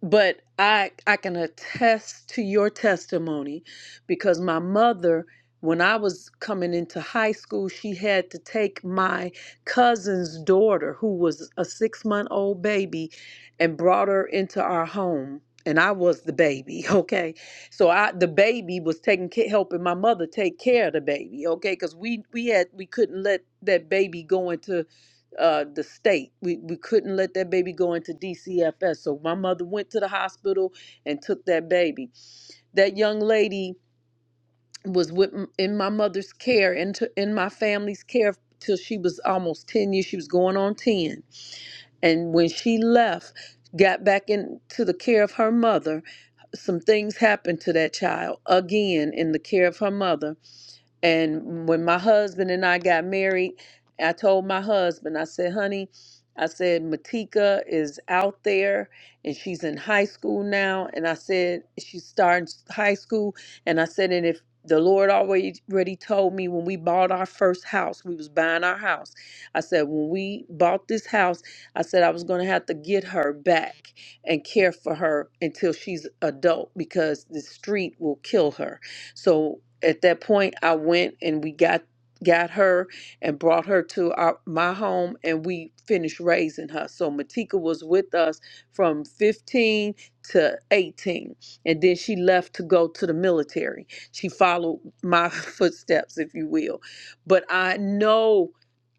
Speaker 3: but I I can attest to your testimony because my mother when I was coming into high school she had to take my cousin's daughter who was a 6 month old baby and brought her into our home and I was the baby okay so I the baby was taking ca- helping my mother take care of the baby okay cuz we we had we couldn't let that baby go into uh, the state. We, we couldn't let that baby go into DCFS. So my mother went to the hospital and took that baby. That young lady was with m- in my mother's care and to, in my family's care till she was almost 10 years. She was going on 10. And when she left, got back into the care of her mother, some things happened to that child again in the care of her mother and when my husband and I got married, I told my husband, I said, honey, I said, Matika is out there and she's in high school now. And I said, she's starting high school. And I said, and if the Lord already already told me when we bought our first house, we was buying our house. I said, when we bought this house, I said I was gonna have to get her back and care for her until she's adult because the street will kill her. So at that point, I went and we got got her and brought her to our my home and we finished raising her. So Matika was with us from 15 to 18 and then she left to go to the military. She followed my footsteps if you will. But I know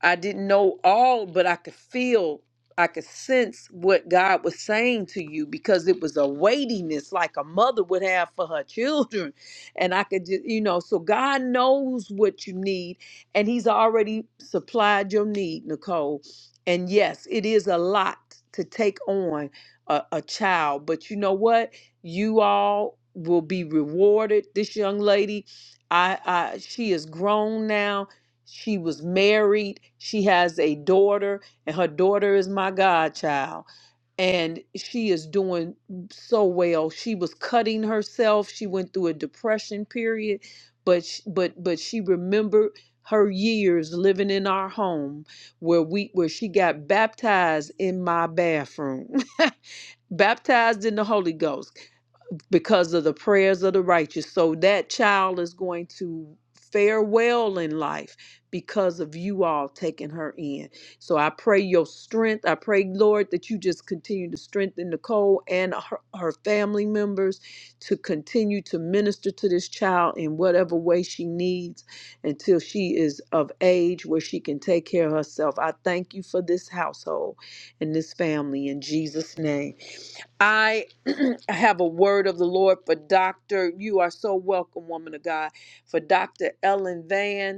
Speaker 3: I didn't know all but I could feel I could sense what God was saying to you because it was a weightiness like a mother would have for her children and I could just, you know, so God knows what you need, and He's already supplied your need, Nicole. And yes, it is a lot to take on a, a child, but you know what? You all will be rewarded. This young lady, I, I she is grown now. She was married. She has a daughter, and her daughter is my godchild and she is doing so well. She was cutting herself. She went through a depression period, but sh- but but she remembered her years living in our home where we where she got baptized in my bathroom. baptized in the Holy Ghost because of the prayers of the righteous. So that child is going to fare well in life because of you all taking her in. So I pray your strength. I pray, Lord, that you just continue to strengthen Nicole and her, her family members to continue to minister to this child in whatever way she needs until she is of age where she can take care of herself. I thank you for this household and this family in Jesus' name. I have a word of the Lord for Dr. You are so welcome, woman of God. For Dr. Ellen Van.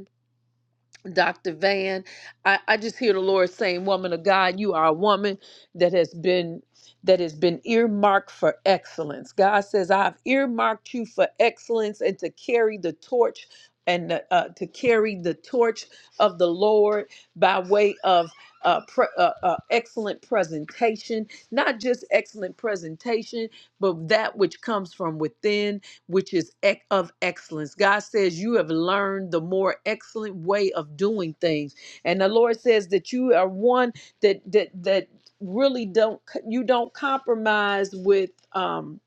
Speaker 3: Dr. Van. I, I just hear the Lord saying, Woman of God, you are a woman that has been that has been earmarked for excellence. God says, I've earmarked you for excellence and to carry the torch and uh, to carry the torch of the Lord by way of uh, pre- uh, uh, excellent presentation, not just excellent presentation, but that which comes from within which is ec- of excellence. God says you have learned the more excellent way of doing things. And the Lord says that you are one that that that really don't you don't compromise with um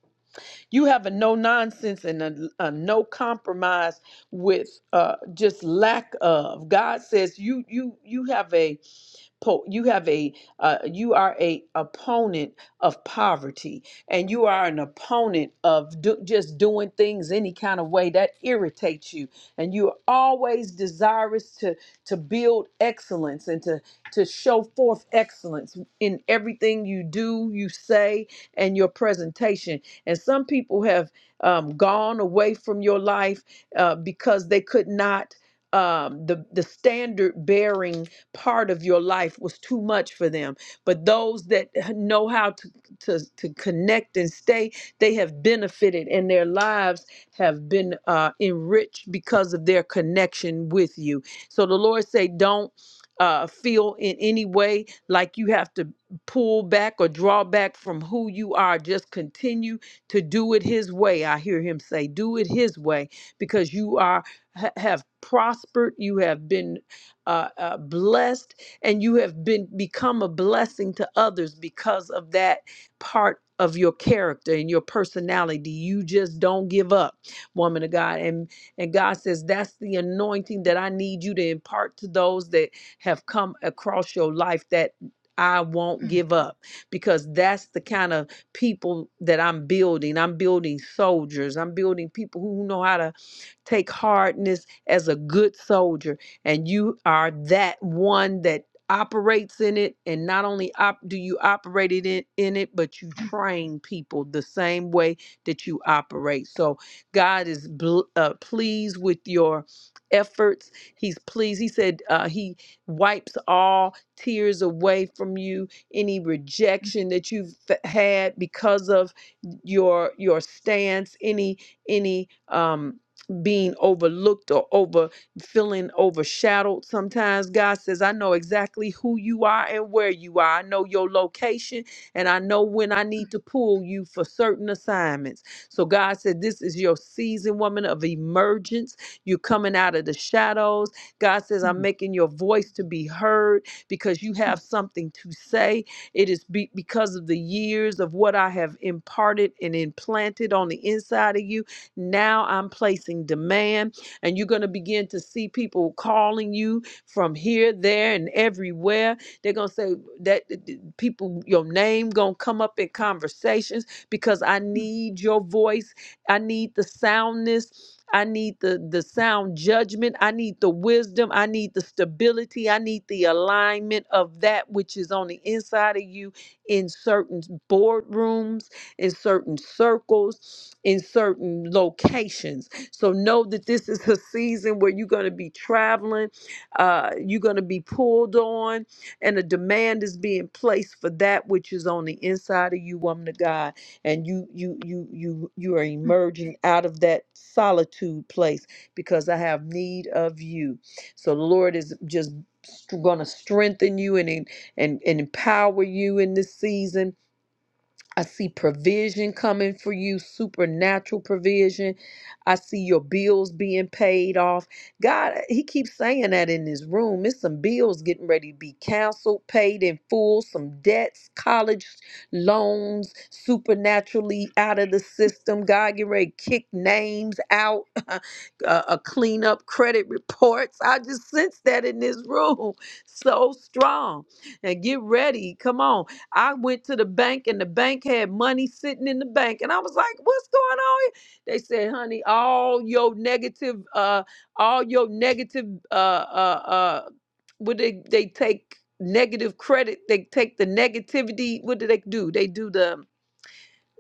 Speaker 3: you have a no nonsense and a, a no compromise with uh just lack of god says you you you have a po- you have a uh, you are a opponent of poverty and you are an opponent of do- just doing things any kind of way that irritates you and you're always desirous to to build excellence and to to show forth excellence in everything you do you say and your presentation and some people have um, gone away from your life uh, because they could not um, the the standard bearing part of your life was too much for them. But those that know how to, to, to connect and stay, they have benefited and their lives have been uh, enriched because of their connection with you. So the Lord say, don't uh, feel in any way like you have to pull back or draw back from who you are. Just continue to do it His way. I hear Him say, do it His way because you are ha- have prospered. You have been uh, uh, blessed, and you have been become a blessing to others because of that part of your character and your personality. You just don't give up, woman of God. And and God says that's the anointing that I need you to impart to those that have come across your life that I won't give up because that's the kind of people that I'm building. I'm building soldiers. I'm building people who know how to Take hardness as a good soldier, and you are that one that operates in it and not only op- do you operate it in, in it but you train people the same way that you operate so god is bl- uh, pleased with your efforts he's pleased he said uh, he wipes all tears away from you any rejection that you've f- had because of your your stance any any um being overlooked or over feeling overshadowed sometimes god says i know exactly who you are and where you are i know your location and i know when i need to pull you for certain assignments so god said this is your season woman of emergence you're coming out of the shadows god says i'm
Speaker 15: Mm.
Speaker 3: making your voice to be heard because you have something to say it is be- because of the years of what i have imparted and implanted on the inside of you now I'm placing demand, and you're going to begin to see people calling you from here, there, and everywhere. They're going to say that people, your name going to come up in conversations because I need your voice. I need the soundness. I need the the sound judgment. I need the wisdom. I need the stability. I need the alignment of that which is on the inside of you in certain boardrooms in certain circles, in certain locations. So know that this is a season where you're going to be traveling, uh, you're going to be pulled on, and a demand is being placed for that which is on the inside of you, woman of God. And you, you, you, you, you are emerging out of that solitude place because I have need of you. So the Lord is just going to strengthen you and and and empower you in this season I see provision coming for you, supernatural provision. I see your bills being paid off. God, He keeps saying that in this room. It's some bills getting ready to be canceled, paid in full, some debts, college loans, supernaturally out of the system. God, get ready to kick names out, uh, a clean up credit reports. I just sense that in this room so strong. And get ready. Come on. I went to the bank and the bank had money sitting in the bank. And I was like, what's going on here? They said, honey, all your negative, uh, all your negative, uh, uh, uh, what they, they take negative credit. They take the negativity. What do they do? They do the,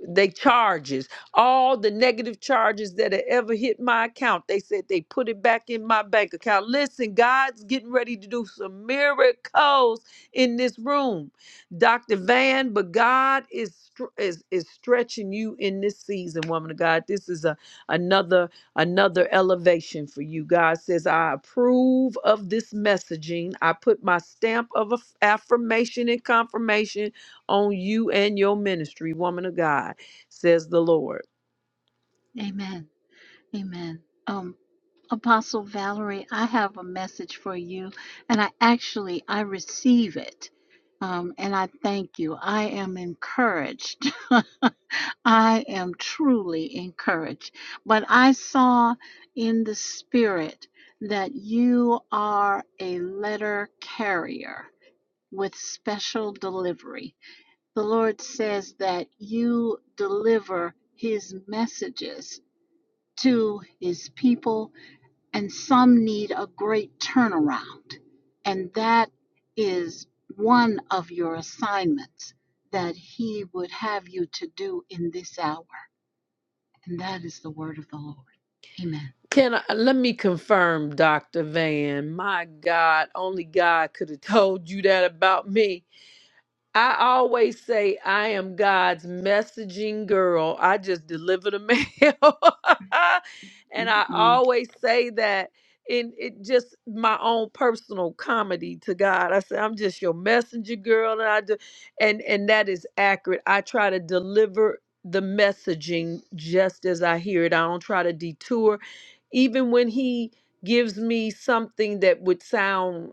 Speaker 3: they charges all the negative charges that had ever hit my account they said they put it back in my bank account listen god's getting ready to do some miracles in this room dr van but god is str- is, is stretching you in this season woman of god this is a another another elevation for you god says i approve of this messaging i put my stamp of aff- affirmation and confirmation on you and your ministry, woman of God, says the Lord.
Speaker 15: Amen. Amen. Um, Apostle Valerie, I have a message for you, and I actually I receive it, um, and I thank you. I am encouraged. I am truly encouraged. But I saw in the spirit that you are a letter carrier with special delivery. The Lord says that you deliver His messages to his people, and some need a great turnaround. And that is one of your assignments that he would have you to do in this hour. And that is the word of the Lord. Amen.
Speaker 3: Can I, let me confirm, Dr. Van. My God, only God could have told you that about me I always say I am God's messaging girl. I just deliver the mail. and I
Speaker 15: Mm-mm.
Speaker 3: always say that in it just my own personal comedy to God. I say I'm just your messenger girl and I do and and that is accurate. I try to deliver the messaging just as I hear it. I don't try to detour even when he gives me something that would sound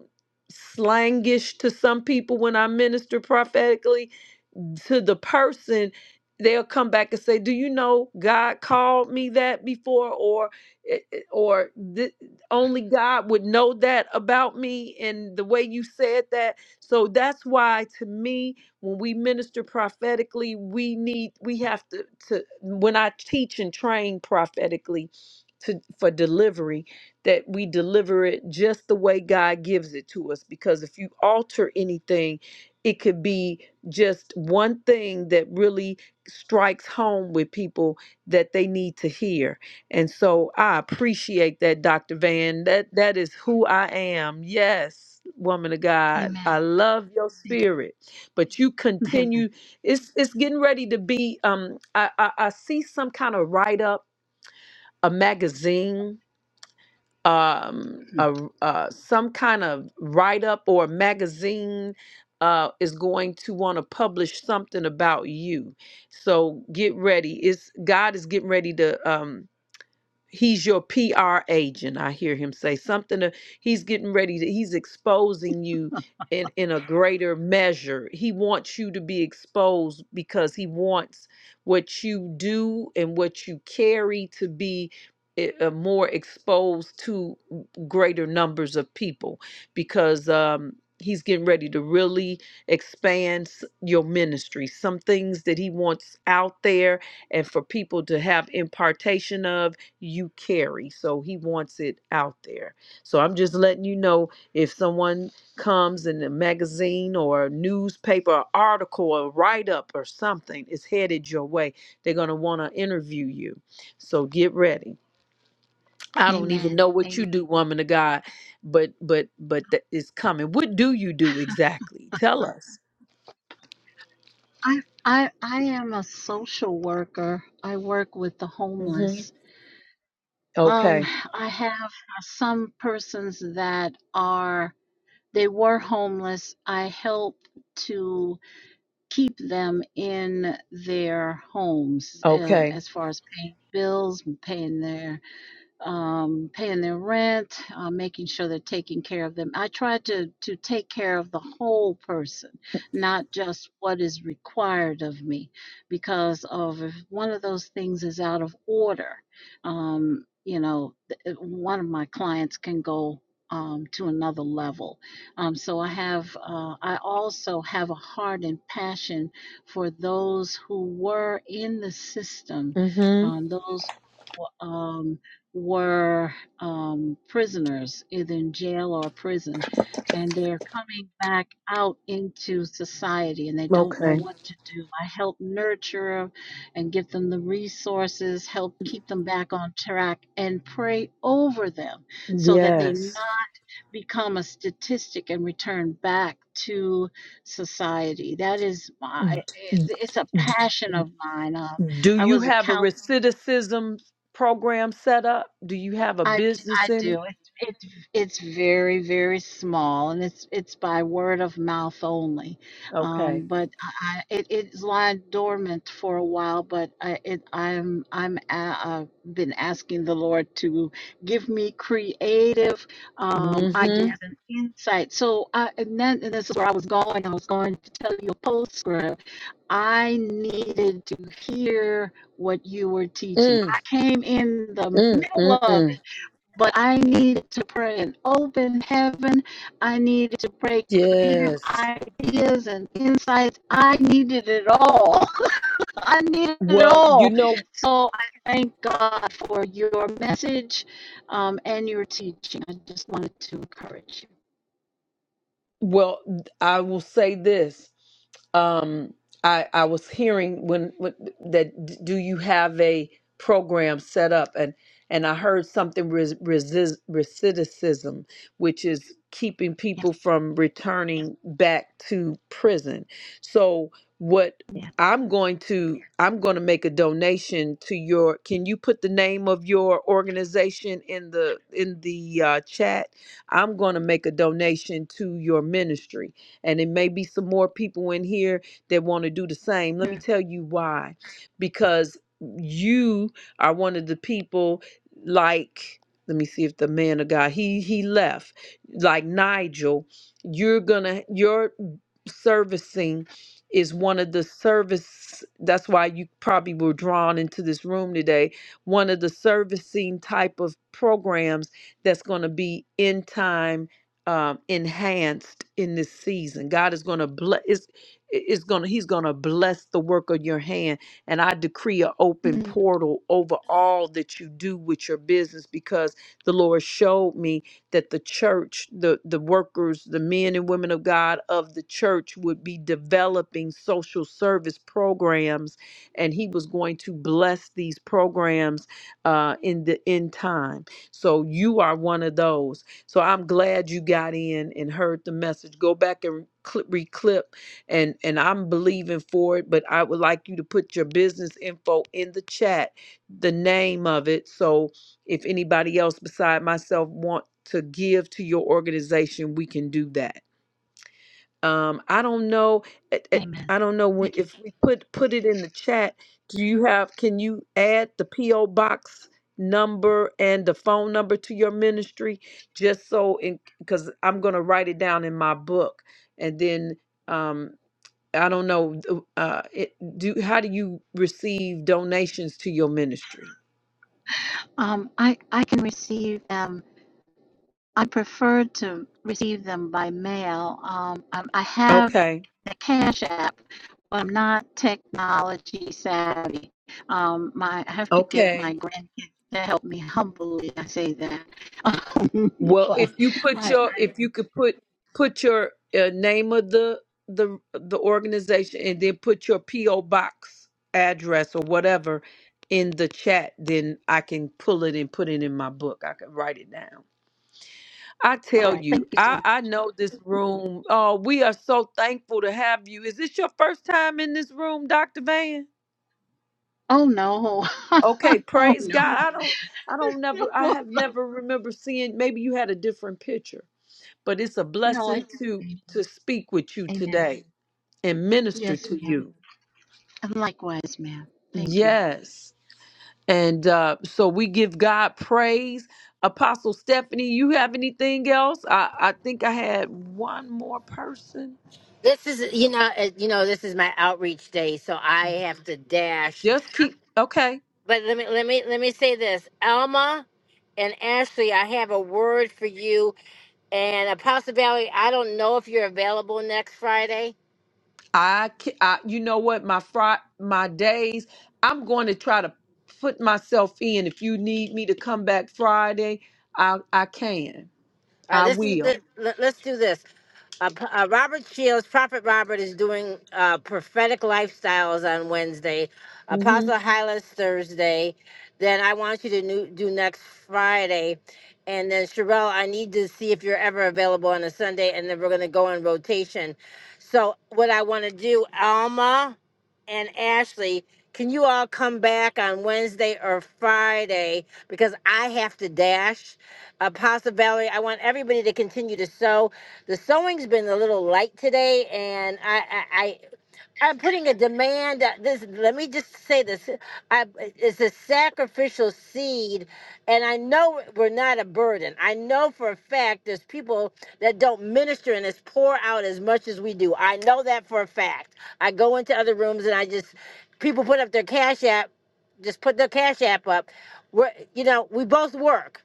Speaker 3: slangish to some people when I minister prophetically, to the person they'll come back and say do you know god called me that before or it- it- or "Th- only god would know that about me and the way you said that so that's why to me when we minister prophetically we need we have to to when i teach and train prophetically to for delivery that we deliver it just the way god gives it to us because if you alter anything it could be just one thing that really strikes home with people that they need to hear. And so I appreciate that, Dr. Van. That that is who I am. Yes, woman of God.
Speaker 15: Amen.
Speaker 3: I love your spirit. But you
Speaker 15: Amen.
Speaker 3: continue, it's it's getting ready to be um I I, I see some kind of write-up, a magazine um, a, uh, some kind of write up or magazine uh, is going to want to publish something about you. So get ready. It's God is getting ready to. Um, he's your PR agent. I hear him say something. to- he's getting ready to, he's exposing you in, in a greater measure. He wants you to be exposed because he wants what you do and what you carry to be eh, uh, more exposed to greater numbers of people because um, he's getting ready to really expand s- your ministry. Some things that he wants out there and for people to have impartation of you carry. So he wants it out there. So I'm just letting you know if someone comes in a magazine or a newspaper or article or write up or something is headed your way, they're going to want to interview you. So get ready. I don't even
Speaker 15: Amen.
Speaker 3: know what you
Speaker 15: Amen.
Speaker 3: do, woman of God, but but but that is coming. What do you do exactly? Tell us.
Speaker 15: I, I I am a social worker. I work with the
Speaker 3: Mhm.
Speaker 15: homeless. Um,
Speaker 3: Okay.
Speaker 15: I have some persons that are They were homeless. I helped to keep them in their homes um,
Speaker 3: Okay.
Speaker 15: as far as paying bills, paying their um, paying their rent, uh, making sure they're taking care of them. I try to to take care of the whole person, not just what is required of me, because of if one of those things is out of order, um, you know, th- uh, one of my clients can go. Um, to another level. Um, so I have, uh, I also have a heart and passion for those who were in the system,
Speaker 3: Mhm.
Speaker 15: um, those who, um, were um, prisoners, either in jail or prison, and they're coming back out into society and they don't know
Speaker 3: Okay.
Speaker 15: what to do. I help nurture 'em and give them the resources, help keep them back on track, and pray over them so that they
Speaker 3: Yes
Speaker 15: not become a statistic and return back to society. That is my, it- it's a passion of mine. Um,
Speaker 3: Do
Speaker 15: I
Speaker 3: you
Speaker 15: was a
Speaker 3: have a
Speaker 15: counselor
Speaker 3: recidivism program set up? Do you have a
Speaker 15: I I
Speaker 3: business in it?
Speaker 15: do. It's it's it's very very small, and it's it's by word of mouth only.
Speaker 3: Okay.
Speaker 15: Um, but I, I- it it's lying dormant for a while. But I it I'm I'm a, I've been asking the Lord to give me creative um,
Speaker 3: Mm-hmm.
Speaker 15: ideas and insight. So I and then and this is where I was going. I was going to tell you a postscript. I needed to hear what you were teaching.
Speaker 3: Mm,
Speaker 15: I came in the
Speaker 3: mm,
Speaker 15: middle
Speaker 3: mm,
Speaker 15: of
Speaker 3: mm.
Speaker 15: but I needed to pray an open heaven. I needed to pray creative
Speaker 3: Yes.
Speaker 15: ideas and insights. I needed it all. I needed it
Speaker 3: Well, you
Speaker 15: all.
Speaker 3: know,
Speaker 15: So I thank God for your message um, and your teaching. I just wanted to encourage you.
Speaker 3: well, I will say this. um i i was hearing when, when that d- do you have a program set up and and i heard something res, resist, recidivism which is keeping
Speaker 15: Yes,
Speaker 3: people from returning back to prison so what
Speaker 15: yeah.
Speaker 3: i'm going to i'm going to make a donation to your can you put the name of your organization in the in the uh, chat i'm going to make a donation to your ministry and it may be some more people in here that want to do the same. Let me
Speaker 15: Mm,
Speaker 3: tell you why. Because you are one of the people like let me see if the man of God he he left like Nigel you're gonna your servicing is one of the service that's why you probably were drawn into this room today one of the servicing type of programs that's going to be in time um, enhanced in this season god is going to bless is is going to he's going to bless the work of your hand and i decree an open
Speaker 15: mm,
Speaker 3: portal over all that you do with your business because the lord showed me that the church, the, the workers, the men and women of God of the church would be developing social service programs, and he was going to bless these programs uh, in the end time. So you are one of those. So I'm glad you got in and heard the message. Go back and cl- reclip, and and I'm believing for it. But I would like you to put your business info in the chat, the name of it, so if anybody else beside myself want to give to your organization, we can do that. Um, I don't know. it- it-
Speaker 15: Amen.
Speaker 3: I don't know when-
Speaker 15: Thank you.
Speaker 3: if we put put it in the chat. Do you have? Can you add the PO box number and the phone number to your ministry just so? In Because I'm gonna write it down in my book, and then um, I don't know. Uh, it, do how do you receive donations to your ministry?
Speaker 15: Um, I I can receive um. I prefer to receive them by mail. Um, I, I have
Speaker 3: Okay.
Speaker 15: the Cash App, but I'm not technology savvy. Um, my, I have to get
Speaker 3: Okay.
Speaker 15: my grandkids to help me humbly. I say that,
Speaker 3: Well,
Speaker 15: but
Speaker 3: if you put
Speaker 15: I.
Speaker 3: your if you could put put your uh, name of the the the organization and then put your PO box address or whatever in the chat, then I can pull it and put it in my book. I can write it down. I
Speaker 15: All
Speaker 3: tell
Speaker 15: right, thank
Speaker 3: you,
Speaker 15: you so
Speaker 3: I
Speaker 15: much.
Speaker 3: I know this room. Oh, we are so thankful to have you. Is this your first time in this room, Dr. Van?
Speaker 15: Oh no!
Speaker 3: Okay,
Speaker 15: oh
Speaker 3: praise
Speaker 15: no!
Speaker 3: God. I don't I don't never I have never remember seeing maybe you had a different picture. but it's a
Speaker 15: No, it's
Speaker 3: blessing to to speak with you
Speaker 15: amen.
Speaker 3: today and minister
Speaker 15: Yes,
Speaker 3: to
Speaker 15: ma'am.
Speaker 3: you
Speaker 15: And likewise, ma'am. Thank you.
Speaker 3: yes and uh so we give god praise apostle stephanie you have anything else i i think i had one more person
Speaker 1: This is, you know, uh, you know, this is my outreach day, so I have to dash.
Speaker 3: just keep okay
Speaker 1: But let me, let me, let me say this, Alma and Ashley, I have a word for you. And Apostle Valley, I don't know if you're available next Friday.
Speaker 3: i, ca- I you know what my fri my days i'm going to try to put myself in if you need me to come back friday i i can
Speaker 1: All right,
Speaker 3: i
Speaker 1: this is
Speaker 3: will
Speaker 1: good. Let, us do this. Uh, P- uh, Robert Shields, Prophet Robert, is doing uh, prophetic lifestyles on Wednesday,
Speaker 3: Mm-hmm.
Speaker 1: Apostle Hylas Thursday. Then I want you to new, do next Friday. And then, Sherelle, I need to see if you're ever available on a Sunday. And then we're going to go in rotation. So, what I want to do, Alma and Ashley, can you all come back on Wednesday or Friday? Because I have to dash. Apostle Valerie, I want everybody to continue to sew. The sewing's been a little light today, and I, I, I I'm putting a demand. uh, This let me just say this. I, it's a sacrificial seed, and I know we're not a burden. I know for a fact there's people that don't minister and as pour out as much as we do. I know that for a fact. I go into other rooms and I just people put up their cash app, just put their cash app up. We're you know we both work.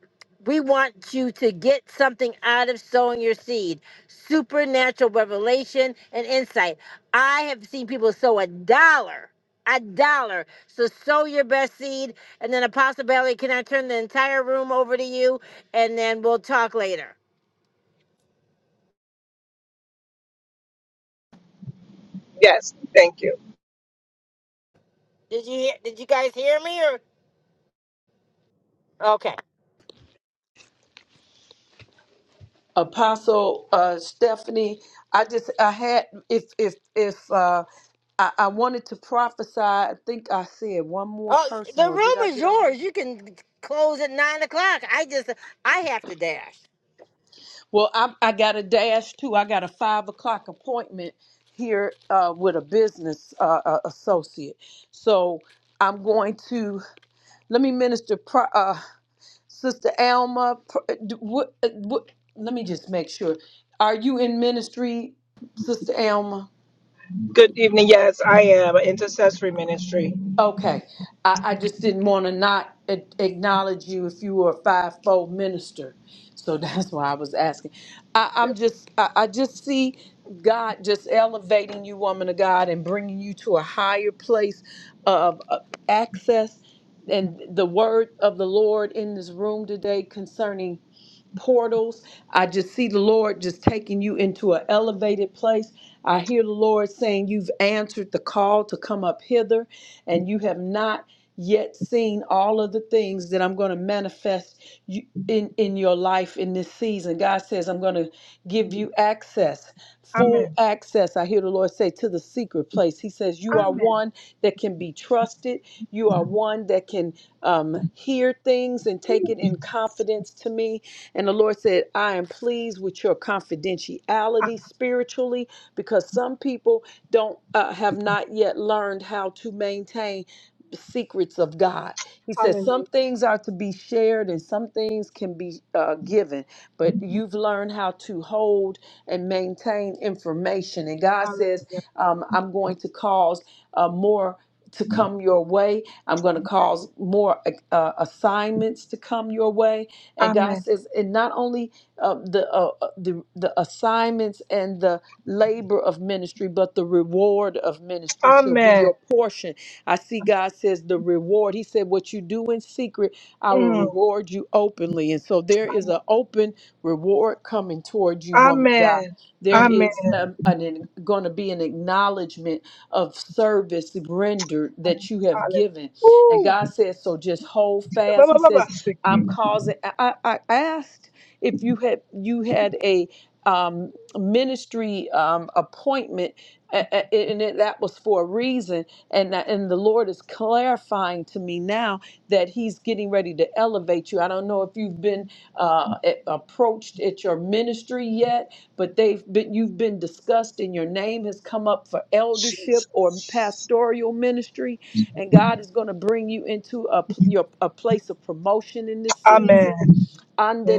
Speaker 1: We want you to get something out of sowing your seed, supernatural revelation and insight. I have seen people sow a dollar a dollar. So sow your best seed. And then Apostle Bailey, can I turn the entire room over to you? And then we'll talk later.
Speaker 16: Yes, thank you.
Speaker 1: Did you hear, did you guys hear me or okay.
Speaker 3: Apostle uh, Stephanie, I just I had if if if uh, I, I wanted to prophesy, I think I said one more
Speaker 1: Oh
Speaker 3: person,
Speaker 1: the
Speaker 3: or did I
Speaker 1: room is
Speaker 3: get all?
Speaker 1: yours. You can close at nine o'clock. I just I have to dash.
Speaker 3: Well, I I got a dash too. I got a five o'clock appointment here uh, with a business uh, uh, associate, so I'm going to let me minister. Pro, uh, Sister Alma, pr- uh, d- what, uh, what, let me just make sure. Are you in ministry, Sister Alma?
Speaker 16: Good evening. Yes, I am an intercessory ministry.
Speaker 3: Okay, I, I just didn't want to not a- acknowledge you if you were a five-fold minister, so that's why I was asking. I, I'm just, I, I just see God just elevating you, woman of God, and bringing you to a higher place of uh, access and the word of the Lord in this room today concerning portals. I just see the Lord just taking you into an elevated place. I hear the Lord saying, You've answered the call to come up hither, and you have not yet seen all of the things that I'm going to manifest you. In, in your life in this season, God says, I'm going to give you access, full
Speaker 16: Amen.
Speaker 3: access. I hear the Lord say to the secret place. He says, You are
Speaker 16: Amen.
Speaker 3: one that can be trusted. You are one that can um, hear things and take it in confidence to me and the Lord said, I am pleased with your
Speaker 16: Ah,
Speaker 3: confidentiality spiritually because some people don't uh, have not yet learned how to maintain secrets of God. He says some
Speaker 16: hallelujah.
Speaker 3: things are to be shared and some things can be uh, given, but you've learned how to hold and maintain information. And God says,
Speaker 16: Hallelujah.
Speaker 3: um, I'm going to cause uh, more to come your way. I'm going to cause more uh, assignments to come your way and God
Speaker 16: Amen.
Speaker 3: says, and not only uh, the, uh, uh, the the assignments and the labor of ministry, but the reward of ministry shall be
Speaker 16: Amen.
Speaker 3: your portion. I see God says the reward. He said, "What you do in secret, I will
Speaker 16: Mm,
Speaker 3: reward you openly." And so there is
Speaker 16: amen.
Speaker 3: an open reward coming toward you, woman of God.
Speaker 16: Amen.
Speaker 3: There
Speaker 16: Amen.
Speaker 3: is um, an going to be an acknowledgement of service rendered that you have
Speaker 16: Hallelujah.
Speaker 3: given. And
Speaker 16: Ooh.
Speaker 3: God says, so just hold fast. He says I'm
Speaker 16: Ba-ba-ba-ba-siki.
Speaker 3: causing. I, I asked if you had you had a um, ministry um, appointment, a- a- and it, that was for a reason. And that- and the Lord is clarifying to me now that He's getting ready to elevate you. I don't know if you've been uh, a- approached at your ministry yet, but they've been you've been discussed, and your name has come up for eldership or
Speaker 16: Jesus.
Speaker 3: pastoral ministry and God is going to bring you into a your a place of promotion in this
Speaker 16: Amen.
Speaker 3: season.
Speaker 16: Amen.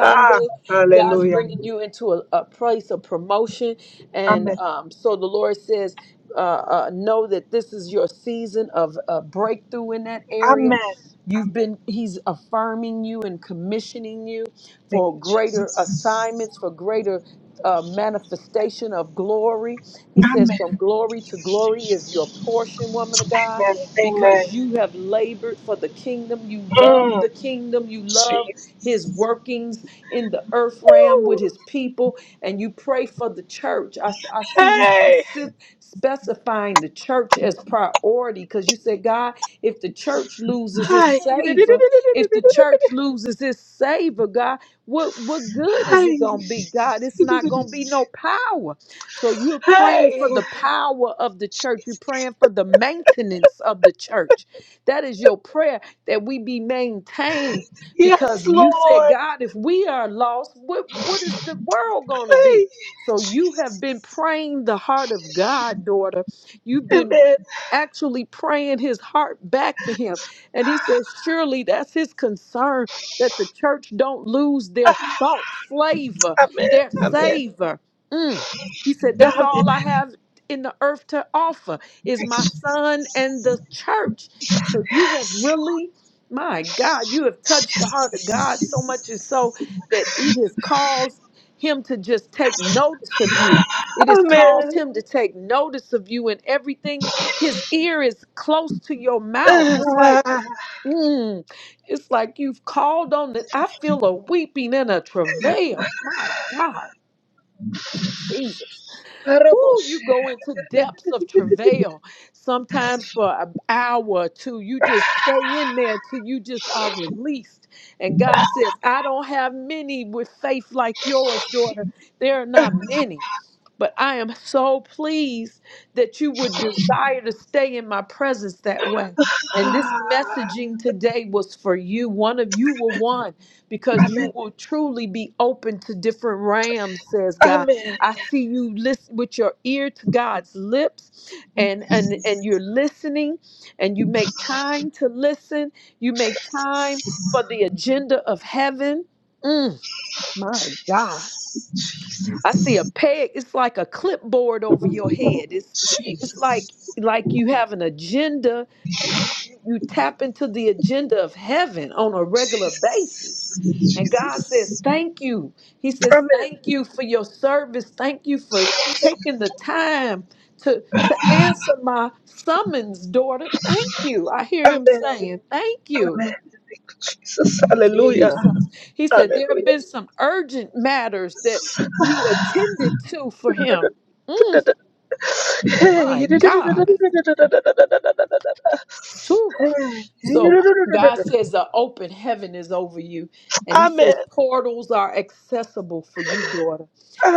Speaker 16: Ah,
Speaker 3: God's
Speaker 16: hallelujah.
Speaker 3: bringing you into a, a place of promotion. And
Speaker 16: Amen.
Speaker 3: um, so the Lord says, uh, uh, know that this is your season of uh, breakthrough in that area.
Speaker 16: Amen.
Speaker 3: You've
Speaker 16: Amen.
Speaker 3: been, he's affirming you and commissioning you
Speaker 16: Thank
Speaker 3: for
Speaker 16: you,
Speaker 3: greater
Speaker 16: Jesus.
Speaker 3: assignments, for greater uh, manifestation of glory. He says,
Speaker 16: Amen.
Speaker 3: from glory to glory is your portion, woman of God
Speaker 16: Amen. Amen.
Speaker 3: because you have labored for the kingdom. You love
Speaker 16: Mm,
Speaker 3: the kingdom. You love
Speaker 16: Jesus.
Speaker 3: his workings in the earth realm with
Speaker 16: Ooh.
Speaker 3: his people. And you pray for the church. I, s- I see you specific specifying the church as priority because you said, God, if the church loses
Speaker 16: Hi.
Speaker 3: its savor, if the church loses its savor, God, what, what good is
Speaker 16: Hi.
Speaker 3: it going to be? God, it's not going to be no power. So you're praying for
Speaker 16: Hi.
Speaker 3: the power of the church. You're praying for the maintenance of the church. That is your prayer that we be maintained
Speaker 16: Yes,
Speaker 3: because you said,
Speaker 16: Lord.
Speaker 3: God, if we are lost, what, what is the world going to
Speaker 16: Hey,
Speaker 3: be? So you have
Speaker 16: Jesus.
Speaker 3: been praying the heart of God, daughter. You've been
Speaker 16: Amen.
Speaker 3: actually praying his heart back to him. And he says, surely that's his concern that the church don't lose their
Speaker 16: Ah,
Speaker 3: salt flavor,
Speaker 16: Amen.
Speaker 3: their
Speaker 16: Amen.
Speaker 3: savor. Mm. He said, that's all
Speaker 16: Amen.
Speaker 3: I have in the earth to offer is my son and the church. So you have really my God, you have touched the heart of God so much and so that it has caused him to just take notice of you. It has
Speaker 16: Amen.
Speaker 3: caused him to take notice of you and everything. His ear is close to your mouth. It's like,
Speaker 16: Ah,
Speaker 3: mm, it's like you've called on that. I feel a weeping and a travail. My God, Jesus.
Speaker 16: Arabo
Speaker 3: Whoo, you
Speaker 16: shit.
Speaker 3: go into depths of travail, sometimes for an hour or two. You just stay in there till you just are released. And God says, I don't have many with faith like yours, daughter. There are not many. But I am so pleased that you would desire to stay in my presence that way. And this
Speaker 16: Ah,
Speaker 3: messaging today was for you. One of you were one because
Speaker 16: Amen.
Speaker 3: you will truly be open to different rams, says God.
Speaker 16: Amen.
Speaker 3: I see you listen with your ear to God's lips and, and, and you're listening and you make time to listen. You make time for the agenda of heaven. Mm, my God. I see a peg. It's like a clipboard over your head. It's it's like like you have an agenda. You you tap into the agenda of heaven on a regular basis. And God says, Thank you. He says,
Speaker 16: Amen.
Speaker 3: Thank you for your service. Thank you for taking the time to, to answer my summons, daughter. Thank you. I hear him
Speaker 16: Amen.
Speaker 3: saying, Thank you.
Speaker 16: Amen. Jesus. Hallelujah.
Speaker 3: Jesus. He said, There
Speaker 16: Hallelujah.
Speaker 3: have been some urgent matters that you attended to for him. Mm, my
Speaker 16: Hey,
Speaker 3: God. So God says the open heaven is over you. And he
Speaker 16: Amen.
Speaker 3: says portals are accessible for you, daughter.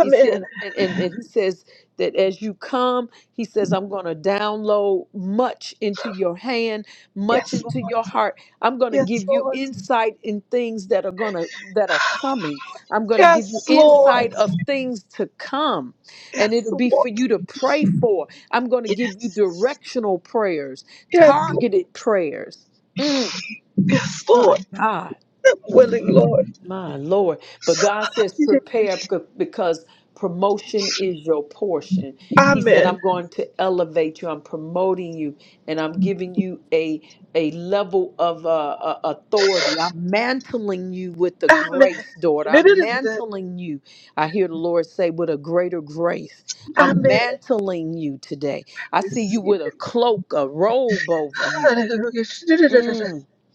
Speaker 3: He said, and, and, and he says that as you come, he says, I'm going to download much into your hand, much
Speaker 16: Yes,
Speaker 3: into
Speaker 16: Lord.
Speaker 3: your heart. I'm going to
Speaker 16: Yes,
Speaker 3: give you
Speaker 16: Lord.
Speaker 3: insight in things that are going to, that are coming. I'm going to give
Speaker 16: Yes,
Speaker 3: you
Speaker 16: Lord.
Speaker 3: insight of things to come. And
Speaker 16: Yes,
Speaker 3: it'll be
Speaker 16: Lord.
Speaker 3: for you to pray for. I'm going to give you
Speaker 16: Yes.
Speaker 3: directional prayers,
Speaker 16: Yes, Lord.
Speaker 3: targeted prayers. Mm,
Speaker 16: Yes, Lord.
Speaker 3: my God,
Speaker 16: I'm willing, Lord.
Speaker 3: my Lord. But God says, prepare p- because promotion is your portion. He said,
Speaker 16: Amen.
Speaker 3: I'm going to elevate you, I'm promoting you, and I'm giving you a a level of uh, uh, authority. I'm mantling you with the
Speaker 16: Amen.
Speaker 3: grace, daughter. I'm mantling you. I hear the Lord say, with a greater grace. I'm
Speaker 16: Amen.
Speaker 3: mantling you today. I see you
Speaker 16: Receive
Speaker 3: with a
Speaker 16: it.
Speaker 3: cloak, a robe over you.
Speaker 16: Hallelujah.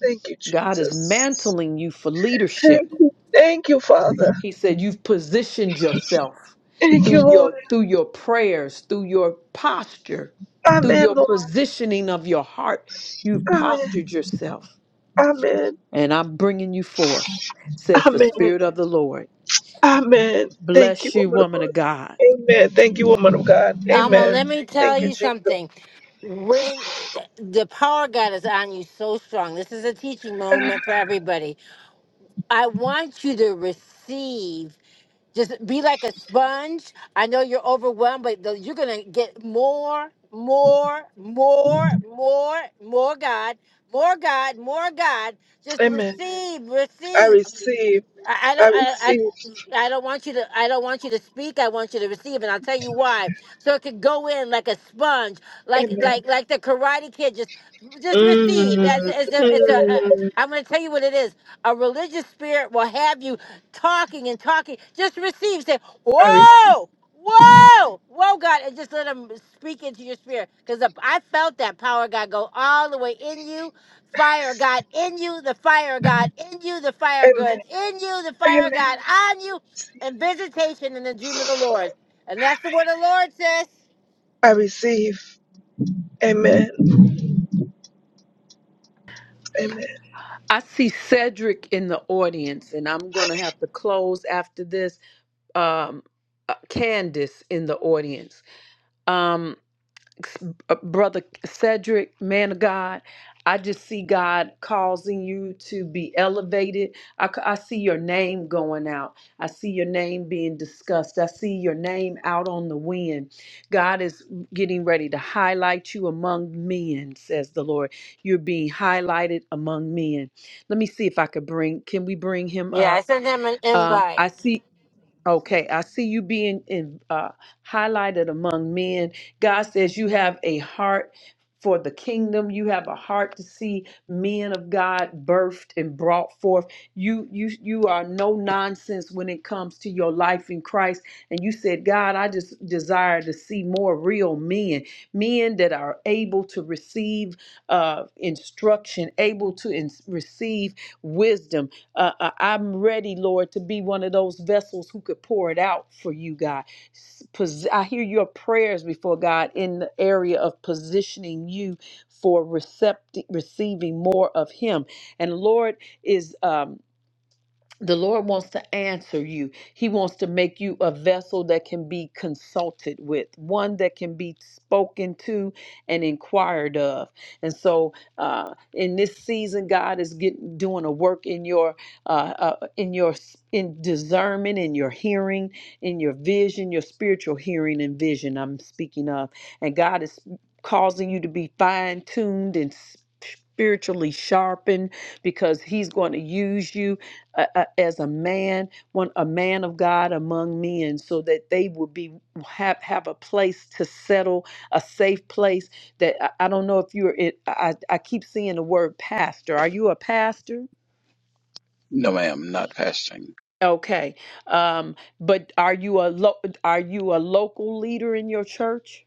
Speaker 16: Thank you,
Speaker 3: God is
Speaker 16: Jesus.
Speaker 3: mantling you for leadership.
Speaker 16: Thank you. Thank you, Father.
Speaker 3: He said you've positioned yourself
Speaker 16: Thank you,
Speaker 3: through
Speaker 16: Lord.
Speaker 3: your through your prayers, through your posture, through
Speaker 16: Amen,
Speaker 3: your
Speaker 16: Lord.
Speaker 3: positioning of your heart. You've
Speaker 16: Amen.
Speaker 3: postured yourself,
Speaker 16: Amen.
Speaker 3: and I'm bringing you forth, says the
Speaker 16: Amen.
Speaker 3: Spirit of the Lord.
Speaker 16: Amen. Thank you,
Speaker 3: Bless you,
Speaker 16: woman of
Speaker 3: woman of
Speaker 16: God.
Speaker 3: God.
Speaker 16: Amen. Thank you, woman of God.
Speaker 1: Alma,
Speaker 16: Amen.
Speaker 1: let me tell
Speaker 16: Thank you,
Speaker 1: you
Speaker 16: Jesus.
Speaker 1: something. When the power of God is on you so strong, this is a teaching moment for everybody. I want you to receive Just be like a sponge. I know you're overwhelmed, but the, you're going to get more, more, more, more, more God, more God, more God. Just
Speaker 16: Amen.
Speaker 1: receive,
Speaker 16: I
Speaker 1: receive.
Speaker 16: receive.
Speaker 1: I, I don't
Speaker 16: I
Speaker 1: I, I
Speaker 16: receive.
Speaker 1: I don't want you to I don't want you to speak. I want you to receive, and I'll tell you why. So it could go in like a sponge, like
Speaker 16: Amen.
Speaker 1: like like the Karate Kid. Just just receive. That's
Speaker 16: Mm,
Speaker 1: it's a it's a. Uh,
Speaker 16: mm,
Speaker 1: I'm going to tell you what it is. A religious spirit will have you talking and talking. Just receive. Say
Speaker 16: I receive.
Speaker 1: whoa. Whoa, whoa, God, and just let him speak into your spirit because I felt that power, God, go all the way in you Fire of God in you, the fire of God in you, the fire of God
Speaker 16: Amen.
Speaker 1: in you, the
Speaker 16: Amen.
Speaker 1: fire of God on you, and visitation in the dream of the Lord. And that's the word the Lord says.
Speaker 16: I receive. Amen. Amen.
Speaker 3: I see Cedric in the audience, and I'm gonna have to close after this. Um, uh, Candace in the audience. Um, uh, brother Cedric, man of God, I just see God causing you to be elevated. I, c- I see your name going out. I see your name being discussed. I see your name out on the wind. God is getting ready to highlight you among men, says the Lord. You're being highlighted among men. Let me see if I could bring, can we bring him
Speaker 1: Yeah, I
Speaker 3: up?
Speaker 1: sent him an
Speaker 3: Um,
Speaker 1: invite.
Speaker 3: I see Okay, I see you being in, uh, highlighted among men. God says you have a heart for the kingdom. You have a heart to see men of God birthed and brought forth. You you you are no nonsense when it comes to your life in Christ. And you said, God, I just desire to see more real men, men that are able to receive uh, instruction, able to ins- receive wisdom, uh, uh, I'm ready, Lord, to be one of those vessels who could pour it out for you, God. S- pos- I hear your prayers before God in the area of positioning you for recept- receiving more of Him. And Lord, is um, the Lord wants to answer you. He wants to make you a vessel that can be consulted with, one that can be spoken to and inquired of. And so, uh, in this season, God is getting doing a work in your, uh, uh, in your, s- in discernment, in your hearing, in your vision, your spiritual hearing and vision. I'm speaking of, and God is causing you to be fine tuned and. s- Spiritually sharpened because he's going to use you uh, uh, as a man, one a man of God among men, so that they would be have have a place to settle, a safe place. That I, I don't know if you're. It, I I keep seeing the word pastor. Are you a pastor?
Speaker 17: No, ma'am, not pastoring.
Speaker 3: Okay, um, but are you a lo- are you a local leader in your church?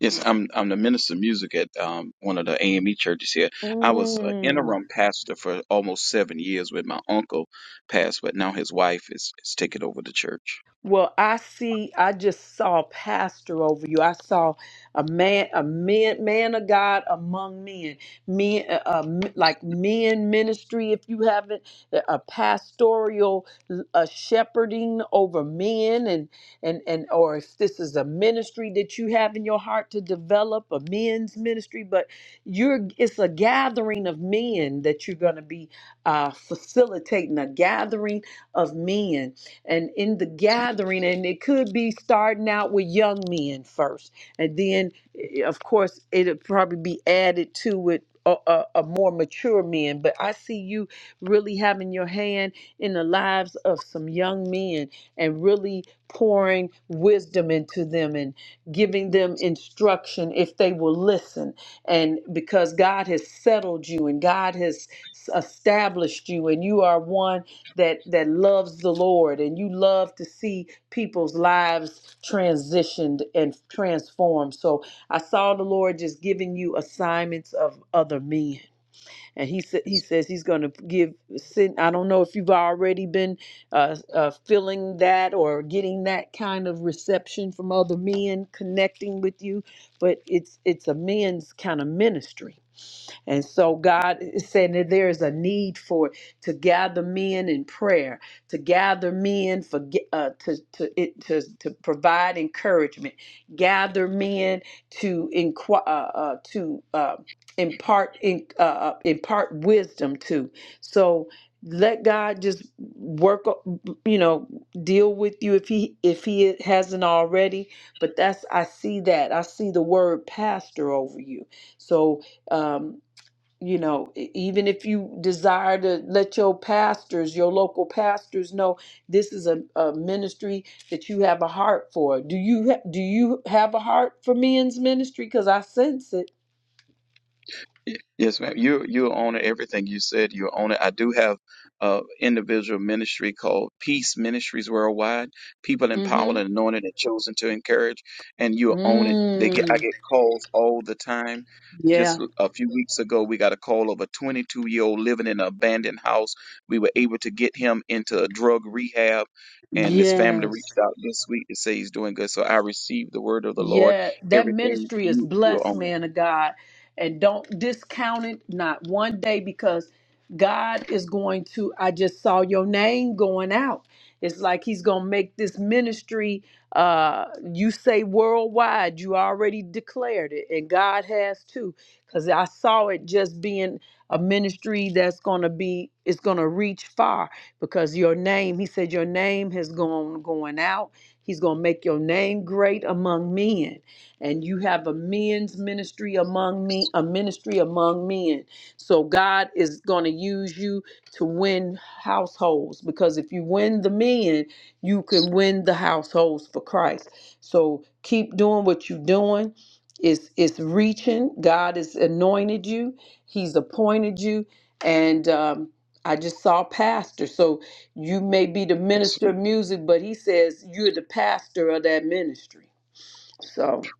Speaker 17: Yes, I'm I'm the minister of music at um, one of the AME churches here. I was an
Speaker 3: Mm.
Speaker 17: interim pastor for almost seven years when my uncle passed, but now his wife is, is taking over the church.
Speaker 3: Well, I see, I just saw pastor over you. I saw a man, a man, man of God among men, men, uh, uh, m- like men ministry. If you haven't, uh, a pastoral, a shepherding over men, and and and, or if this is a ministry that you have in your heart to develop, a men's ministry, but you're, it's a gathering of men that you're going to be uh, facilitating, a gathering of men and in the gathering and it could be starting out with young men first and then eh, of course it'll probably be added to with a, a, a more mature men but i see you really having your hand in the lives of some young men and really pouring wisdom into them and giving them instruction if they will listen and because god has settled you and god has s- established you and you are one that that loves the Lord and you love to see people's lives transitioned and transformed. So I saw the Lord just giving you assignments of other men. And he said he says he's going to give send I don't know if you've already been uh, uh feeling that or getting that kind of reception from other men connecting with you, but it's it's a men's kind of ministry and so God is saying that there is a need for to gather men in prayer, to gather men for ge- uh, to to it to to provide encouragement, gather men to inquire uh, uh, to uh, impart in, uh, uh, impart wisdom to. So let God just work o- you know deal with you if he if he hasn't already but that's I see that I see the word pastor over you so Um, you know e- even if you desire to let your pastors your local pastors know this is a, a ministry that you have a heart for do you ha- do you have a heart for men's ministry because i sense it
Speaker 17: Y- Yes, ma'am. You you own everything you said. You own it. I do have uh individual ministry called Peace Ministries Worldwide. People empowered
Speaker 3: mm-hmm
Speaker 17: and anointed and chosen to encourage, and you own it. They get I
Speaker 3: mm.
Speaker 17: get calls all the time. Just
Speaker 3: yeah
Speaker 17: a few weeks ago, we got a call of a 22 year old living in an abandoned house. We were able to get him into a drug rehab, and his family
Speaker 3: yes
Speaker 17: reached out this week to say he's doing good. So I received the word of the Lord.
Speaker 3: Yeah, that
Speaker 17: Everything
Speaker 3: ministry is
Speaker 17: you you
Speaker 3: blessed,
Speaker 17: own
Speaker 3: man of God. And don't discount it, not one day, because God is going to. I just saw your name going out. It's like He's going to make this ministry, uh, you say worldwide, you already declared it, and God has too. Because I saw it just being a ministry that's going to be, it's going to reach far because your name, He said, your name has gone going out He's going to make your name great among men. And you have a men's ministry among me, a ministry among men. So God is going to use you to win households because if you win the men, you can win the households for Christ. So keep doing what you're doing. It's, it's reaching. God has anointed you. He's appointed you. And um, I just saw pastor. So you may be the minister of
Speaker 17: it.
Speaker 3: music, but he says you're the pastor of that ministry. So,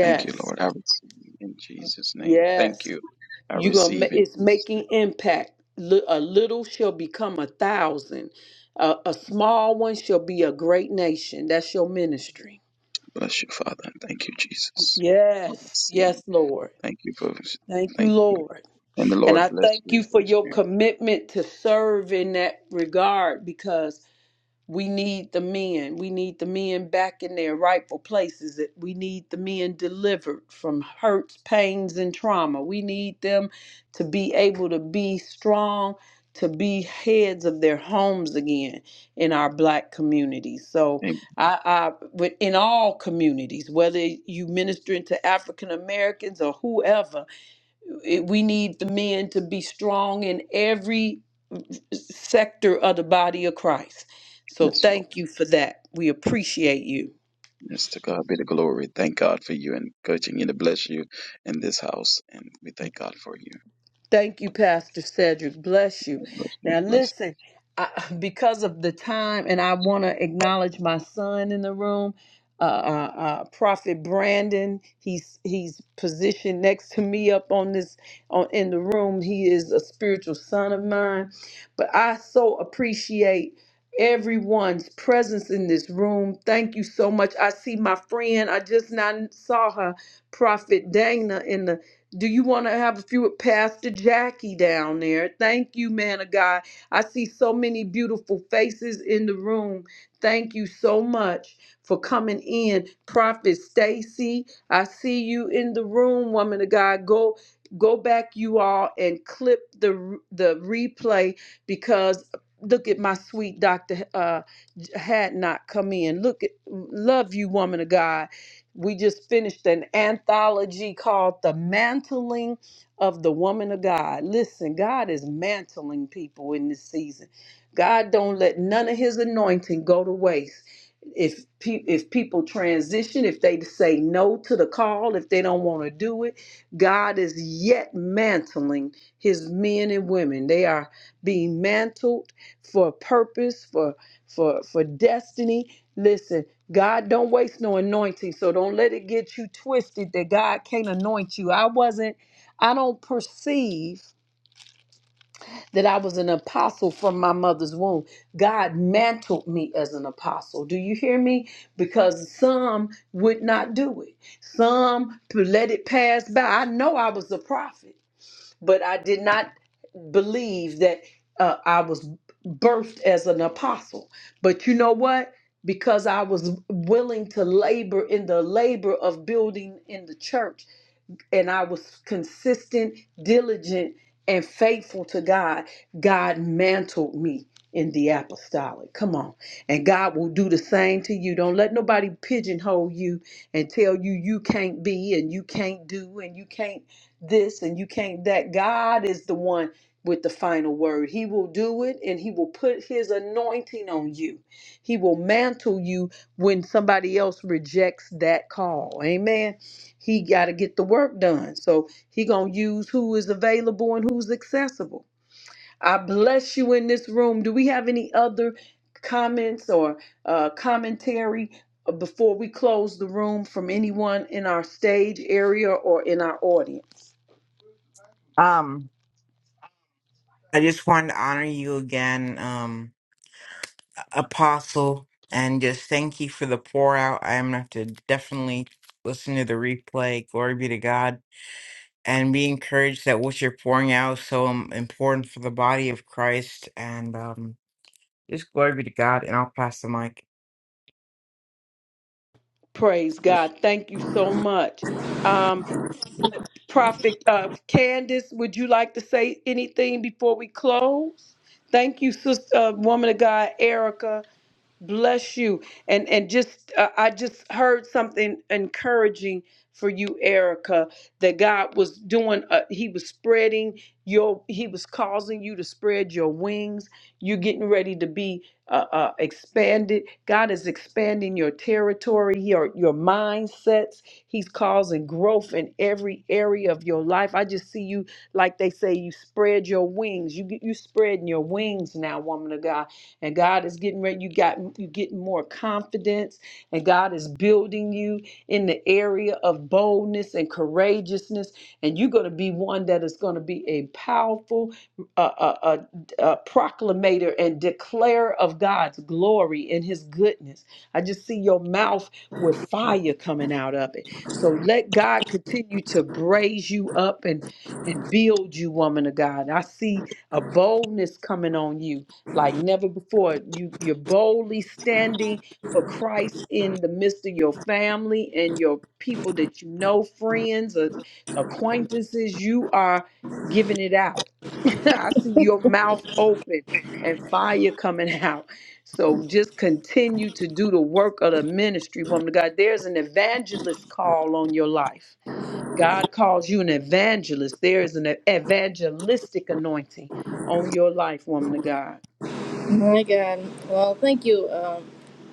Speaker 17: Thank you, Lord. I receive in Jesus' name. Thank
Speaker 3: yes.
Speaker 17: you. I
Speaker 3: You're going
Speaker 17: receive
Speaker 3: to,
Speaker 17: in
Speaker 3: it's
Speaker 17: Jesus' name.
Speaker 3: making impact. Li- A little shall become a thousand. A, a small one shall be a great nation. That's your ministry.
Speaker 17: Bless you, Father. Thank you, Jesus. I
Speaker 3: Yes,
Speaker 17: receive.
Speaker 3: yes, Lord.
Speaker 17: Thank you for
Speaker 3: Thank you,
Speaker 17: thank you.
Speaker 3: Lord.
Speaker 17: And the
Speaker 3: And
Speaker 17: Lord
Speaker 3: I
Speaker 17: bless
Speaker 3: thank
Speaker 17: you
Speaker 3: you
Speaker 17: for
Speaker 3: for your
Speaker 17: sharing.
Speaker 3: commitment to serve in that regard because We need the men. We need the men back in their rightful places. That We need the men delivered from hurts, pains, and trauma. We need them to be able to be strong, to be heads of their homes again in our black communities. So,
Speaker 17: Amen.
Speaker 3: I, I with- in all communities, whether you ministering to African Americans or whoever, it- we need the men to be strong in every sector of the body of Christ. So
Speaker 17: Yes, Lord.
Speaker 3: thank you for that. We appreciate you.
Speaker 17: Yes, to God be the glory. Thank God for you and continue to bless you in this house. And we thank God for you.
Speaker 3: Thank you, Pastor Cedric. Bless you.
Speaker 17: God Bless you.
Speaker 3: Now,
Speaker 17: Bless you.
Speaker 3: listen, I, because of the time, and I want to acknowledge my son in the room, uh, uh, uh, Prophet Brandon. He's he's positioned next to me up on this on in the room. He is a spiritual son of mine, but I so appreciate everyone's presence in this room. Thank you so much. I see my friend. I just now saw her, Prophet Dana, in the do you want to have a few with Pastor Jackie down there? Thank you, man of God. I see so many beautiful faces in the room. Thank you so much for coming in. Prophet Stacy, I see you in the room, woman of God. Go go back you all and clip the the replay because look at my sweet doctor uh had not come in. Look at love you, woman of God. We just finished an anthology called The Mantling of the Woman of God. Listen, God is mantling people in this season. God don't let none of his anointing go to waste. If pe- if people transition, if they say no to the call, if they don't want to do it, God is yet mantling his men and women. They are being mantled for purpose, for for for destiny. Listen, God don't waste no anointing, so don't let it get you twisted that God can't anoint you. I wasn't, I don't perceive that I was an apostle from my mother's womb. God mantled me as an apostle. Do you hear me? Because some would not do it, some let it pass by. I know I was a prophet but I did not believe that uh, I was birthed as an apostle. But you know what? Because I was willing to labor in the labor of building in the church and I was consistent, diligent, and faithful to God, God mantled me in the apostolic. Come on. And God will do the same to you. Don't let nobody pigeonhole you and tell you you can't be and you can't do and you can't this and you can't that. God is the one with the final word. He will do it and he will put his anointing on you. He will mantle you when somebody else rejects that call. Amen he got to get the work done so he gonna use who is available and who's accessible i bless you in this room do we have any other comments or uh, commentary uh, before we close the room from anyone in our stage area or in our audience
Speaker 10: um, I just wanted to honor you again. Um, Apostle, and just thank you for the pour out. I am going to have to definitely listen to the replay. Glory be to God. And be encouraged that what you're pouring out is so um, important for the body of Christ. And um, just glory be to God. And I'll pass the mic.
Speaker 3: praise god thank you so much um prophet uh candace would you like to say anything before we close thank you sister uh, woman of god erica Bless you. And and just uh, I just heard something encouraging for you, Erica, that God was doing uh, he was spreading your he was causing you to spread your wings. You're getting ready to be uh, uh, expanded. God is expanding your territory, your your mindsets. He's causing growth in every area of your life. I just see you like they say you spread your wings. You get you spreading your wings now, woman of God and God is getting ready. You got you getting more confidence, and God is building you in the area of boldness and courageousness. And you're going to be one that is going to be a powerful uh, uh, uh, uh, proclamator and declarer of God's glory and His goodness. I just see your mouth with fire coming out of it. So let God continue to braise you up and and build you, woman of God. I see a boldness coming on you like never before. You you're boldly standing for Christ in the midst of your family and your people that you know, friends or acquaintances. You are giving it out. I see your mouth open and fire coming out. So just continue to do the work of the ministry, woman of God. There's an evangelist call on your life. God calls you an evangelist. There is an evangelistic anointing on your life, woman of God.
Speaker 18: My God. Well, thank you, um,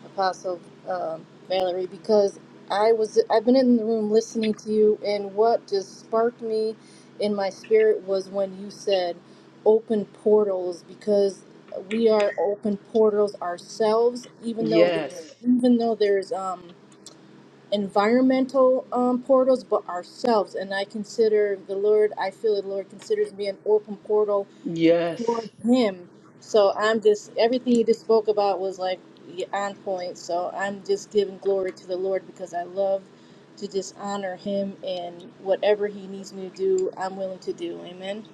Speaker 18: Apostle um, Valerie, because I was I've been in the room listening to you, and what just sparked me in my spirit was when you said open portals because we are open portals ourselves even though there's
Speaker 3: Yes.
Speaker 18: even though there's um environmental um portals but ourselves and i consider the lord i feel the lord considers me an open portal
Speaker 3: Yes.
Speaker 18: towards him. So I'm just everything you just spoke about was like on point. So I'm just giving glory to the Lord because I love to just honor him and whatever he needs me to do, I'm willing to do. Amen.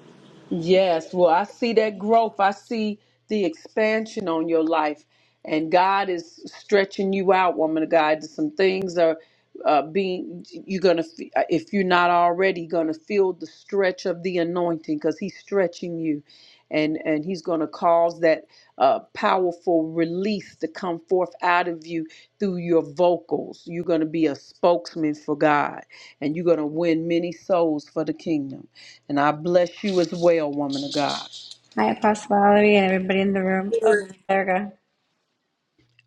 Speaker 3: Yes, well, I see that growth. I see the expansion on your life. And God is stretching you out, woman of God. Some things are uh, being, you're going to, if you're not already, going to feel the stretch of the anointing because He's stretching you. And, and he's going to cause that uh, powerful release to come forth out of you through your vocals. You're going to be a spokesman for God and you're going to win many souls for the kingdom. And I bless you as well, woman of God.
Speaker 19: Hi, Apostle Valerie, and everybody in the room. Oh, there we go.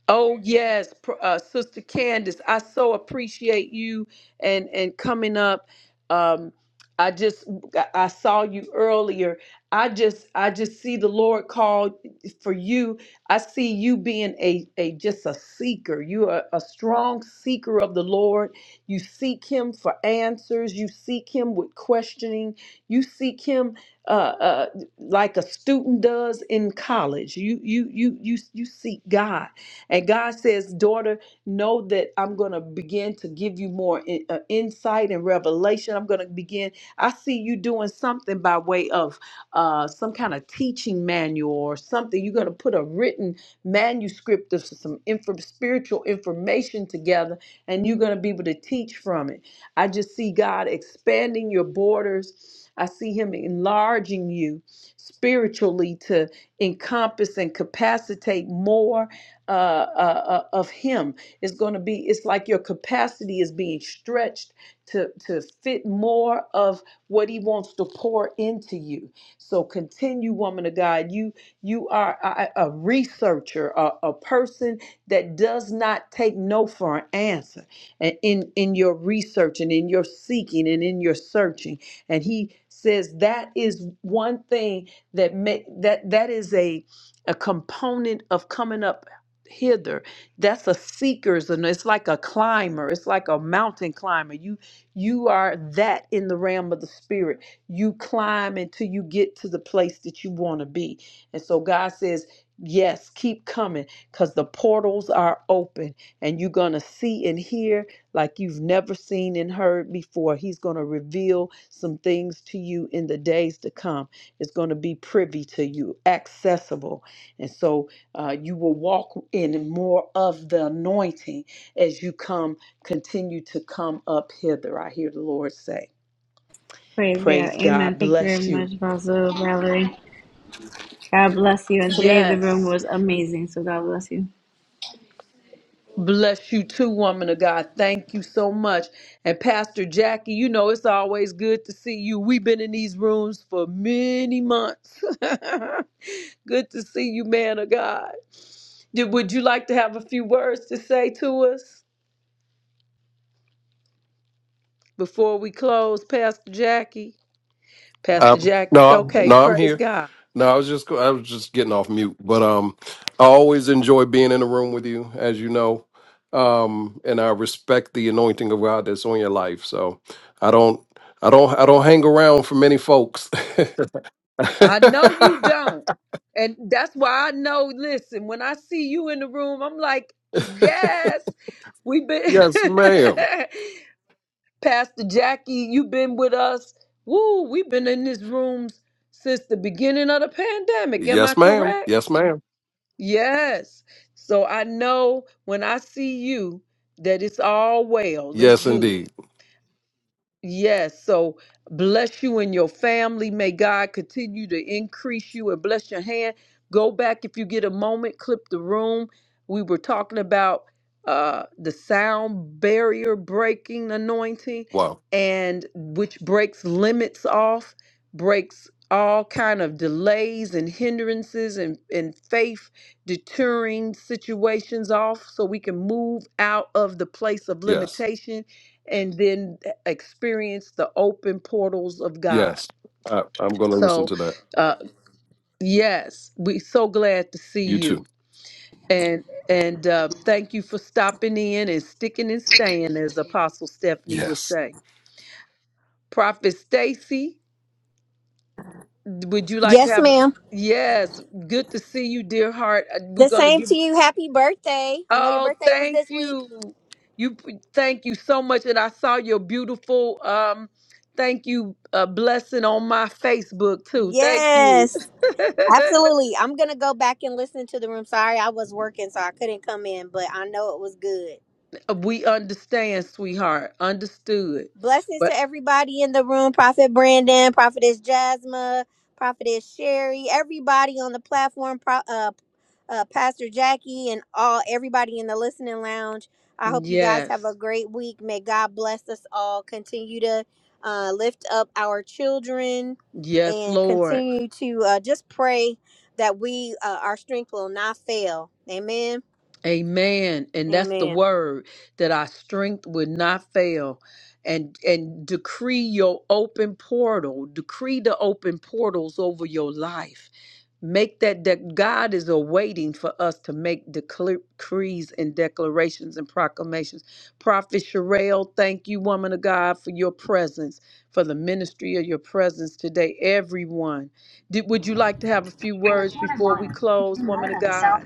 Speaker 3: Oh yes, pr- uh, Sister Candace, I so appreciate you and and coming up. Um, I just I I saw you earlier. I just I just see the Lord called for you. I see you being a a just a seeker. You are a strong seeker of the Lord. You seek Him for answers. You seek Him with questioning. You seek Him uh, uh, like a student does in college. You you you you you seek God and God says, Daughter, know that I'm going to begin to give you more in- uh, insight and revelation. I'm going to begin. I see you doing something by way of uh, some kind of teaching manual or something. You're going to put a written manuscript of some info, spiritual information together, and you're going to be able to teach from it. I just see God expanding your borders. I see Him enlarging you spiritually to encompass and capacitate more uh, uh, uh, of Him is going to be. It's like your capacity is being stretched to to fit more of what He wants to pour into you. So continue, woman of God. You you are a, a researcher, a, a person that does not take no for an answer, and in in your research and in your seeking and in your searching. And He says that is one thing that make that that is a a component of coming up hither that's a seeker's and it's like a climber it's like a mountain climber you you are that in the realm of the spirit you climb until you get to the place that you want to be and so god says yes keep coming because the portals are open and you're going to see and hear like you've never seen and heard before he's going to reveal some things to you in the days to come it's going to be privy to you accessible and so uh, you will walk in more of the anointing as you come, continue to come up hither. I hear the Lord say,
Speaker 19: Praise God.
Speaker 3: Praise
Speaker 19: Amen.
Speaker 3: God,
Speaker 19: Thank you very
Speaker 3: bless you.
Speaker 19: much, Apostle Valerie. God bless you. And today the room
Speaker 3: Yes.
Speaker 19: was amazing. So God bless you.
Speaker 3: Bless you too, woman of God. Thank you so much. And Pastor Jackie, you know it's always good to see you. We've been in these rooms for many months. good to see you, man of God. Did- Would you like to have a few words to say to us before we close, Pastor Jackie? Pastor
Speaker 20: Um,
Speaker 3: Jack.
Speaker 20: no,
Speaker 3: Okay,
Speaker 20: no, I'm
Speaker 3: praise
Speaker 20: here.
Speaker 3: God.
Speaker 20: No, I was just I was just getting off mute, but um, I always enjoy being in the room with you, as you know, um, and I respect the anointing of God that's on your life. So I don't, I don't, I don't hang around for many folks.
Speaker 3: I know you don't. And that's why I know, listen, when I see you in the room, I'm like, yes, we've been,
Speaker 20: yes, ma'am.
Speaker 3: Pastor Jackie, you've been with us. Woo, we've been in this room since the beginning of the pandemic. Am I
Speaker 20: Yes, ma'am.
Speaker 3: correct?
Speaker 20: Yes, ma'am.
Speaker 3: Yes. So I know when I see you that it's all well, it's
Speaker 20: Yes,
Speaker 3: good.
Speaker 20: indeed.
Speaker 3: Yes. So bless you and your family. May God continue to increase you and bless your hand. Go back if you get a moment, clip the room. We were talking about uh, the sound barrier breaking anointing
Speaker 20: Wow.
Speaker 3: and which breaks limits off, breaks all kind of delays and hindrances and, and faith deterring situations off so we can move out of the place of
Speaker 20: Yes.
Speaker 3: limitation and then experience the open portals of God.
Speaker 20: Yes. I, I'm going to listen
Speaker 3: So,
Speaker 20: to that.
Speaker 3: uh, yes, we so glad to see
Speaker 20: You too.
Speaker 3: you, and and uh, thank you for stopping in and sticking and staying, as Apostle Stephanie would
Speaker 20: Yes.
Speaker 3: say. Prophet Stacy, would you like to
Speaker 21: Yes,
Speaker 3: have?
Speaker 21: ma'am.
Speaker 3: Yes, good to see you, dear heart. Uh, We're
Speaker 21: The
Speaker 3: gonna
Speaker 21: same
Speaker 3: give.
Speaker 21: to you. Happy birthday. I know your
Speaker 3: Oh,
Speaker 21: birthday was
Speaker 3: thank
Speaker 21: this week.
Speaker 3: you. You p- thank you so much. And I saw your beautiful um thank you uh, blessing on my Facebook too. Thank you.
Speaker 21: Yes, absolutely. I'm going to go back and listen to the room. Sorry, I was working, so I couldn't come in, but I know it was good.
Speaker 3: we understand, sweetheart. Understood.
Speaker 21: Blessings to
Speaker 3: But
Speaker 21: everybody in the room. Prophet Brandon, Prophetess Jasma, Prophetess Sherry, everybody on the platform, Pro, uh, uh, Pastor Jackie, and all everybody in the listening lounge. I hope you guys have a
Speaker 3: yes,
Speaker 21: great week. May God bless us all. Continue to uh, lift up our children
Speaker 3: yes,
Speaker 21: and
Speaker 3: Lord.
Speaker 21: continue to uh, just pray that we uh, our strength will not fail. Amen.
Speaker 3: Amen. And that's the
Speaker 21: Amen.
Speaker 3: word that our strength would not fail. And and decree your open portal. Decree the open portals over your life Make that that God is awaiting for us to make decl- decrees and declarations and proclamations. Prophet Sherelle, thank you, woman of God, for your presence, for the ministry of your presence today. Everyone, Did, would you like to have a few words before we close, woman of God?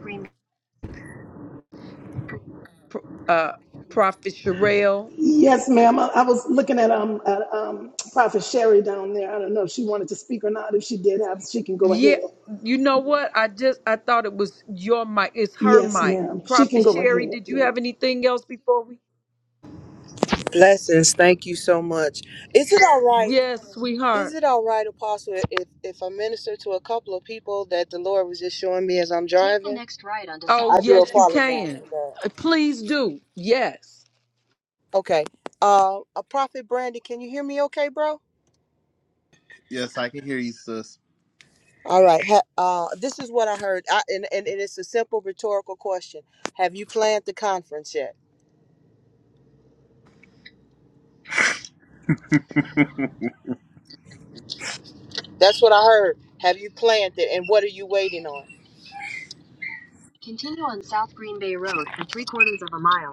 Speaker 3: Pro- Uh, Prophet Sherelle,
Speaker 22: Yes, ma'am. I, I was looking at um, uh, um, Prophet Sherry down there. I don't know if she wanted to speak or not. If she did have, she can go
Speaker 3: yeah.
Speaker 22: ahead.
Speaker 3: You know what? I just I thought it was your mic. It's her
Speaker 22: Yes,
Speaker 3: mic.
Speaker 22: ma'am. She can
Speaker 3: Prophet
Speaker 22: go
Speaker 3: Sherry,
Speaker 22: ahead.
Speaker 3: did you
Speaker 22: Yes.
Speaker 3: have anything else before we?
Speaker 13: Blessings. Thank you so much. Is it all right?
Speaker 3: Yes, sweetheart.
Speaker 13: Is it all right, Apostle, if, if I minister to a couple of people that the Lord was just showing me as I'm driving?
Speaker 3: Oh,
Speaker 13: I do
Speaker 3: yes, you
Speaker 13: apologize
Speaker 3: can.
Speaker 13: for that.
Speaker 3: Uh, Please do. Yes.
Speaker 13: Okay. Uh, a prophet Brandy, can you hear me okay, bro?
Speaker 23: Yes, I can hear you, sis.
Speaker 13: All right. Ha- uh, this is what I heard. I, and, and, and it's a simple rhetorical question. Have you planned the conference yet? That's what I heard. Have you planned it? And what are you waiting on? Continue on South Green Bay Road for three quarters of a mile.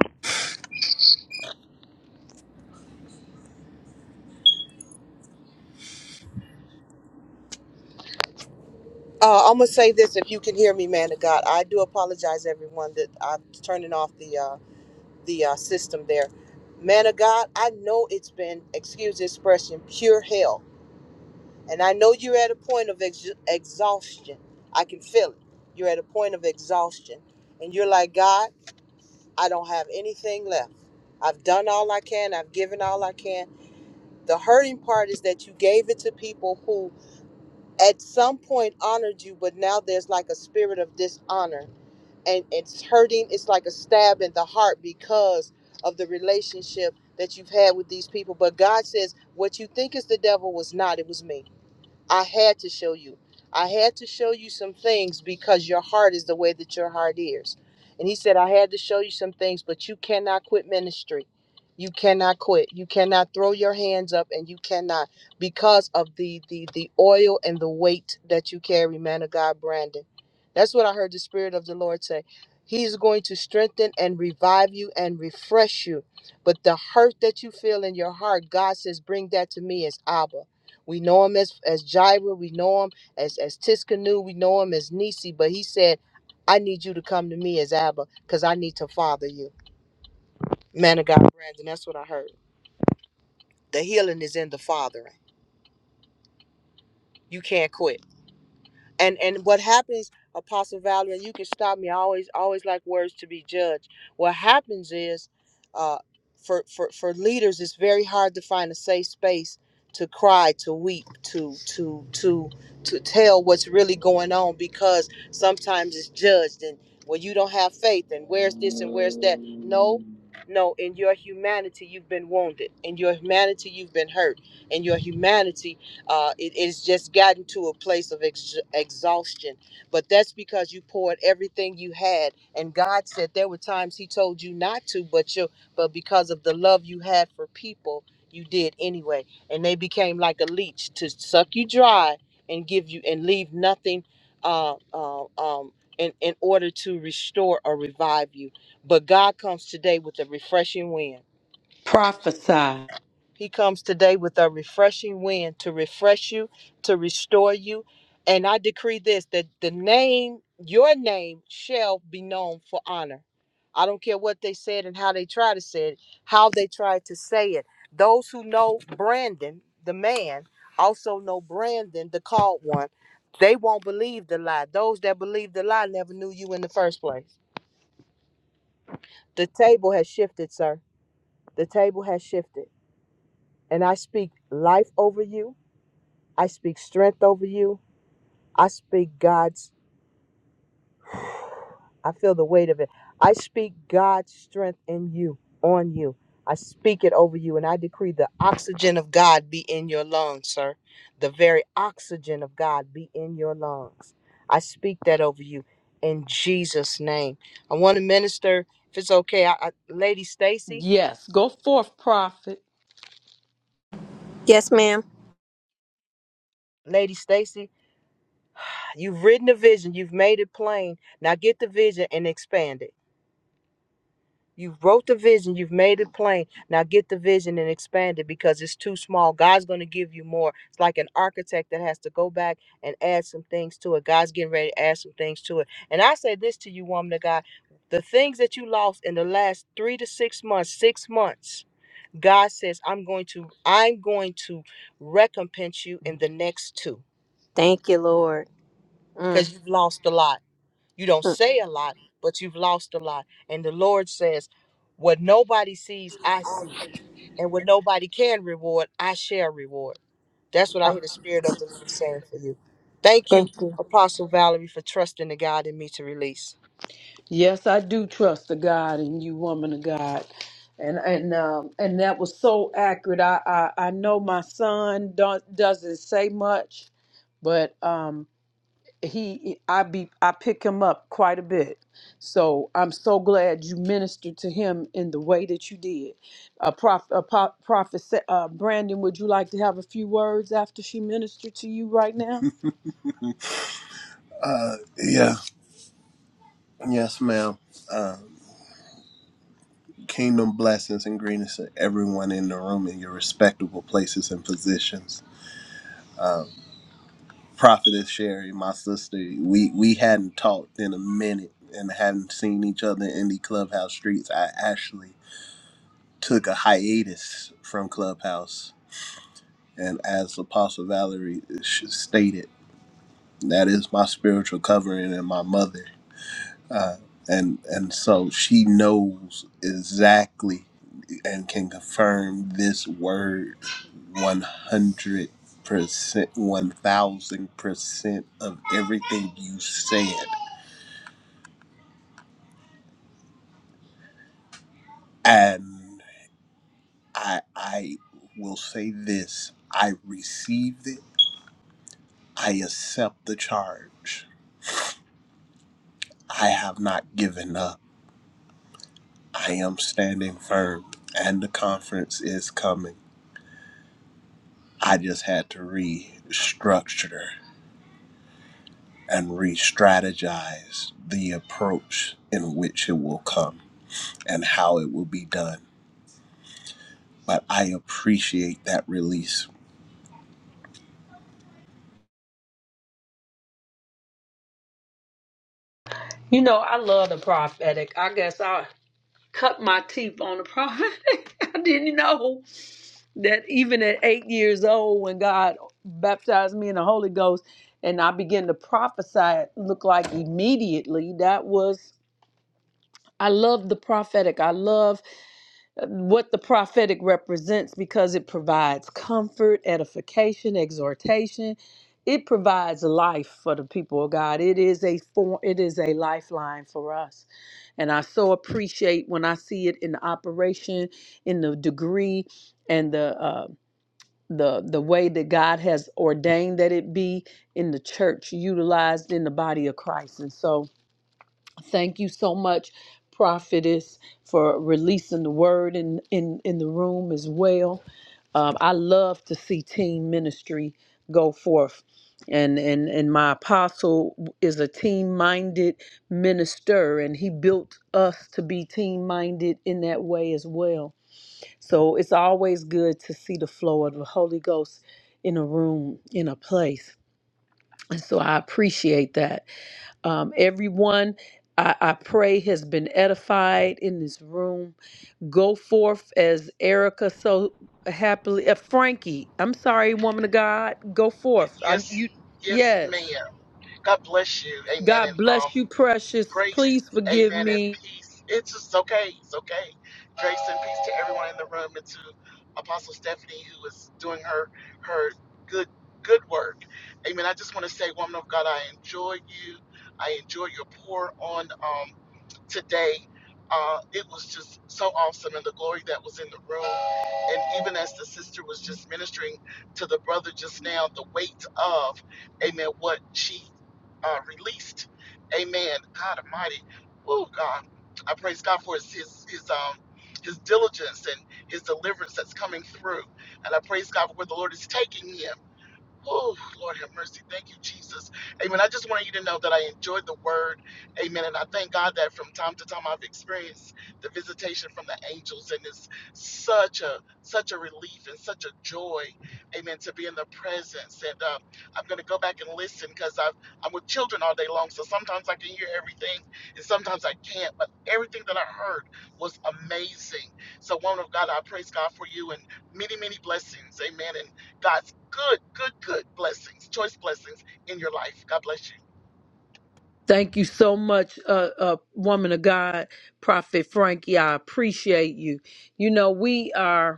Speaker 13: Uh, I'm going to say this if you can hear me, man of God. I do apologize, everyone, that I'm turning off the, uh, the uh, system there. Man of God, I know it's been, excuse the expression, pure hell And I know you're at a point of ex- exhaustion. I can feel it. You're at a point of exhaustion. And you're like, God, I don't have anything left. I've done all I can, I've given all I can. The hurting part is that you gave it to people who at some point honored you, but now there's like a spirit of dishonor. And it's hurting, it's like a stab in the heart because of the relationship that you've had with these people. But God says, what you think is the devil was not, it was me. I had to show you. I had to show you some things because your heart is the way that your heart is. And he said, I had to show you some things, but you cannot quit ministry. You cannot quit. You cannot throw your hands up and you cannot because of the the the oil and the weight that you carry, man of God, Brandon. That's what I heard the Spirit of the Lord say. He's going to strengthen and revive you and refresh you. But the hurt that you feel in your heart, God says, bring that to me as Abba. We know him as as Jireh, we know him as as Tiskanu, we know him as Nisi, but he said, I need you to come to me as Abba, because I need to father you. Man of God, Brandon, that's what I heard. The healing is in the fathering. You can't quit. and and what happens apostle valerie and you can stop me i always always like words to be judged what happens is uh for for for leaders it's very hard to find a safe space to cry to weep to to to to tell what's really going on because sometimes it's judged and well you don't have faith and where's this and where's that no no in your humanity you've been wounded in your humanity you've been hurt in your humanity uh, it, it's just gotten to a place of ex- exhaustion. But that's because you poured everything you had, and God said there were times He told you not to, but you, but because of the love you had for people, you did anyway, and they became like a leech to suck you dry and give you and leave nothing. Uh, uh, um, in, in order to restore or revive you. But God comes today with a refreshing wind
Speaker 3: Prophesy.
Speaker 13: he comes today with a refreshing wind to refresh you, to restore you. And I decree this that the name, your name, shall be known for honor. I don't care what they said and how they tried to say it, how they tried to say it. Those who know Brandon, the man, also know Brandon, the called one. They won't believe the lie. Those that believe the lie never knew you in the first place. The table has shifted, sir. The table has shifted. And I speak life over you. I speak strength over you. I speak God's, I feel the weight of it. I speak God's strength in you, on you. I speak it over you, and I decree the oxygen of God be in your lungs, sir. The very oxygen of God be in your lungs. I speak that over you in Jesus' name. I want to minister, if it's okay, I, I, Lady Stacy.
Speaker 3: Yes. Go forth, prophet.
Speaker 21: Yes, ma'am.
Speaker 13: Lady Stacy, you've written the vision, you've made it plain. Now get the vision and expand it. You've wrote the vision, you've made it plain. Now get the vision and expand it because it's too small. God's going to give you more. It's like an architect that has to go back and add some things to it. God's getting ready to add some things to it. And I say this to you, woman of God the things that you lost in the last three to six months, six months. God says, I'm going to, I'm going to recompense you in the next two.
Speaker 21: Thank you, Lord. Mm.
Speaker 13: Because you've lost a lot. You don't say a lot, but you've lost a lot. And the Lord says, What nobody sees, I see. And what nobody can reward, I shall reward. That's what I hear the Spirit of the Lord saying for you. Thank you, Apostle Valerie, for trusting the God in me to release.
Speaker 3: Yes, I do trust the God and you, woman of God. And and um and that was so accurate. I I, I know my son don't, doesn't say much, but um he I be I pick him up quite a bit. So I'm so glad you ministered to him in the way that you did. Uh, Prof, uh, Pro- Prophet Sa- uh, Brandon, would you like to have a few words after she ministered to you right now?
Speaker 23: Uh, yeah, yes, ma'am. Um, kingdom blessings and greetings to everyone in the room in your respectable places and positions. Um, Prophetess Sherry, my sister, we we hadn't talked in a minute and hadn't seen each other in the clubhouse streets. I actually took a hiatus from clubhouse, and as Apostle Valerie sh- stated, that is my spiritual covering and my mother. uh, and and so she knows exactly and can confirm this word one hundred percent, one thousand percent of everything you said. And I I will say this: I received it. I accept the charge. I have not given up. I am standing firm, and the conference is coming. I just had to restructure and re strategize the approach in which it will come and how it will be done. But I appreciate that release.
Speaker 3: You know, I love the prophetic. I guess I cut my teeth on the prophetic. I didn't know that even at eight years old, when God baptized me in the Holy Ghost and I began to prophesy, it looked like immediately that was I love the prophetic. I love uh, what the prophetic represents because it provides comfort, edification, exhortation. It provides life for the people of God. It is a form, it is a lifeline for us. And I so appreciate when I see it in the operation, in the degree and the uh the, the way that God has ordained that it be in the church, utilized in the body of Christ. And so Thank you so much, prophetess, for releasing the word in in in the room as well. Um, I love to see team ministry go forth, and and and my apostle is a team-minded minister, and he built us to be team-minded in that way as well. So it's always good to see the flow of the Holy Ghost in a room, in a place, and so I appreciate that. Um, everyone I, I pray has been edified in this room. Go forth as Erica so happily, uh, Frankie. I'm sorry, woman of God. Go forth. I,
Speaker 24: Yes,
Speaker 3: you,
Speaker 24: yes, ma'am.
Speaker 3: yes.
Speaker 24: God bless you. Amen. And
Speaker 3: God
Speaker 24: um,
Speaker 3: bless you, precious.
Speaker 24: grace,
Speaker 3: Please forgive
Speaker 24: amen, and
Speaker 3: me.
Speaker 24: peace. It's just okay. It's okay. Grace and peace to everyone in the room and to Apostle Stephanie who is doing her her good good work. Amen. I just want to say, woman of God, I enjoy you. I enjoy your pour on. Um, today. Uh, it was just so awesome, and the glory that was in the room. And even as the sister was just ministering to the brother just now, the weight of, amen, what she uh, released, amen. God Almighty, oh God, I praise God for his his his um his diligence and his deliverance that's coming through, and I praise God for where the Lord is taking him. Oh, Lord have mercy. Thank you, Jesus. Amen. I just want you to know that I enjoyed the word. Amen. And I thank God that from time to time I've experienced the visitation from the angels. And it's such a such a relief and such a joy. Amen. To be in the presence. And um, I'm gonna go back and listen because i am with children all day long. So sometimes I can hear everything and sometimes I can't. But everything that I heard was amazing. So woman of God, I praise God for you and many, many blessings. Amen. And God's good, good, good blessings, choice blessings in your life. God bless you.
Speaker 3: Thank you so much, uh, uh, woman of God, Prophet Frankie. I appreciate you. You know we are.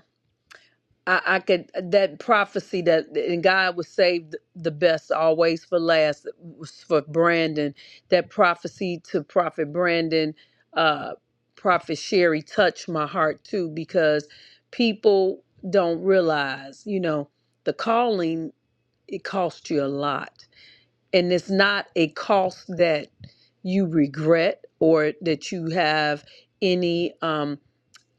Speaker 3: I, I could that prophecy that and God would save th- the best always for last was for Brandon. That prophecy to Prophet Brandon, uh, Prophet Sherry touched my heart too because people don't realize, you know, the calling it costs you a lot, and it's not a cost that you regret or that you have any. Um,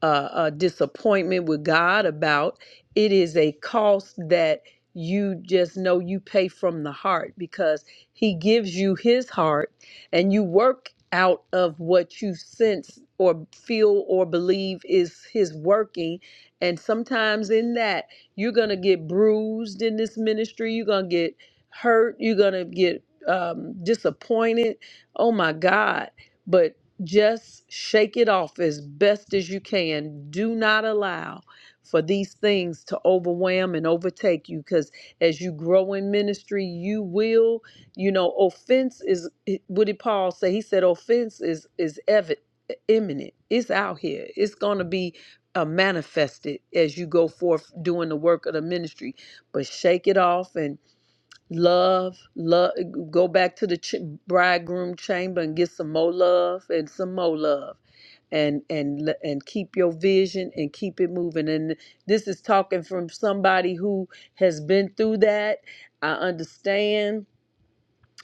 Speaker 3: uh, a disappointment with God about. It is a cost that you just know you pay from the heart because He gives you His heart and you work out of what you sense or feel or believe is His working. And sometimes in that, you're going to get bruised in this ministry, you're going to get hurt, you're going to get um, disappointed. Oh my God. But just shake it off as best as you can. Do not allow for these things to overwhelm and overtake you because as you grow in ministry, you will, you know, offense is what did Paul say? He said offense is is evident imminent. It's out here. It's gonna be uh, manifested as you go forth doing the work of the ministry. But shake it off and love love go back to the ch- bridegroom chamber and get some more love and some more love and and le- and keep your vision and keep it moving and this is talking from somebody who has been through that i understand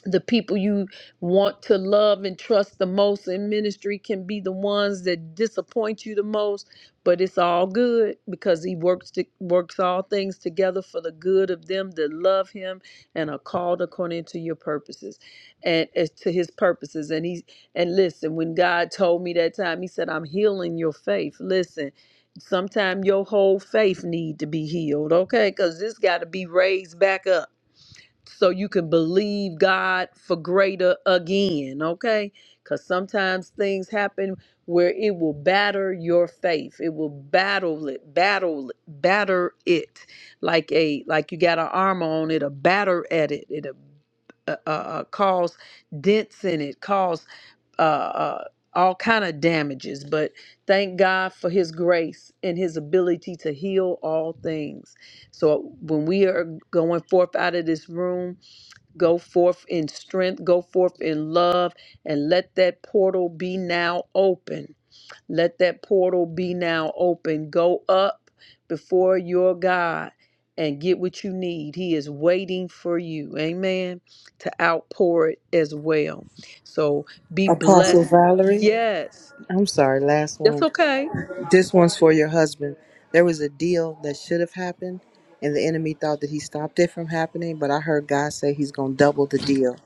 Speaker 3: the people you want to love and trust the most in ministry can be the ones that disappoint you the most but it's all good because he works to, works all things together for the good of them that love him and are called according to your purposes and as to his purposes and he and listen when god told me that time he said i'm healing your faith listen sometime your whole faith need to be healed okay because this got to be raised back up so you can believe God for greater again, okay? Because sometimes things happen where it will batter your faith. It will battle it, battle, it, batter it, like a like you got an armor on it, a batter at it. It'll uh, uh, uh, cause dents in it, cause uh, uh, all kind of damages. But thank God for His grace and His ability to heal all things. So when we are going forth out of this room, go forth in strength, go forth in love, and let that portal be now open. Let that portal be now open. Go up before your God and get what you need. He is waiting for you. Amen. To outpour it as well. So be
Speaker 13: Apostle
Speaker 3: blessed.
Speaker 13: Valerie,
Speaker 3: Yes.
Speaker 13: I'm sorry, last
Speaker 3: That's
Speaker 13: one.
Speaker 3: okay.
Speaker 13: This one's for your husband. There was a deal that should have happened, and the enemy thought that he stopped it from happening, but I heard God say he's going to double the deal.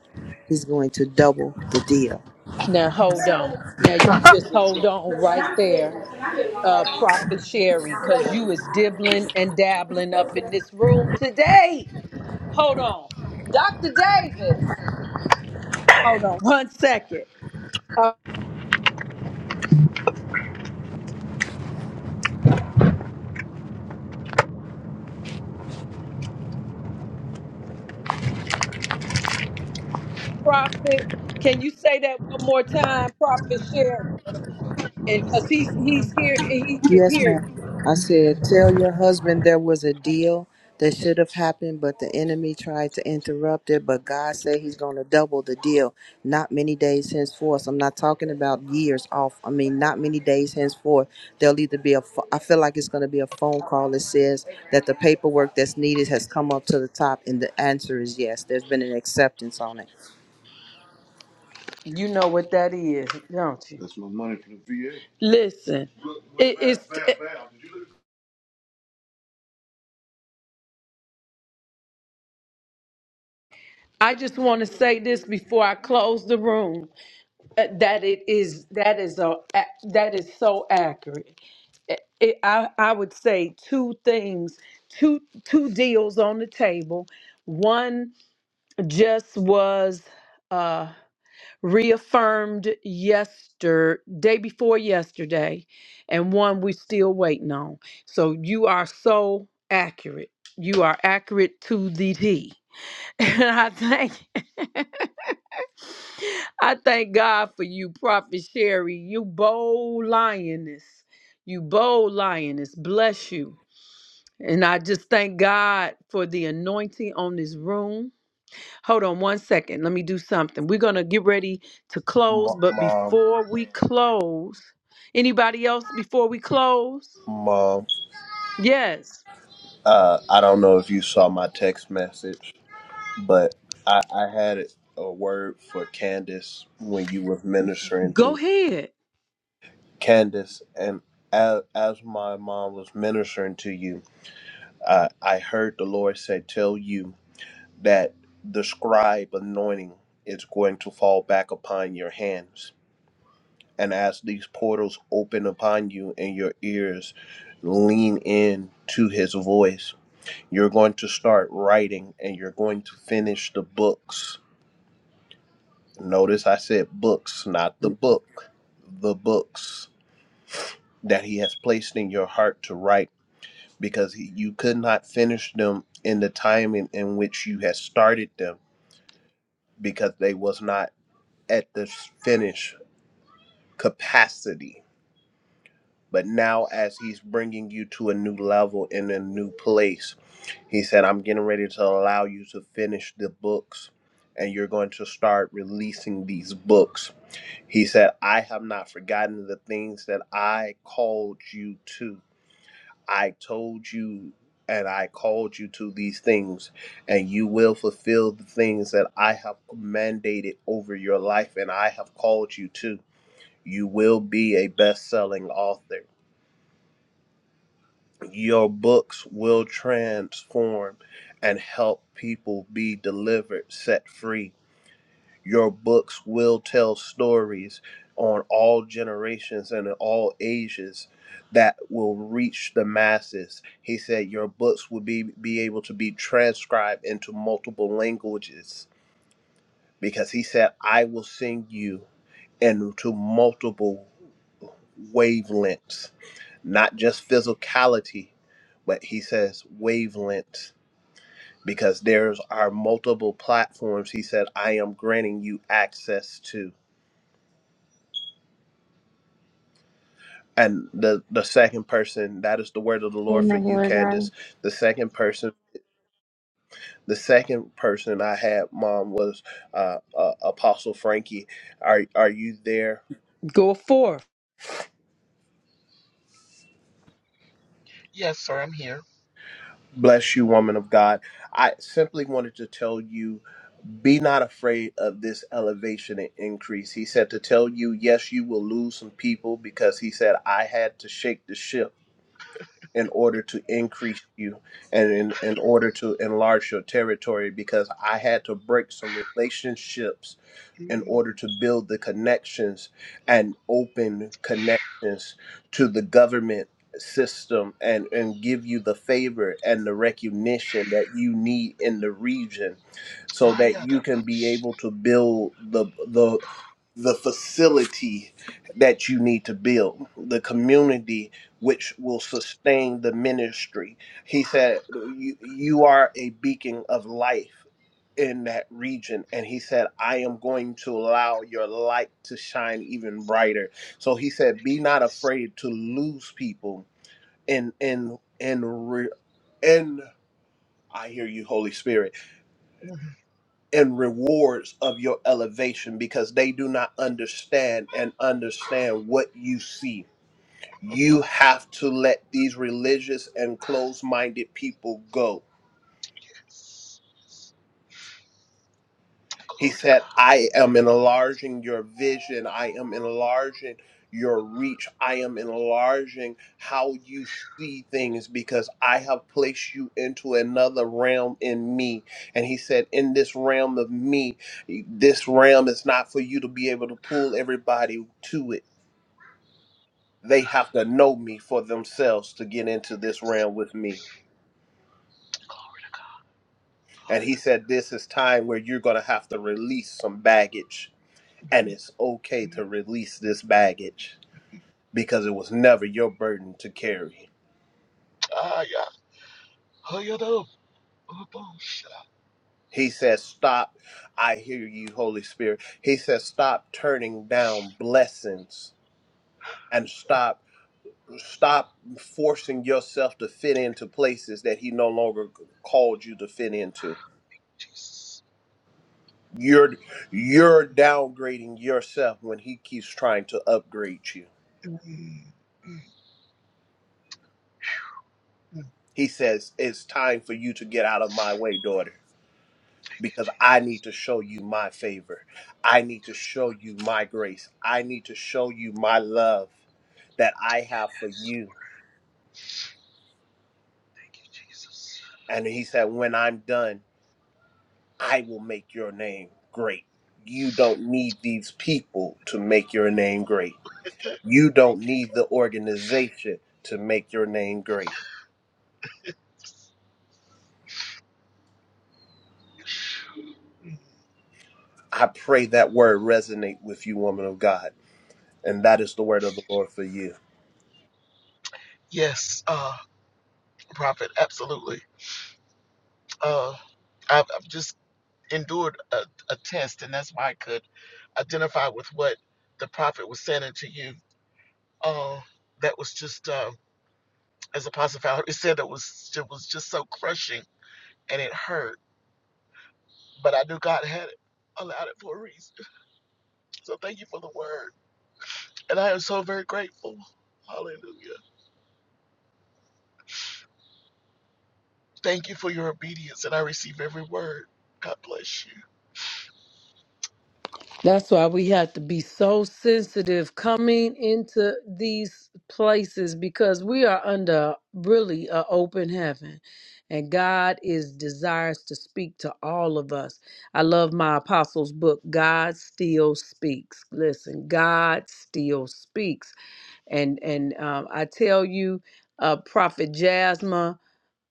Speaker 13: He's going to double the deal.
Speaker 3: Now hold on. Now you just hold on right there. uh, Prophet Sherry, because you was dibbling and dabbling up in this room today. Hold on. Dr. Davis, one second. Uh, Prophet, can you say that one more time, Prophet Sherry? And because he's, he's here and he could
Speaker 13: Yes, ma'am.
Speaker 3: hear you.
Speaker 13: I said, tell your husband there was a deal that should have happened, but the enemy tried to interrupt it. But God said He's going to double the deal. Not many days henceforth. I'm not talking about years off. I mean, not many days henceforth. There'll either be a. pho- I feel like it's going to be a phone call that says that the paperwork that's needed has come up to the top, and the answer is yes. There's been an acceptance on it.
Speaker 3: You know what that is, don't you? Listen, Look, look, it, it's. bam, bam, bam. Did you look? I just want to say this before I close the room uh, that it is that is a that is so accurate. it, it- I, I would say two things, two two deals on the table. One just was uh, reaffirmed yesterday, day before yesterday, and one we still waiting on. So you are so accurate. You are accurate to the T. And I thank I thank God for you, Prophet Sherry. You bold lioness. You bold lioness. Bless you. And I just thank God for the anointing on this room. Hold on one second. Let me do something. We're going to get ready to close. But
Speaker 23: Mom,
Speaker 3: before we close, anybody else before we close?
Speaker 23: mom,
Speaker 3: Yes.
Speaker 23: uh, I don't know if you saw my text message, but I, I had a word for Candace when you were ministering
Speaker 3: Go
Speaker 23: to
Speaker 3: ahead.
Speaker 23: Candace. And as, as my mom was ministering to you, I, I heard the Lord say, Tell you that the scribe anointing is going to fall back upon your hands. And as these portals open upon you and your ears lean in to his voice, you're going to start writing and you're going to finish the books. Notice I said books, not the book, the books that he has placed in your heart to write because he, you could not finish them in the time in, in which you had started them because they was not at the finish capacity. But now, as he's bringing you to a new level in a new place, he said, I'm getting ready to allow you to finish the books and you're going to start releasing these books. He said, I have not forgotten the things that I called you to. I told you and I called you to these things, and you will fulfill the things that I have mandated over your life and I have called you to. You will be a best selling author. Your books will transform and help people be delivered, set free. Your books will tell stories on all generations and in all ages that will reach the masses. He said your books will be, be able to be transcribed into multiple languages because he said, I will send you into multiple wavelengths not just physicality, but he says wavelength because there's are multiple platforms he said I am granting you access to. And the the second person, that is the word of the Lord for
Speaker 19: Amen.
Speaker 23: you,
Speaker 19: Lord God.
Speaker 23: Candace. The second person, the second person I had, Mom, was uh, uh, Apostle Frankie. Are are you there?
Speaker 3: Go forth.
Speaker 24: Yes, sir, I'm here.
Speaker 23: Bless you, woman of God. I simply wanted to tell you Be not afraid of this elevation and increase. He said to tell you, yes, you will lose some people because he said, I had to shake the ship in order to increase you and in, in order to enlarge your territory because I had to break some relationships in order
Speaker 24: Mhm.
Speaker 23: to build the connections and open connections to the government system and, and give you the favor and the recognition that you need in the region so
Speaker 24: Ah,
Speaker 23: that
Speaker 24: yeah,
Speaker 23: you
Speaker 24: that
Speaker 23: can be
Speaker 24: much.
Speaker 23: able to build the the the facility that you need to build the community which will sustain the ministry he said you, you are a beacon of life in that region and he said i am going to allow your light to shine even brighter so he said be not afraid to lose people and and and re- and i hear you holy spirit
Speaker 24: Mhm.
Speaker 23: and rewards of your elevation because they do not understand and understand what you see you have to let these religious and closed-minded people go
Speaker 24: Yes. yes.
Speaker 23: He
Speaker 24: Glory to
Speaker 23: said,
Speaker 24: God.
Speaker 23: I am enlarging your vision. I am enlarging your reach. I am enlarging how you see things because I have placed you into another realm in me. And he said, In this realm of me, this realm is not for you to be able to pull everybody to it. They have to know me for themselves to get into this
Speaker 24: Yes.
Speaker 23: realm with me.
Speaker 24: Glory to God.
Speaker 23: And he
Speaker 24: Hallelujah.
Speaker 23: said, This is time where you're going to have to release some baggage and it's okay
Speaker 24: Mhm.
Speaker 23: to release this baggage because it was never your burden to carry.
Speaker 24: Ah, yeah. Oh, yeah, that up. Oh, boom. Shut up,
Speaker 23: He says, Stop. I hear you, Holy Spirit. He says, Stop turning down blessings and stop. Stop forcing yourself to fit into places that he no longer called you to fit into.
Speaker 24: Jesus.
Speaker 23: You're you're downgrading yourself when he keeps trying to upgrade you.
Speaker 24: Mhm. Mhm. Mhm.
Speaker 23: He says it's time for you to get out of my way, daughter
Speaker 24: Thank you,
Speaker 23: because I need
Speaker 24: Jesus.
Speaker 23: to show you my favor. I need to
Speaker 24: Yes.
Speaker 23: show you my grace. I need to show you my love that I have for
Speaker 24: yes.
Speaker 23: you.
Speaker 24: Thank you, Jesus.
Speaker 23: And he said, When I'm done, I will make your name great. You don't need these people to make your name great. You don't
Speaker 24: Thank you.
Speaker 23: need the organization to make your name great.
Speaker 24: Mhm.
Speaker 23: I pray that word resonate with you, woman of God. And that is the word of the Lord for you.
Speaker 24: Yes, uh, prophet, absolutely. Uh, I've, I've just endured a, a test, and that's why I could identify with what the prophet was saying to you. Oh, that was just, um, as Apostle Valerie said, it was it was just so crushing and it hurt. But I knew God had it, allowed it for a reason. So thank you for the word, and I am so very grateful. Hallelujah. Thank you for your obedience, and I receive every word. God bless you.
Speaker 3: That's why we have to be so sensitive coming into these places because we are under really an open heaven and God is desires to speak to all of us. I love my apostles book God still speaks. Listen, God still speaks and and um, I tell you uh, prophet Jasmine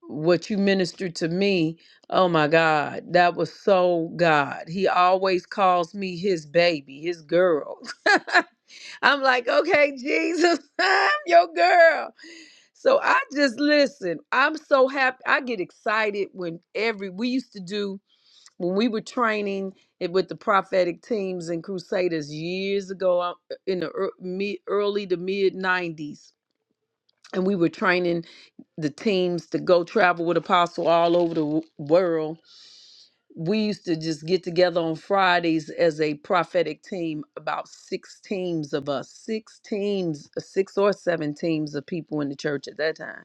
Speaker 3: what you ministered to me. Oh my God, that was so God. He always calls me his baby, his girl. I'm like, okay, Jesus, I'm your girl. So I just listen. I'm so happy. I get excited when every we used to do when we were training it with the prophetic teams and crusaders years ago uh, in the ear- mid- early to mid 90s and we were training the teams to go travel with apostle all over the w- world we used to just get together on fridays as a prophetic team about six teams of us six teams six or seven teams of people in the church at that time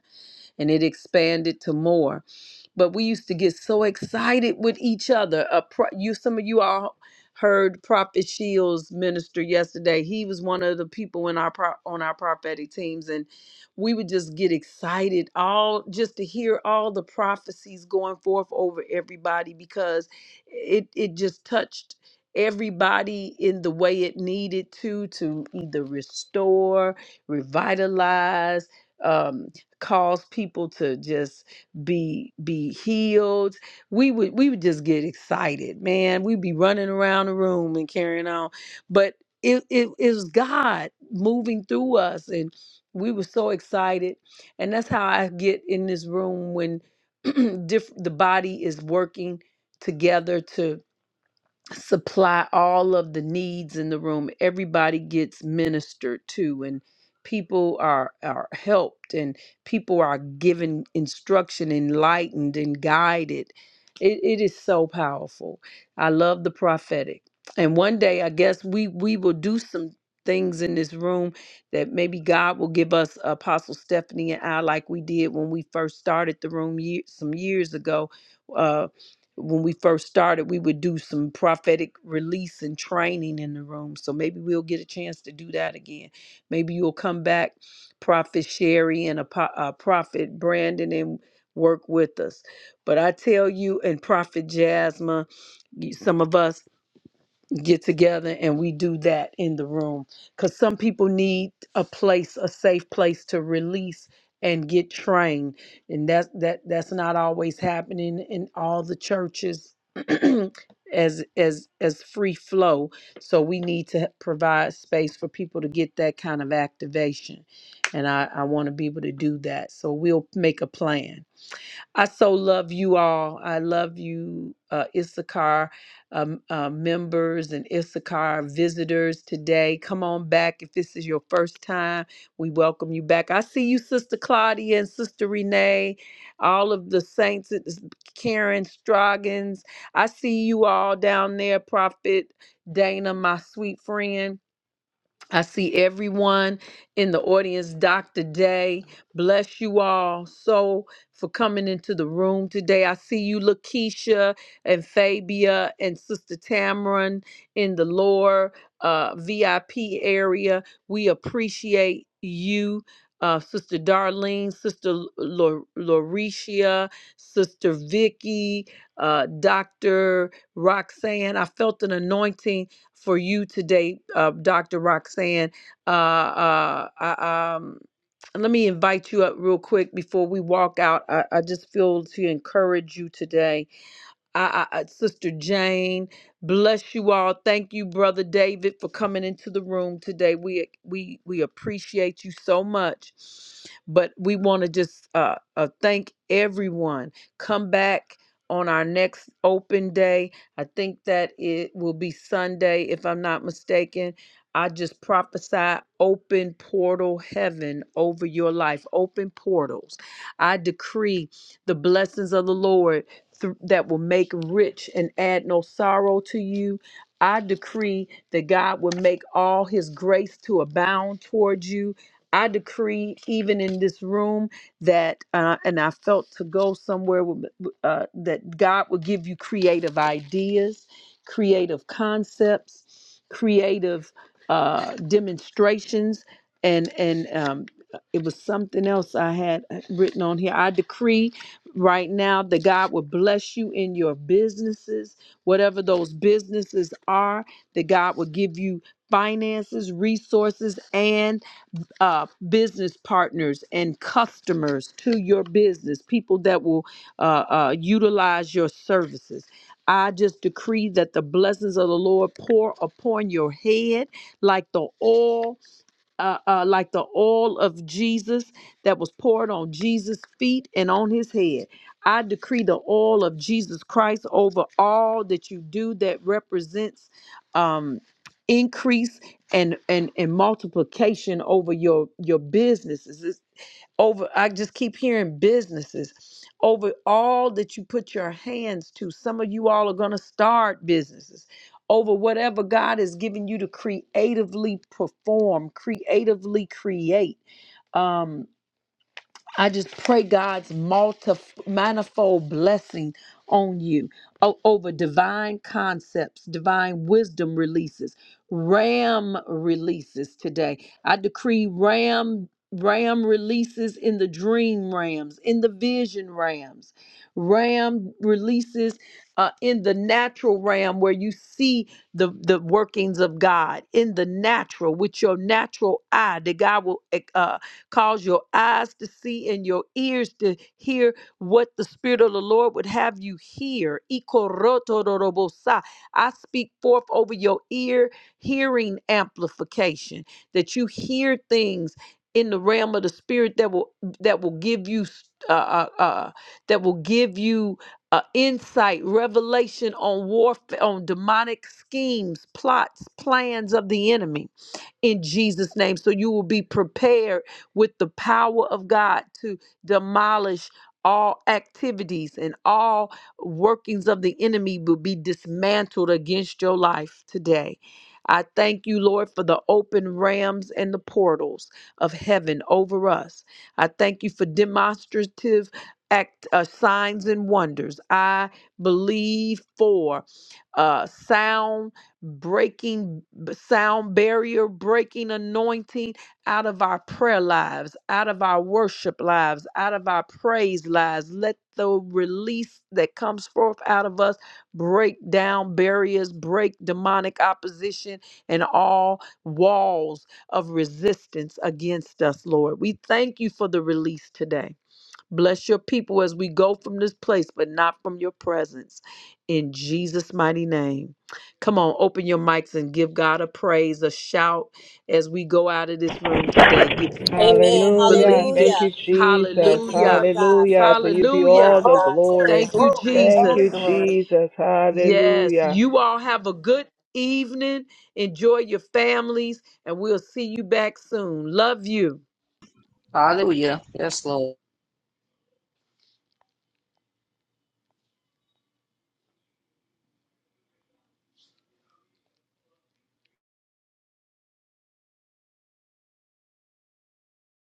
Speaker 3: and it expanded to more but we used to get so excited with each other. A pro- you, some of you all heard Prophet Shields minister yesterday. He was one of the people in our pro- on our prophetic teams, and we would just get excited all just to hear all the prophecies going forth over everybody because it it just touched everybody in the way it needed to to either restore, revitalize, um, cause people to just be be healed. We would we would just get excited, man. We'd be running around the room and carrying on. But it it it was God moving through us and we were so excited. And that's how I get in this room when diff- the body is working together to supply all of the needs in the room. Everybody gets ministered to and people are are helped and people are given instruction, enlightened and guided. It, it is so powerful. I love the prophetic. And one day I guess we we will do some things in this room that maybe God will give us Apostle Stephanie and I like we did when we first started the room year, some years ago uh, when we first started, we would do some prophetic release and training in the room. So maybe we'll get a chance to do that again. Maybe you'll come back, Prophet Sherry and a, uh, Prophet Brandon, and work with us. But I tell you, and Prophet Jasmine, you- some of us get together and we do that in the room because some people need a place a safe place to release and get trained and that's that that's not always happening in all the churches as as as free flow so we need to provide space for people to get that kind of activation and i i want to be able to do that so we'll make a plan I so love you all. I love you, uh, Issachar um, uh, members and Issachar visitors today. Come on back. If this is your first time, we welcome you back. I see you, Sister Claudia and Sister Renee, all of the saints, it's Karen Stroggins. I see you all down there, Prophet Dana, my sweet friend. I see everyone in the audience. Dr. Day, bless you all so for coming into the room today. I see you, Lakeisha and Fabia and Sister Tamron in the lower uh, VIP area. We appreciate you. Uh, Sister Darlene, Sister Lauricia, Lauricia, Sister Vicky, uh, Dr. Roxanne. I felt an anointing for you today, uh, Dr. Roxanne. Uh, uh, I, um, let me invite you up real quick before we walk out. I, I just feel to encourage you today I, I, I- Sister Jane, bless you all. Thank you, Brother David, for coming into the room today. We we we appreciate you so much, but we want to just uh, uh, thank everyone. Come back on our next open day. I think that it will be Sunday, if I'm not mistaken. I just prophesy open portal heaven over your life, open portals. I decree the blessings of the Lord th- that will make rich and add no sorrow to you. I decree that God will make all his grace to abound towards you. I decree, even in this room, that, uh, and I felt to go somewhere with, uh, that God will give you creative ideas, creative concepts, creative uh, demonstrations, and and um, it was something else I had uh, written on here. I decree right now that God will bless you in your businesses, whatever those businesses are, that God will give you finances, resources, and uh, business partners and customers to your business, people that will uh, uh, utilize your services. I just decree that the blessings of the Lord pour upon your head like the oil uh, uh, like the oil of Jesus that was poured on Jesus' feet and on his head. I decree the oil of Jesus Christ over all that you do that represents um, increase and, and and multiplication over your your businesses over i just keep hearing businesses over all that you put your hands to some of you all are going to start businesses over whatever god has given you to creatively perform creatively create Um. I just pray God's multif- manifold blessing on you o- over divine concepts, divine wisdom releases, RAM releases today. I decree RAM RAM releases in the dream rams, in the vision rams, RAM releases uh, in the natural ram where you see the the workings of God in the natural with your natural eye. That God will eh, uh, Cause your eyes to see and your ears to hear what the Spirit of the Lord would have you hear. Ikorotorobosa. I speak forth over your ear hearing amplification that you hear things in the realm of the spirit that will that will give you uh, uh, uh, that will give you uh, insight, revelation on warfare, on demonic schemes, plots, plans of the enemy in Jesus' name. So you will be prepared with the power of God to demolish all activities and all workings of the enemy will be dismantled against your life today. I thank you, Lord, for the open rams and the portals of heaven over us. I thank you for demonstrative act uh, signs and wonders. I believe for uh, sound breaking b- sound barrier, breaking anointing out of our prayer lives, out of our worship lives, out of our praise lives. Let the release that comes forth out of us break down barriers, break demonic opposition, and all walls of resistance against us, Lord. We thank you for the release today. Bless your people as we go from this place, but not from your presence. In Jesus' mighty name. Come on, open your mics and give God a praise, a shout as we go out of this room today. If you, if
Speaker 21: Amen.
Speaker 3: you
Speaker 16: Hallelujah.
Speaker 3: believe
Speaker 16: Thank
Speaker 3: it,
Speaker 21: Hallelujah.
Speaker 16: you, Jesus.
Speaker 21: Thank you,
Speaker 3: hallelujah.
Speaker 21: Lord God, for
Speaker 16: Hallelujah. To you
Speaker 21: the
Speaker 16: be
Speaker 21: word
Speaker 16: all
Speaker 3: Hallelujah.
Speaker 21: of
Speaker 16: the
Speaker 21: God today.
Speaker 16: glory.
Speaker 3: Thank you,
Speaker 16: Thank you,
Speaker 3: Jesus.
Speaker 16: Jesus.
Speaker 3: Yes,
Speaker 16: Hallelujah.
Speaker 3: you all have a good evening. Enjoy your families, and we'll see you back soon. Love you.
Speaker 8: Hallelujah. Yes, Lord.